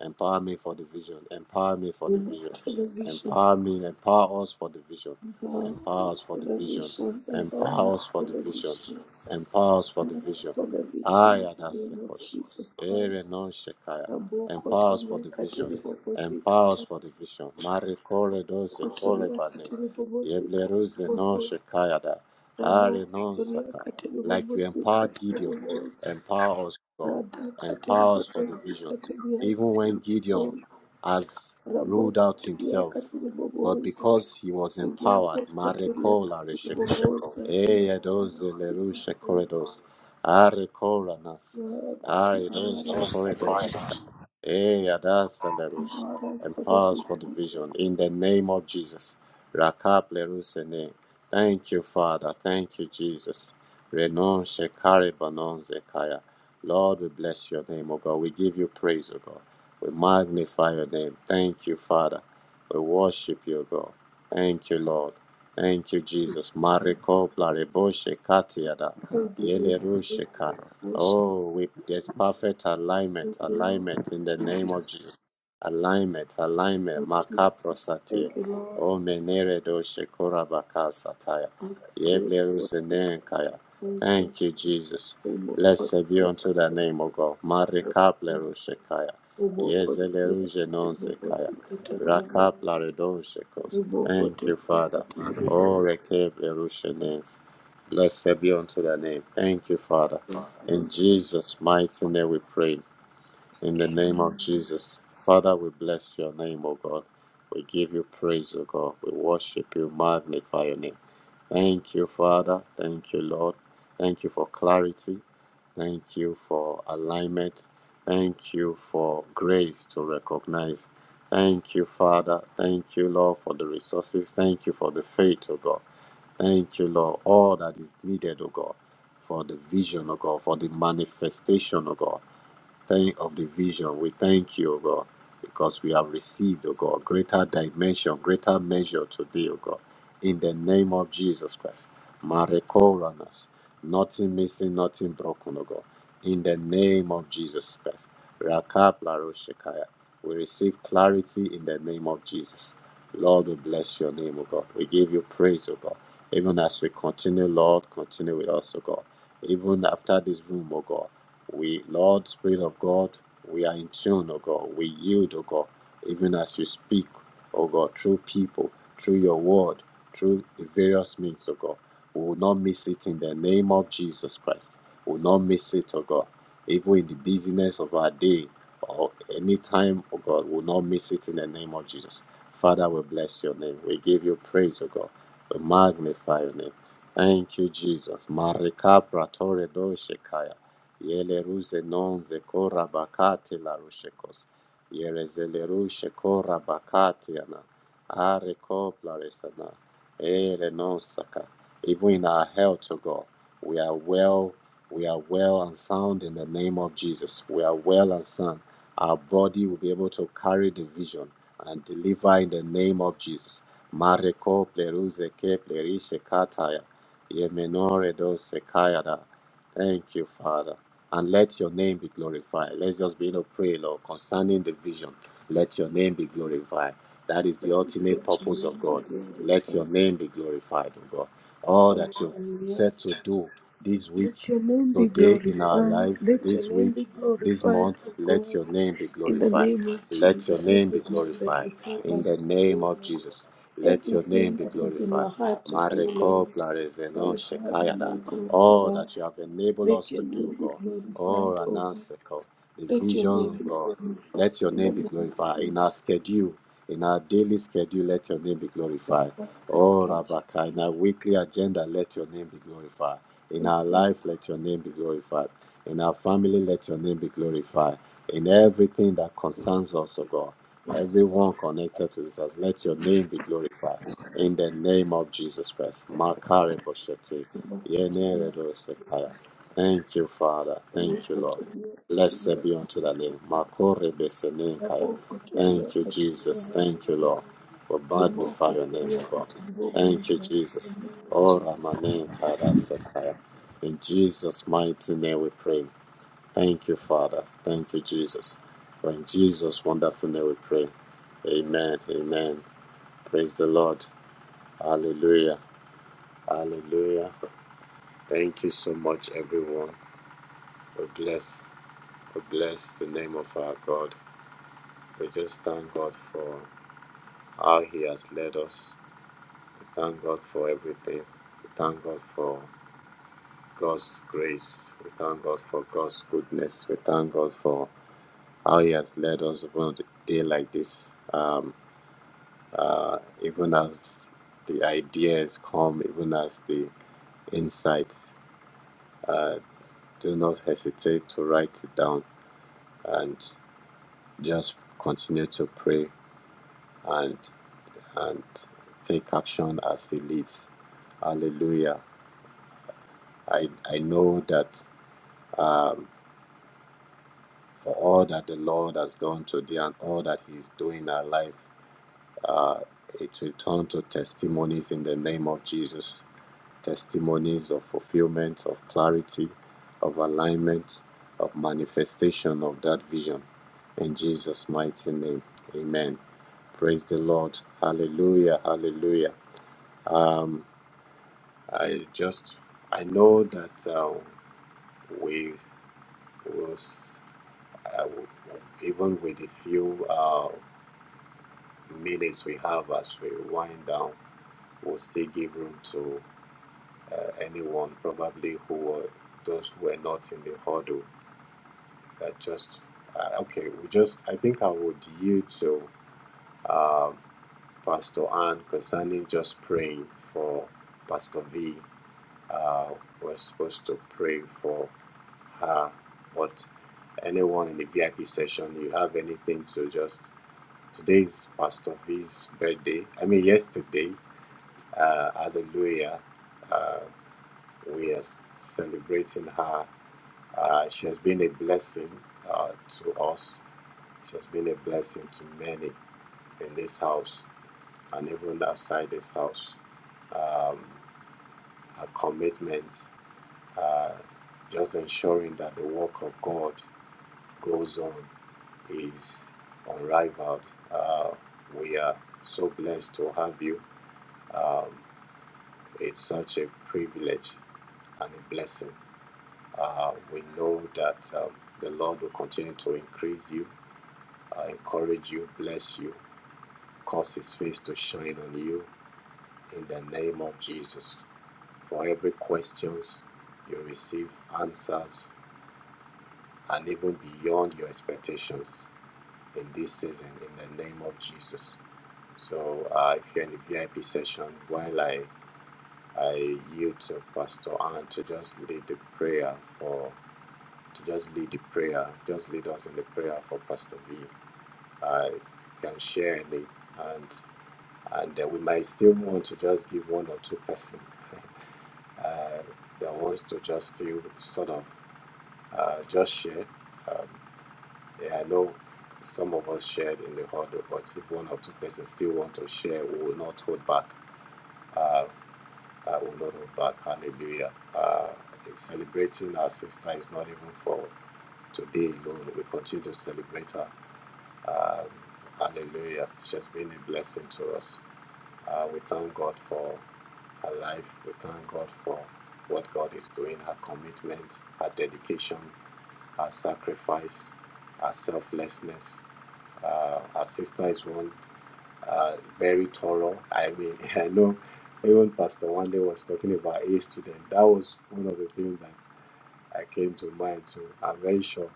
Speaker 2: Empower me for the vision. Empower me for
Speaker 3: We
Speaker 2: the
Speaker 3: look
Speaker 2: vision.
Speaker 3: for the vision.
Speaker 2: Empower me. Empower us for the vision.
Speaker 3: Empower
Speaker 2: Empower
Speaker 3: me
Speaker 2: us for
Speaker 3: for
Speaker 2: the
Speaker 3: the
Speaker 2: vision.
Speaker 3: vision.
Speaker 2: Empower
Speaker 3: Empower
Speaker 2: us
Speaker 3: us
Speaker 2: for
Speaker 3: for
Speaker 2: the
Speaker 3: the
Speaker 2: vision.
Speaker 3: vision.
Speaker 2: Empower us for
Speaker 3: I
Speaker 2: the vision.
Speaker 3: ask for the vision of
Speaker 2: Aya
Speaker 3: the
Speaker 2: das
Speaker 3: name of
Speaker 2: sekosh,
Speaker 3: Jesus
Speaker 2: Ere
Speaker 3: Christ.
Speaker 2: non shekaya. Empower us for
Speaker 3: Rabokotoria
Speaker 2: the vision.
Speaker 3: katiribobosi
Speaker 2: Empower us for the vision. Mare kore doze kore
Speaker 3: katiribokotoria
Speaker 2: bane.
Speaker 3: katiribobosi
Speaker 2: Yeble ruze non
Speaker 3: katiribobosi.
Speaker 2: shekaya da. Are non
Speaker 3: Ramokotoria
Speaker 2: saka. Like you
Speaker 3: katiribobosi
Speaker 2: empowered Gideon.
Speaker 3: katiribobosi.
Speaker 2: Empower us, God.
Speaker 3: Rada
Speaker 2: Empower us for the
Speaker 3: katiribobosi
Speaker 2: vision.
Speaker 3: katiria
Speaker 2: Even when Gideon
Speaker 3: katiribobosi.
Speaker 2: has ruled out
Speaker 3: Rabokotoria
Speaker 2: himself but
Speaker 3: katiribobosi.
Speaker 2: because he was empowered,
Speaker 3: Riboso kotoria
Speaker 2: Mareko
Speaker 3: katiribobosi. In
Speaker 2: Laresheko,
Speaker 3: the name
Speaker 2: Eyados
Speaker 3: of Jesus
Speaker 2: Lerushe
Speaker 3: Christ.
Speaker 2: Corridos, Arekoranas,
Speaker 3: Lord,
Speaker 2: Aredos
Speaker 3: deliver us.
Speaker 2: Corridosheka, Eyadas Lerush,
Speaker 3: Deliver us for the
Speaker 2: empowers for the
Speaker 3: vision.
Speaker 2: vision in the name of Jesus. Rakap Lerusene, thank you, Father, thank you, Jesus. Renon Shekare Banon Zekaya. Lord, we bless your name, O God. We give you praise, O God. We magnify your name. Thank you, Father. We worship you, God. Thank you, Lord. Thank you, Jesus. Mariko Blariboshe Katiada.
Speaker 3: We give you praise,
Speaker 2: Yelerusheka.
Speaker 3: praise, worship.
Speaker 2: Oh, we there's perfect alignment,
Speaker 3: Thank you, Lord.
Speaker 2: alignment in the
Speaker 3: Thank you,
Speaker 2: name of
Speaker 3: Jesus.
Speaker 2: Jesus. Alignment, alignment.
Speaker 3: Thank you,
Speaker 2: Makaprosatie.
Speaker 3: thank you, Lord.
Speaker 2: Oh menere doshe korabaka sataya.
Speaker 3: Thank you, Lord. Thank
Speaker 2: Yeblerusene
Speaker 3: you, praise you.
Speaker 2: Thank you, Jesus.
Speaker 3: We move on to
Speaker 2: Blessed be
Speaker 3: the
Speaker 2: unto the
Speaker 3: other.
Speaker 2: name of God. Marika
Speaker 3: We
Speaker 2: blerushekaya.
Speaker 3: move on to the other.
Speaker 2: Yezeleruje
Speaker 3: We
Speaker 2: non
Speaker 3: move on
Speaker 2: sekaya.
Speaker 3: to the other.
Speaker 2: Rakaplaredoshekos.
Speaker 3: We move on
Speaker 2: Thank
Speaker 3: to the
Speaker 2: you, Father.
Speaker 3: other. We
Speaker 2: Oh,
Speaker 3: move
Speaker 2: Rekeblerushenes. Blessed be unto thy name. Thank you, Father.
Speaker 3: on.
Speaker 2: In
Speaker 3: Thank you.
Speaker 2: Jesus' mighty name we pray. In the name of Jesus, Father, we bless your name, O God. We give you praise, O God. We worship you, magnify your name. Thank you, Father. Thank you, Lord. Thank you for clarity. Thank you for alignment. Thank you for grace to recognize. Thank you, Father. Thank you, Lord, for the resources. Thank you for the faith, O God. Thank you, Lord. All that is needed, O God, for the vision, O God, for the manifestation, O God. Thank of the vision. We thank you, O God, because we have received, O God, greater dimension, greater measure today, O God. In the name of Jesus Christ. Marekoranas. Nothing missing, nothing broken, O God. In the name of Jesus Christ. Rakaplaroshekaya. We receive clarity in the name of Jesus. Lord, we bless your name, O God. We give you praise, O God. Even as we continue, Lord, continue with us, O God. Even after this room, O God. We, Lord, Spirit of God, we are in tune, O God. We yield, O God, even as you speak, O God, through people, through your word, through the various means, O God. We will not miss it in the name of Jesus Christ. We will not miss it, O God. Even in the busyness of our day or any time, O God, we will not miss it in the name of Jesus. Father, we bless your name. We give you praise, O God. We magnify your name. Thank you, Jesus. Marika pratore do shekaya. Yele ruze non ze kora bakate la rushekos. Yere zele rushe kora bakate ana. Are kopla resana. Ere non saka. Even in our health, O God, we are well, we are well and sound in the name of Jesus. We are well and sound. Our body will be able to carry the vision and deliver in the name of Jesus. Mare kople ruze keple kataya. Yemenore do sekayada. Thank you, Father and let your name be glorified. Let's just be in a prayer, Lord, concerning the vision. Let your name be glorified. That is the
Speaker 3: Thank
Speaker 2: ultimate
Speaker 3: you, Jesus.
Speaker 2: purpose of
Speaker 3: Be
Speaker 2: God. Let your
Speaker 3: glorified.
Speaker 2: name be glorified, O God. All that you've
Speaker 3: Hallelujah.
Speaker 2: said to do this
Speaker 3: Let
Speaker 2: week,
Speaker 3: your name be
Speaker 2: Today in our
Speaker 3: glorified.
Speaker 2: life,
Speaker 3: Let your
Speaker 2: this
Speaker 3: name be
Speaker 2: week, this
Speaker 3: glorified,
Speaker 2: month,
Speaker 3: O
Speaker 2: let
Speaker 3: God.
Speaker 2: your name be
Speaker 3: In the
Speaker 2: glorified.
Speaker 3: name of
Speaker 2: Let your
Speaker 3: Jesus,
Speaker 2: name be
Speaker 3: everything that
Speaker 2: glorified.
Speaker 3: you
Speaker 2: In
Speaker 3: purpose
Speaker 2: the
Speaker 3: to
Speaker 2: name
Speaker 3: do,
Speaker 2: of
Speaker 3: Lord.
Speaker 2: Jesus, let your name
Speaker 3: Everything
Speaker 2: be
Speaker 3: that is in
Speaker 2: glorified.
Speaker 3: your heart to do,
Speaker 2: Mareko
Speaker 3: Lord.
Speaker 2: Blarezeno
Speaker 3: My Father, my
Speaker 2: Shekayada.
Speaker 3: God,
Speaker 2: All
Speaker 3: for
Speaker 2: that you
Speaker 3: us.
Speaker 2: have enabled us
Speaker 3: Let
Speaker 2: to
Speaker 3: your
Speaker 2: do,
Speaker 3: name be
Speaker 2: God. Oh,
Speaker 3: glorified, O God.
Speaker 2: Anaseko, the
Speaker 3: Let your
Speaker 2: vision,
Speaker 3: name
Speaker 2: of
Speaker 3: be
Speaker 2: God
Speaker 3: glorified.
Speaker 2: let your
Speaker 3: In the
Speaker 2: name be
Speaker 3: name of
Speaker 2: glorified. In our
Speaker 3: Jesus.
Speaker 2: schedule, in our daily schedule, let your name be
Speaker 3: Yes,
Speaker 2: glorified.
Speaker 3: Lord. Thank
Speaker 2: Oh,
Speaker 3: you, Jesus.
Speaker 2: Rabaka, in our weekly agenda, let your name be glorified. In our
Speaker 3: Yes, Lord.
Speaker 2: life, let your name be glorified. In our family, let your name be glorified. In everything that concerns us, O God,
Speaker 3: Yes.
Speaker 2: everyone connected to this house, let your name be glorified. In the name of Jesus Christ. Makare boshete,
Speaker 3: Lord,
Speaker 2: yenere
Speaker 3: continue.
Speaker 2: dosekaya. Thank you, Father.
Speaker 3: Lord,
Speaker 2: Thank you, Lord.
Speaker 3: continue.
Speaker 2: Blessed be
Speaker 3: Continue.
Speaker 2: unto thy name. Makore besenenkaya.
Speaker 3: Naboko tulia
Speaker 2: Thank you,
Speaker 3: katika
Speaker 2: Jesus. Thank you,
Speaker 3: uwezo.
Speaker 2: Lord. We magnify
Speaker 3: Limoko
Speaker 2: your name, O
Speaker 3: tulia
Speaker 2: God.
Speaker 3: katika
Speaker 2: Thank you,
Speaker 3: uwezo.
Speaker 2: Jesus. Ora
Speaker 3: Jesus.
Speaker 2: manenkada sekaya. In Jesus' mighty name we pray. Thank you, Father. Thank you, Jesus. For in Jesus' wonderful name we pray. Amen. Amen. Praise the Lord. Hallelujah. Hallelujah. Thank you so much, everyone. We bless, we bless the name of our God. We just thank God for how He has led us. We thank God for everything. We thank God for God's grace. We thank God for God's goodness. We thank God for how He has led us upon a day like this. Um, uh, even as the ideas come, even as the insight, uh, do not hesitate to write it down and just continue to pray and and take action as He leads. Hallelujah. I, I know that um, for all that the Lord has done today and all that He is doing in our life, uh, it will turn to testimonies in the name of Jesus. Testimonies of fulfillment, of clarity, of alignment, of manifestation of that vision. In Jesus' mighty name, amen. Praise the Lord. Hallelujah. Hallelujah. Um. I just I know that uh, we will s- uh, w- even with the few uh, minutes we have as we wind down, we'll still give room to uh, anyone probably who were those who were not in the huddle. That just uh, okay. We just I think I would yield to uh, Pastor Ann concerning just praying for Pastor V. Uh, we're supposed to pray for. Uh, but anyone in the VIP session, you have anything to just today's Pastor V's birthday. I mean, yesterday, uh, Hallelujah, uh, we are celebrating her. Uh, she has been a blessing uh, to us. She has been a blessing to many in this house and even outside this house. Um, her commitment, uh, just ensuring that the work of God goes on is unrivaled. Uh, we are so blessed to have you. Um, it's such a privilege and a blessing. Uh, we know that um, the Lord will continue to increase you, uh, encourage you, bless you, cause His face to shine on you in the name of Jesus. For every questions, you receive answers and even beyond your expectations. in this season in the name of Jesus. So uh, if you're in the VIP session, while I I yield to Pastor Ann to just lead the prayer for to just lead the prayer, just lead us in the prayer for Pastor V. I can share a link and and uh, we might still want to just give one or two person [LAUGHS] uh, that wants to just still sort of uh, just share. Um, Yeah, I know some of us shared in the huddle, but if one or two persons still want to share, we will not hold back. Uh, I will not hold back. Hallelujah. Uh, if celebrating our sister is not even for today alone. We continue to celebrate her. Um, hallelujah. She has been a blessing to us. Uh, we thank God for her life. We thank God for what God is doing, her commitment, her dedication, her sacrifice, her selflessness. Uh, our sister is one uh, very thorough. I mean, [LAUGHS] I know even Pastor one day was talking about A student. That was one of the things that I came to mind. So I'm very sure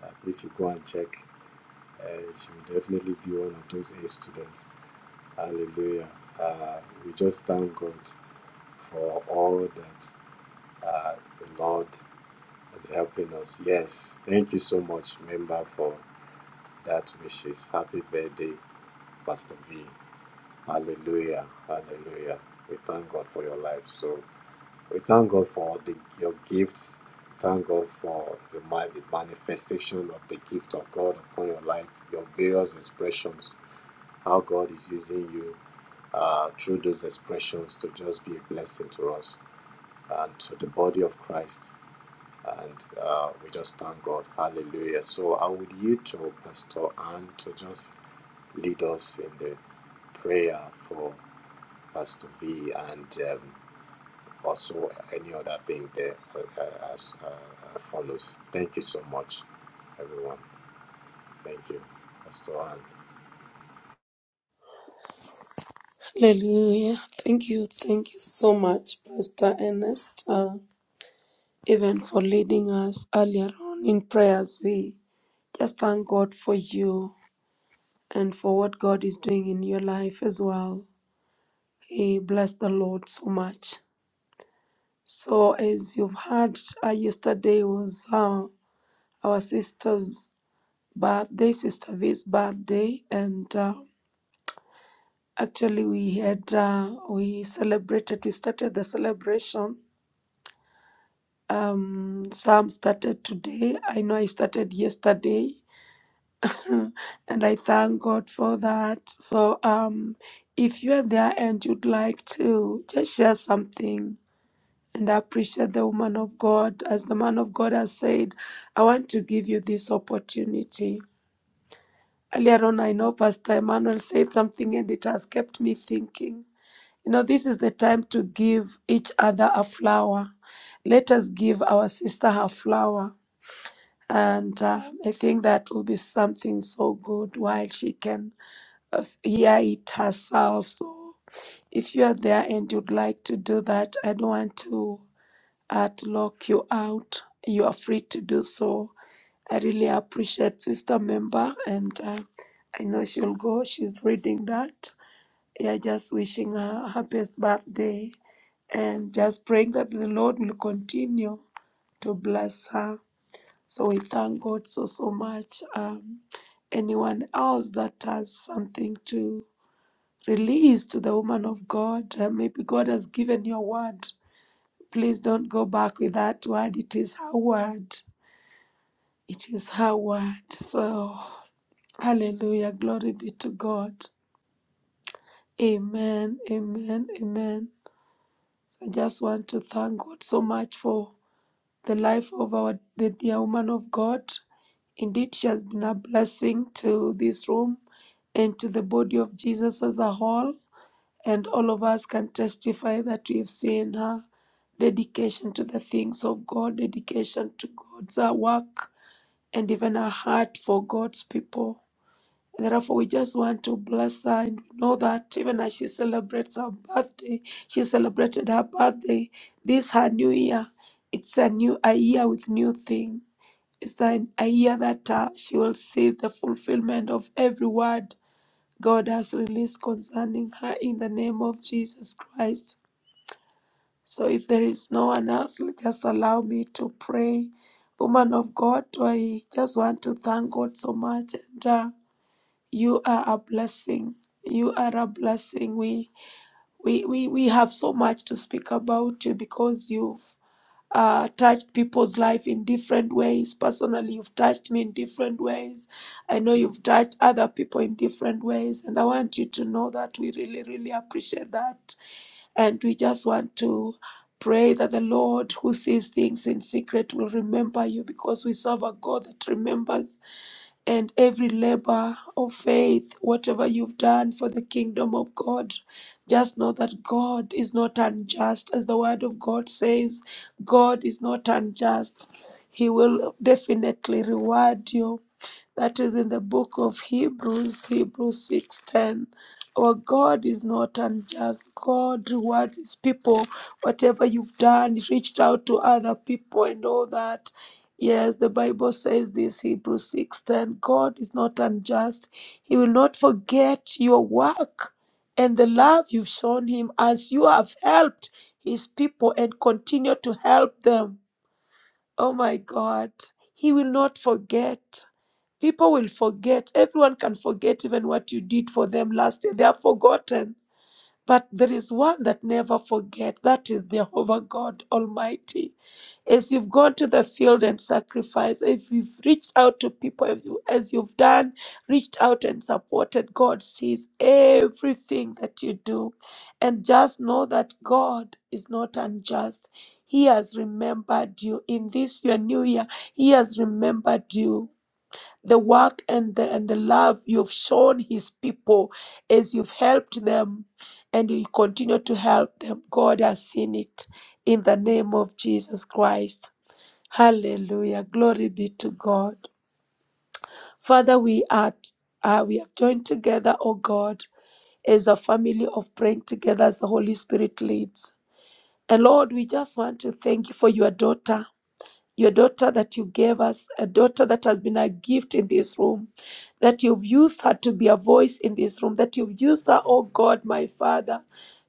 Speaker 2: that if you go and check, uh, she will definitely be one of those A students. Hallelujah. Uh, we just thank God for all that uh, the Lord is helping us. Yes, thank you so much, member, for that wishes. Happy birthday, Pastor V. Hallelujah. Hallelujah. We thank God for your life. So we thank God for the, your gifts. Thank God for the, ma- the manifestation of the gift of God upon your life, your various expressions, how God is using you uh, through those expressions to just be a blessing to us and to the body of Christ. And uh, we just thank God. Hallelujah. So I would yield to Pastor Anne to just lead us in the prayer for Pastor V, and um, also any other thing that uh, uh, as, uh, uh, follows. Thank you so much, everyone. Thank you, Pastor Ann.
Speaker 3: Hallelujah. Thank you. Thank you so much, Pastor Ernest, uh, even for leading us earlier on in prayers. We just thank God for you and for what God is doing in your life as well. He bless the Lord so much. So, as you've heard, uh, yesterday was uh, our sisters. birthday, Sister V's birthday, and uh, actually we had uh, we celebrated. We started the celebration. Um, some started today. I know I started yesterday, [LAUGHS] and I thank God for that. So, um, if you are there and you'd like to just share something. And appreciate the woman of God. As the man of God has said, I want to give you this opportunity Earlier on, I know Pastor Emmanuel said something and it has kept me thinking. You know, this is the time to give each other a flower. Let us give our sister her flower. And uh, I think that will be something so good while she can uh, hear it herself. So if you are there and you'd like to do that, I don't want to uh, to lock you out. You are free to do so I really appreciate Sister Member, and uh, I know she'll go. She's reading that. Yeah, just wishing her her best birthday and just praying that the Lord will continue to bless her. So we thank God so, so much. Um, anyone else that has something to release to the woman of God, uh, maybe God has given you a word. Please don't go back with that word. It is her word. It is her word. So. Hallelujah. Glory be to God. Amen. Amen. Amen. So I just want to thank God so much for the life of our the dear woman of God. Indeed, she has been a blessing to this room and to the body of Jesus as a whole. And all of us can testify that we've seen her dedication to the things of God, dedication to God's uh, work, and even a heart for God's people. And Therefore, we just want to bless her and know that even as she celebrates her birthday, she celebrated her birthday. This her new year. It's a new a year with new thing. It's the, a year that uh, she will see the fulfillment of every word God has released concerning her in the name of Jesus Christ. So, if there is no one else, just allow me to pray. Woman of God, I just want to thank God so much and. uh, you are a blessing. You are a blessing. We we we, we have so much to speak about you because you've uh, touched people's life in different ways. Personally, you've touched me in different ways. I know you've touched other people in different ways, and I want you to know that we really, really appreciate that. And we just want to pray that the Lord who sees things in secret will remember you because we serve a God that remembers and every labor of faith, whatever you've done for the kingdom of God. Just know that God is not unjust, as the word of God says. God is not unjust. He will definitely reward you. That is in the book of Hebrews, Hebrews 6:10. Our God is not unjust. God rewards his people. Whatever you've done, reached out to other people and all that. Yes, the Bible says this, Hebrews 6 10. God is not unjust. He will not forget your work and the love you've shown him as you have helped his people and continue to help them. Oh my God. He will not forget. People will forget. Everyone can forget even what you did for them last year. They are forgotten. But there is one that never forget. That is Jehovah God Almighty. As you've gone to the field and sacrificed, if you've reached out to people, if you, as you've done, reached out and supported, God sees everything that you do. And just know that God is not unjust. He has remembered you. In this your new year, He has remembered you the work and the, and the love you've shown his people as you've helped them and you continue to help them. God has seen it in the name of Jesus Christ. Hallelujah. Glory be to God. Father, we are uh, we have joined together, O God, as a family of praying together as the Holy Spirit leads. And Lord, we just want to thank you for your daughter your daughter that you gave us, a daughter that has been a gift in this room, that you've used her to be a voice in this room, that you've used her, oh God, my Father,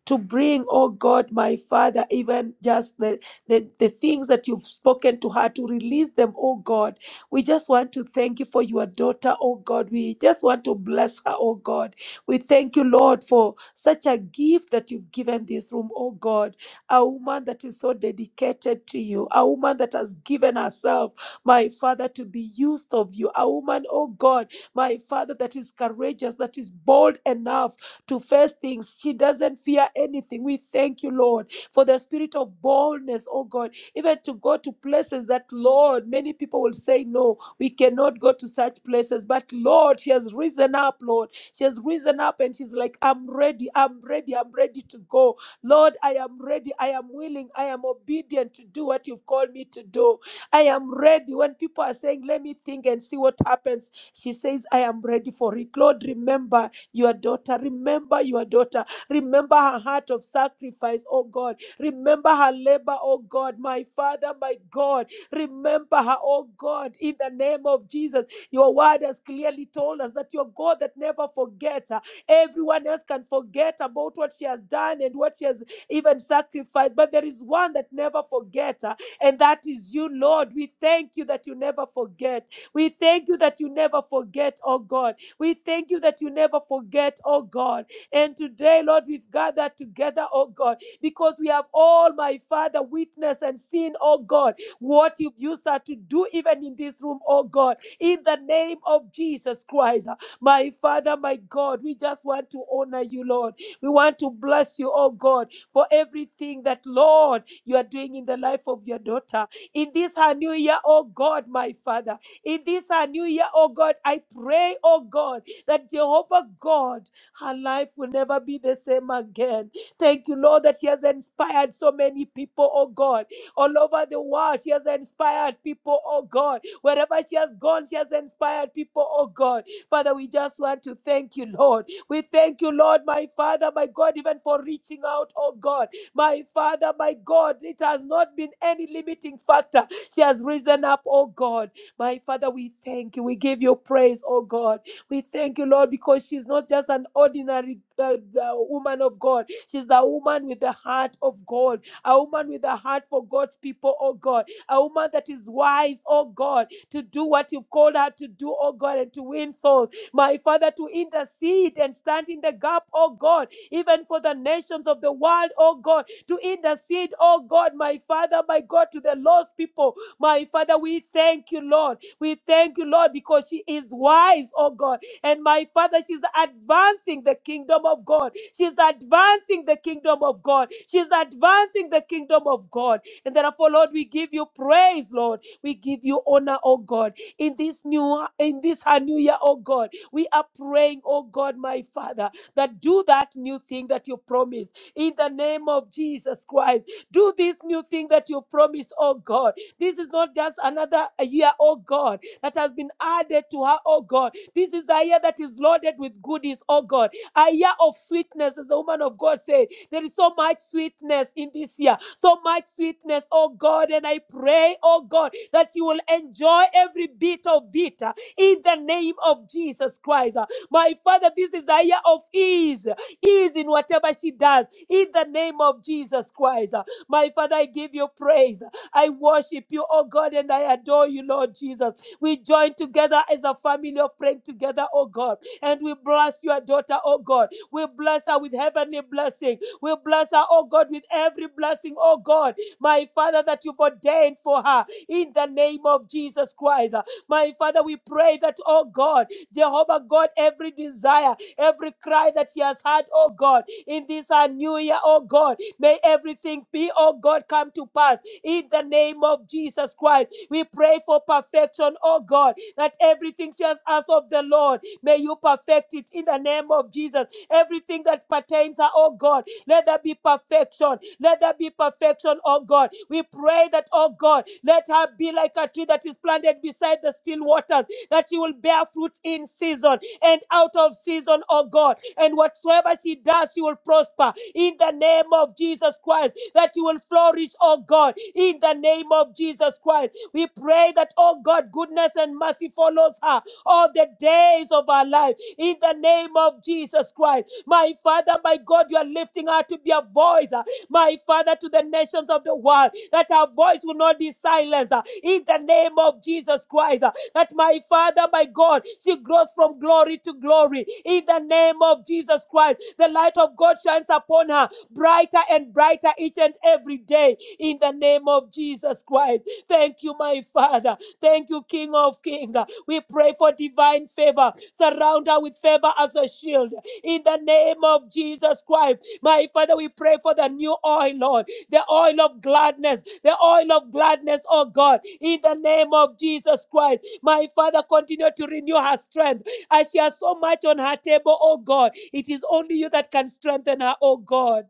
Speaker 3: to bring, oh God, my Father, even just the, the, the things that you've spoken to her, to release them, oh God. We just want to thank you for your daughter, oh God. We just want to bless her, oh God. We thank you, Lord, for such a gift that you've given this room, oh God a woman that is so dedicated to you, a woman that has given herself, my Father, to be used of you, a woman, oh God, my Father, that is courageous, that is bold enough to face things. She doesn't fear anything. We thank you, Lord, for the spirit of boldness, oh God, even to go to places that, Lord, many people will say, no, we cannot go to such places. But Lord, she has risen up, Lord. She has risen up and she's like, I'm ready, I'm ready, I'm ready to go. Lord, I am ready. I am willing. I am obedient to do what you've called me to do. I am ready. When people are saying, let me think and see what happens, she says, I am ready for it. Lord, remember your daughter. Remember your daughter. Remember her heart of sacrifice, oh God. Remember her labor, oh God. My Father, my God. Remember her, oh God, in the name of Jesus. Your word has clearly told us that you're God that never forgets. Everyone else can forget about what she has done and what she has even sacrificed, but there is one that never forgets, uh, and that is you, Lord. We thank you that you never forget. We thank you that you never forget, oh God. We thank you that you never forget, oh God. And today, Lord, we've gathered together, oh God, because we have all, my Father, witnessed and seen, oh God, what you've used her to do even in this room, oh God, in the name of Jesus Christ. uh, my Father, my God, we just want to honor you, Lord. We want to bless you, oh God, for everything that, Lord, you are doing in the life of your daughter. In this her new year, oh God, my Father, in this her new year, oh God, I pray, oh God, that Jehovah God, her life will never be the same again. Thank you, Lord, that she has inspired so many people, oh God, all over the world. She has inspired people, oh God. Wherever she has gone, she has inspired people, oh God. Father, we just want to thank you, Lord. We thank you, Lord, my Father, my God, even for reaching out, oh God. My Father, my God, it has not been any limiting factor. She has risen up, oh God. My Father, we thank you. We give you praise, oh God. We thank you, Lord, because she's not just an ordinary uh, uh, woman of God. She's a woman with a heart of gold, a woman with a heart for God's people, oh God, a woman that is wise, oh God, to do what you've called her to do, oh God, and to win souls. My Father, to intercede and stand in the gap, oh God, even for the nations of the world, oh God, to intercede, oh God, my Father, my God, to the lost people. My Father, we thank you, Lord. We thank you, Lord, because she is wise, oh God. And my Father, she's advancing the kingdom of God. She's advancing the kingdom of God. She's advancing the kingdom of God. And therefore, Lord, we give you praise, Lord. We give you honor, oh God. In this new in this our new year, oh God, we are praying, oh God, my Father, that do that new thing that you promised in the name of Jesus Christ. Do this new thing that you promised, oh God. This is not just another year, oh God, that has been added to her, oh God. This is a year that is loaded with goodies, oh God. A year of sweetness, as the woman of God said. There is so much sweetness in this year, so much sweetness, oh God. And I pray, oh God that you will enjoy every bit of it uh, in the name of Jesus Christ. Uh, My Father, this is a year of ease, ease in whatever she does in the name of Jesus Christ. Uh, My Father, I give you praise. I worship you, oh God, and I adore you, Lord Jesus. We join together as a family of praying together, oh God, and we bless your daughter, oh God. We bless her with heavenly blessing. We bless her, oh God, with every blessing, oh God, my Father, that you've ordained for her in the name of Jesus Christ. My Father, we pray that, oh God, Jehovah God, every desire, every cry that He has had, oh God, in this our new year, oh God, may everything be, oh God, come to pass in the name of Jesus Christ. We pray for perfection, oh God, that everything she has asked of the Lord, may you perfect it in the name of Jesus. Everything that pertains her, oh God, let there be perfection let there be perfection, oh God. We pray that, oh God, let her be like a tree that is planted beside the still waters, that she will bear fruit in season and out of season, oh God. And whatsoever she does, she will prosper in the name of Jesus Christ, that she will flourish, oh God, in the name of Jesus Christ. We pray that, oh God, goodness and mercy follows her all the days of our life in the name of Jesus Christ. My Father, my God, you are lifting her to be a voice. uh, my Father, to the nations of the world, that our voice will not be silenced uh, in the name of Jesus Christ. uh, That my Father, my God, she grows from glory to glory in the name of Jesus Christ. The light of God shines upon her brighter and brighter each and every day in the name of Jesus Christ. Thank you, my Father. Thank you, King of Kings. We pray for divine favor. Surround her with favor as a shield in the name of Jesus Christ. My Father, we pray for the new oil, Lord, the oil of gladness, the oil of gladness, oh God, in the name of Jesus Christ. My Father, continue to renew her strength as she has so much on her table, oh God. It is only you that can strengthen her, oh God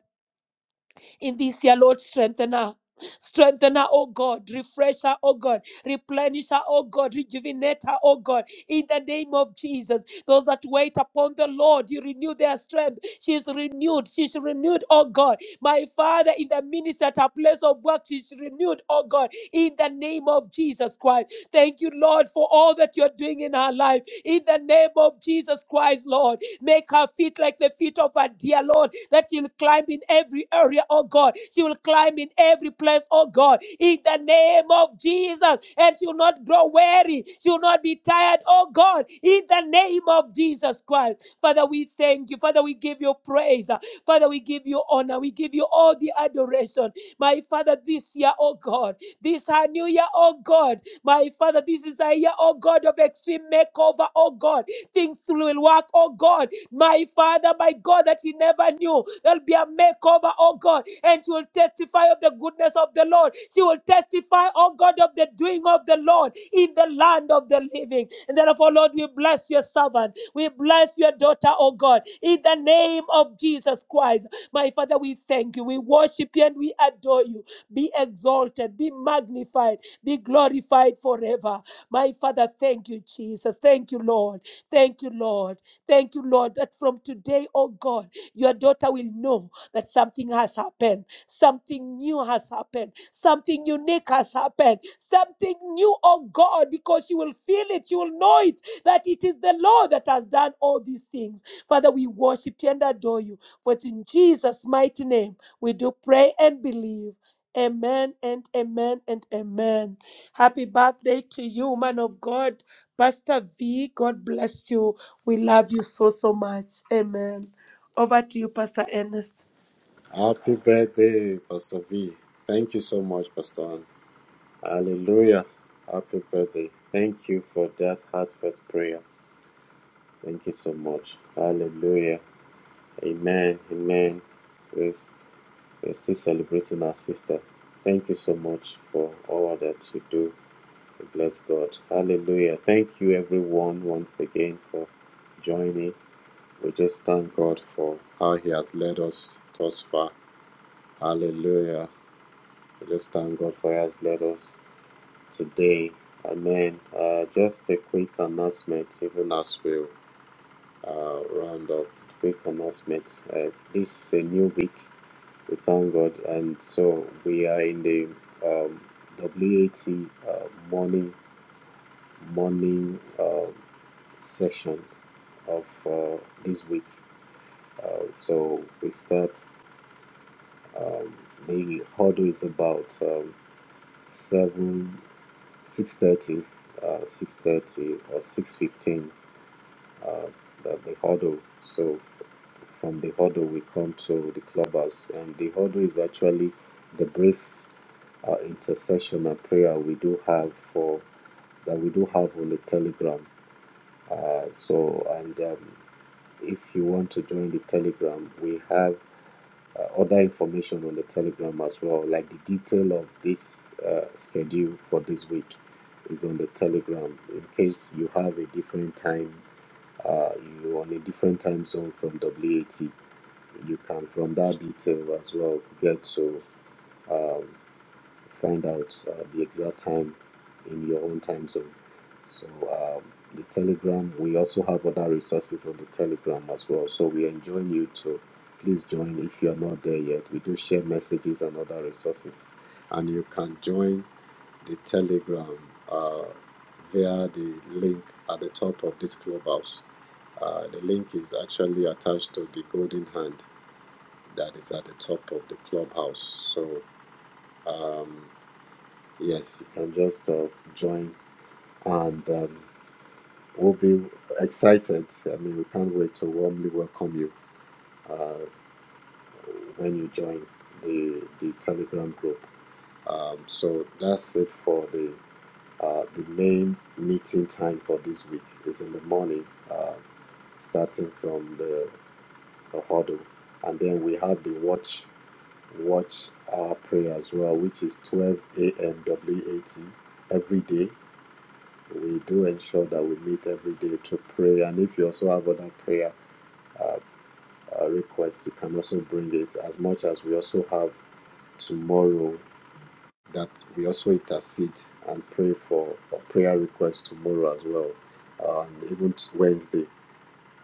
Speaker 3: in this year, Lord, strengthen her. Strengthen her, oh God. Refresh her, oh God. Replenish her, oh God. Rejuvenate her, oh God. In the name of Jesus. Those that wait upon the Lord, you renew their strength. She's renewed. She's renewed, oh God. My Father, in the ministry at her place of work, she's renewed, oh God. In the name of Jesus Christ. Thank you, Lord, for all that you're doing in her life. In the name of Jesus Christ, Lord. Make her feet like the feet of her dear Lord, that she'll climb in every area, oh God. She will climb in every place, oh God, in the name of Jesus. And she'll not grow weary. She'll not be tired, oh God, in the name of Jesus Christ. Father, we thank you. Father, we give you praise. Father, we give you honor. We give you all the adoration. My Father, this year, oh God, this our new year, oh God. My Father, this is a year, oh God, of extreme makeover, oh God. Things will work, oh God. My Father, my God, that he never knew. There'll be a makeover, oh God, and she will testify of the goodness of the Lord. She will testify, oh God, of the doing of the Lord in the land of the living. And therefore, Lord, we bless your servant. We bless your daughter, oh God, in the name of Jesus Christ. My Father, we thank you. We worship you and we adore you. Be exalted, be magnified, be glorified forever. My Father, thank you, Jesus. Thank you, Lord. Thank you, Lord. Thank you, Lord, that from today, oh God, your daughter will know that something has happened. Something new has happened. Something unique has happened. Something new, oh God, because you will feel it. You will know it that it is the Lord that has done all these things. Father, we worship you and adore you. For it's in Jesus' mighty name, we do pray and believe. Amen and amen and amen. Happy birthday to you, man of God. Pastor V, God bless you. We love you so, so much. Amen. Over to you, Pastor Ernest.
Speaker 2: Happy birthday, Pastor V. Thank you so much, Pastor Ann. Hallelujah. Happy birthday. Thank you for that heartfelt prayer. Thank you so much. Hallelujah. Amen. Amen. Yes, we're still celebrating our sister. Thank you so much for all that you do We Bless God. Hallelujah. Thank you, everyone, once again for joining. We just thank God for how He has led us thus far. Hallelujah. We just thank God for how He has led us today. Amen. Uh, just a quick announcement, even as we uh, round up. Quick announcement. Uh, this is a new week. We thank God. And so we are in the um, WAT uh, morning morning uh, session of uh, this week. Uh, so we start. Um, the huddle is about um, seven, six thirty, uh, six thirty or six fifteen. Uh, the, the huddle. So from the huddle we come to the clubhouse, and the huddle is actually the brief uh, intercession and prayer we do have for that we do have on the telegram. Uh, so and um, if you want to join the telegram we have uh, other information on the telegram as well like the detail of this uh, schedule for this week is on the telegram in case you have a different time uh, you're on a different time zone from wat you can from that detail as well get to um, find out uh, the exact time in your own time zone. So um, the Telegram, we also have other resources on the Telegram as well. So we enjoin you to please join if you are not there yet. We do share messages and other resources, and you can join the Telegram uh, via the link at the top of this clubhouse. Uh, the link is actually attached to the golden hand that is at the top of the clubhouse. So. Um, Yes, you can just uh, join, and um, we'll be excited. I mean, we can't wait to warmly welcome you uh, when you join the the Telegram group. Um, so that's it for the uh, the main meeting time for this week is in the morning, uh, starting from the, the huddle, and then we have the watch watch hour prayer as well, which is twelve a.m. WAT every day we do ensure that we meet every day to pray. And if you also have other prayer uh, uh, requests, you can also bring it. As much as we also have tomorrow, that we also intercede and pray for for prayer requests tomorrow as well, um, even t- Wednesday.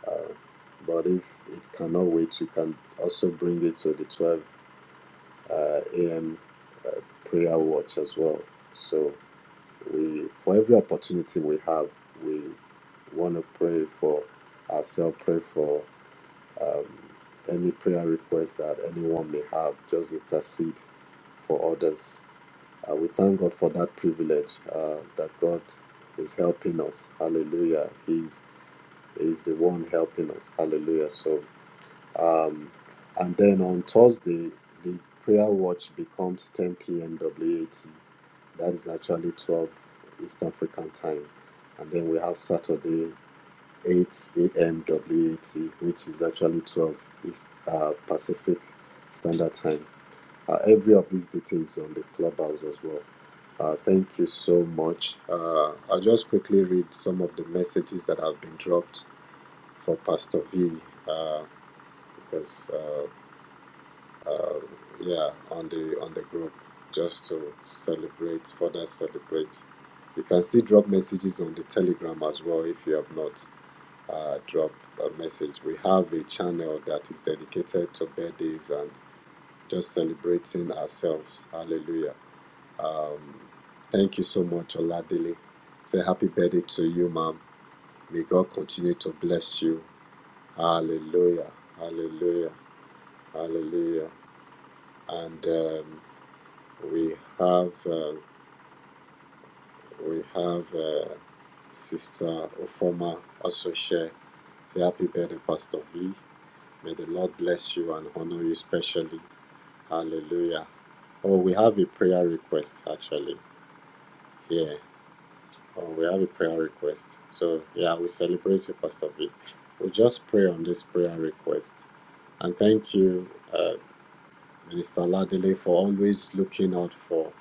Speaker 2: Uh, but if it cannot wait, you can also bring it to the 12 uh, a.m. Uh, prayer watch as well. So. we for every opportunity we have, we want to pray for ourselves, pray for um, any prayer request that anyone may have, just intercede for others. Uh, we thank God for that privilege uh, that God is helping us. Hallelujah. He's, he's the one helping us. Hallelujah. So, um, and then on Thursday, the prayer watch becomes 10 p.m. WAT that is actually 12 East African time. And then we have Saturday, 8 a.m. WAT, which is actually 12 East uh, Pacific Standard Time. Uh, every of these details on the clubhouse as well. Uh, thank you so much. Uh, I'll just quickly read some of the messages that have been dropped for Pastor V uh, because uh, um, yeah, on the on the group just to celebrate, further celebrate. You can still drop messages on the Telegram as well if you have not uh, dropped a message. We have a channel that is dedicated to birthdays and just celebrating ourselves. Hallelujah. Um, thank you so much, Oladili. Say happy birthday to you, ma'am. May God continue to bless you. Hallelujah. Hallelujah. Hallelujah. And um, We have uh, we have uh, Sister Ofoma also share. Say happy birthday, Pastor V. May the Lord bless you and honor you specially. Hallelujah. Oh, we have a prayer request actually here. Oh, we have a prayer request. So yeah, we celebrate you, Pastor V. We just pray on this prayer request and thank you, uh, Minister Ladele, for always looking out for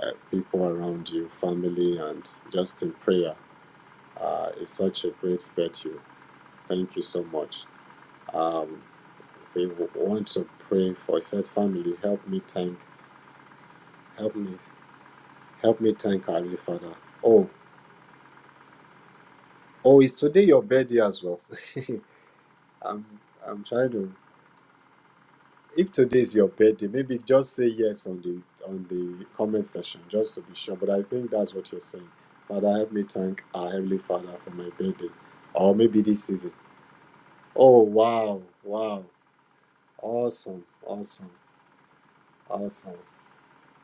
Speaker 2: uh, people around you, family, and just in prayer. uh, is such a great virtue. Thank you so much. Um, we w- want to pray for said family. Help me thank, help me, help me thank our Heavenly Father. Oh, oh, is today your birthday as well? [LAUGHS] I'm, I'm trying to. If today is your birthday, maybe just say yes on the on the comment section just to be sure. But I think that's what you're saying. Father, help me thank our Heavenly Father for my birthday, or maybe this season. Oh wow, wow, awesome, awesome. Awesome.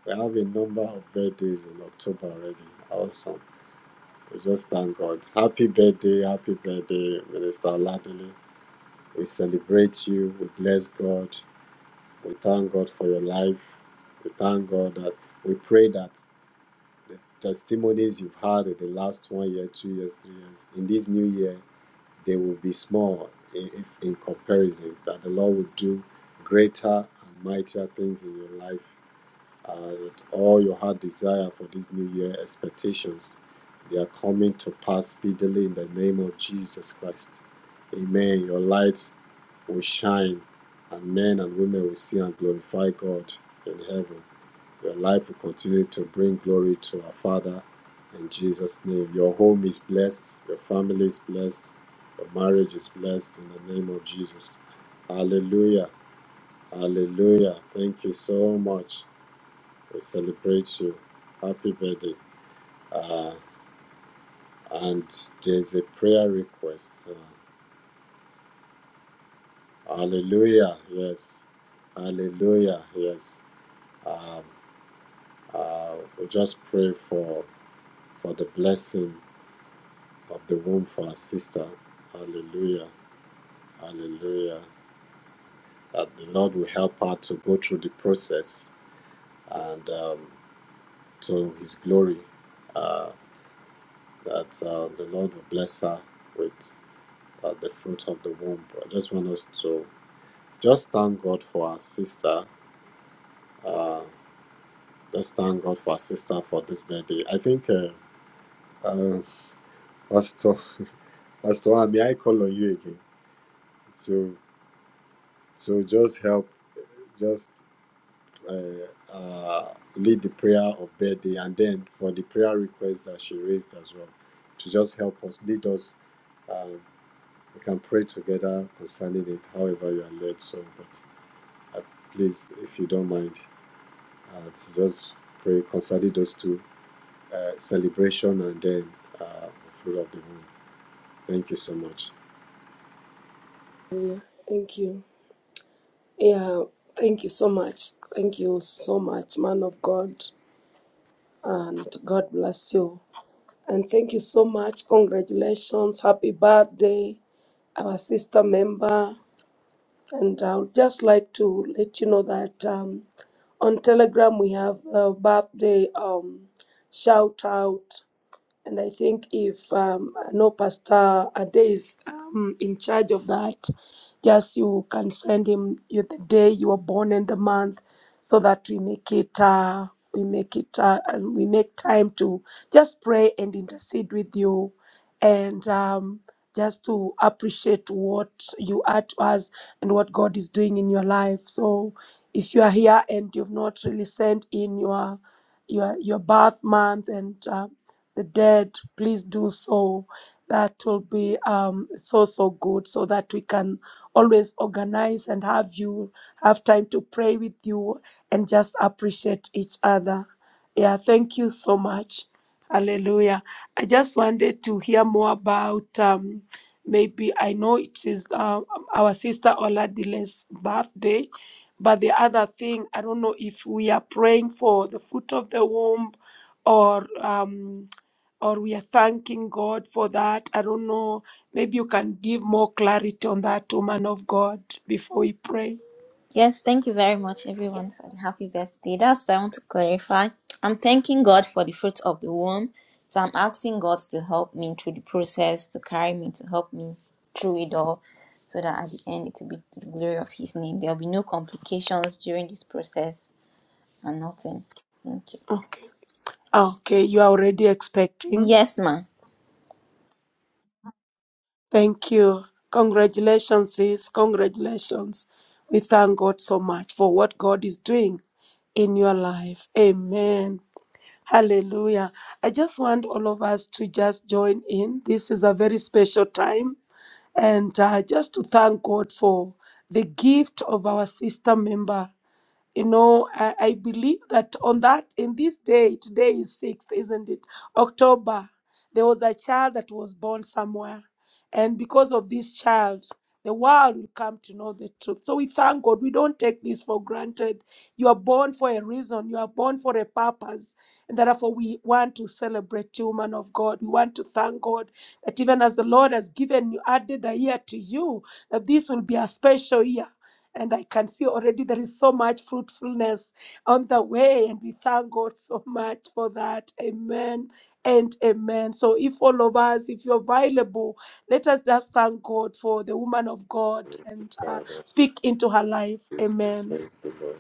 Speaker 2: We have a number of birthdays in October already. Awesome. We just thank God. Happy birthday, happy birthday, Minister Ladele. We celebrate you. We bless God. We thank God for your life. We thank God that we pray that the testimonies you've had in the last one year, two years, three years, in this new year, they will be small i- if in comparison. That the Lord will do greater and mightier things in your life and all your heart desire for this new year expectations. They are coming to pass speedily in the name of Jesus Christ. Amen. Your light will shine, and men and women will see and glorify God in heaven. Your life will continue to bring glory to our Father in Jesus' name. Your home is blessed, your family is blessed, your marriage is blessed in the name of Jesus. Hallelujah. Hallelujah. Thank you so much. We celebrate you. Happy birthday. Uh, and there's a prayer request. Uh, hallelujah. Yes. Hallelujah. Yes. Um, uh, we just pray for for the blessing of the womb for our sister. Hallelujah. Hallelujah. That the Lord will help her to go through the process and um, to His glory. Uh, that uh, the Lord will bless her with at the fruit of the womb. But I just want us to just thank God for our sister. Uh, just thank God for our sister for this birthday. I think, uh, uh, Pastor, [LAUGHS] Pastor, Ann, may I call on you again to to just help, just uh, uh, lead the prayer of birthday, and then for the prayer request that she raised as well, to just help us, lead us. Um, we can pray together concerning it, however you are led. So, but uh, please, if you don't mind. Uh, it's just pray concerning those two uh, celebration and then uh, the fruit of the womb. Thank you so much.
Speaker 3: Thank you. Yeah, thank you so much. Thank you so much, man of God. And God bless you. And thank you so much. Congratulations. Happy birthday, our sister member. And I would just like to let you know that um, on Telegram we have a birthday um, shout out. And I think if um, no pastor Ade is um, in charge of that, just you can send him you- the day you were born and the month, so that we make it uh, we make it uh, and we make time to just pray and intercede with you, and um, just to appreciate what you are to us and what God is doing in your life. So if you are here and you've not really sent in your your your birth month and uh, the dead, please do so. That will be um, so, so good so that we can always organize and have you have time to pray with you and just appreciate each other. Yeah, thank you so much. Hallelujah. I just wanted to hear more about um, maybe I know it is uh, our sister Oladile's birthday, but the other thing, I don't know if we are praying for the fruit of the womb or. Um, or we are thanking God for that. I don't know. Maybe you can give more clarity on that, woman of God, before we pray.
Speaker 5: Yes, thank you very much, everyone, for the happy birthday. That's what I want to clarify. I'm thanking God for the fruit of the womb. So I'm asking God to help me through the process, to carry me, to help me through it all, so that at the end it will be to the glory of His name. There will be no complications during this process and nothing. Thank you.
Speaker 3: Okay. Okay, you are already expecting.
Speaker 5: Yes, ma.
Speaker 3: Thank you. Congratulations, sis. Congratulations. We thank God so much for what God is doing in your life. Amen. Hallelujah. I just want all of us to just join in. This is a very special time and uh, just to thank God for the gift of our sister member you know I, I believe that on that in this day today is 6th isn't it october there was a child that was born somewhere and because of this child the world will come to know the truth so we thank god we don't take this for granted you are born for a reason you are born for a purpose and therefore we want to celebrate you man of god we want to thank god that even as the lord has given you added a year to you that this will be a special year and I can see already there is so much fruitfulness on the way, and we thank God so [LAUGHS] much for that. Amen and amen. So, if all of us, if you're available, let us just thank God for the woman of God and uh,
Speaker 2: Father,
Speaker 3: speak into her life. Amen.
Speaker 2: thank you, Lord.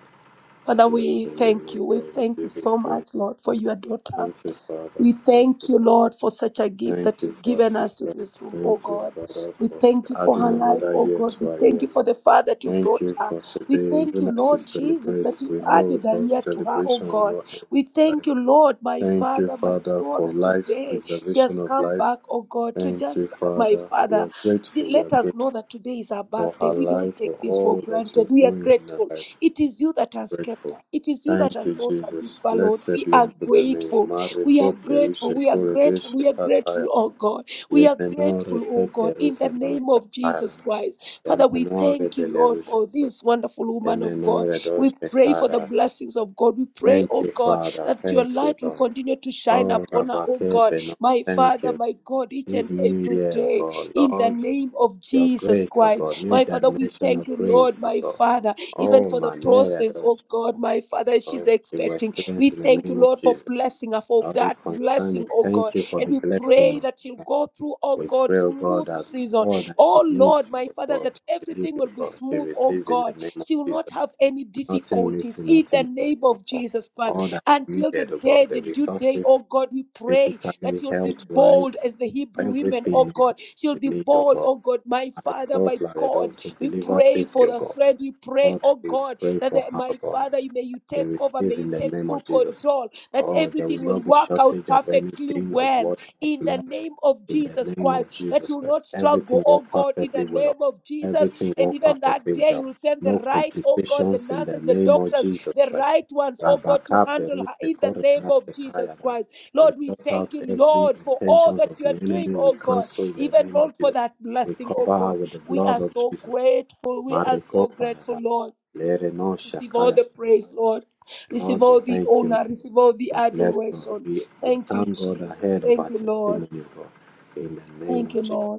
Speaker 3: Father,
Speaker 2: We bless
Speaker 3: we
Speaker 2: your name,
Speaker 3: thank you.
Speaker 2: O
Speaker 3: We
Speaker 2: God.
Speaker 3: thank
Speaker 2: We
Speaker 3: you
Speaker 2: give you
Speaker 3: so
Speaker 2: praise.
Speaker 3: much, Lord, for your daughter.
Speaker 2: Thank you, Father.
Speaker 3: We
Speaker 2: Thank
Speaker 3: thank
Speaker 2: you,
Speaker 3: you,
Speaker 2: Lord.
Speaker 3: Lord, for such a gift
Speaker 2: Thank
Speaker 3: that
Speaker 2: you
Speaker 3: you've
Speaker 2: for our
Speaker 3: given us to
Speaker 2: sister.
Speaker 3: this room, oh
Speaker 2: Thank you,
Speaker 3: God.
Speaker 2: Father,
Speaker 3: We
Speaker 2: for
Speaker 3: thank you for
Speaker 2: adding
Speaker 3: her life,
Speaker 2: another
Speaker 3: oh
Speaker 2: year
Speaker 3: God. We
Speaker 2: to our
Speaker 3: thank
Speaker 2: year.
Speaker 3: you for the fire that you
Speaker 2: Thank
Speaker 3: brought
Speaker 2: you
Speaker 3: her.
Speaker 2: for
Speaker 3: We
Speaker 2: today.
Speaker 3: thank you,
Speaker 2: Even as we
Speaker 3: Lord Jesus,
Speaker 2: celebrate,
Speaker 3: that you've
Speaker 2: we know
Speaker 3: added a
Speaker 2: that
Speaker 3: year to her, oh
Speaker 2: celebration will
Speaker 3: God.
Speaker 2: not end
Speaker 3: We
Speaker 2: in life.
Speaker 3: thank you, Lord, my
Speaker 2: Thank you,
Speaker 3: Father, my
Speaker 2: Father,
Speaker 3: God,
Speaker 2: for
Speaker 3: that
Speaker 2: life,
Speaker 3: today she has
Speaker 2: preservation of
Speaker 3: come
Speaker 2: life.
Speaker 3: back, oh God, to
Speaker 2: Thank you,
Speaker 3: just, my
Speaker 2: Father. We
Speaker 3: Father,
Speaker 2: are grateful. We are
Speaker 3: let us
Speaker 2: grateful
Speaker 3: know that today is our
Speaker 2: for
Speaker 3: birthday.
Speaker 2: her
Speaker 3: We
Speaker 2: life,
Speaker 3: don't
Speaker 2: for
Speaker 3: take this for
Speaker 2: all that you're
Speaker 3: granted. We are
Speaker 2: doing in her
Speaker 3: grateful.
Speaker 2: life.
Speaker 3: It is you that has kept her.
Speaker 2: Grateful.
Speaker 3: It is you that
Speaker 2: Thank
Speaker 3: has
Speaker 2: you,
Speaker 3: brought her
Speaker 2: Jesus.
Speaker 3: this far, Lord.
Speaker 2: Blessed
Speaker 3: We
Speaker 2: be
Speaker 3: are
Speaker 2: unto the name.
Speaker 3: grateful.
Speaker 2: Mare
Speaker 3: We are
Speaker 2: kople ruse
Speaker 3: grateful. We are
Speaker 2: kore
Speaker 3: grateful.
Speaker 2: deshe
Speaker 3: We are grateful,
Speaker 2: kataya.
Speaker 3: oh God. We are
Speaker 2: Yeme nore
Speaker 3: grateful, oh God,
Speaker 2: keple
Speaker 3: in
Speaker 2: ruse
Speaker 3: the
Speaker 2: nore
Speaker 3: name of Jesus Christ. Father, we thank you, Lord, for this wonderful woman of God. We
Speaker 2: doshe
Speaker 3: pray for the
Speaker 2: karasa.
Speaker 3: blessings of God. We pray,
Speaker 2: Thank
Speaker 3: oh
Speaker 2: you,
Speaker 3: God,
Speaker 2: Father.
Speaker 3: that your
Speaker 2: Thank you,
Speaker 3: light will
Speaker 2: Lord.
Speaker 3: continue to shine
Speaker 2: Oh,
Speaker 3: upon her,
Speaker 2: Rabba
Speaker 3: oh God.
Speaker 2: Kepe, no.
Speaker 3: My
Speaker 2: Thank
Speaker 3: Father,
Speaker 2: you.
Speaker 3: my God, each
Speaker 2: This
Speaker 3: and
Speaker 2: new
Speaker 3: every
Speaker 2: year,
Speaker 3: day
Speaker 2: God,
Speaker 3: in the
Speaker 2: Lord.
Speaker 3: name of
Speaker 2: Your
Speaker 3: Jesus
Speaker 2: grace, oh God,
Speaker 3: Christ.
Speaker 2: new
Speaker 3: My Father, we
Speaker 2: dimension
Speaker 3: thank
Speaker 2: of
Speaker 3: you, Lord,
Speaker 2: grace,
Speaker 3: my
Speaker 2: oh God.
Speaker 3: Father, even
Speaker 2: Oh,
Speaker 3: for the
Speaker 2: my Mary,
Speaker 3: process,
Speaker 2: those
Speaker 3: oh God, my Father, as
Speaker 2: oh,
Speaker 3: she's
Speaker 2: she will
Speaker 3: expecting. We
Speaker 2: experience in the
Speaker 3: thank you,
Speaker 2: name of
Speaker 3: Lord, for
Speaker 2: Jesus.
Speaker 3: blessing her, for
Speaker 2: All the
Speaker 3: that
Speaker 2: concerning,
Speaker 3: blessing, oh God.
Speaker 2: thank you for the
Speaker 3: And we
Speaker 2: blessing
Speaker 3: pray
Speaker 2: of
Speaker 3: that she'll
Speaker 2: God.
Speaker 3: go through, oh
Speaker 2: We
Speaker 3: God,
Speaker 2: pray, oh God,
Speaker 3: smooth
Speaker 2: that
Speaker 3: season.
Speaker 2: all that she
Speaker 3: Oh Lord,
Speaker 2: needs,
Speaker 3: my
Speaker 2: oh
Speaker 3: Father,
Speaker 2: God,
Speaker 3: that
Speaker 2: to live,
Speaker 3: everything will
Speaker 2: oh
Speaker 3: be
Speaker 2: God, she
Speaker 3: smooth, oh
Speaker 2: receives in the
Speaker 3: God.
Speaker 2: name of
Speaker 3: She will
Speaker 2: Jesus.
Speaker 3: not have any
Speaker 2: Nothing
Speaker 3: difficulties
Speaker 2: missing,
Speaker 3: in the
Speaker 2: nothing broken,
Speaker 3: name
Speaker 2: oh
Speaker 3: of
Speaker 2: God.
Speaker 3: Jesus Christ
Speaker 2: All that is
Speaker 3: until the
Speaker 2: needed, oh God,
Speaker 3: day,
Speaker 2: the
Speaker 3: the due day, oh
Speaker 2: resources,
Speaker 3: God, we pray that
Speaker 2: physically,
Speaker 3: you'll be bold
Speaker 2: health-wise,
Speaker 3: as the Hebrew women, oh
Speaker 2: everything, oh
Speaker 3: God. She'll
Speaker 2: God,
Speaker 3: be
Speaker 2: we need, oh
Speaker 3: bold,
Speaker 2: God.
Speaker 3: oh God, my
Speaker 2: I
Speaker 3: Father,
Speaker 2: call,
Speaker 3: my
Speaker 2: Lord, oh,
Speaker 3: God.
Speaker 2: to
Speaker 3: We
Speaker 2: deliver
Speaker 3: pray
Speaker 2: safely,
Speaker 3: for
Speaker 2: oh
Speaker 3: the
Speaker 2: God.
Speaker 3: strength. We pray,
Speaker 2: Lord,
Speaker 3: oh
Speaker 2: we
Speaker 3: God,
Speaker 2: pray
Speaker 3: that
Speaker 2: for
Speaker 3: the- my
Speaker 2: Harvard
Speaker 3: Father, you- may you
Speaker 2: they
Speaker 3: take over, may
Speaker 2: receive
Speaker 3: you
Speaker 2: in the
Speaker 3: take
Speaker 2: name
Speaker 3: full
Speaker 2: of Jesus.
Speaker 3: control, that
Speaker 2: Oh, there will
Speaker 3: everything will
Speaker 2: not be
Speaker 3: work out
Speaker 2: shortage of
Speaker 3: perfectly
Speaker 2: anything of
Speaker 3: well
Speaker 2: water or
Speaker 3: in the
Speaker 2: blood
Speaker 3: name of
Speaker 2: in
Speaker 3: Jesus
Speaker 2: the name of
Speaker 3: Christ, that
Speaker 2: Jesus
Speaker 3: you will
Speaker 2: Christ.
Speaker 3: not struggle,
Speaker 2: Everything
Speaker 3: oh
Speaker 2: work
Speaker 3: God, in the
Speaker 2: perfectly well.
Speaker 3: name of Jesus.
Speaker 2: Everything
Speaker 3: And
Speaker 2: work
Speaker 3: even that
Speaker 2: perfectly
Speaker 3: day, you
Speaker 2: well.
Speaker 3: will send the
Speaker 2: No
Speaker 3: right, oh God, the
Speaker 2: complications in the
Speaker 3: nurses, the
Speaker 2: name of
Speaker 3: doctors
Speaker 2: Jesus
Speaker 3: the
Speaker 2: Christ.
Speaker 3: right ones, oh God, to
Speaker 2: Rabaka
Speaker 3: handle
Speaker 2: Peru
Speaker 3: her in the
Speaker 2: Shekore
Speaker 3: name
Speaker 2: Da
Speaker 3: of Jesus Christ.
Speaker 2: We
Speaker 3: Lord, we
Speaker 2: shut
Speaker 3: thank
Speaker 2: out
Speaker 3: you,
Speaker 2: every
Speaker 3: Lord, for all
Speaker 2: intentions
Speaker 3: that
Speaker 2: of
Speaker 3: you
Speaker 2: the
Speaker 3: are doing,
Speaker 2: enemy. We
Speaker 3: oh God,
Speaker 2: cancel in the
Speaker 3: even
Speaker 2: name of
Speaker 3: Lord, for
Speaker 2: Jesus.
Speaker 3: that
Speaker 2: We
Speaker 3: blessing, oh
Speaker 2: cover her
Speaker 3: God.
Speaker 2: with the
Speaker 3: We
Speaker 2: blood
Speaker 3: are
Speaker 2: of
Speaker 3: so
Speaker 2: Jesus Christ.
Speaker 3: grateful. We are
Speaker 2: Mareko
Speaker 3: so grateful,
Speaker 2: Payada.
Speaker 3: Lord.
Speaker 2: Lere no
Speaker 3: Receive all the praise, Lord. Receive
Speaker 2: Lord, we
Speaker 3: all the
Speaker 2: thank you,
Speaker 3: honor.
Speaker 2: God.
Speaker 3: Receive all the
Speaker 2: We bless God.
Speaker 3: adoration.
Speaker 2: We, we
Speaker 3: Thank you,
Speaker 2: thank God
Speaker 3: Jesus.
Speaker 2: ahead of our
Speaker 3: Thank you, Lord.
Speaker 2: testimony, O God. In the name
Speaker 3: Thank
Speaker 2: of
Speaker 3: you,
Speaker 2: Jesus.
Speaker 3: Lord.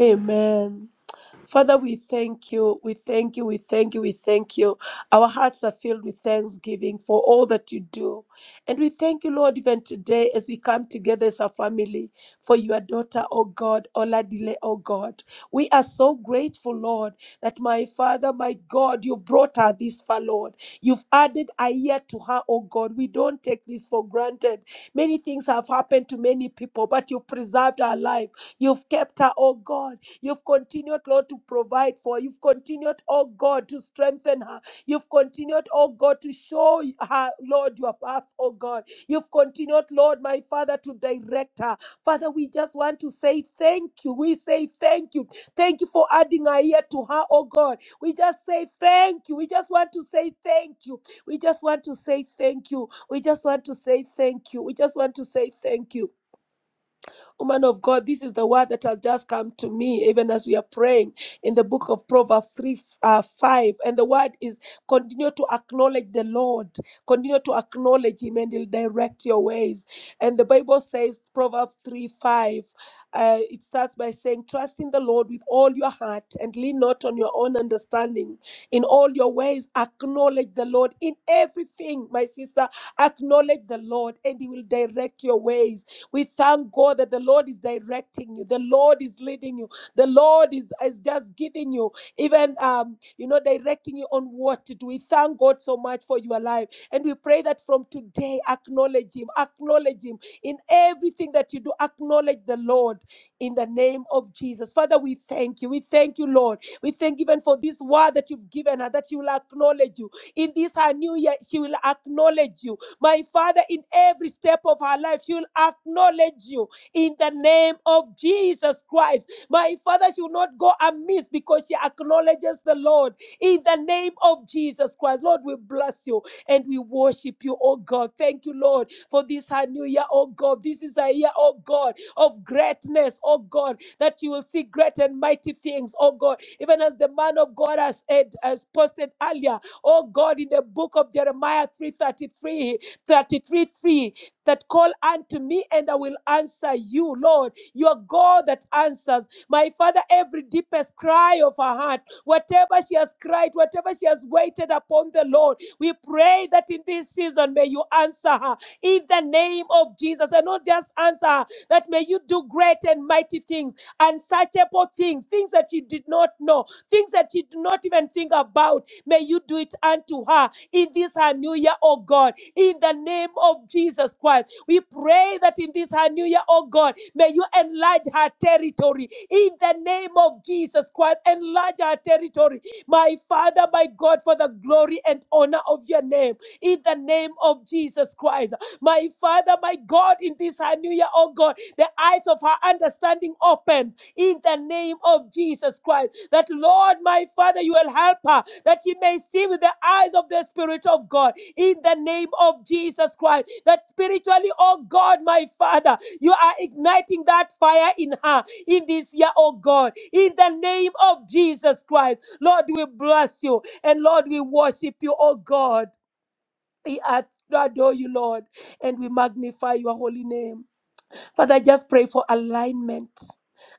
Speaker 3: Amen. Father, we thank you. We thank you. We thank you. We thank you. Our hearts are filled with thanksgiving for all that you do. And we thank you, Lord, even today as we come together as a family for your daughter, oh God, Oladile, oh God. We are so grateful, Lord, that my Father, my God, you brought her this far, Lord. You've added a year to her, oh God. We don't take this for granted. Many things have happened to many people, but you preserved her life. You've kept her, oh God. You've continued, Lord, to provide for. her. You've continued, oh God, to strengthen her. You've continued, oh God, to show her, Lord, your path, oh God. You've continued, Lord, my Father, to direct her. Father, we just want to say thank you. We say thank you. Thank you for adding a ear to her, oh God. We just say thank you. We just want to say thank you. We just want to say thank you. We just want to say thank you. We just want to say thank you. Woman of God, this is the word that has just come to me, even as we are praying in the book of Proverbs 3 uh, 5. And the word is continue to acknowledge the Lord, continue to acknowledge Him, and He'll direct your ways. And the Bible says, Proverbs 3 5, uh, it starts by saying, Trust in the Lord with all your heart and lean not on your own understanding. In all your ways, acknowledge the Lord. In everything, my sister, acknowledge the Lord and He will direct your ways we thank God that the Lord is directing you, the Lord is leading you, the Lord is, is just giving you, even um, you know, directing you on what to do. We thank God so much for your life. And we pray that from today, acknowledge Him, acknowledge Him in everything that you do, acknowledge the Lord in the name of Jesus. Father, we thank you. We thank you, Lord. We thank you even for this word that you've given her, that she will acknowledge you. In this her new year, she will acknowledge you my Father, in every step of her life, she will acknowledge you in the name of Jesus Christ. My Father, she will not go amiss because she acknowledges the Lord in the name of Jesus Christ. Lord, we bless you and we worship you, oh God. Thank you, Lord, for this her new year, oh God. This is a year, oh God, of greatness, oh God, that you will see great and mighty things, oh God. Even as the man of God has, said- has posted earlier, oh God, in the book of Jeremiah 3:33. 33 3 that call unto me and I will answer you, Lord. You are God that answers. My Father, every deepest cry of her heart, whatever she has cried, whatever she has waited upon the Lord, we pray that in this season may you answer her in the name of Jesus. And not just answer her, that may you do great and mighty things, unsearchable things, things that you did not know things that she did not even think about. May you do it unto her in this her new year, oh God, in the name of Jesus Christ. We pray that in this her new year, oh God, may you enlarge her territory in the name of Jesus Christ. Enlarge her territory, my Father, my God, for the glory and honor of your name, in the name of Jesus Christ. My Father, my God, in this her new year, oh God, the eyes of her understanding opens in the name of Jesus Christ that Lord, my Father, you will help her, that she may see with the eyes of the Spirit of God in the name of Jesus Christ. That spiritually, oh God, my Father, you are igniting that fire in her in this year, oh God, in the name of Jesus Christ. Lord, we bless you and Lord, we worship you, oh God. We adore you, Lord, and we magnify your holy name. Father, I just pray for alignment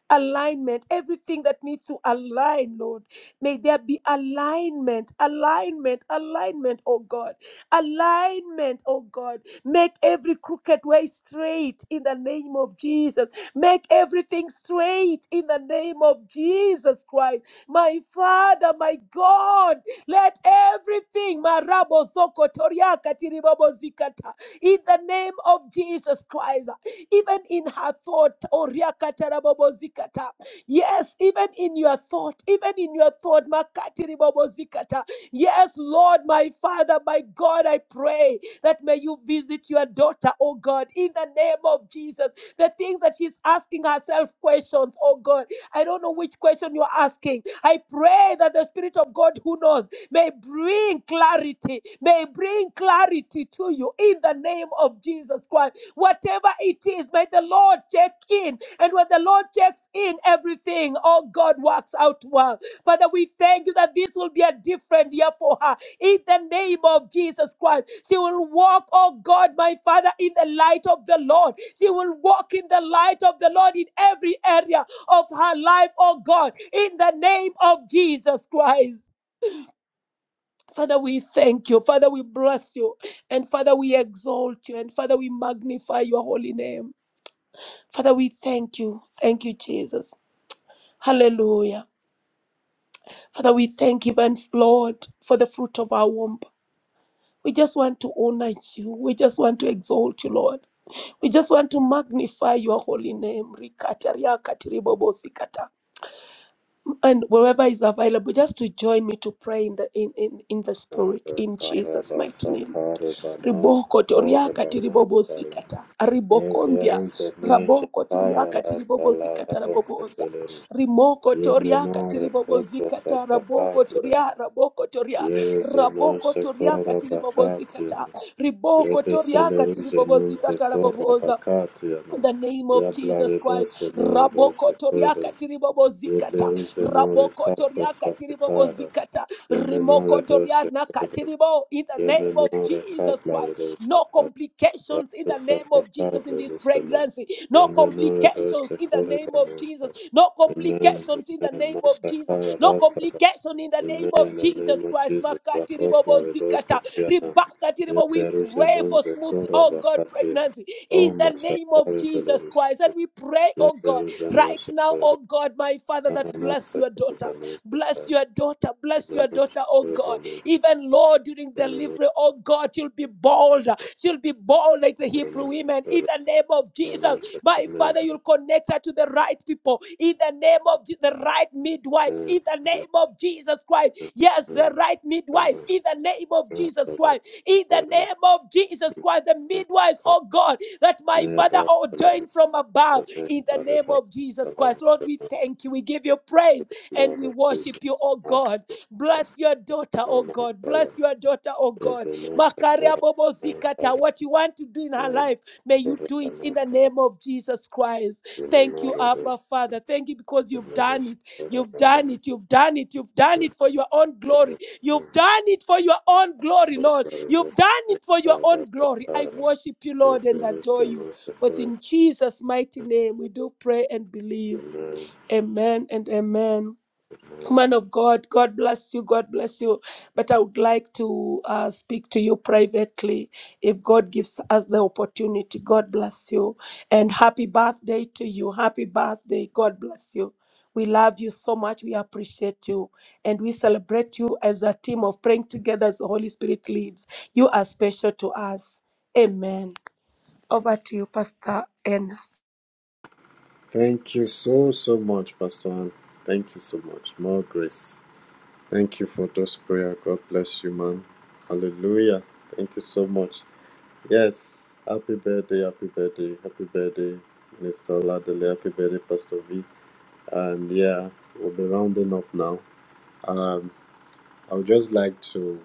Speaker 3: alignment, everything that needs to align, Lord. May there be alignment, alignment, alignment, oh God. Alignment, oh God. Make every crooked way straight in the name of Jesus. Make everything straight in the name of Jesus Christ. My Father, my God, let everything, Marabo Zoko Toriaka Tiribabo Zikata, in the name of Jesus Christ even in her thought. Oriakatarabobozikata. Yes, even in your thought, even in your thought. Makatiribobozikata. Yes, Lord, my Father, my God, I pray that may you visit your daughter, oh God, in the name of Jesus. The things that she's asking herself questions, oh God. I don't know which question you're asking. I pray that the Spirit of God who knows may bring clarity, may bring clarity to you in the name of Jesus Christ. Whatever it is, may the Lord check in. And when the Lord checks in, everything, oh God, works out well. Father, we thank you that this will be a different year for her. In the name of Jesus Christ, she will walk, oh God, my Father, in the light of the Lord. She will walk in the light of the Lord in every area of her life, oh God, in the name of Jesus Christ. Father, we thank you. Father, we bless you. And Father, we exalt you. And Father, we magnify your holy name. Father, we thank you. Thank you, Jesus. Hallelujah. Father, we thank you, and Lord, for the fruit of our womb. We just want to honor you. We just want to exalt you, Lord. We just want to magnify your holy name. Rikata, riakati, ribobosikata. And wherever is available, just to join me to pray in the in, in, in the
Speaker 2: And
Speaker 3: spirit in Jesus'
Speaker 2: Karaba
Speaker 3: mighty name.
Speaker 2: Sakari Bana
Speaker 3: riboko
Speaker 2: Sakori
Speaker 3: toriaka
Speaker 2: Bana Shala.
Speaker 3: tiribobosikata
Speaker 2: Ye
Speaker 3: aribokondia
Speaker 2: Deru Zene
Speaker 3: raboko toriaka
Speaker 2: Shakaya Rasala
Speaker 3: tiribobosikata
Speaker 2: Rabo
Speaker 3: raboboza
Speaker 2: Koteleru.
Speaker 3: rimoko
Speaker 2: Ye
Speaker 3: toriaka
Speaker 2: Menore Koko
Speaker 3: tiribobozikata raboko
Speaker 2: Satakatiam.
Speaker 3: toria raboko toria
Speaker 2: Ye Rezeno
Speaker 3: raboko toriaka
Speaker 2: Shakora Bakatiam.
Speaker 3: tiribobozikata
Speaker 2: Ye
Speaker 3: riboko toriaka
Speaker 2: Beseleru Zenun
Speaker 3: tiribobozikata
Speaker 2: Zekora
Speaker 3: raboboza
Speaker 2: Bakatiam.
Speaker 3: in the name
Speaker 2: Ye
Speaker 3: of Jesus
Speaker 2: Blaribose
Speaker 3: Christ. Raboko toriaka
Speaker 2: Noedo
Speaker 3: tiribobo zikata.
Speaker 2: Yebleruzdenore
Speaker 3: Raboko
Speaker 2: kapra
Speaker 3: toriaka tiribobo
Speaker 2: safekara,
Speaker 3: zikata.
Speaker 2: yemenore
Speaker 3: Rimoko
Speaker 2: doshe
Speaker 3: toriana
Speaker 2: kere,
Speaker 3: katiribo. In the name of
Speaker 2: yemenore
Speaker 3: Jesus
Speaker 2: kaplare
Speaker 3: Christ.
Speaker 2: doshe
Speaker 3: No
Speaker 2: kara,
Speaker 3: complications in the
Speaker 2: yaprosa
Speaker 3: name of Jesus in
Speaker 2: pakable
Speaker 3: this
Speaker 2: rusene,
Speaker 3: pregnancy. No
Speaker 2: yemenore
Speaker 3: complications
Speaker 2: doshe
Speaker 3: in the
Speaker 2: kore
Speaker 3: name of
Speaker 2: bananta.
Speaker 3: Jesus. No
Speaker 2: Amen,
Speaker 3: complications in the
Speaker 2: amen,
Speaker 3: name of Jesus.
Speaker 2: mashakara
Speaker 3: No
Speaker 2: rasada,
Speaker 3: complication in the name
Speaker 2: amen,
Speaker 3: of
Speaker 2: in the name
Speaker 3: Jesus
Speaker 2: of
Speaker 3: Christ.
Speaker 2: Jesus,
Speaker 3: Makati ribobo
Speaker 2: rakoplare
Speaker 3: zikata.
Speaker 2: doshe kiana,
Speaker 3: Ribakatiribaba, We pray for
Speaker 2: yebleruzdenonze
Speaker 3: smooth,
Speaker 2: kora
Speaker 3: oh God,
Speaker 2: bakatia,
Speaker 3: pregnancy
Speaker 2: o
Speaker 3: in the name of
Speaker 2: mashakari
Speaker 3: Jesus
Speaker 2: peleruse,
Speaker 3: Christ. And we pray, oh God, right
Speaker 2: yebleruzenoshe
Speaker 3: now,
Speaker 2: kore,
Speaker 3: oh God, my Father, that bless
Speaker 2: yamanasa
Speaker 3: your
Speaker 2: kore
Speaker 3: daughter. Bless
Speaker 2: bananta,
Speaker 3: your daughter. Bless your daughter, oh God.
Speaker 2: yamanasa
Speaker 3: Even Lord, during
Speaker 2: Thank
Speaker 3: delivery, oh God, she'll be bold. She'll be bold like the Hebrew women in the name of Jesus. My Father, you'll connect her to the right people in the name of Je- the right midwives in the name of Jesus Christ. Yes, the right midwives in the name of Jesus Christ. In the name of Jesus Christ, the midwives, oh God, that my Father ordained from above in the name of Jesus Christ. Lord, we thank you. We give you praise and we worship you, oh God. Bless your daughter, oh God. Bless your daughter, oh God. Makaria Bobo Zikata, what you want to do in her life, may you do it in the name of Jesus Christ. Thank you, Abba Father. Thank you because you've done it. You've done it. You've done it. You've done it for your own glory. You've done it for your own glory, Lord. You've done it for your own glory. I worship you, Lord, and adore you. For it's in Jesus' mighty name we do pray and believe.
Speaker 2: you.
Speaker 3: Amen and amen. Man of God, God bless you, God bless you. But I would like to uh, speak to you privately if God gives us the opportunity. God bless you. And happy birthday to you. Happy birthday. God bless you. We love you so much. We appreciate you. And we celebrate you as a team of praying together as the Holy Spirit leads. You are special to us. Amen. Over to you, Pastor Ernest.
Speaker 2: Thank you so, so much, Pastor Ann. Thank you so much. More grace. Thank you for those prayer. God bless you, man. Hallelujah. Thank you so much. Yes. Happy birthday, happy birthday, happy birthday, Mr. Ladele. Happy birthday, Pastor V. And yeah, we'll be rounding up now. Um, I would just like to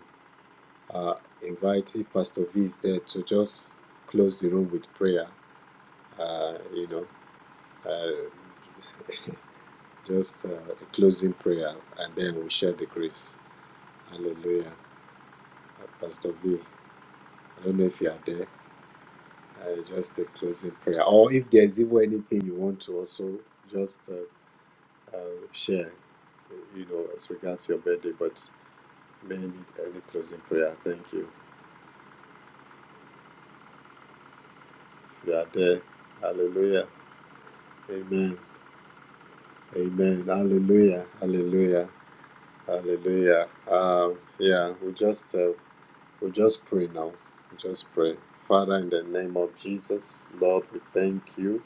Speaker 2: uh, invite, if Pastor V is there, to just close the room with prayer. Uh, you know, uh, Just uh, a closing prayer, and then we share the grace. Hallelujah. Uh, Pastor V, I don't know if you are there. Uh, just a closing prayer, or if there is even anything you want to also just uh, uh, share, you know, as regards your birthday. But may need any closing prayer. Thank you. You are there. Hallelujah. Amen. Amen. Hallelujah. Hallelujah. Hallelujah. Um, yeah, we just uh, We just pray now. We just pray. Father, in the name of Jesus, Lord, we thank you.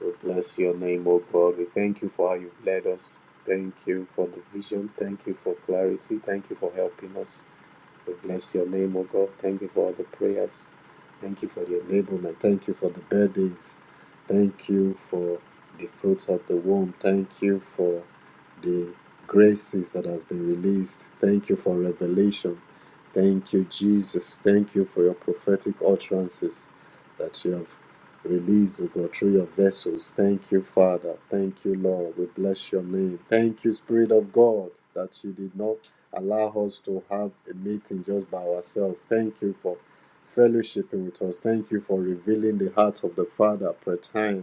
Speaker 2: We bless your name, O God. We thank you for how you've led us. Thank you for the vision. Thank you for clarity. Thank you for helping us. We bless your name, O God. Thank you for all the prayers. Thank you for the enablement. Thank you for the birthdays. Thank you for the fruits of the womb. Thank you for the graces that has been released. Thank you for revelation. Thank you, Jesus. Thank you for your prophetic utterances that you have released, O God, through your vessels. Thank you, Father. Thank you, Lord. We bless your name. Thank you, Spirit of God, that you did not allow us to have a meeting just by ourselves. Thank you for fellowshipping with us. Thank you for revealing the heart of the Father per time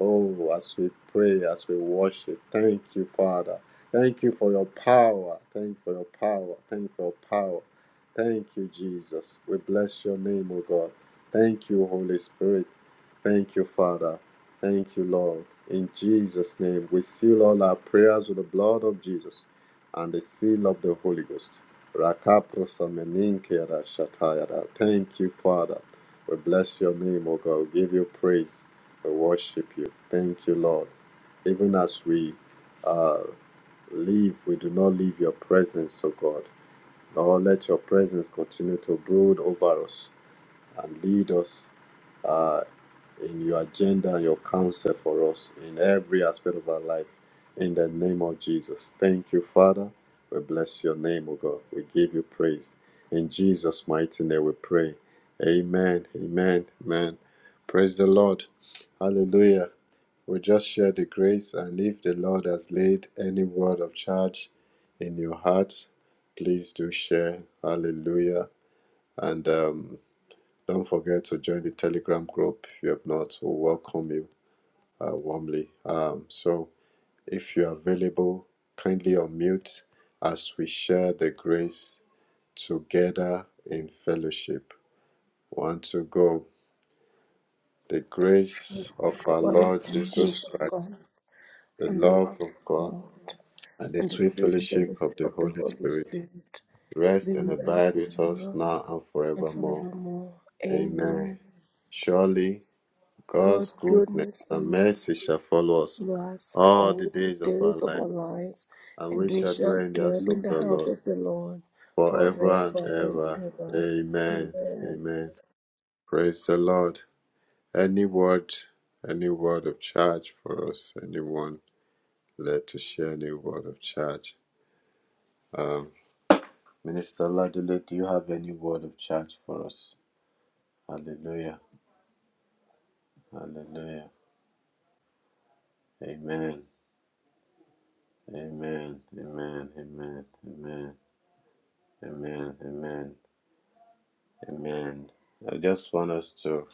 Speaker 2: Oh, as we pray, as we worship, thank you, Father. Thank you for your power. Thank you for your power. Thank you for your power. Thank you, Jesus. We bless your name, O God. Thank you, Holy Spirit. Thank you, Father. Thank you, Lord. In Jesus' name, we seal all our prayers with the blood of Jesus and the seal of the Holy Ghost. Rakaprosameninkerashatayara. Thank you, Father. We bless your name, O God. We give you praise. We worship you. Thank you, Lord. Even as we uh, leave, we do not leave your presence, O God. Lord, let your presence continue to brood over us and lead us uh, in your agenda and your counsel for us in every aspect of our life. In the name of Jesus. Thank you, Father. We bless your name, O God. We give you praise. In Jesus' mighty name we pray. Amen. Amen. Amen. Praise the Lord. Hallelujah. We just share the grace, and if the Lord has laid any word of charge in your heart, please do share. Hallelujah. And um, don't forget to join the Telegram group if you have not. We welcome you uh, warmly. Um, so if you're available, kindly unmute as we share the grace together in fellowship. One to go. The grace of our Lord Jesus
Speaker 3: Jesus
Speaker 2: Christ,
Speaker 3: Christ.
Speaker 2: the
Speaker 3: and the
Speaker 2: love
Speaker 3: love
Speaker 2: of
Speaker 3: of
Speaker 2: God
Speaker 3: God
Speaker 2: and the
Speaker 3: and the
Speaker 2: sweet
Speaker 3: sweet
Speaker 2: fellowship of
Speaker 3: fellowship
Speaker 2: the
Speaker 3: of the
Speaker 2: Holy
Speaker 3: Holy
Speaker 2: Spirit
Speaker 3: Spirit be
Speaker 2: rest and
Speaker 3: with
Speaker 2: abide
Speaker 3: us
Speaker 2: with us
Speaker 3: now
Speaker 2: now and
Speaker 3: and
Speaker 2: forevermore.
Speaker 3: forevermore.
Speaker 2: Amen.
Speaker 3: Amen.
Speaker 2: Surely God's
Speaker 3: God's
Speaker 2: goodness
Speaker 3: goodness and
Speaker 2: and mercy
Speaker 3: mercy
Speaker 2: shall follow us
Speaker 3: follow us
Speaker 2: all the
Speaker 3: all the
Speaker 2: days of our
Speaker 3: days of
Speaker 2: life,
Speaker 3: our lives,
Speaker 2: and we
Speaker 3: and we
Speaker 2: shall
Speaker 3: shall
Speaker 2: dwell in the house
Speaker 3: dwell
Speaker 2: of
Speaker 3: in the
Speaker 2: the
Speaker 3: house
Speaker 2: Lord
Speaker 3: of the Lord
Speaker 2: forever and
Speaker 3: forever and
Speaker 2: ever.
Speaker 3: ever.
Speaker 2: Amen.
Speaker 3: Amen.
Speaker 2: Amen. Praise the Lord. Any word, any word of charge for us, anyone led to share any word of charge. Um, Minister Ladele, do you have any word of charge for us? Hallelujah. Hallelujah. Amen. Amen. Amen. Amen. Amen. Amen. Amen. Amen. I just want us to.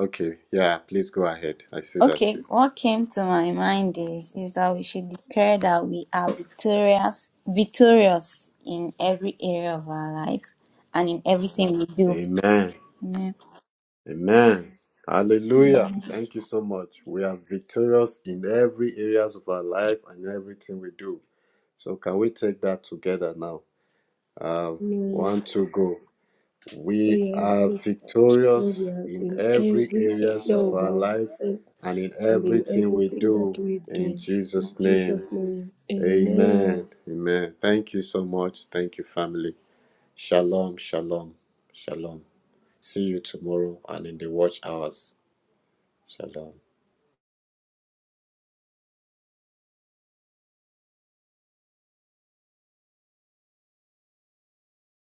Speaker 2: Okay. Yeah. Please go ahead. I see that
Speaker 5: Okay,
Speaker 2: you.
Speaker 5: what came to my mind is is that we should declare that we are victorious, victorious in every area of our life and in everything we do.
Speaker 2: Amen.
Speaker 5: Amen.
Speaker 2: Amen. Hallelujah. Thank you so much. We are victorious in every areas of our life and everything we do. So can we take that together now? Um,
Speaker 3: Amen.
Speaker 2: one, two, go. We
Speaker 3: We
Speaker 2: are
Speaker 3: have
Speaker 2: victorious
Speaker 3: areas,
Speaker 2: in
Speaker 3: in
Speaker 2: every
Speaker 3: every
Speaker 2: areas
Speaker 3: area
Speaker 2: of
Speaker 3: of
Speaker 2: our
Speaker 3: our
Speaker 2: life
Speaker 3: lives,
Speaker 2: and in
Speaker 3: and in
Speaker 2: everything we
Speaker 3: everything that
Speaker 2: do.
Speaker 3: we
Speaker 2: In
Speaker 3: do. In
Speaker 2: Jesus' name,
Speaker 3: Jesus' name, amen.
Speaker 2: amen. Amen. Thank you so much. Thank you, family. Shalom, shalom, shalom. See you tomorrow and in the watch hours. Shalom.